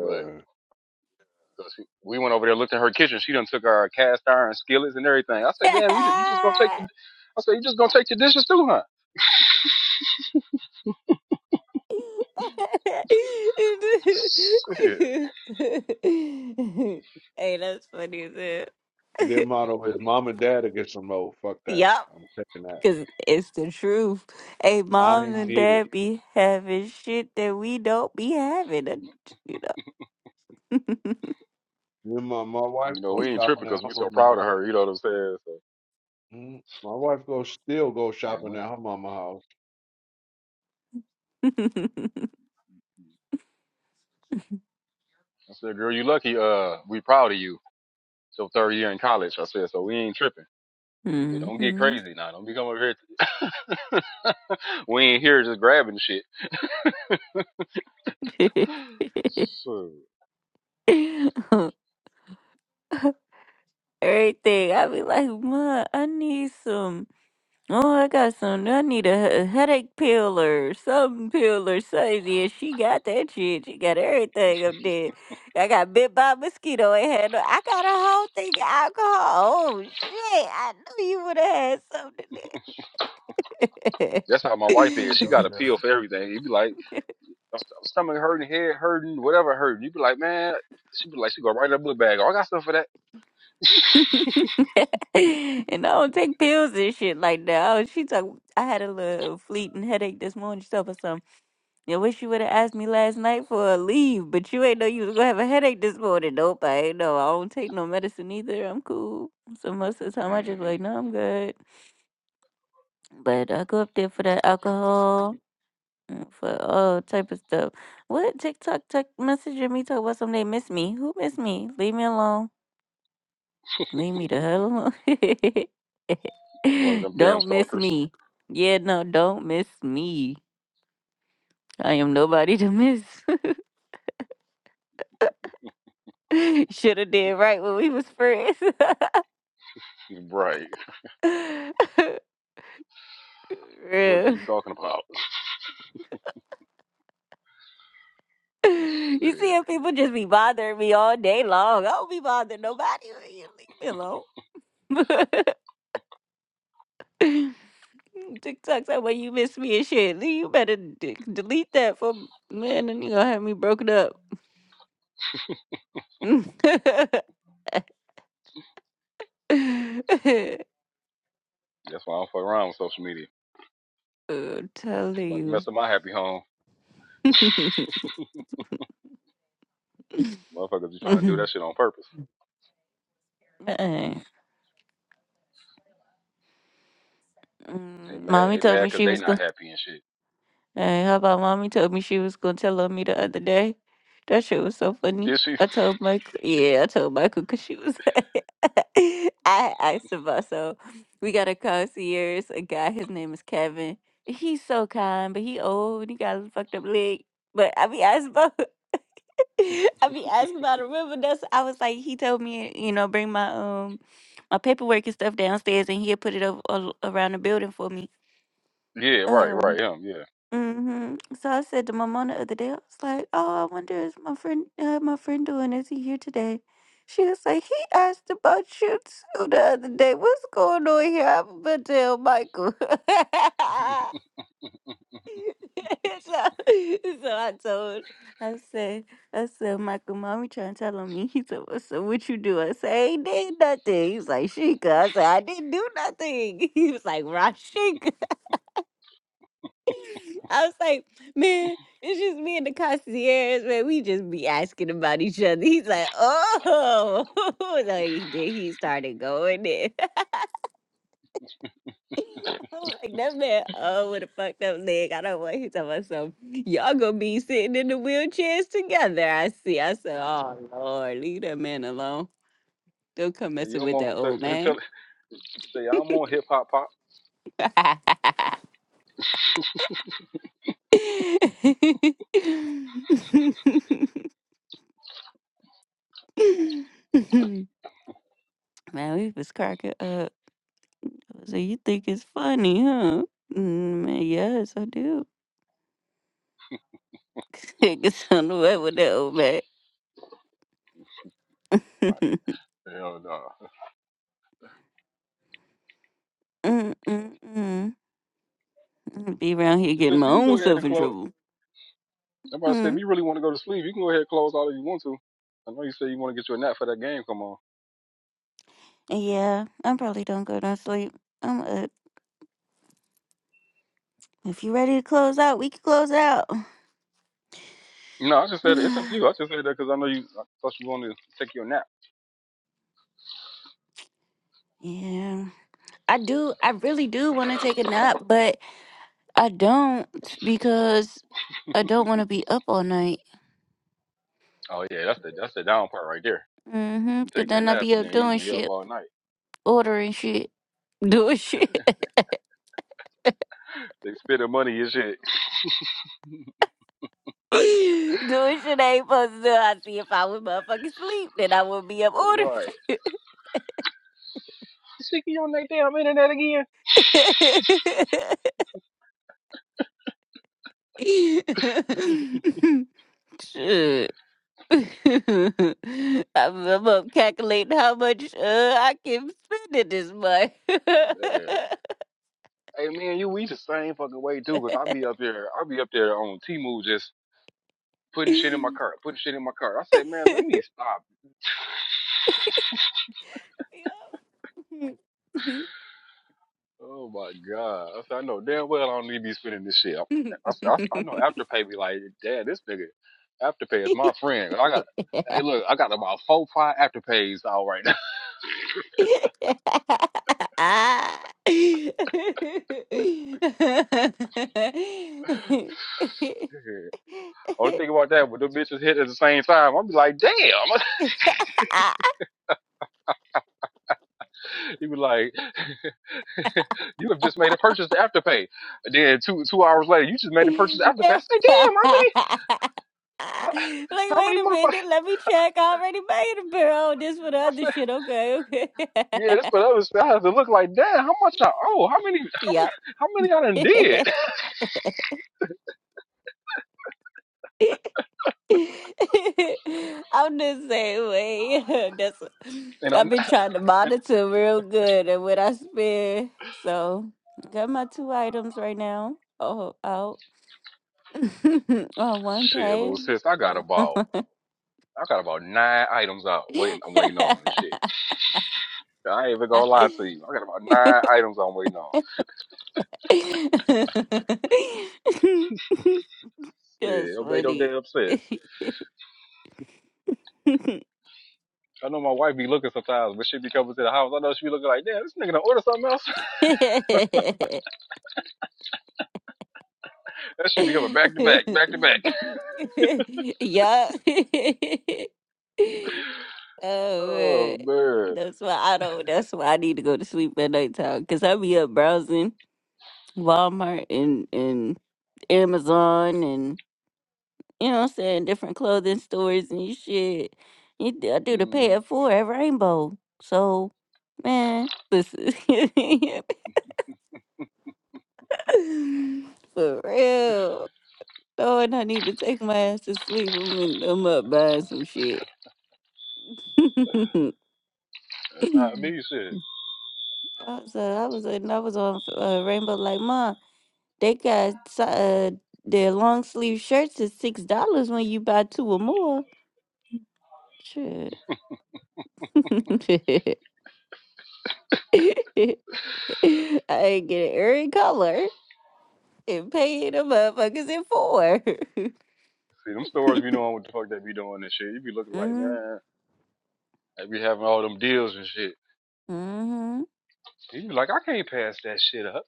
S3: but. 'cause she- We went over there, looked in her kitchen. She done took our cast iron skillets and everything. I said, "Damn, you ju- you just gonna take the?" I said, "You just gonna take your dishes too, huh?" Shit.
S1: hey, that's funny as hell.
S13: Their motto is mom and dad will get some old. Fuck that.
S1: Yup,
S13: I'm taking that.
S1: because it's the truth. Hey,
S13: I
S1: mom
S13: ain't
S1: and
S13: need it.
S1: dad be having shit that we don't be having, and, you know.
S13: Then my, my wife
S3: You know,
S13: go
S3: we ain't
S13: shopping
S3: tripping
S13: at
S3: because
S13: her
S3: we so
S13: mama
S3: proud of
S13: house.
S3: her. You know what I'm saying? So,
S13: Mm, My wife go still go
S3: yeah,
S13: shopping
S3: we.
S13: at her mama
S3: I said, girl, you lucky. Uh, we proud of you. It's your third year in college. I said, so we ain't tripping. But don't get
S1: hmm
S3: crazy now. Don't be coming over here. we ain't here just grabbing shit. So,
S1: Everything. I be like, ma, I need some. Oh, I got some. I need a he- a headache pill or something pill or something. Yeah, she got that shit. She got everything up there. I got bit by a mosquito. Ain't had no. I got a whole thing of alcohol. Oh shit! I knew you would have had something there.
S3: that's how my wife is. She got a
S13: house.
S3: pill for everything. You be like, "My st- stomach hurting, head hurting, whatever hurting. You be like, man, she be like, she go right in her book bag. Oh, I got stuff for that.
S1: and I don't take pills and shit like that. Oh, she talk. I had a little fleeting headache this morning. She told me something. I wish you would have asked me last night for a leave, but you ain't know you was gonna have a headache this morning. Nope, I ain't know. I don't take no medicine either. I'm cool. So most of the time, I just
S3: hmm
S1: like, no, I'm good. But I go up there for that alcohol, mm, for all type of stuff. What TikTok tuck messaging me talk about something they miss me? Who miss me? Leave me alone. Leave me the hell
S3: One of
S1: alone.
S3: them damn
S1: don't miss
S3: stalkers.
S1: me. Yeah, no, don't miss me. I am nobody to miss. Shoulda did right when we was friends.
S3: Right. The fuck is
S1: Real.
S3: you talking about?
S1: You see
S3: Shit.
S1: if people just be bothering me all day long. I don't be bothering nobody. You leave me alone. TikTok that way you miss me and shit. Lee, You better d- delete that for man, then you gonna have me broken up.
S3: That's why I don't fuck around with social media.
S1: I'm
S3: You
S1: telling
S3: about to
S1: you.
S3: mess up my happy home. Motherfuckers be trying to do that shit on purpose.
S1: Man.
S3: They
S1: Mm,
S3: mad.
S1: Mommy
S3: They
S1: told
S3: mad
S1: me
S3: because
S1: she
S3: they
S1: was gonna
S3: not happy and shit.
S1: Hey, how about mommy told me she was gonna tell on me the other day? That shit was so funny.
S3: Did she?
S1: I told Michael, yeah, I told Michael because she was. I asked about so we got a concierge, a guy. His name is Kevin. He's so kind, but he old. and He got a fucked up leg. But I be asking about. I be asking about a river. That's I was like, he told me, you know, bring my um my paperwork and stuff downstairs, and he'll put it over, all around the building for me.
S3: Yeah, right,
S1: Um
S3: right. Him, yeah.
S1: hmm So I said to my mom the other day, I was like, "Oh, I wonder is my friend, uh, my friend doing? Is he here today?" She was like, "He asked about you too the other day. What's going on here?" I'm gonna tell Michael. so, so I told, I said, I said, Michael, mommy trying to tell on me. He said, well, "So what you do?" I said, "I ain't did nothing." He was like, "Sheikah." I said, "I didn't do nothing." He was like, "Rashika." I was like, man, it's just me and the concierge, man. We just be asking about each other. He's like, oh, so he did. He started going there. I'm like, that man, oh, with a fucked up leg. I don't want. He's talking about some. Y'all gonna be sitting in the wheelchairs together. I see. I said, oh Lord, leave that man alone. Don't come
S3: So you
S1: messing
S3: don't
S1: with that
S3: want. So
S1: old
S3: so
S1: man.
S3: tell. Say I'm on hip hop pop.
S1: man, we was cracking up. So you think it's funny, huh? Mm, Man, yes, I do. Get on the way with that old man.
S3: All right. Hell no.
S1: Mm, mm, mm. Be around here getting
S3: Sis,
S1: my
S3: you can go
S1: own
S3: ahead
S1: self
S3: and
S1: in
S3: close.
S1: trouble.
S3: Somebody said
S1: Hmm.
S3: if you really want to go to sleep, you can go ahead and close all if you want to. I know you say you want to get you a nap for that game. Come on.
S1: Yeah, I probably don't go to sleep. I'm up. If you ready to close out, we can close out.
S3: No, I just said it's up to you. I just said that because I know you. I thought you wanted to take your nap.
S1: yeah, I do. I really do want to take a nap, but I don't because I don't want to be up all night.
S3: Oh yeah, that's the that's the down part right there.
S1: Mm-hmm.
S3: You
S1: Cause
S3: take that
S1: then I'll
S3: nap
S1: be
S3: and
S1: up
S3: then you
S1: doing
S3: be up
S1: shit,
S3: all night.
S1: ordering shit. Doing shit.
S3: They spending money and shit.
S1: Doing shit I ain't supposed to do. I see if I would motherfucking sleep, then I would be up order
S3: Right.
S1: shit.
S3: Sticky on like that damn internet again.
S1: shit. I'm, I'm up calculating how much uh, I can spend it this month.
S3: Man. Hey man, you we the same fucking way too, cause I be up there, I be up there on T-Move just putting shit in my cart, putting shit in my cart. I said, man, let me stop. Oh my god, I said, I know damn well I don't need to be spending this shit. I, I, said, I, I know Afterpay be like, damn, this nigga Afterpay is my friend. I got,
S1: Yup.
S3: hey look, I got about four five Afterpays out right now.
S1: like,
S3: Only thing about that, when the bitches hit at the same time, I'll be like, damn. He be like. you have just made a purchase to Afterpay. Then two two hours later, you just made a purchase to Afterpay. I said, damn, how many how, how
S1: wait
S3: many
S1: a
S3: motherfuckers?
S1: minute, let me check. I already made a bill. This for the
S3: I
S1: other
S3: said,
S1: shit. Okay,
S3: yeah, that's
S1: okay.
S3: what I was stuff. I have to look like, damn, how much I owe? How many how,
S1: yep.
S3: how many I done did?
S1: I'm the same way. That's
S3: And i
S1: I've been trying to monitor real good and what I spend. So got my two items right now. Oh, out on one
S3: shit,
S1: pay.
S3: little sis, I got about I got about nine items out waiting. I'm waiting on and shit. I ain't even gonna lie to you. I got about nine items I'm waiting on. Yeah,
S1: That's
S3: don't make no
S1: funny.
S3: damn sense. I know my wife be looking sometimes, but she be coming to the house. I know she be looking like, damn, this nigga done order something else. that shit be coming
S1: yeah.
S3: back to back, back to back.
S1: oh man.
S3: Oh man.
S1: That's why I don't that's why I need to go to sleep at nighttime. Cause I be up browsing Walmart and and Amazon and you know what I'm saying, different clothing stores and shit. You d- I do the pay
S3: hmm
S1: it forward at Rainbow. So man, listen for real. Lord, I need to take my ass to sleep. I'm, in, I'm up buying some shit. I
S3: That's not me shit.
S1: was, uh, I was, and I was on uh, Rainbow like, Mom, they got si- uh, their long sleeve shirts is six dollars when you buy two or more. Shit, I ain't get every color and paying the motherfuckers in four.
S3: See them stores be knowing what the fuck they be doing and shit. You be looking like,
S1: mm-hmm.
S3: man, they be having all them deals and shit.
S1: mm-hmm.
S3: You be like, I can't pass that shit up.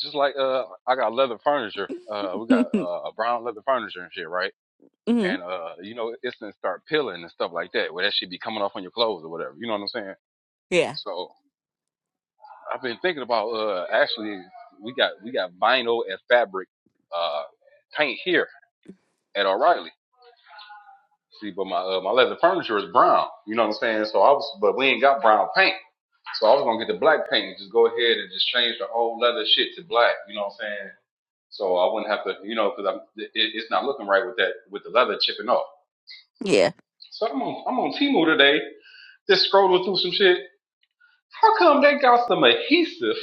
S3: Just like uh I got leather furniture. Uh we got uh brown leather furniture and shit, right?
S1: mm-hmm.
S3: And uh, you know, it's gonna start peeling and stuff like that, where that shit be coming off on your clothes or whatever. You know what I'm saying?
S1: Yeah,
S3: So I've been thinking about uh actually we got we got vinyl and fabric uh paint here at O'Reilly. See, but my uh, my leather furniture is brown. You know what I'm saying? So I was, but we ain't got brown paint. So I was gonna get the black paint and just go ahead and just change the whole leather shit to black. You know what I'm saying? So I wouldn't have to, you know, because I'm it, it's not looking right with that with the leather chipping off.
S1: yeah.
S3: So I'm on I'm on Temu today, just scrolling through some shit. How come they got some adhesive,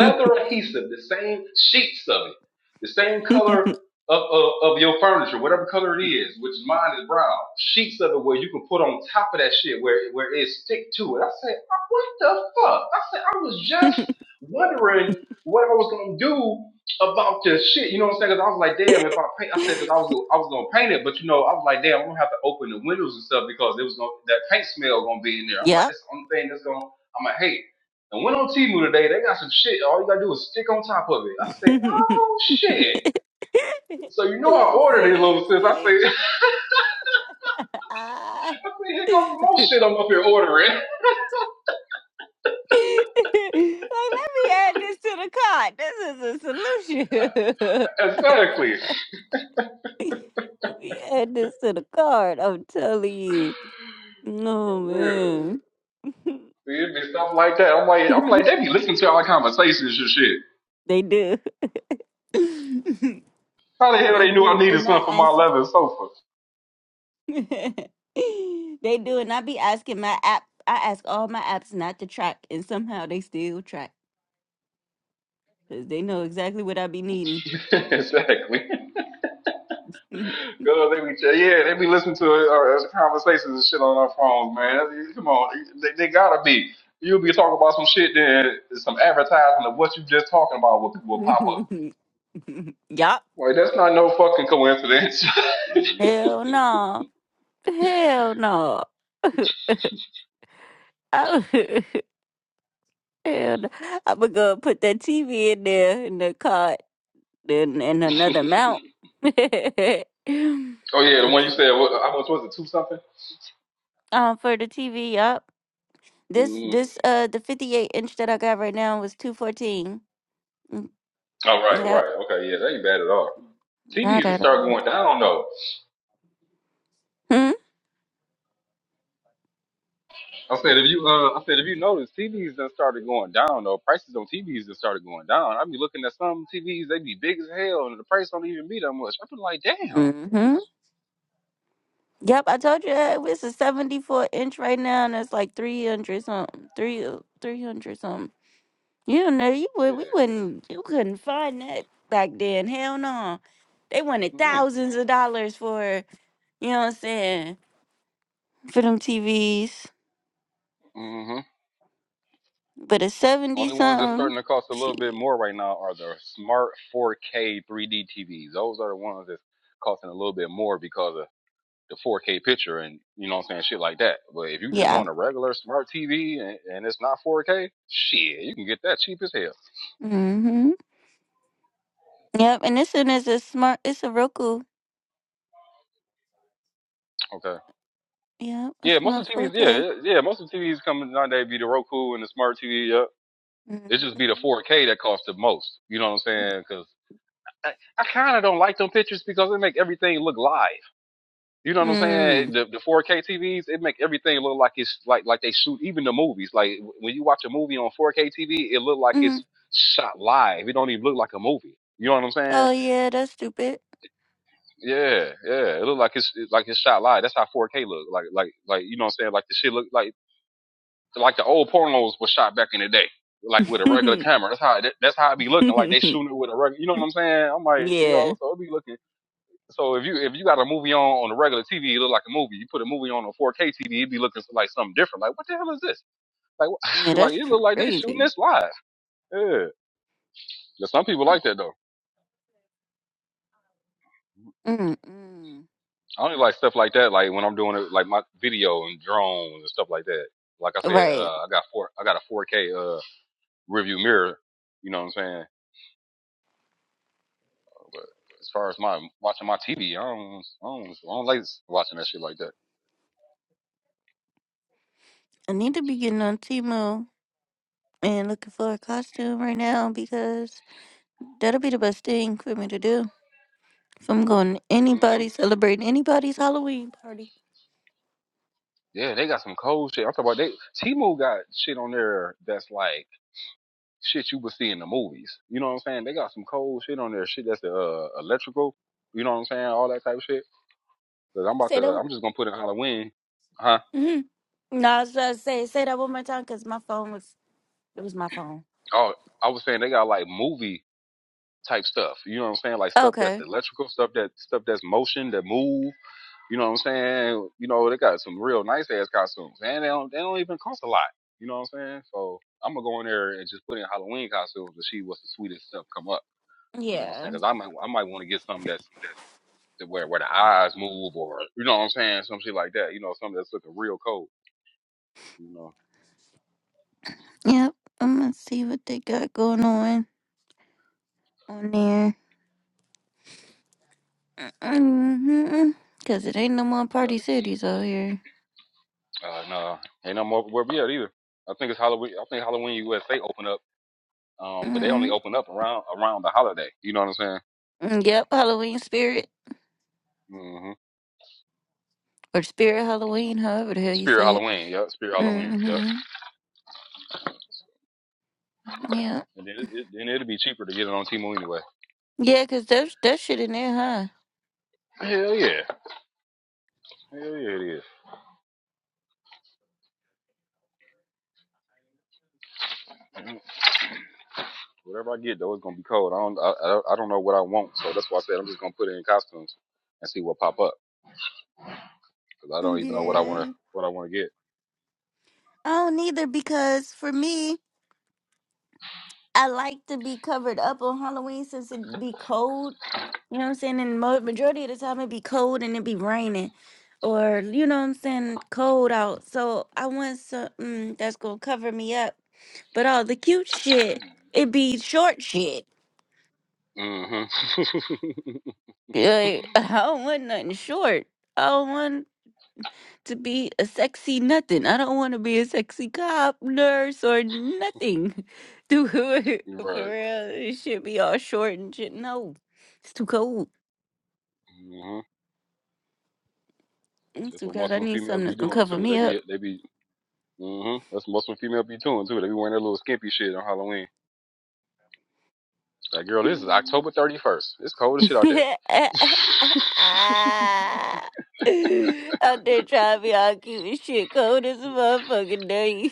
S3: adhesive, the same sheets of it, the same color of, of, of your furniture, whatever color it is, which mine is brown, sheets of it where you can put on top of that shit where, where it stick to it. I said, "Oh, what the fuck? I said, I was just wondering what I was going to do about this shit. You know what I'm saying? saying? Cause I was like, damn, if I paint, I said that I was gonna, I was gonna paint it, but you know, I was like, damn, I'm gonna have to open the windows and stuff because it was gonna, that paint smell gonna be in there. I'm like,
S1: yep.
S3: that's the only thing that's gonna I'm like, hey, and went on t today. They got some shit. All you gotta do is stick on top of it. I say, oh shit. So you know I ordered it,
S1: see,
S3: little sis. I
S1: see,
S3: say, I
S1: Ah.
S3: say, here goes
S1: like
S3: some more shit I'm up here ordering.
S1: let me add this to the card. This is a solution.
S3: exactly.
S1: let me add this to the card. I'm telling you.
S3: For
S1: Oh
S3: real.
S1: man,
S3: See, it be stuff like that. I'm like, I'm like, they be listening to our conversations and shit.
S1: they do.
S3: How the hell
S1: they
S3: they knew I
S1: do,
S3: needed
S1: and
S3: something for
S1: I,
S3: my leather sofa?
S1: they do, and I be asking my app. I ask all my apps not to track, and somehow they still track because they know exactly what I be needing.
S3: exactly. Girl, they be yeah, they be listening to uh, conversations and shit on their phones, man. Come on, they, they gotta be. You'll be talking about some shit, then some advertisement of what you just talking about will, will pop up.
S1: yup.
S3: Like that's not no fucking coincidence.
S1: Hell no. Hell no. I, would- hell no. I would go and put that TV in there in the cart then in another
S3: oh
S1: mount.
S3: yeah, the one you
S1: It's-
S3: said, what, how much was it? Two something?
S1: um, for the TV, yup. This
S3: Mm-hmm.
S1: this uh the 58 inch that I got right now was 214. Mm,
S3: Oh right,
S1: Yep,
S3: right, okay, yeah, that ain't bad at all.
S1: not
S3: TVs can
S1: at
S3: start
S1: all.
S3: going down though.
S1: Hmm.
S3: I said if you uh I said if you notice TVs done started going down though. Prices on TVs done started going down. I be looking at some TVs, they be big as hell and the price don't even be that much. I be like, damn.
S1: Mm-hmm. Yep, I told you that it's a 74 inch right now, and it's like 300 something, three 300 something. You don't know you would we
S3: Yeah.
S1: wouldn't you couldn't find that back then. Hell no, they wanted
S3: Mm-hmm.
S1: thousands of dollars for you know what I'm saying for them TVs,
S3: Mm-hmm.
S1: but a 70
S3: Only ones that's
S1: something.
S3: starting to cost a little bit
S1: Shit.
S3: more right now are the smart 4K 3D TVs. Those are the ones that's costing a little bit more because of the 4K picture and you know what I'm saying, shit like that. But if you just
S1: Yeah.
S3: want a regular smart TV and, and it's not 4K, shit, you can get that cheap as hell.
S1: Mm-hmm. Yep, and this one is a smart. It's a Roku.
S3: Okay.
S1: Yep, a
S3: Yeah, most
S1: smart
S3: of the TVs.
S1: 4K.
S3: Yeah, yeah, most of the TVs coming nowadays be the Roku and the smart TV. Yeah, it just be the
S1: Mm-hmm.
S3: 4K that costs the most. You know what I'm saying? Because I, I kind of don't like them pictures because they make everything look live. You know what I'm saying?
S1: Mm.
S3: The the 4K TVs it make everything look like it's like like they shoot even the movies. Like when you watch a movie on 4K TV, it look like it's
S1: Mm.
S3: shot live. It don't even look like a movie. You know what I'm saying?
S1: Oh yeah, that's stupid.
S3: Yeah, yeah. It look like it's it's like it's shot live. That's how 4K look. Like like like you know what I'm saying? Like the shit look like like the old pornos was shot back in the day, like with a regular camera. That's how it, that's how it be looking. Like they shooting it with a regular. You know what I'm saying? I'm like, you
S1: yeah, yeah,
S3: know, so it be looking. So if you if you got a movie on on a regular TV, it look like a movie. You put a movie on a 4K TV, it be looking like something different. Like what the hell is this? Like like
S1: that's
S3: it look like they shooting
S1: crazy.
S3: this live. Yeah. But some people like that though.
S1: Mm-mm.
S3: I only like stuff like that. Like when I'm doing it, like my video and drones and stuff like that. Like I said, uh,
S1: Right,
S3: I got four. I got a 4K uh review mirror. You know what I'm saying? But as far as my watching my TV, I don't, I don't, I don't like watching that shit like that.
S1: I need to be getting on Timo and looking for a costume right now because that'll be the best thing for me to do. If I'm going to
S3: hmm
S1: anybody celebrating anybody's Halloween.
S3: Yeah, they got some cold shit. I'm talking about they. Timu got shit on there that's like shit you would see in the movies. You know what I'm saying? They got some cold shit on there. Shit that's uh, electrical. You know what I'm saying? All that type of shit. Cause I'm about to. I'm just gonna put in Halloween. Huh?
S1: No, I was trying to say say that one more time because my phone was it was my phone.
S3: Oh, I was saying they got like movie type stuff. You know what I'm saying? Like stuff
S1: Okay.
S3: that's electrical, stuff that stuff that's motion that move. You know what I'm saying? You know, they got some real nice ass costumes. And they don't they don't even cost a lot. You know what I'm saying? So I'm gonna go in there and just put in Halloween costumes and see what's the sweetest stuff come up. You know what I'm saying?
S1: Yeah.
S3: saying? Cause I might I might want to get something that's that where where the eyes move or you know what I'm saying, some shit like that. You know, something that's looking real cold. You know,
S1: Yep, I'm gonna see what they got going on on there. Mm-hmm. Cause it ain't no more
S3: I know
S1: party
S3: that-
S1: cities out here.
S3: uh, no, ain't no more where we at either. I think it's Halloween. I think Halloween USA open up, um, but they only
S1: mm
S3: open up around around the holiday. You know what I'm saying?
S1: hmm Yep, Halloween spirit
S3: hmm
S1: or spirit Halloween, however the hell you
S3: Spirit
S1: say it.
S3: Halloween, yeah. Spirit
S1: mm
S3: Halloween,
S1: hmm
S3: yeah.
S1: Yeah,
S3: And then it, then it'll be cheaper to get it on Timo anyway.
S1: yeah, cause that that shit in there, huh?
S3: Hell yeah, hell yeah, it is. Mhm. Whatever I get though, it's gonna be cold. I don't, I, I don't know what I want, so that's why I said I'm just gonna put it in costumes and see what pop up because I don't even know what I wanna
S1: Yeah.
S3: what I wanna get.
S1: I don't either because for me, I like to be covered up on Halloween since it be cold You know what I'm saying? And mo- majority of the time it be cold and it be raining. Or, you know what I'm saying, cold out. So I want something that's gonna cover me up. But all the cute shit, it be short shit.
S3: Mm-hmm.
S1: Like, I don't want nothing short. I don't want to be a sexy nothing. I don't want to be a sexy cop, nurse, or nothing. Dude, for
S3: right.
S1: real, it should be all short and shit. No, it's too cold.
S3: Mm-hmm.
S1: It's
S3: That's
S1: too
S3: what
S1: cold. I
S3: Muslim
S1: need
S3: females
S1: something
S3: be
S1: that's gonna
S3: doing
S1: cover
S3: too.
S1: me
S3: They be
S1: up.
S3: they be. Mm-hmm. That's what Muslim females be doing too. They be wearing their little skimpy shit on Halloween. Like, girl, this is October 31st. It's cold as shit out there.
S1: Out there trying to be all cute and shit, cold as a motherfucking day.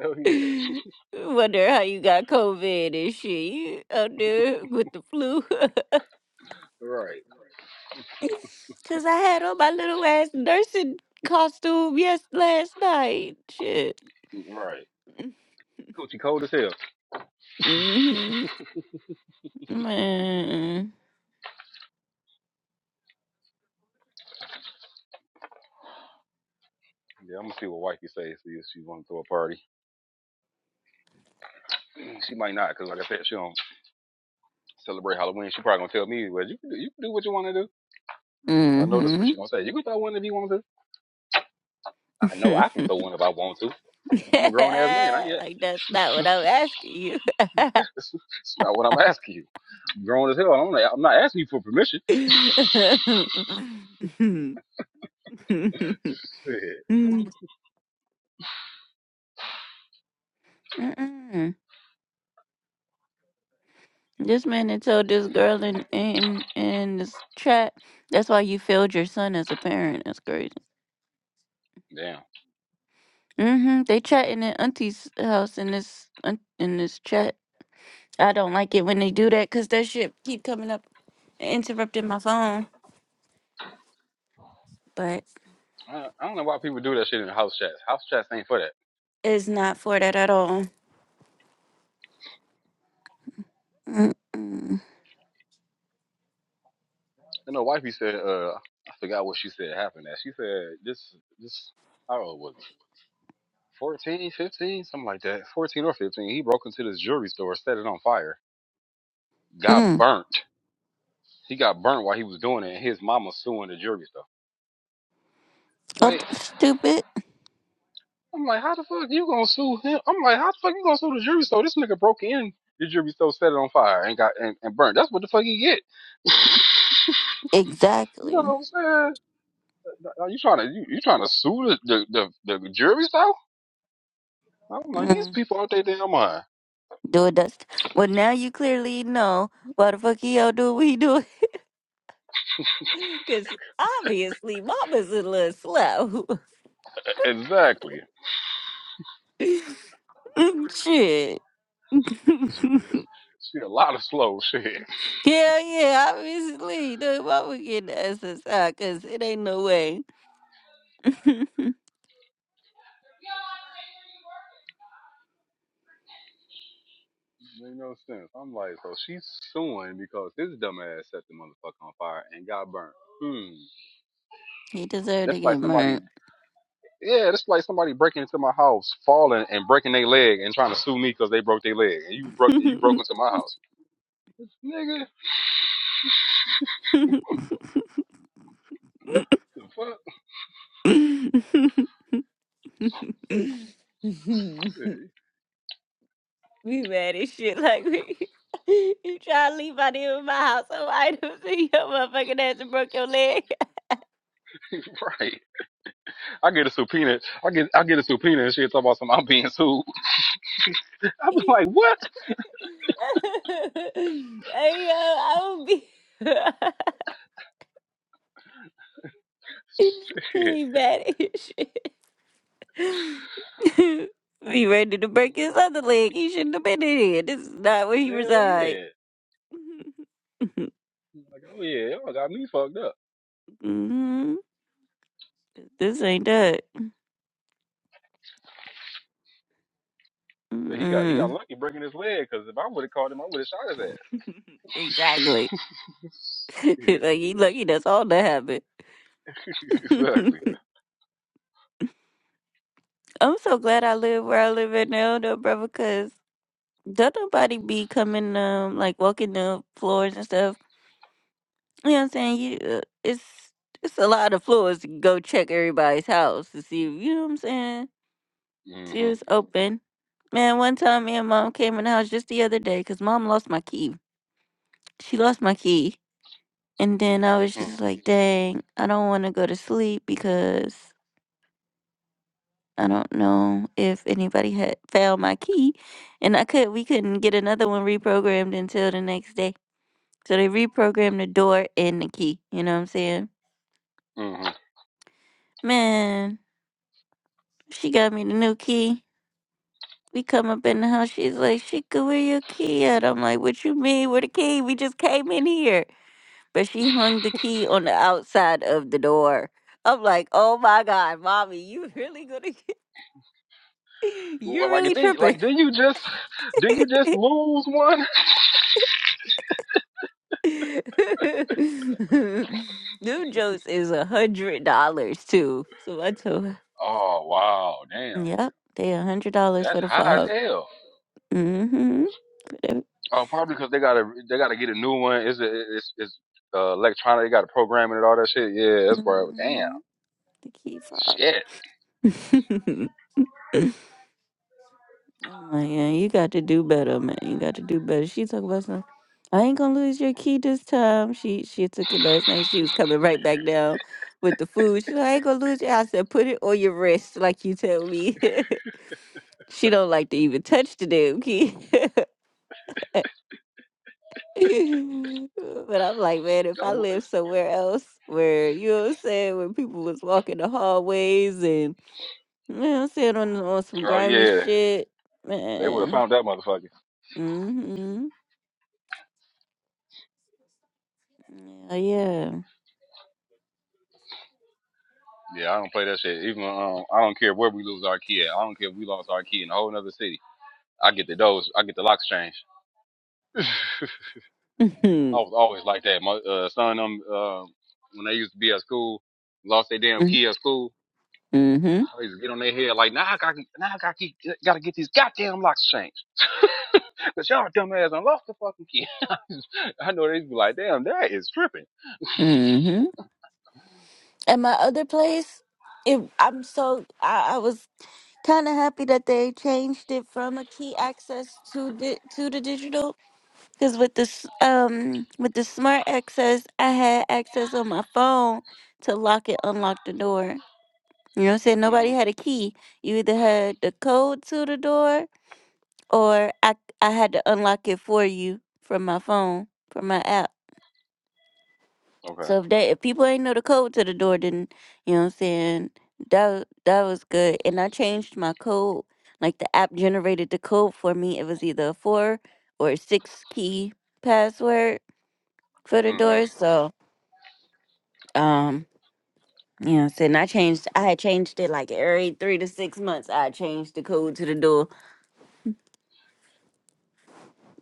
S3: Hell yeah.
S1: Wonder how you got COVID and shit. You out there with the flu.
S3: Right.
S1: Cause I had on my little ass nursing costume yes last night. Shit.
S3: Right. Coochie cold as hell.
S1: Mm-hmm. Man.
S3: Yeah, I'm gonna see what wifey says. See if she wanna throw a party. She might not, cause like I said, she don't celebrate Halloween. She probably gonna tell me, well, you can do, you can do what you wanna do. I know that's what
S1: Mm-hmm.
S3: she gonna say. You can throw one if you want to. I know I can throw one if I want to. I'm a grown ass man. I ain't.
S1: like that's not what I'm asking you.
S3: It's not what I'm asking you. I'm grown as hell. I'm not, I'm not asking you for permission.
S1: Mm-mm. This man had told this girl in in in this chat. That's why you failed your son as a parent. That's crazy.
S3: Damn.
S1: hmm They chat in the auntie's house in this aunt- in this chat. I don't like it when they do that because that shit keep coming up and interrupting my phone. But
S3: I, I don't know why people do that shit in house chats. House chats ain't for that.
S1: it's not for that at all. Mm-mm.
S3: You know, wifey said. uh I forgot what she said happened. That she said this. This. How old was it? 14, 15, something like that. 14 or 15. He broke into this jewelry store, set it on fire, got
S1: Mm.
S3: burnt. He got burnt while he was doing it, and his mama suing the jewelry store.
S1: Oh,
S3: Like,
S1: stupid.
S3: I'm like, how the fuck you gonna sue him? I'm like, how the fuck you gonna sue the jewelry store? This nigga broke in the jewelry store, set it on fire, and got and, and burnt. That's what the fuck he get. you know
S1: Exactly.
S3: what I'm saying? Are you trying to you, you trying to sue the the, the, the jewelry store? I'm like,
S1: Mm.
S3: these people out their damn mind.
S1: Do it, Dust. Well, now you clearly know why the fuck y'all do what we do. Because obviously, Mama's a little slow.
S3: Exactly.
S1: Shit. Hell
S3: Shit, a lot of slow shit.
S1: yeah, obviously. No, Mama getting the SSI because it ain't no way.
S3: Make no sense. I'm like, so she's suing because his dumb ass set the motherfucker on fire and got burnt. Hmm.
S1: he deserved to
S3: That's like
S1: get
S3: somebody,
S1: murdered.
S3: yeah, that's like somebody breaking into my house, falling and breaking their leg and trying to sue me because they broke their leg and you broke you broke into my house, nigga. The fuck,
S1: We mad as shit like we you try to leave out here in my house. Oh, I don't see your motherfucking ass and broke your leg.
S3: right? I get a subpoena. I get I get a subpoena and shit. Talk about some I'm being sued. I was
S1: hey
S3: like, what?
S1: yo, I would be
S3: Shit.
S1: we mad as shit. we ready to break his other leg. He shouldn't have been in here. This is not where he
S3: Hell
S1: reside.
S3: yeah. Like, oh yeah, y'all got me fucked up.
S1: Mhm. This ain't that.
S3: So he got he got
S1: Mm.
S3: lucky breaking his leg because if I would have caught him, I would have shot
S1: exactly.
S3: his ass.
S1: like he lucky that's all that happened.
S3: yeah, exactly.
S1: I'm so glad I live where I live at now, though, brother. because don't nobody be coming, um, like walking the floors and stuff. You know what I'm saying? You, uh, it's it's a lot of floors to go check everybody's house to see. You know what I'm saying? See if
S3: Mhm.
S1: it's open. Man, one time me and mom came in the house just the other day because mom lost my key. She lost my key, and then I was
S3: Mm.
S1: just like, dang, I don't want to go to sleep because I don't know if anybody had found my key, and I could we couldn't get another one reprogrammed until the next day. So they reprogrammed the door and the key. You know what I'm saying?
S3: Mhm.
S1: Man, she got me the new key. We come up in the house. She's like, "Shika, where your key at?" I'm like, "What you mean? Where the key? We just came in here." But she hung the key on the outside of the door. I'm like, "Oh my god, mommy, you really gonna? Get, you're
S3: Well, like
S1: really
S3: did
S1: tripping."
S3: like did you just did you just lose one?
S1: Them jokes is a hundred dollars too. So I told her,
S3: Oh wow, damn.
S1: "Yep, they a hundred dollars
S3: That's
S1: for the
S3: high as
S1: fob.
S3: hell.
S1: Mm-hmm. For the,
S3: Oh, probably because they gotta they gotta get a new one. It's a, it's it's uh, electronic. They got to program it and all that shit. Yeah, that's probably damn
S1: hmm the key fob."
S3: shit.
S1: I'm like, yeah, you got to do better, man. You got to do better. She talk about some. I ain't gonna lose your key this time. She she took it last night. She was coming right back down with the food. She like, I ain't gonna lose it. I said, put it on your wrist, like you tell me. She don't like to even touch the damn kid. but I'm like, man, if I
S3: Oh
S1: lived somewhere else where, you know what I'm saying, where people was walking the hallways and, you know what I'm saying, on, on some
S3: wh- oh,
S1: grimy
S3: yeah,
S1: shit,
S3: they would have
S1: man.
S3: found that motherfucker.
S1: Mm-hmm. Oh, yeah.
S3: Yeah, I don't play that shit. Even um, I don't care where we lose our key at. I don't care if we lost our key in a whole other city. I get the doors. I get the locks changed. I was always like that. My uh, son, them uh, when they used to be at school, lost their damn
S1: Mm-hmm.
S3: key at school.
S1: Mm-hmm.
S3: I used to get on their head like, nah, I got, now I got, gotta get these goddamn locks changed. Cause y'all dumbass, I lost the fucking key. I know they'd be like, damn, that is tripping.
S1: Mm-hmm. At my other place, it, I'm so, I, I was kind of happy that they changed it from a key access to di- to the digital Cause with this um with the smart access, I had access on my phone to lock it, unlock the door. You know what I'm saying? Nobody
S3: hmm
S1: had a key. You either had the code to the door or I I had to unlock it for you from my phone, from my app.
S3: Okay.
S1: So if they if people ain't know the code to the door, then you know what I'm saying, that wa- that was good. And I changed my code. Like the app generated the code for me. It was either a four or a six key password for the
S3: hmm
S1: door,
S3: Oh,
S1: So, um, you know, and I changed. I had changed it like every three to six months. I changed the code to the door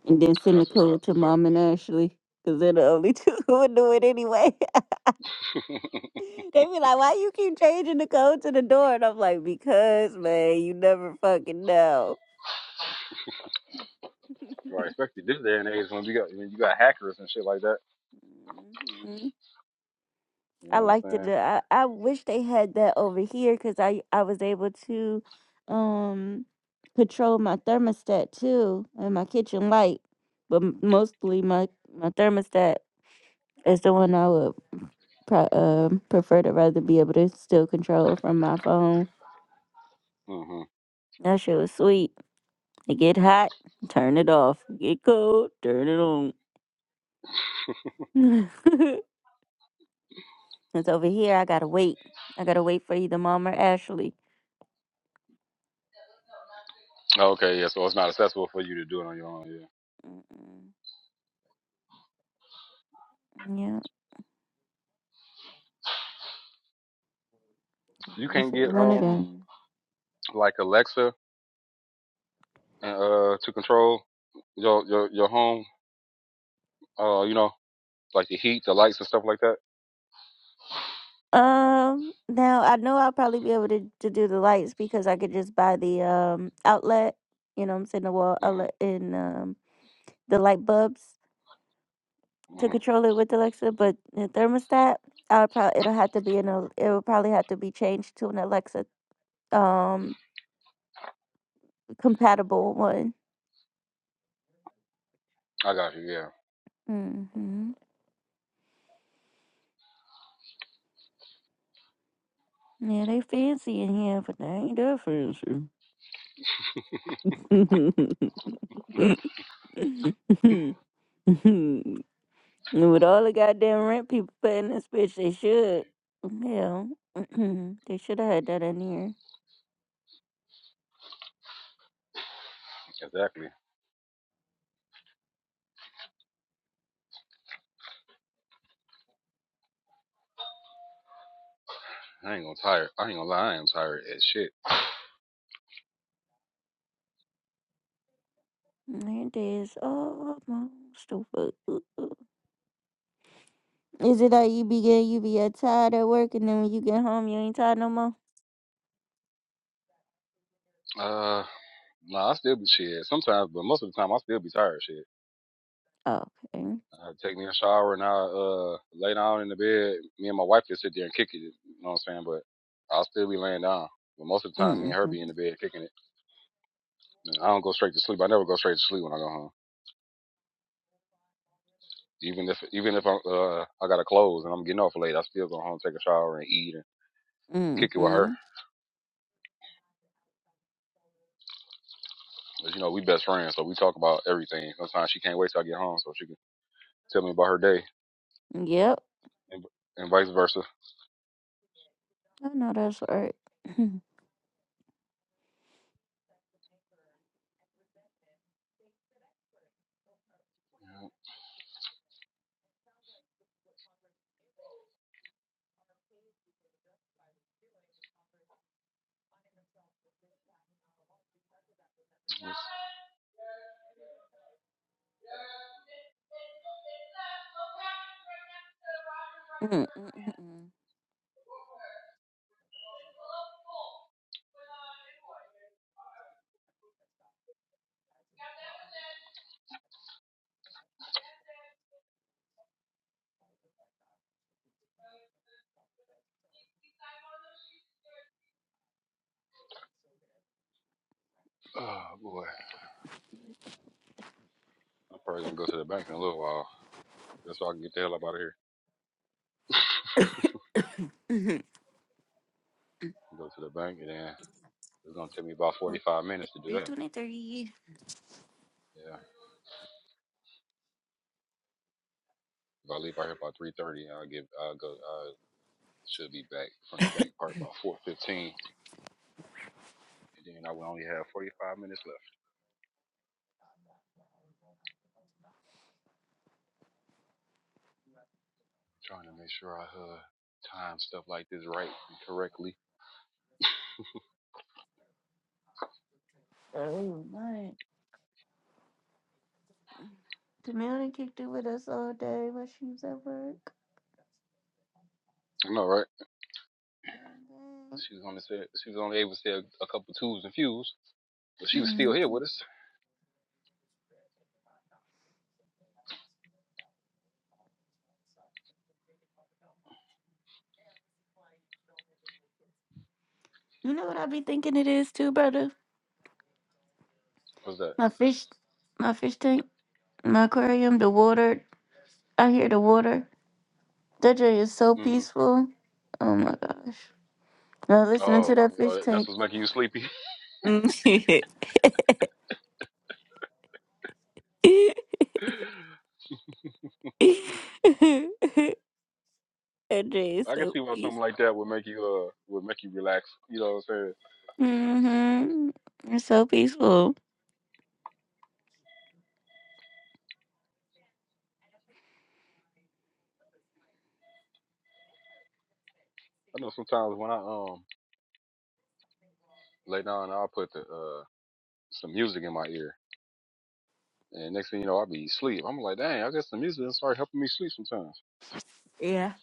S1: and then send the
S3: that's what's up.
S1: code to Mom and Ashley because they're the only two who would do it anyway. they be like, "Why you keep changing the code to the door?" And I'm like, "Because, man, you never fucking know."
S3: right, especially this day and age when you got when you got hackers and shit like that. You know
S1: I
S3: what I'm
S1: liked it.
S3: saying?
S1: I, I wish they had that over here because I, I was able to um control my thermostat too and my kitchen light. But m- mostly my, my thermostat is the one I would pro- um prefer to rather be able to still control from my phone.
S3: Mhm.
S1: That shit was sweet. It get hot, turn it off. Get cold, turn it on. it's over here. I gotta wait. I gotta wait for either mom or Ashley.
S3: Okay, yeah. So it's not accessible for you to do it on your own. Yeah.
S1: Mm-mm. Yeah.
S3: You
S1: Wait
S3: can
S1: for the
S3: get
S1: one of
S3: um
S1: them.
S3: like Alexa uh to control your your your home. Uh, you know, like the heat, the lights, and stuff like that.
S1: Um, now I know I'll probably be able to, to do the lights because I could just buy the um outlet, you know what I'm saying, the wall
S3: hmm
S1: outlet and um the light bulbs to
S3: hmm
S1: control it with Alexa, but the thermostat, I'll probably it'll have to be an al- it'll probably have to be changed to an Alexa um compatible one.
S3: I got you. Yeah.
S1: Mm-hmm. Yeah, they fancy in here, but they ain't that fancy. And With all the goddamn rent people paying this bitch, they should. Hell, they should have had that in here.
S3: Exactly. I ain't gonna tired. I ain't gonna lie. I am tired as shit.
S1: There it is. Oh, my stupid. Is it that you be getting, you be uh, tired at work, and then when you get home, you ain't tired no more?
S3: Uh. Nah, I still be shit sometimes, but most of the time I still be tired. Of Shit,
S1: Oh, Okay.
S3: I take me a shower and I uh lay down in the bed. Me and my wife can sit there and kick it. You know what I'm saying? But I'll still be laying down. But most of the time, me and her
S1: Mm-hmm.
S3: be in the bed kicking it. I don't go straight to sleep. I never go straight to sleep when I go home. Even if even if i uh, I gotta close and I'm getting off late, I still go home, take a shower, and eat and kick it with her.
S1: Mm-hmm.
S3: 'Cause, you know we best friends, so we talk about everything. Sometimes she can't wait till I get home so she can tell me about her day,
S1: Yep.
S3: and, and vice versa.
S1: I know that's right.
S3: Yeah,
S1: Mm-mm-mm-mm.
S3: Oh boy, I'm probably gonna go to the bank in a little while just so I can get the hell up out of here. Go to the bank and then it's gonna take me about 45 minutes to do that.
S1: 323.
S3: Yeah, if I leave out here about 3:30, I'll get I'll go. I should be back from the bank part about 4:15. And then I will only have 45 minutes left. I'm trying to make sure I uh time stuff like this right and correctly.
S1: Oh, my. Tamil done kicked it with us all day while she was at work.
S3: I know, right? She was only said she was only able to say a, a couple twos and fews, but she was still
S1: Mm.
S3: here with us.
S1: You know what I be thinking it is too, brother?
S3: What's that?
S1: My fish, my fish tank, my aquarium, the water. I hear the water. That joy is so
S3: mm hmm
S1: peaceful. Oh my gosh. Now listening to
S3: Oh,
S1: that fish
S3: oh, that's
S1: tank.
S3: what's making you sleepy.
S1: that
S3: I
S1: joy is
S3: can
S1: so
S3: see why something
S1: peaceful.
S3: like that would make you uh would make you relax. You know what I'm saying?
S1: Mm hmm It's so peaceful.
S3: I know sometimes when I um lay down, I'll put the uh some music in my ear, and next thing you know, I'll be asleep. I'm like, dang, I guess the music will start helping me sleep sometimes.
S1: Yeah.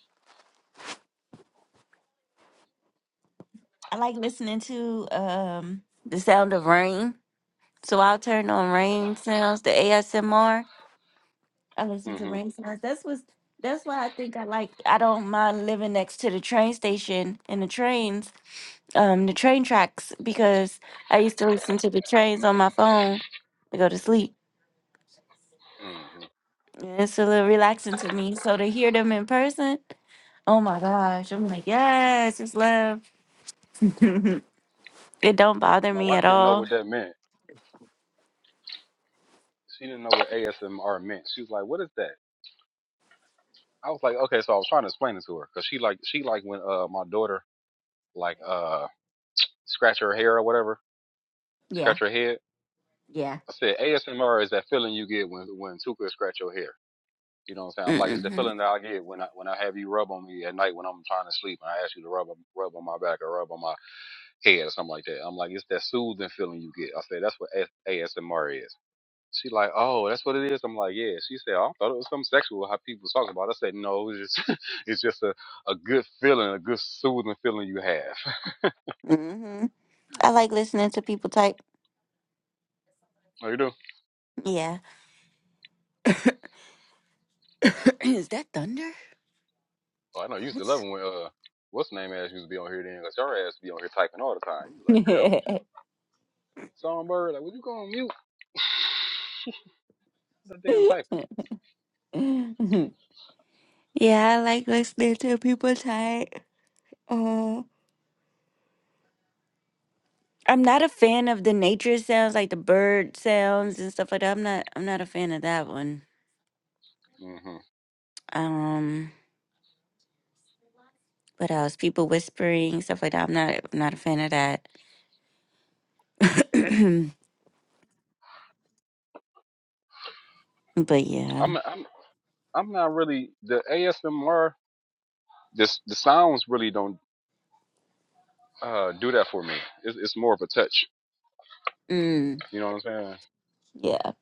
S1: I like listening to um the sound of rain. So I'll turn on rain sounds, the ASMR. I listen
S3: Mm-hmm.
S1: to
S3: mm
S1: Rainforest. That's was that's why I think I like I don't mind living next to the train station and the trains, um, the train tracks because I used to listen to the trains on my phone to go to sleep.
S3: hmm
S1: And it's a little relaxing to me. So to hear them in person, oh my gosh, I'm like, yes, it's love. it don't bother
S3: My
S1: me
S3: wife
S1: at
S3: didn't know
S1: all.
S3: what that meant. She didn't know what ASMR meant. She was like, "What is that?" I was like, "Okay." So I was trying to explain it to her because she like she like when uh my daughter like uh scratch her hair or whatever, scratch her head. I said ASMR is that feeling you get when when Tuka scratch your hair. You know what I'm saying? I'm like, it's the
S1: Mm-mm.
S3: feeling that I get when I when I have you rub on me at night when I'm trying to sleep and I ask you to rub on- rub on my back or rub on my head or something like that. I'm like, it's that soothing feeling you get. I said that's what ASMR is. She like, oh, that's what it is. I'm like, yeah. She said, oh, I thought it was something sexual how people was talking about. it." I said, no, it's just, it's just a, a good feeling, a good soothing feeling you have.
S1: Mm-hmm. hmm I like listening to people type.
S3: Oh, you do?
S1: Yeah. Is that thunder?
S3: Oh, I know. You used to love it when uh, what's the name ass used to be on here then? Cause your ass be on here typing all the time. You be like, girl, would you songbird? Like, would you go on mute? The damn typing.
S1: yeah, I like listening to people type. Mm, I'm not a fan of the nature sounds, like the bird sounds and stuff like that. I'm not. I'm not a fan of that one.
S3: hmm
S1: Um, what else? People whispering stuff like that. I'm not. I'm not a fan of that. but yeah,
S3: I'm, I'm, I'm not really the ASMR. This the sounds really don't uh do that for me. It's, it's more of a touch.
S1: mm,
S3: You know what I'm saying?
S1: yeah.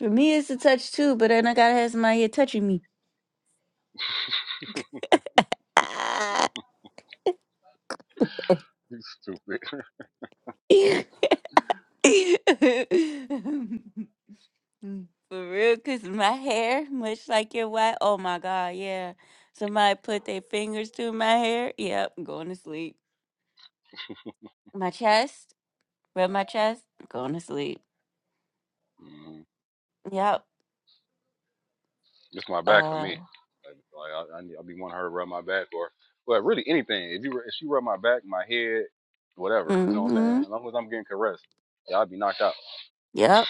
S1: For me, it's a touch too. But then I gotta have somebody here touching me.
S3: You stupid.
S1: Mm, For real, cause my hair, much like your wife, oh my God, yeah. Somebody put their fingers through my hair. Yep, going to sleep. My chest, rub my chest, going to sleep.
S3: Mhm.
S1: Yep.
S3: It's my back for
S1: Uh.
S3: me. Like, like I, I, I be wanting her to rub my back or, well, really anything. If you if she rub my back, my head, whatever, you know what I'm
S1: Mm-hmm.
S3: saying. As long as I'm getting caressed, yeah, I'll be knocked out.
S1: Yep.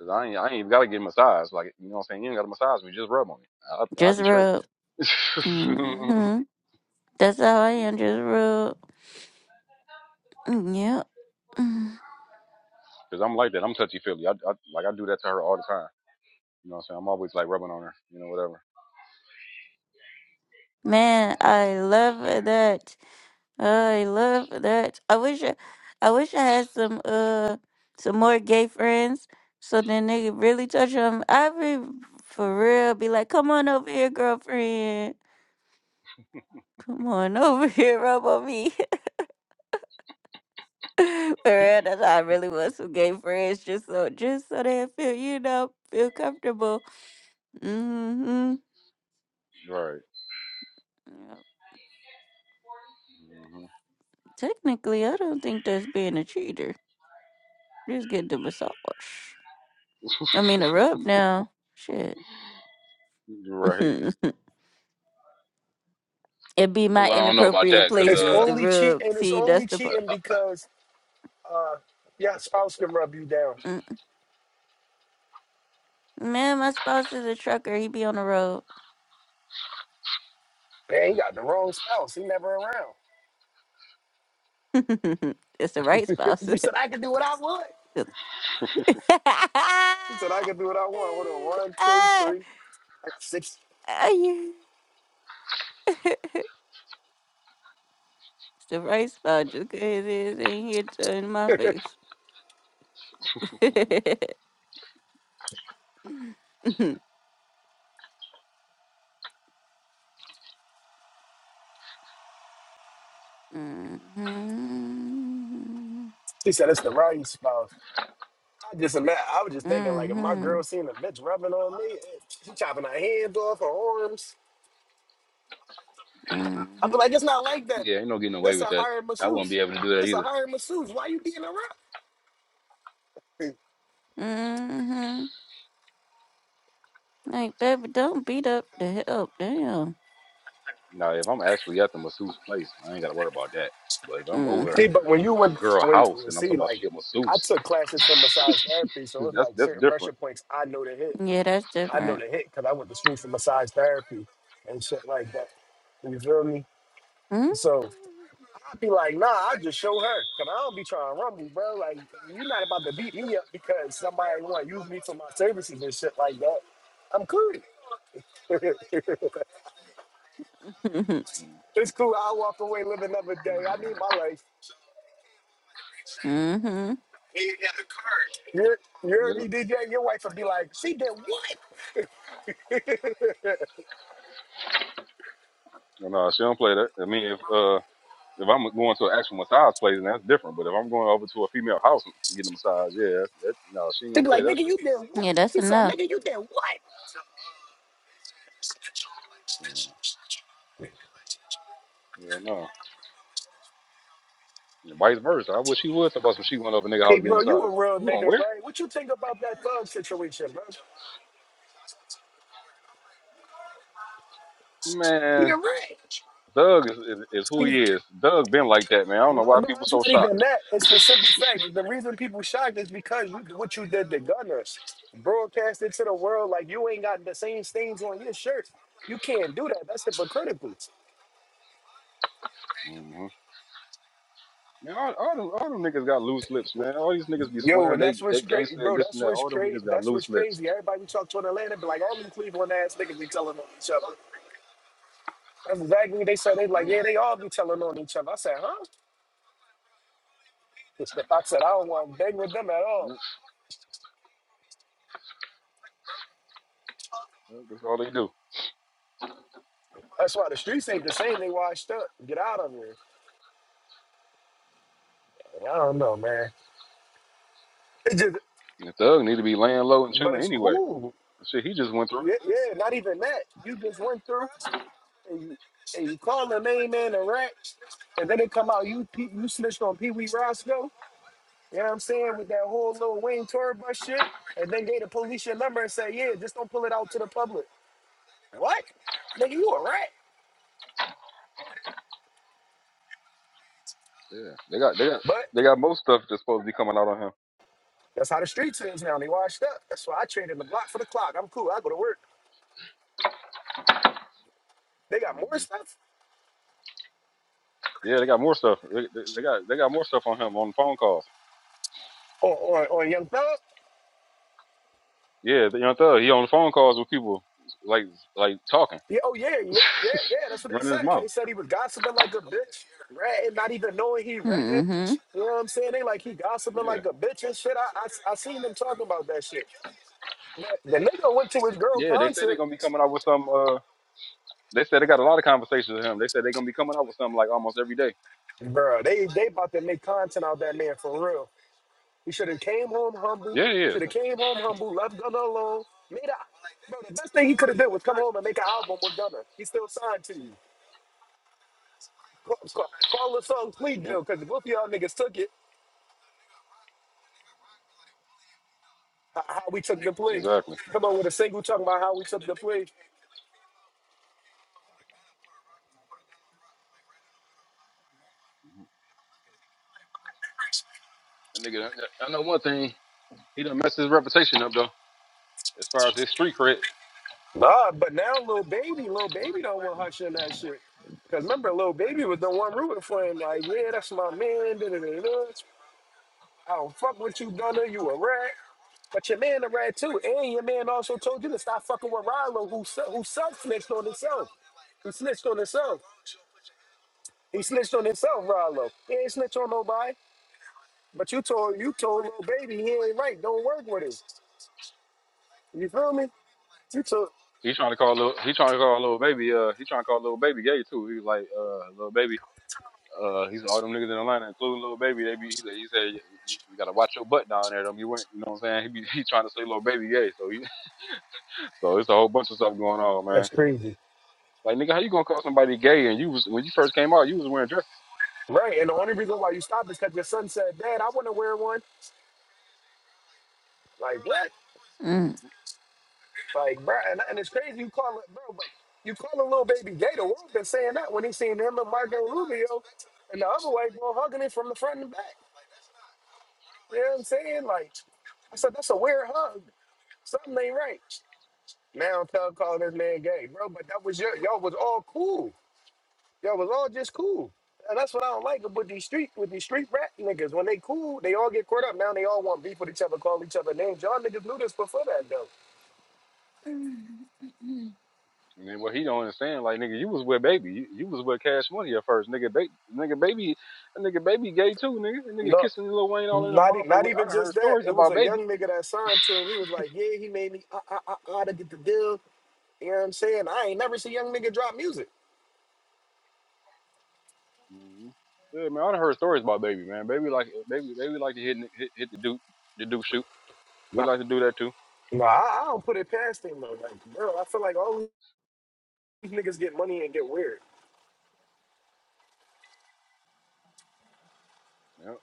S3: Cause I ain't I ain't even gotta get massaged. Like you know what I'm saying. You ain't gotta massage me. Just rub on me. I'll, I'll
S1: Just
S3: be straight.
S1: rub. Mm-hmm. That's how I am. Just rub. Mm, Yep.
S3: Cause I'm like that. I'm touchy feely. I, I like I do that to her all the time. You know what I'm saying. I'm always like rubbing on her. You know whatever.
S1: Man, I love that. I love that. I wish I, I wish I had some uh some more gay friends so then they could really touch them. I be for real be like, come on over here, girlfriend. Come on over here, rub on me. for real, that's why I really want some gay friends, just so just so they feel you know feel comfortable. Mm-hmm.
S3: Right.
S1: Technically, I don't think that's being a cheater. Just get the massage. I mean, a rub now. Shit.
S3: hmm Right.
S1: it be my
S3: Well, I don't know about
S1: inappropriate
S3: that, cause
S10: It's
S1: places.
S3: uh,
S1: The
S10: only cheating.
S1: rub.
S10: It's
S1: See,
S10: only
S1: that's the part.
S10: cheating because your spouse can rub you down.
S1: Mm. Man, my spouse is a trucker. He be on the road.
S10: Man, he got the wrong spouse. He never around.
S1: it's the right spouse.
S10: She said, I can do what I want. She said, I can do what I want. Hold on. One, two,
S1: Ah,
S10: three. I got six.
S1: ah, yeah. it's the right spouse. Just cause his ass ain't here to in my face. hmm
S10: She said, it's the right spouse. I just imagine, I was just thinking, like, if my
S1: hmm
S10: girl seen a bitch rubbing on me, eh, she chopping her hands off, her arms. I'd be like,
S1: hmm
S10: it's not like that.
S3: yeah, ain't no getting away
S10: This a
S3: with that.
S10: hired
S3: I wouldn't
S10: masseuse.
S3: be able to do that
S10: This a
S3: either.
S10: hired masseuse. Why you being a rep?
S1: Mm-hmm. Like, baby, don't beat up the help. Damn.
S3: Now, if I'm actually at the masseuse place, I ain't got to worry about that. But if I'm over
S10: See,
S1: Mm-hmm.
S10: but when you
S3: a
S10: went,
S3: girl
S10: when
S3: house and I'm talking
S10: see,
S3: about
S10: like,
S3: she a
S10: I
S3: masseuse,
S10: took classes for massage therapy, so it's
S3: that's
S10: like
S3: that's
S10: certain pressure
S3: different.
S10: points I know to hit.
S1: Yeah, that's
S10: I know
S1: different.
S10: to hit because I went to school for massage therapy and shit like that. You feel me?
S1: Mm-hmm.
S10: So I'd be like, nah, I just show her because I don't be trying to rumble, bro. Like, you're not about to beat me up because somebody want to use me for my services and shit like that. I'm cool.
S3: Mm,
S10: It's cool. I'll walk away, live another day. I
S3: mm,
S10: need my life.
S1: mm-hmm.
S10: You're, you
S3: Yeah,
S10: heard me, DJ? Your wife would be like, she did what?
S3: no, no, she don't play that. I mean, if uh, if I'm going to an actual massage place, then that's different. But if I'm going over to a female house and getting a massage, yeah, that, that, no, she ain't gonna play that shit.
S1: Yeah, that's enough.
S3: Mm, Hell no. And vice versa. I wish she would talk about some she went over a nigga house
S10: Hey,
S3: getting a
S10: bro, you a
S3: massage.
S10: real
S3: You going
S10: nigga,
S3: where?
S10: right? What you think about that thug situation, bro?
S3: Man,
S10: You're right.
S3: Doug is, is is who he is. Doug been like that, man. I don't
S10: No,
S3: know why
S10: no,
S3: people
S10: it's
S3: so
S10: not even
S3: shocked.
S10: that. It's the simple fact. The reason people shocked is because you, what you did to Gunners. Broadcast it to the world like you ain't got the same stains on your shirt. You can't do that. That's hypocritical.
S3: Mm-hmm. Man, all, all them all them niggas got loose lips, man. All these niggas be
S10: Yo,
S3: swearing
S10: and
S3: they
S10: that's what's
S3: they
S10: crazy,
S3: gangster and
S10: bro.
S3: this
S10: That's
S3: and that.
S10: what's
S3: All them
S10: crazy.
S3: niggas got
S10: That's
S3: loose
S10: what's
S3: lips.
S10: crazy. Everybody you talk to in Atlanta be like, all them Cleveland ass niggas be telling on each other. That's exactly what they said. They like,
S3: Yeah,
S10: yeah, they all be telling on each other. I said, huh? I said, I don't want to bang with them at all.
S3: yep, yep, that's all they do.
S10: That's why the streets ain't the same. They washed up. Get out of here. I don't know, man. It just,
S3: And the thug need to be laying low and
S10: but
S3: chilling
S10: it's
S3: anyway.
S10: cool.
S3: The shit he just went through.
S10: Yeah, yeah, not even that. You just went through and you, and you call the name man a rat, and then they come out. You pe- you snitched on Pee Wee Roscoe. You know what I'm saying with that whole little Wayne tour bus shit, and then gave the police your number and say, yeah, just don't pull it out to the public. What? Nigga, you a rat.
S3: Yeah, they got they got
S10: but.
S3: they got more stuff that's supposed to be coming out on him.
S10: That's how the streets is now. They washed up. That's why I trade in the block for the clock. I'm cool. I go to work. They got more
S3: hmm
S10: stuff.
S3: Yeah, they got more stuff. They, they, they got they got more stuff on him on the phone calls.
S10: Or or, or Young Thug.
S3: Yeah, the young thug he on the phone calls with people like like talking,
S10: Yeah, oh yeah, yeah, yeah, yeah. That's what they
S3: running his
S10: said.
S3: mouth.
S10: They said he was gossiping like a bitch, ratting, not even knowing he ratting.
S1: Mm-hmm.
S10: You know what I'm saying? They like he gossiping
S3: Yeah,
S10: like a bitch and shit. I I, I seen them talking about that shit. But the nigga went to his girl
S3: yeah. They say they're
S10: concert,
S3: gonna be coming out with some. Uh, They said they got a lot of conversations with him. They said they're gonna be coming up with something like almost every day.
S10: bro. They they about to make content out that man for real. He should have came home humble.
S3: Yeah, yeah,
S10: Should have came home humble. Left Gunna alone. Made out. Bro, the best thing he could have done was come home and make an album with Gunna. He still signed to you. Call, call, call the song "Plea
S3: yeah,
S10: Deal" because both of y'all niggas took it. h- How we took the plea.
S3: exactly.
S10: Come on with a single talking about how we took the plea.
S3: That nigga, I know one thing. He done messed his reputation up though. As far as his street cred,
S10: Nah, but now Lil baby, Lil baby don't want Hush in that shit. Cause remember, Lil baby was the one rooting for him. Like, yeah, that's my man. Da, da, da, da. I don't fuck with you, Gunna. You a rat. But your man a rat too, and your man also told you to stop fucking with Rallo, who se- who self snitched on himself. who snitched on himself. He snitched on himself, Rallo. He ain't snitch on nobody. But you told you told little baby he ain't right. Don't work with him. You feel me? You took
S3: he trying to call little, he trying to call little baby, uh, he trying to call little baby gay too. He was like, uh, little baby, uh, he's all them niggas in Atlanta, including little baby. They be, he said, he said you you gotta watch your butt down there. Them you went, you know what I'm saying? He be, he trying to say little baby gay. So he, so it's a whole bunch of stuff going on, man. Like nigga, how you gonna call somebody gay? And you was when you first came out, you was wearing dresses.
S10: right, and the only reason why you stopped is because your son said, "Dad, I want to wear one." Like what?
S1: Mm-hmm.
S10: Like, bro, and, and it's crazy you call it, bro. But you call a little baby gay. The world been saying that when he seen him and Marco Rubio and the other white boy hugging it from the front and back. You know what I'm saying? Like, I said, that's a weird hug. Something ain't right. Now Tug calling this man gay, bro. But that was your y'all was all cool. Y'all was all just cool. And that's what I don't like about these street with these street rat niggas. When they cool, they all get caught up. Now they all want beef with each other, call each other names. Y'all niggas knew this before that though.
S3: And then what he don't understand, like nigga, you was with baby, you, you was with Cash Money at first, nigga. Baby, nigga, baby, that nigga, baby, gay too, nigga. That nigga
S10: No,
S3: kissing Lil Wayne all in the
S10: not e-
S3: mouth, and
S10: not
S3: I
S10: even
S3: done heard
S10: just that.
S3: stories
S10: It was
S3: about
S10: a
S3: baby.
S10: young nigga that signed to him. He was like, yeah, he made me uh uh uh, uh to get the deal. You know what I'm saying? I ain't never see young nigga drop music.
S3: Mhm. Yeah, man, I done heard stories about baby, man. Baby like, baby, baby like to hit hit, hit the dude, the dude shoot. He
S10: No.
S3: like to do that too.
S10: No, I, I don't put it past him though. Like, bro, I feel like all these niggas get money and get weird.
S3: Yeah.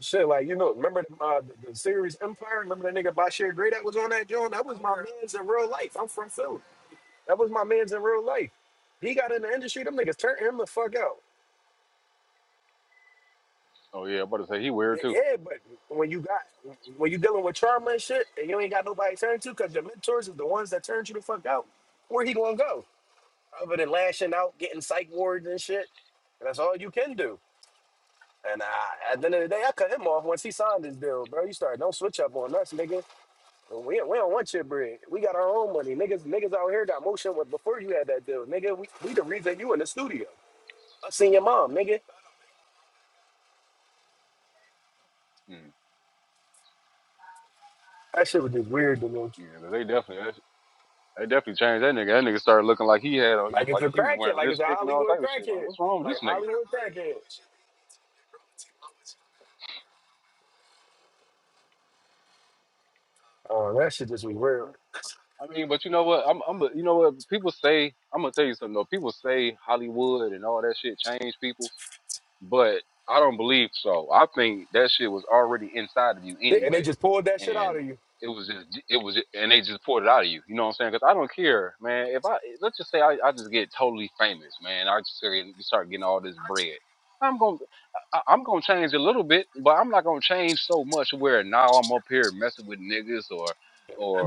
S10: Shit, like you know, remember uh, the, the series Empire? Remember that nigga Bashir Gray that was on that joint? That was my man's in real life. I'm from Philly. That was my man's in real life. He got in the industry. Them niggas turned him the fuck out.
S3: Oh yeah, I'm about to say he
S10: Y-
S3: weird too.
S10: Yeah, but when you got when you dealing with trauma and shit, and you ain't got nobody to turn to, cause your mentors is the ones that turned you the fuck out. Where he gonna go? Other than lashing out, getting psych wards and shit. That's all you can do. And I, at the end of the day, I cut him off once he signed this deal, bro. You start don't switch up on us, nigga. We, we don't want your bread. We got our own money, niggas. Niggas out here got motion with before you had that deal, nigga. We, we the reason you in the studio. I seen your mom, nigga.
S3: Mm.
S10: That shit was just weird to me.
S3: Yeah, they definitely they definitely changed that nigga. That nigga started looking like he had a,
S10: Like it's
S3: like
S10: a
S3: he was
S10: crackhead,
S3: wearing
S10: like it's a
S3: lipstick and all
S10: Hollywood
S3: type of shit. Like,
S10: crackhead,
S3: what's wrong with
S10: like
S3: this nigga?
S10: Hollywood crackhead. Oh, that shit just was weird.
S3: Yeah. I mean, but you know what? I'm, I'm, a- you know what? People say I'm gonna tell you something though. People say Hollywood and all that shit change people, but I don't believe so. I think that shit was already inside of you
S10: Yeah, And they
S3: anyway,
S10: just pulled that shit out
S3: and
S10: of you.
S3: it was just, it was, and they just poured it out of you. You know what I'm saying? Because I don't care, man. If I let's just say I, I just get totally famous, man. I just start, getting start getting all this bread. I'm gonna, I, I'm gonna change a little bit, but I'm not gonna change so much where now I'm up here messing with niggas or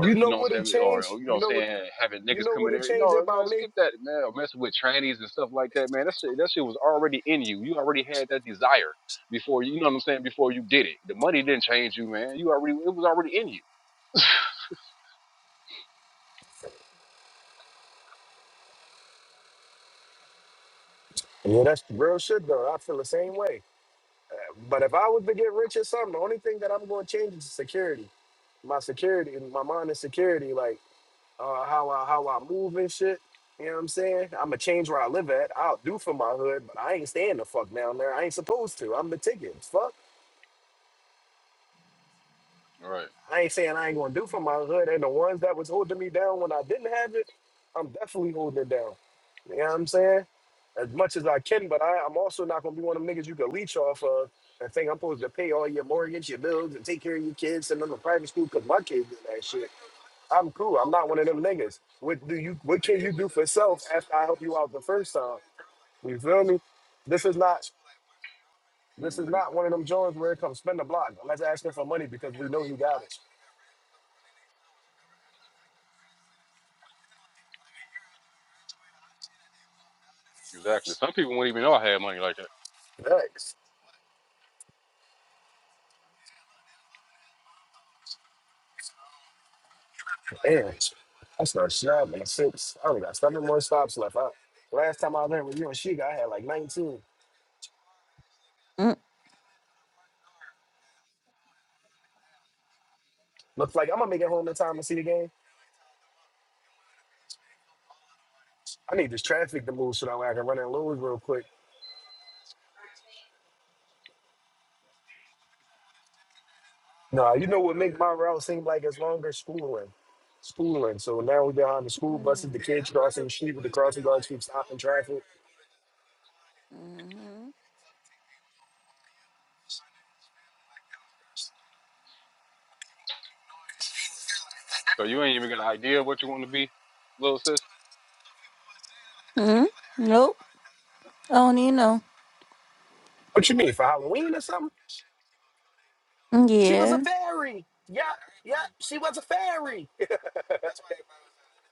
S10: You
S3: you
S10: know
S3: know what
S10: what it
S3: I'm saying, or,
S10: changed?
S3: or, you know
S10: You
S3: what
S10: know
S3: I'm
S10: what?
S3: saying, having
S10: You
S3: niggas
S10: know
S3: come
S10: what
S3: in
S10: it
S3: there, you
S10: changed
S3: know,
S10: about
S3: man,
S10: me?
S3: skip that, man, or messing with trannies and stuff like that, man. That shit, that shit was already in you. You already had that desire before you, you know what I'm saying, before you did it. The money didn't change you, man. You already, it was already in you.
S10: Yeah, that's real shit though. I feel the same way. But if I was to get rich or something, the only thing that I'm going to change is security. My security, my mind is security, like uh, how I how I move and shit. You know what I'm saying? I'm gonna change where I live at. I'll do for my hood, but I ain't staying the fuck down there. I ain't supposed to. I'm the ticket. Fuck.
S3: Right.
S10: I ain't saying I ain't gonna do for my hood, and the ones that was holding me down when I didn't have it, I'm definitely holding it down. You know what I'm saying? As much as I can, but I, I'm also not gonna be one of them niggas you can leech off of and think I'm supposed to pay all your mortgage, your bills, and take care of your kids, send them to private school because my kids did that shit. I'm cool. I'm not one of them niggas. What do you? What can you do for self after I help you out the first time? You feel me? This is not. This is
S3: hmm
S10: not one of them joints where it comes spend the block. I'm not asking for money because we know you got it.
S3: Exactly. Some people wouldn't even know I had money like that.
S10: Facts. Damn, I started shopping at six. I only got seven more stops left. I, last time I was there with you and Sheik, I had like 19. Looks like I'm gonna make it home in time to see the game. I need this traffic to move so that way I can run and lose real quick. Nah, you know what make my route seem like it's longer? Schooling. Schooling. So now we behind the school buses, the
S1: Mm-hmm.
S10: kids crossing the street with the crossing guards keep stopping traffic.
S3: So you ain't even got an idea of what you want to be, little sis.
S1: hmm Nope. I don't need no.
S10: What you mean, for Halloween or something? She was a
S1: Yeah.
S10: fairy. Yeah, yeah, she was a fairy.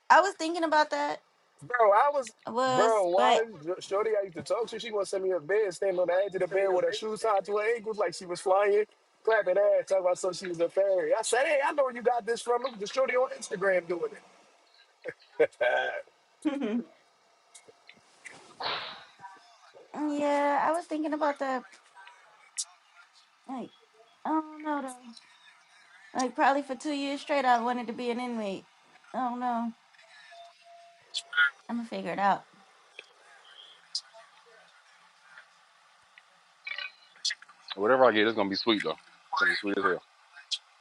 S1: I was thinking about that.
S10: bro, I was,
S1: I
S10: bro,
S1: was, but
S10: why did Shorty I used to talk to? She gonna send me a bed, standing on the edge of the bed with her shoes tied to her ankles like she was flying, clapping ass, talking about so she was a fairy. I said, hey, I know where you got this from. It was the Shorty on Instagram doing it.
S1: yeah, I was thinking about that. Like, I don't know though. Like, probably for two years straight, I wanted to be an inmate. I don't know. I'm gonna figure it out.
S3: Whatever I get, it's gonna be sweet though. It's gonna be sweet as hell.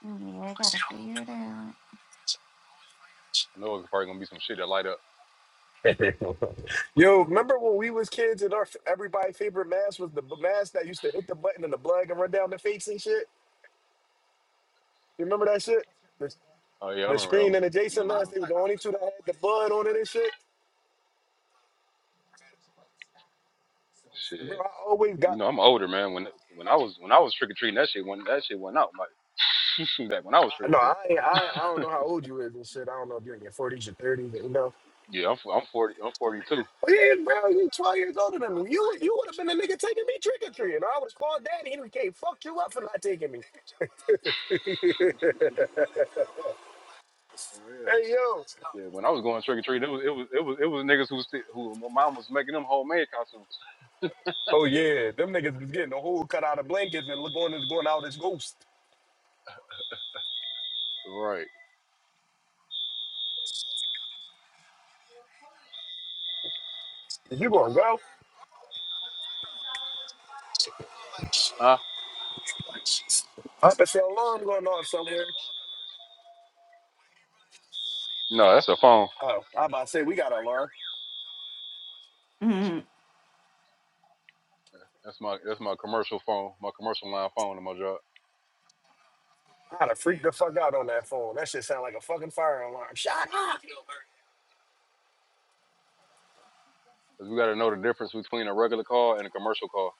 S1: Mm, Yeah, I gotta figure it out.
S3: I know it's probably gonna be some shit that light up.
S10: Yo, remember when we was kids and our everybody favorite mask was the b- mask that used to hit the button and the blood and run down the face and shit? You remember that shit? The,
S3: Oh yeah, I
S10: the
S3: remember that
S10: screen
S3: one.
S10: and the Jason mask,
S3: hmm
S10: they were the only two that had the blood on it and shit. Bro,
S3: Shit.
S10: I always got.
S3: You know, I'm older, man. When when I was when I was trick or treating, that shit when that shit went out. My, back when I was
S10: I,
S3: trick or
S10: no, I,
S3: treating.
S10: ain't- I, ain't- I don't know how old you is and shit. I don't know if you're in your forties or thirties, but you know.
S3: Yeah, I'm i I'm forty. I'm forty two.
S10: But yeah, bro, you twelve years older than me. You, you would have been the nigga taking me trick or treating. I was called daddy. He can't fuck you up for not taking me. hey
S3: Yeah.
S10: yo.
S3: Yeah, when I was going trick or treating, it was it was it was it was niggas who sti- who my mom was making them homemade costumes.
S10: Oh yeah, them niggas was getting a hole cut out of blankets and look going is going out as ghost.
S3: Right.
S10: You gonna go?
S3: Huh?
S10: I bet your alarm going off somewhere.
S3: No, that's a phone.
S10: Oh, I about to say we got an alarm.
S3: That's my that's my commercial phone, my commercial line phone in my job.
S10: I'd have freaked the fuck out on that phone. That shit sound like a fucking fire alarm. Shut
S3: 'Cause we got to know the difference between a regular call and a commercial call.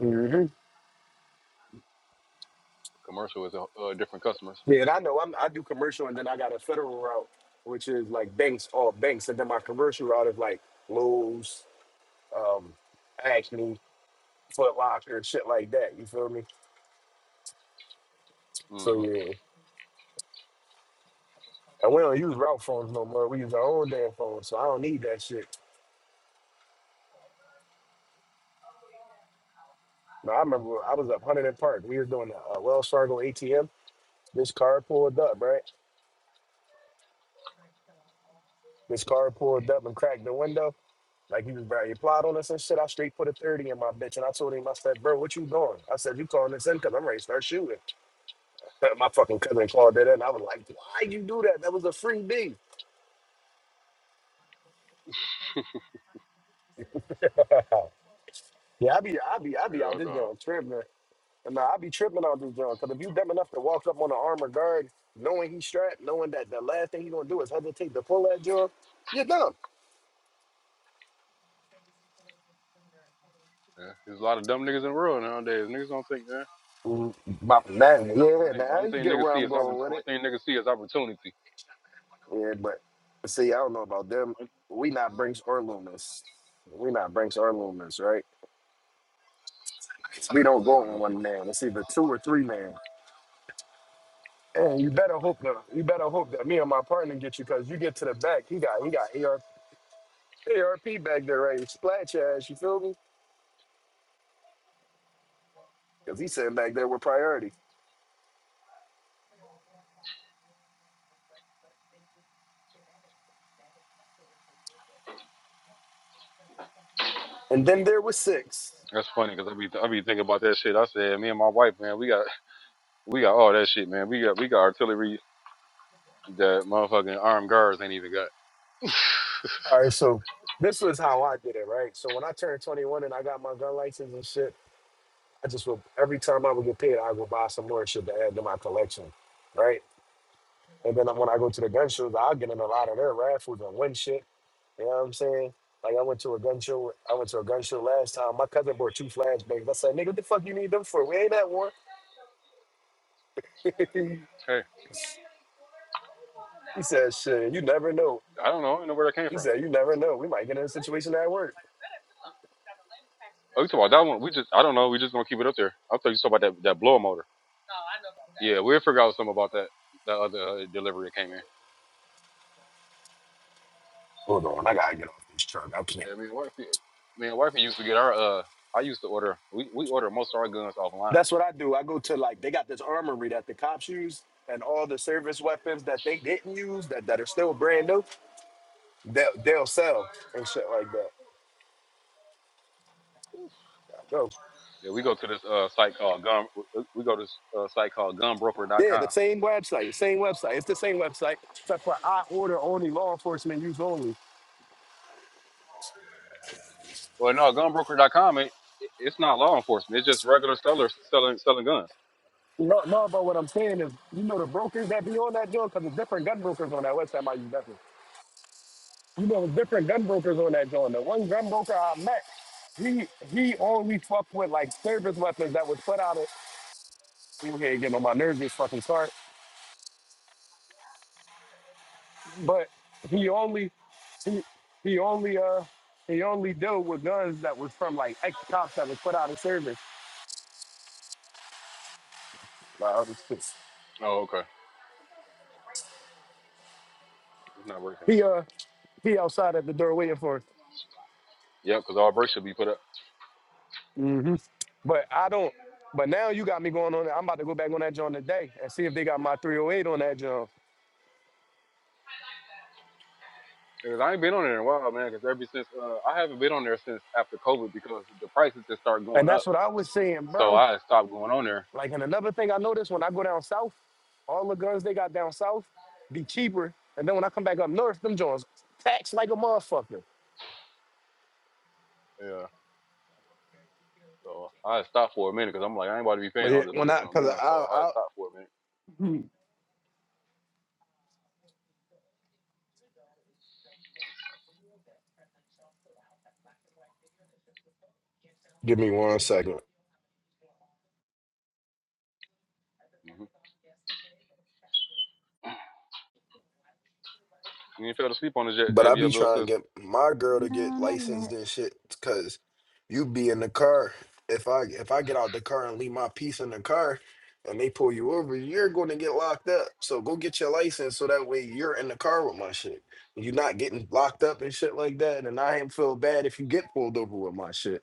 S10: up.
S3: Commercial is a, uh, different customers.
S10: Yeah, and I know I'm, I do commercial, and then I got a federal route, which is like banks, all banks, and then my commercial route is like Lowe's, um, Acme, Foot Locker, shit like that. You feel me? So
S3: Mm-hmm.
S10: yeah, and we don't use route phones no more. We use our own damn phones, so I don't need that shit. Now I remember I was up Huntington Park. We was doing a, a Wells Fargo ATM. This car pulled up, right? This car pulled up and cracked the window. Like he was very he applied on us and shit. I straight put a 30 in my bitch. And I told him, I said, bro, what you doing? I said, you calling this in because I'm ready to start shooting. my fucking cousin called it in. I was like, why you do that? That was a free B. yeah, I be I be I be out
S3: Yeah,
S10: this
S3: duh.
S10: joint tripping. And nah, I be tripping out this joint. Cause if you dumb enough to walk up on an armored guard, knowing he's strapped, knowing that the last thing he gonna do is hesitate to pull that joint, you're dumb.
S3: Yeah. There's a lot of dumb niggas in the world nowadays. Niggas don't think. man.
S10: Mm, my- Now,
S3: Only
S10: yeah,
S3: thing,
S10: now
S3: only
S10: you
S3: thing
S10: get
S3: niggas
S10: where
S3: see
S10: I'm
S3: is
S10: going
S3: oppor-
S10: with it.
S3: only thing niggas see is opportunity.
S10: Yeah, but see, I don't know about them. We not Brinks or Loomis. We not Brinks or Loomis, right? We don't go
S3: hmm
S10: on one man. It's either two or three man. And you better hope that you better hope that me and my partner get you because you get to the back. He got he got AR, ARP back there right to splat your ass. You feel me? Because he sitting back there with priority. And then there was six.
S3: That's funny because I be I be thinking about that shit. I said, me and my wife, man, we got we got all that shit, man. We got we got artillery that motherfucking armed guards ain't even got.
S10: All right, so this was how I did it, right? So when I turned 21 and I got my gun license and shit, I just would every time I would get paid, I would buy some more shit to add to my collection, right? And then when I go to the gun shows, I'll get in a lot of their raffles and win shit. You know what I'm saying? Like I went to a gun show. I went to a gun show last time. My cousin bought two flashbangs. I said, "Nigga, what the fuck you need them for? We ain't at war." he
S3: hey,
S10: said, "Shit, you never know."
S3: I don't know. I don't know where that came
S10: He
S3: from.
S10: said, "You never know. We might get in a situation at work."
S3: Oh, you talking about that one? We just I don't know. We just gonna keep it up there. I thought you talking about that that blower motor. Yeah, we forgot something about that. That other uh, delivery that came in.
S10: Hold on, I gotta get off this truck. I can't.
S3: Yeah, me and wifey, me and wifey used to get our uh. I used to order. We we order most of our guns offline.
S10: That's what I do. I go to like they got this armory that the cops use, and all the service weapons that they didn't use that that are still brand new, they'll, they'll sell and shit like that. Go.
S3: Yeah, we go to this uh site called Gun. uh, We go to this uh, site called
S10: Yeah, the
S3: GunBroker.com.
S10: same website, same website. It's the same website, except for I order only law enforcement use only.
S3: Well, no, GunBroker.com. It, it it's not law enforcement. It's just regular sellers selling selling guns.
S10: No, no, but what I'm saying is, you know the brokers that
S3: Yeah.
S10: be on that joint, because there's different gun brokers on that website, my you definitely. You know, there's different gun brokers on that joint. The one gun broker I met, he he only fucked with like service weapons that was put out of. He was here getting on my nerves, this fucking start. But he only he he only uh he only dealt with guns that was from like ex cops that was put out of service. Wow, this shit.
S3: Oh, okay. It's not working.
S10: He uh he outside at the door waiting for us.
S3: Yep, because all breaks should be put up.
S10: hmm But I don't. But now you got me going on. that. I'm about to go back on that joint today and see if they got my 308 on that joint.
S3: Because I ain't been on there in a while, man. Because ever since uh, I haven't been on there since after COVID because the prices just start
S10: And
S3: going up.
S10: that's what I was saying,
S3: So
S10: bro.
S3: I stopped going on there.
S10: Like, and another thing I noticed when I go down south, all the guns they got down south be cheaper. And then when I come back up north, them joints tax like a motherfucker.
S3: Yeah. So I had stopped for a minute because I'm like, I ain't about to be
S10: But
S3: paying
S10: yeah,
S3: all this
S10: when
S3: money for
S10: I,
S3: no
S10: cause I,
S3: gun. So I had
S10: I,
S3: stopped for a minute. hmm You ain't fell asleep on this yet,
S10: But I
S3: have you,
S10: be
S3: little
S10: trying
S3: sis?
S10: to get my girl to get
S1: No, not
S10: licensed
S1: yet.
S10: and shit, cause you be in the car. If I if I get out the car and leave my piece in the car, and they pull you over, you're going to get locked up. So go get your license, so that way you're in the car with my shit. You're not getting locked up and shit like that. And I ain't feel bad if you get pulled over with my shit.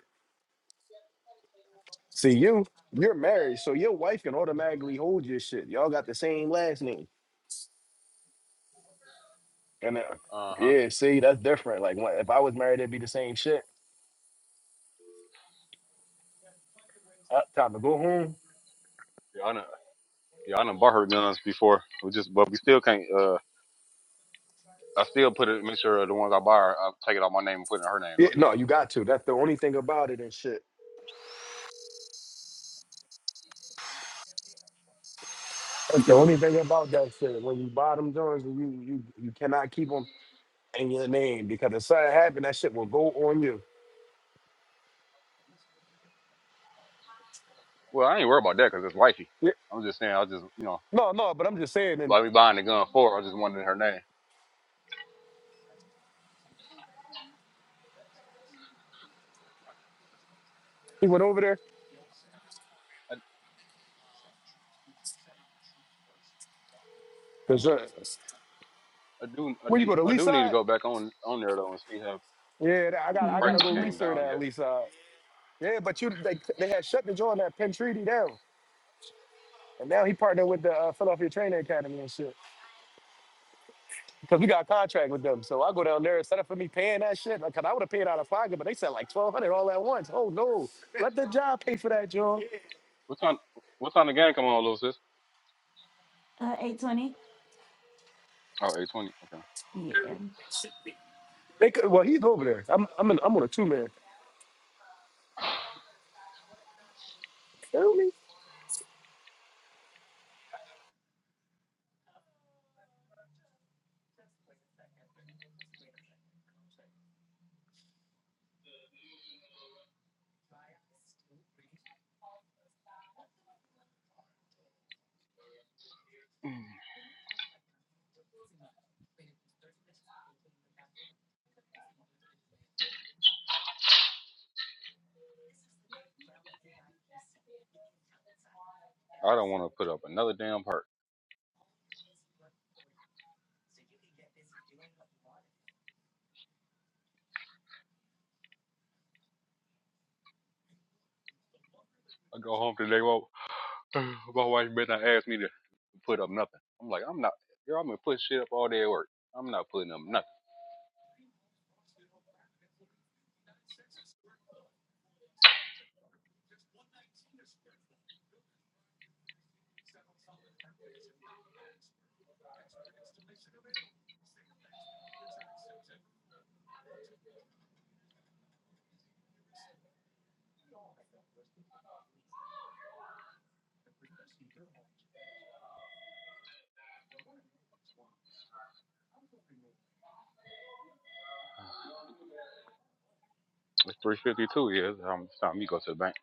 S10: See you, you're married, so your wife can automatically hold your shit. Y'all got the same last name, and uh,
S3: Uh huh.
S10: yeah, see that's different. Like when- if I was married, it'd be the same shit. Uh, time to go home.
S3: Yeah, I done, yeah, I done bought her guns before. We just, but we still can't. Uh, I still put it. Make sure the ones I buy, her, I take it out my name and put it in her name
S10: Yeah,
S3: though.
S10: no, you got to. That's the only thing about it and shit. That's the only thing about that shit. When you buy them joints, you you you cannot keep them in your name because if something happen, that shit will go on you.
S3: Well, I ain't worried about that because it's wifey.
S10: Yeah.
S3: I'm just saying, I just, you know,
S10: No, no, but I'm just saying. And
S3: like we buying the gun for, her, I just wanted her name.
S10: he went over there.
S3: I,
S10: Cause uh,
S3: I do, I
S10: where you
S3: need,
S10: go to
S3: I do need to
S10: Leaside?
S3: go back on on there though and see how
S10: Yeah, I got I gotta
S3: prices
S10: go
S3: came
S10: research
S3: down
S10: that
S3: yet.
S10: Leaside. Yeah, but you they, they had shut the joint that Penn Treaty down, and now he partnered with the uh, Philadelphia Training Academy and shit. because we got a contract with them. So I go down there instead of for me paying that shit, like, 'cause I would have paid out of pocket, but they said like twelve hundred all at once. Oh no, let the job pay for that, John.
S3: What time, what time the game come on, little sis? Oh, eight twenty. Okay.
S10: They could, well, he's over there. I'm I'm in, I'm on a two man. Feel me?
S3: I don't want to put up another damn hurt. I go home today, well, my wife better not ask me to put up nothing. I'm like, I'm not, girl, I'm gonna put shit up all day at work. I'm not putting up nothing. It's 3:52, yeah. It's time it's time me go to the bank.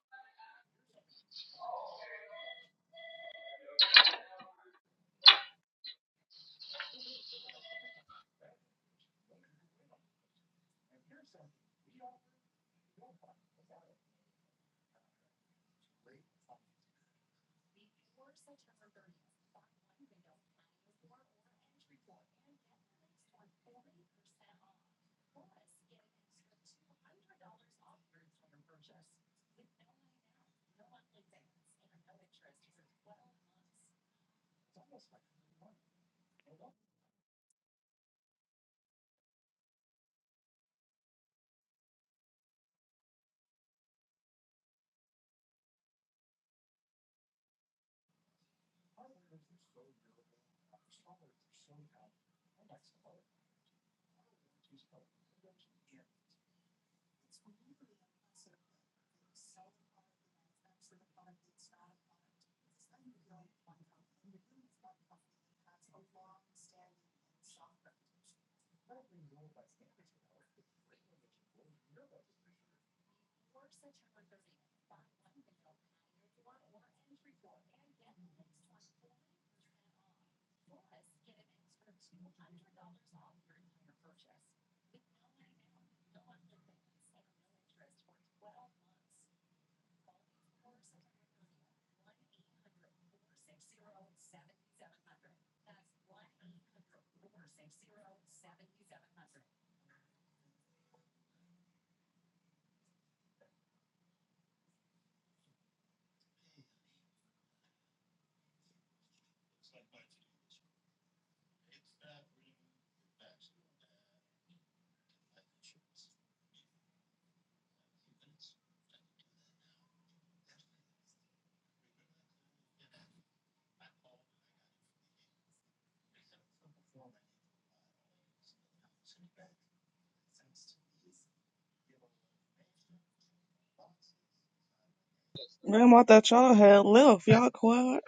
S7: Man, I thought y'all had left. Y'all quiet.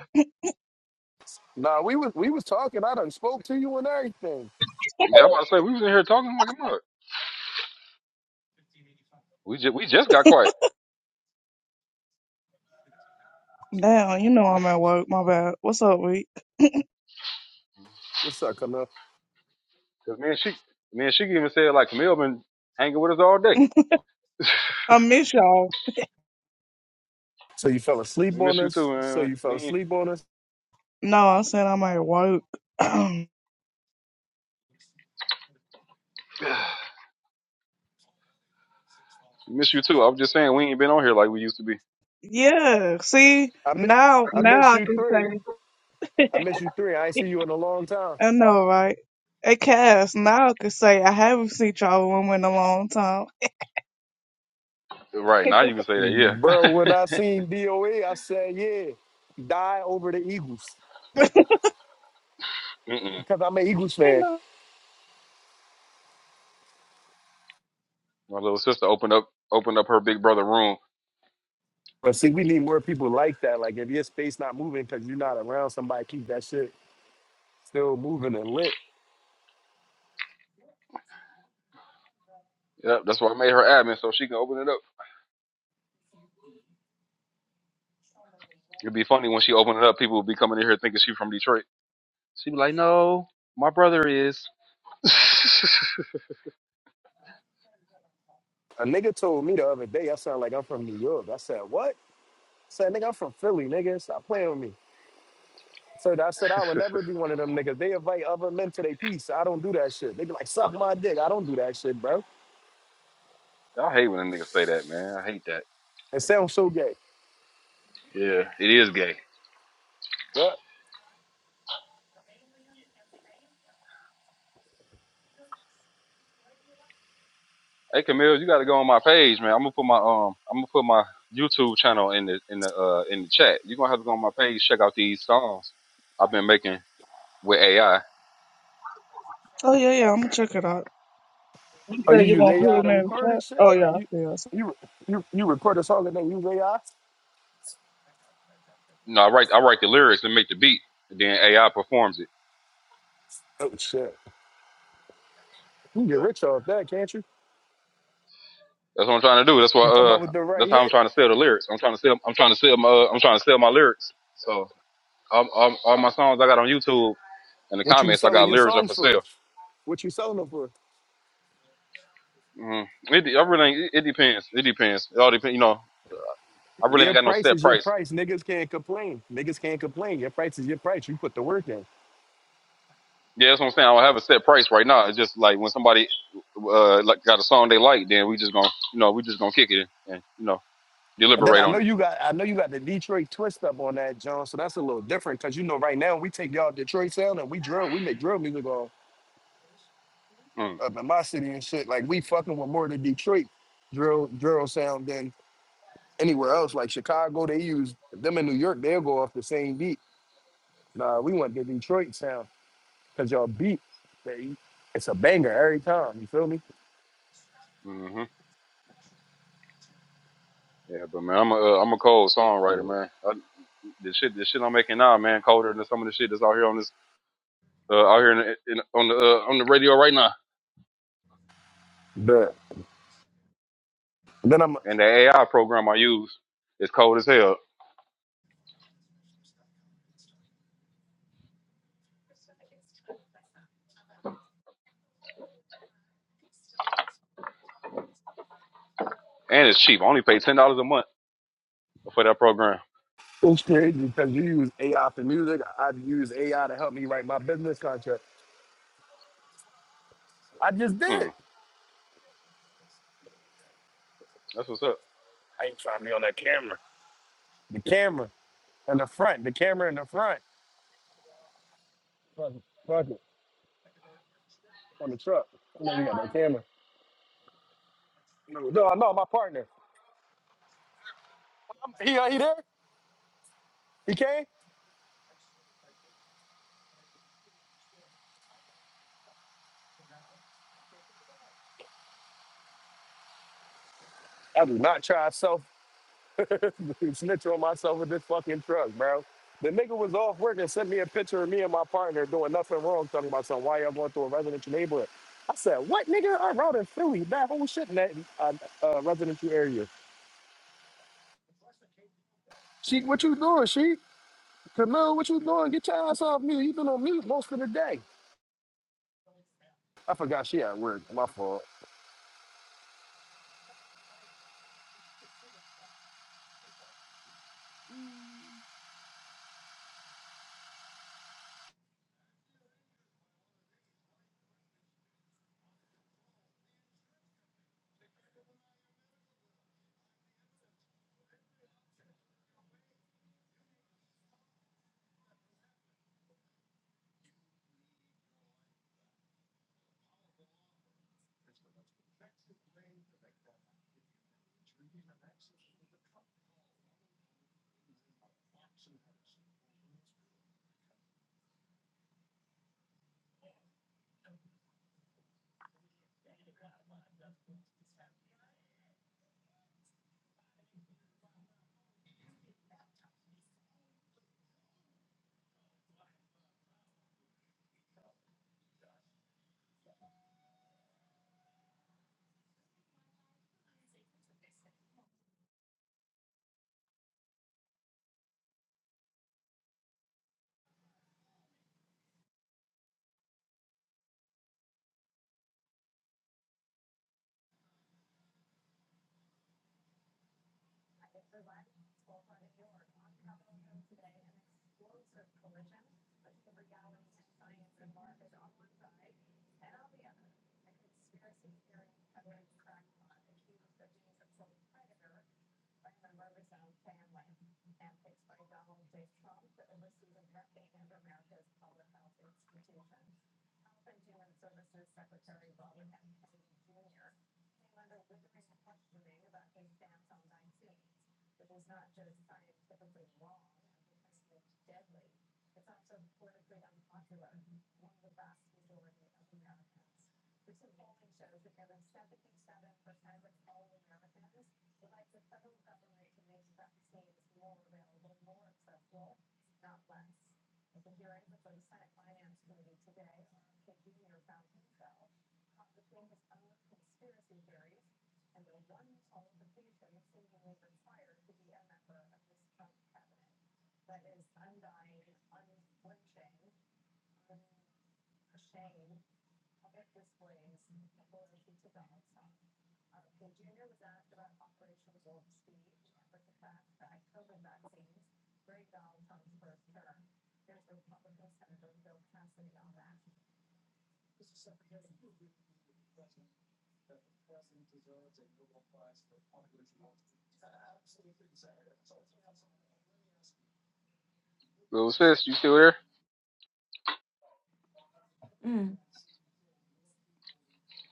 S10: Nah, we was we was talking. I done spoke to you and everything.
S3: Yeah, I'm about to say we was in here talking I'm like a mug. We just we just got quiet.
S7: Now you know I'm at work. My bad. What's up, Reek?
S10: What's up, Camille?
S3: Cause man, she, man, she even said like Camille been hanging with us all day.
S7: I miss y'all.
S10: So you fell
S3: We
S10: asleep on
S3: miss you too,
S10: us. So
S3: man.
S10: you
S3: We
S10: fell
S3: ain't,
S10: asleep on us.
S7: No, I am saying I'm at work.
S3: we miss you too. I was just saying we ain't been on here like we used to be.
S7: yeah, see,
S10: I mi-
S7: now,
S10: I miss
S7: now I
S10: you
S7: can
S10: three.
S7: say,
S10: I miss you three. I ain't seen you in a long time,
S7: I know, right? Hey, Cass, now I can say I haven't seen y'all room in a long time.
S3: Right now you can say that, yeah.
S10: bro. When I seen DOE, I said yeah, die over the Eagles
S7: you
S3: Mm-mm.
S10: because I'm an Eagles fan.
S7: know?
S3: My little sister opened up opened up her big brother room
S10: But see, we need more people like that. Like, if your space not moving because you're not around somebody, keep that shit still moving and lit.
S3: Yeah, that's why I made her admin so she can open it up. It'd be funny when she opened it up, people would be coming in here thinking she's from Detroit. She'd be like, "No, my brother is."
S10: A nigga told me the other day, I sound like I'm from New York. I said, what? I said, nigga, I'm from Philly, nigga. Stop playing with me. So I said, I would never be one of them niggas. They invite other men to their piece. I don't do that shit. They be like, suck my dick. I don't do that shit, bro.
S3: I hate when a nigga say that, man. I hate that.
S10: It sounds so gay.
S3: Yeah, it is gay.
S10: Yeah.
S3: Hey, Camille, you got to go on my page, man. I'm gonna put my um, I'm gonna put my YouTube channel in the in the uh in the chat. You're gonna have to go on my page, check out these songs I've been making with AI.
S7: Oh, yeah, yeah, I'm gonna check it out. You
S10: Are you
S7: said you
S10: use
S7: gonna put it
S10: AI
S7: in
S10: to
S7: the
S10: record and
S7: chat?
S10: shit?
S7: Oh,
S10: Are
S7: yeah, I
S10: you
S7: feel so.
S10: you you you record a song and then use AI?
S3: No, I write I write the lyrics and make the beat, and then AI performs it.
S10: Oh shit. You can get
S3: Yeah.
S10: rich off that, can't you?
S3: That's what I'm trying to do. That's why
S10: You come up
S3: uh
S10: with the right
S3: that's how
S10: hit.
S3: I'm trying to sell the lyrics. I'm trying to sell I'm trying to sell my uh, I'm trying to sell my lyrics. So all, all, all my songs I got on YouTube in the
S10: What you
S3: comments I
S10: selling
S3: got
S10: your
S3: lyrics are
S10: songs
S3: for
S10: for?
S3: sale.
S10: What you selling them for?
S3: Mm. It de- I really ain't- it, it depends. It depends. It all depends. You know I really
S10: Your
S3: ain't got no
S10: price
S3: set
S10: is your
S3: price.
S10: price. Niggas can't complain. Niggas can't complain. Your price is your price. You put the work in.
S3: Yeah, that's what I'm saying. I don't have a set price right now. It's just like when somebody uh like got a song they like, then we just gonna you know we just gonna kick it and you know
S10: And then
S3: deliberate
S10: I know
S3: on it.
S10: you got I know you got the Detroit twist up on that, John. So that's a little different because you know right now we take y'all Detroit sound and we drill, we make drill music all
S3: Mm.
S10: up in my city and shit. Like we fucking with more of the Detroit drill drill sound than anywhere else. Like Chicago, they use them in New York, they'll go off the same beat. Nah, we want the Detroit sound. Cause your beat, baby, it's a banger every time. You feel me?
S3: hmm Yeah, but man, I'm a uh, I'm a cold
S10: Yeah.
S3: songwriter, man. The shit, the shit I'm making now, man, colder than some of the shit that's out here on this, uh, out here in, the- in, on the uh, on the radio right now.
S10: But then I'm
S3: And the AI program I use is cold as hell, and it's cheap. I only pay ten dollars a month for that program.
S10: it's crazy because you use AI for music. I- I've used AI to help me write my business contract. I just did.
S3: Mm, that's what's up.
S10: I ain't trying to be on that camera. The camera in the front. The camera in the front. Fuck it. Fuck it. On the truck. I know you got that camera. No, no, I know my partner. I'm, he, he there? He came? I do not try self. snitch on myself with this fucking truck, bro. The nigga was off work and sent me a picture of me and my partner doing nothing wrong, talking about something. Why y'all going through a residential neighborhood? I said, what nigga? I rode in Philly, that whole shit in that uh, uh, residential area. She, what you doing, she? Camille, what you doing? Get your ass off me. You been on mute most of the day. I forgot she at work. My fault.
S1: Mm.
S3: Little sis, you still here?
S1: Mm.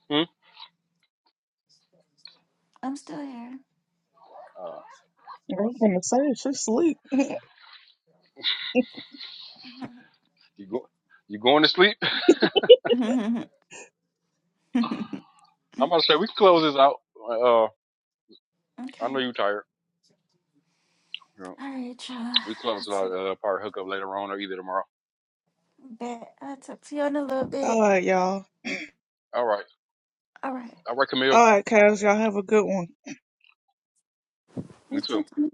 S3: Hmm?
S1: I'm still here.
S3: Uh,
S7: I was gonna say, she sleep.
S3: you go, you going to sleep? I'm about to say we can close this out. Uh, I
S1: okay.
S3: know you tired. Yeah.
S1: All right, y'all.
S3: We
S1: I'll
S3: close it
S1: t-
S3: out. Uh, probably hook up later on or either tomorrow.
S1: bet. I'll talk to you in a little
S7: All
S1: bit.
S7: right, y'all.
S3: All right.
S1: All right.
S3: All right, Camille.
S7: All right, Cass, y'all have a good one.
S1: You
S3: Me too.
S1: too, Tony.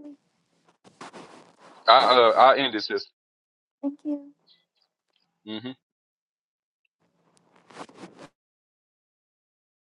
S3: I uh, I end this. sis.
S1: Thank you.
S3: Mm-hmm.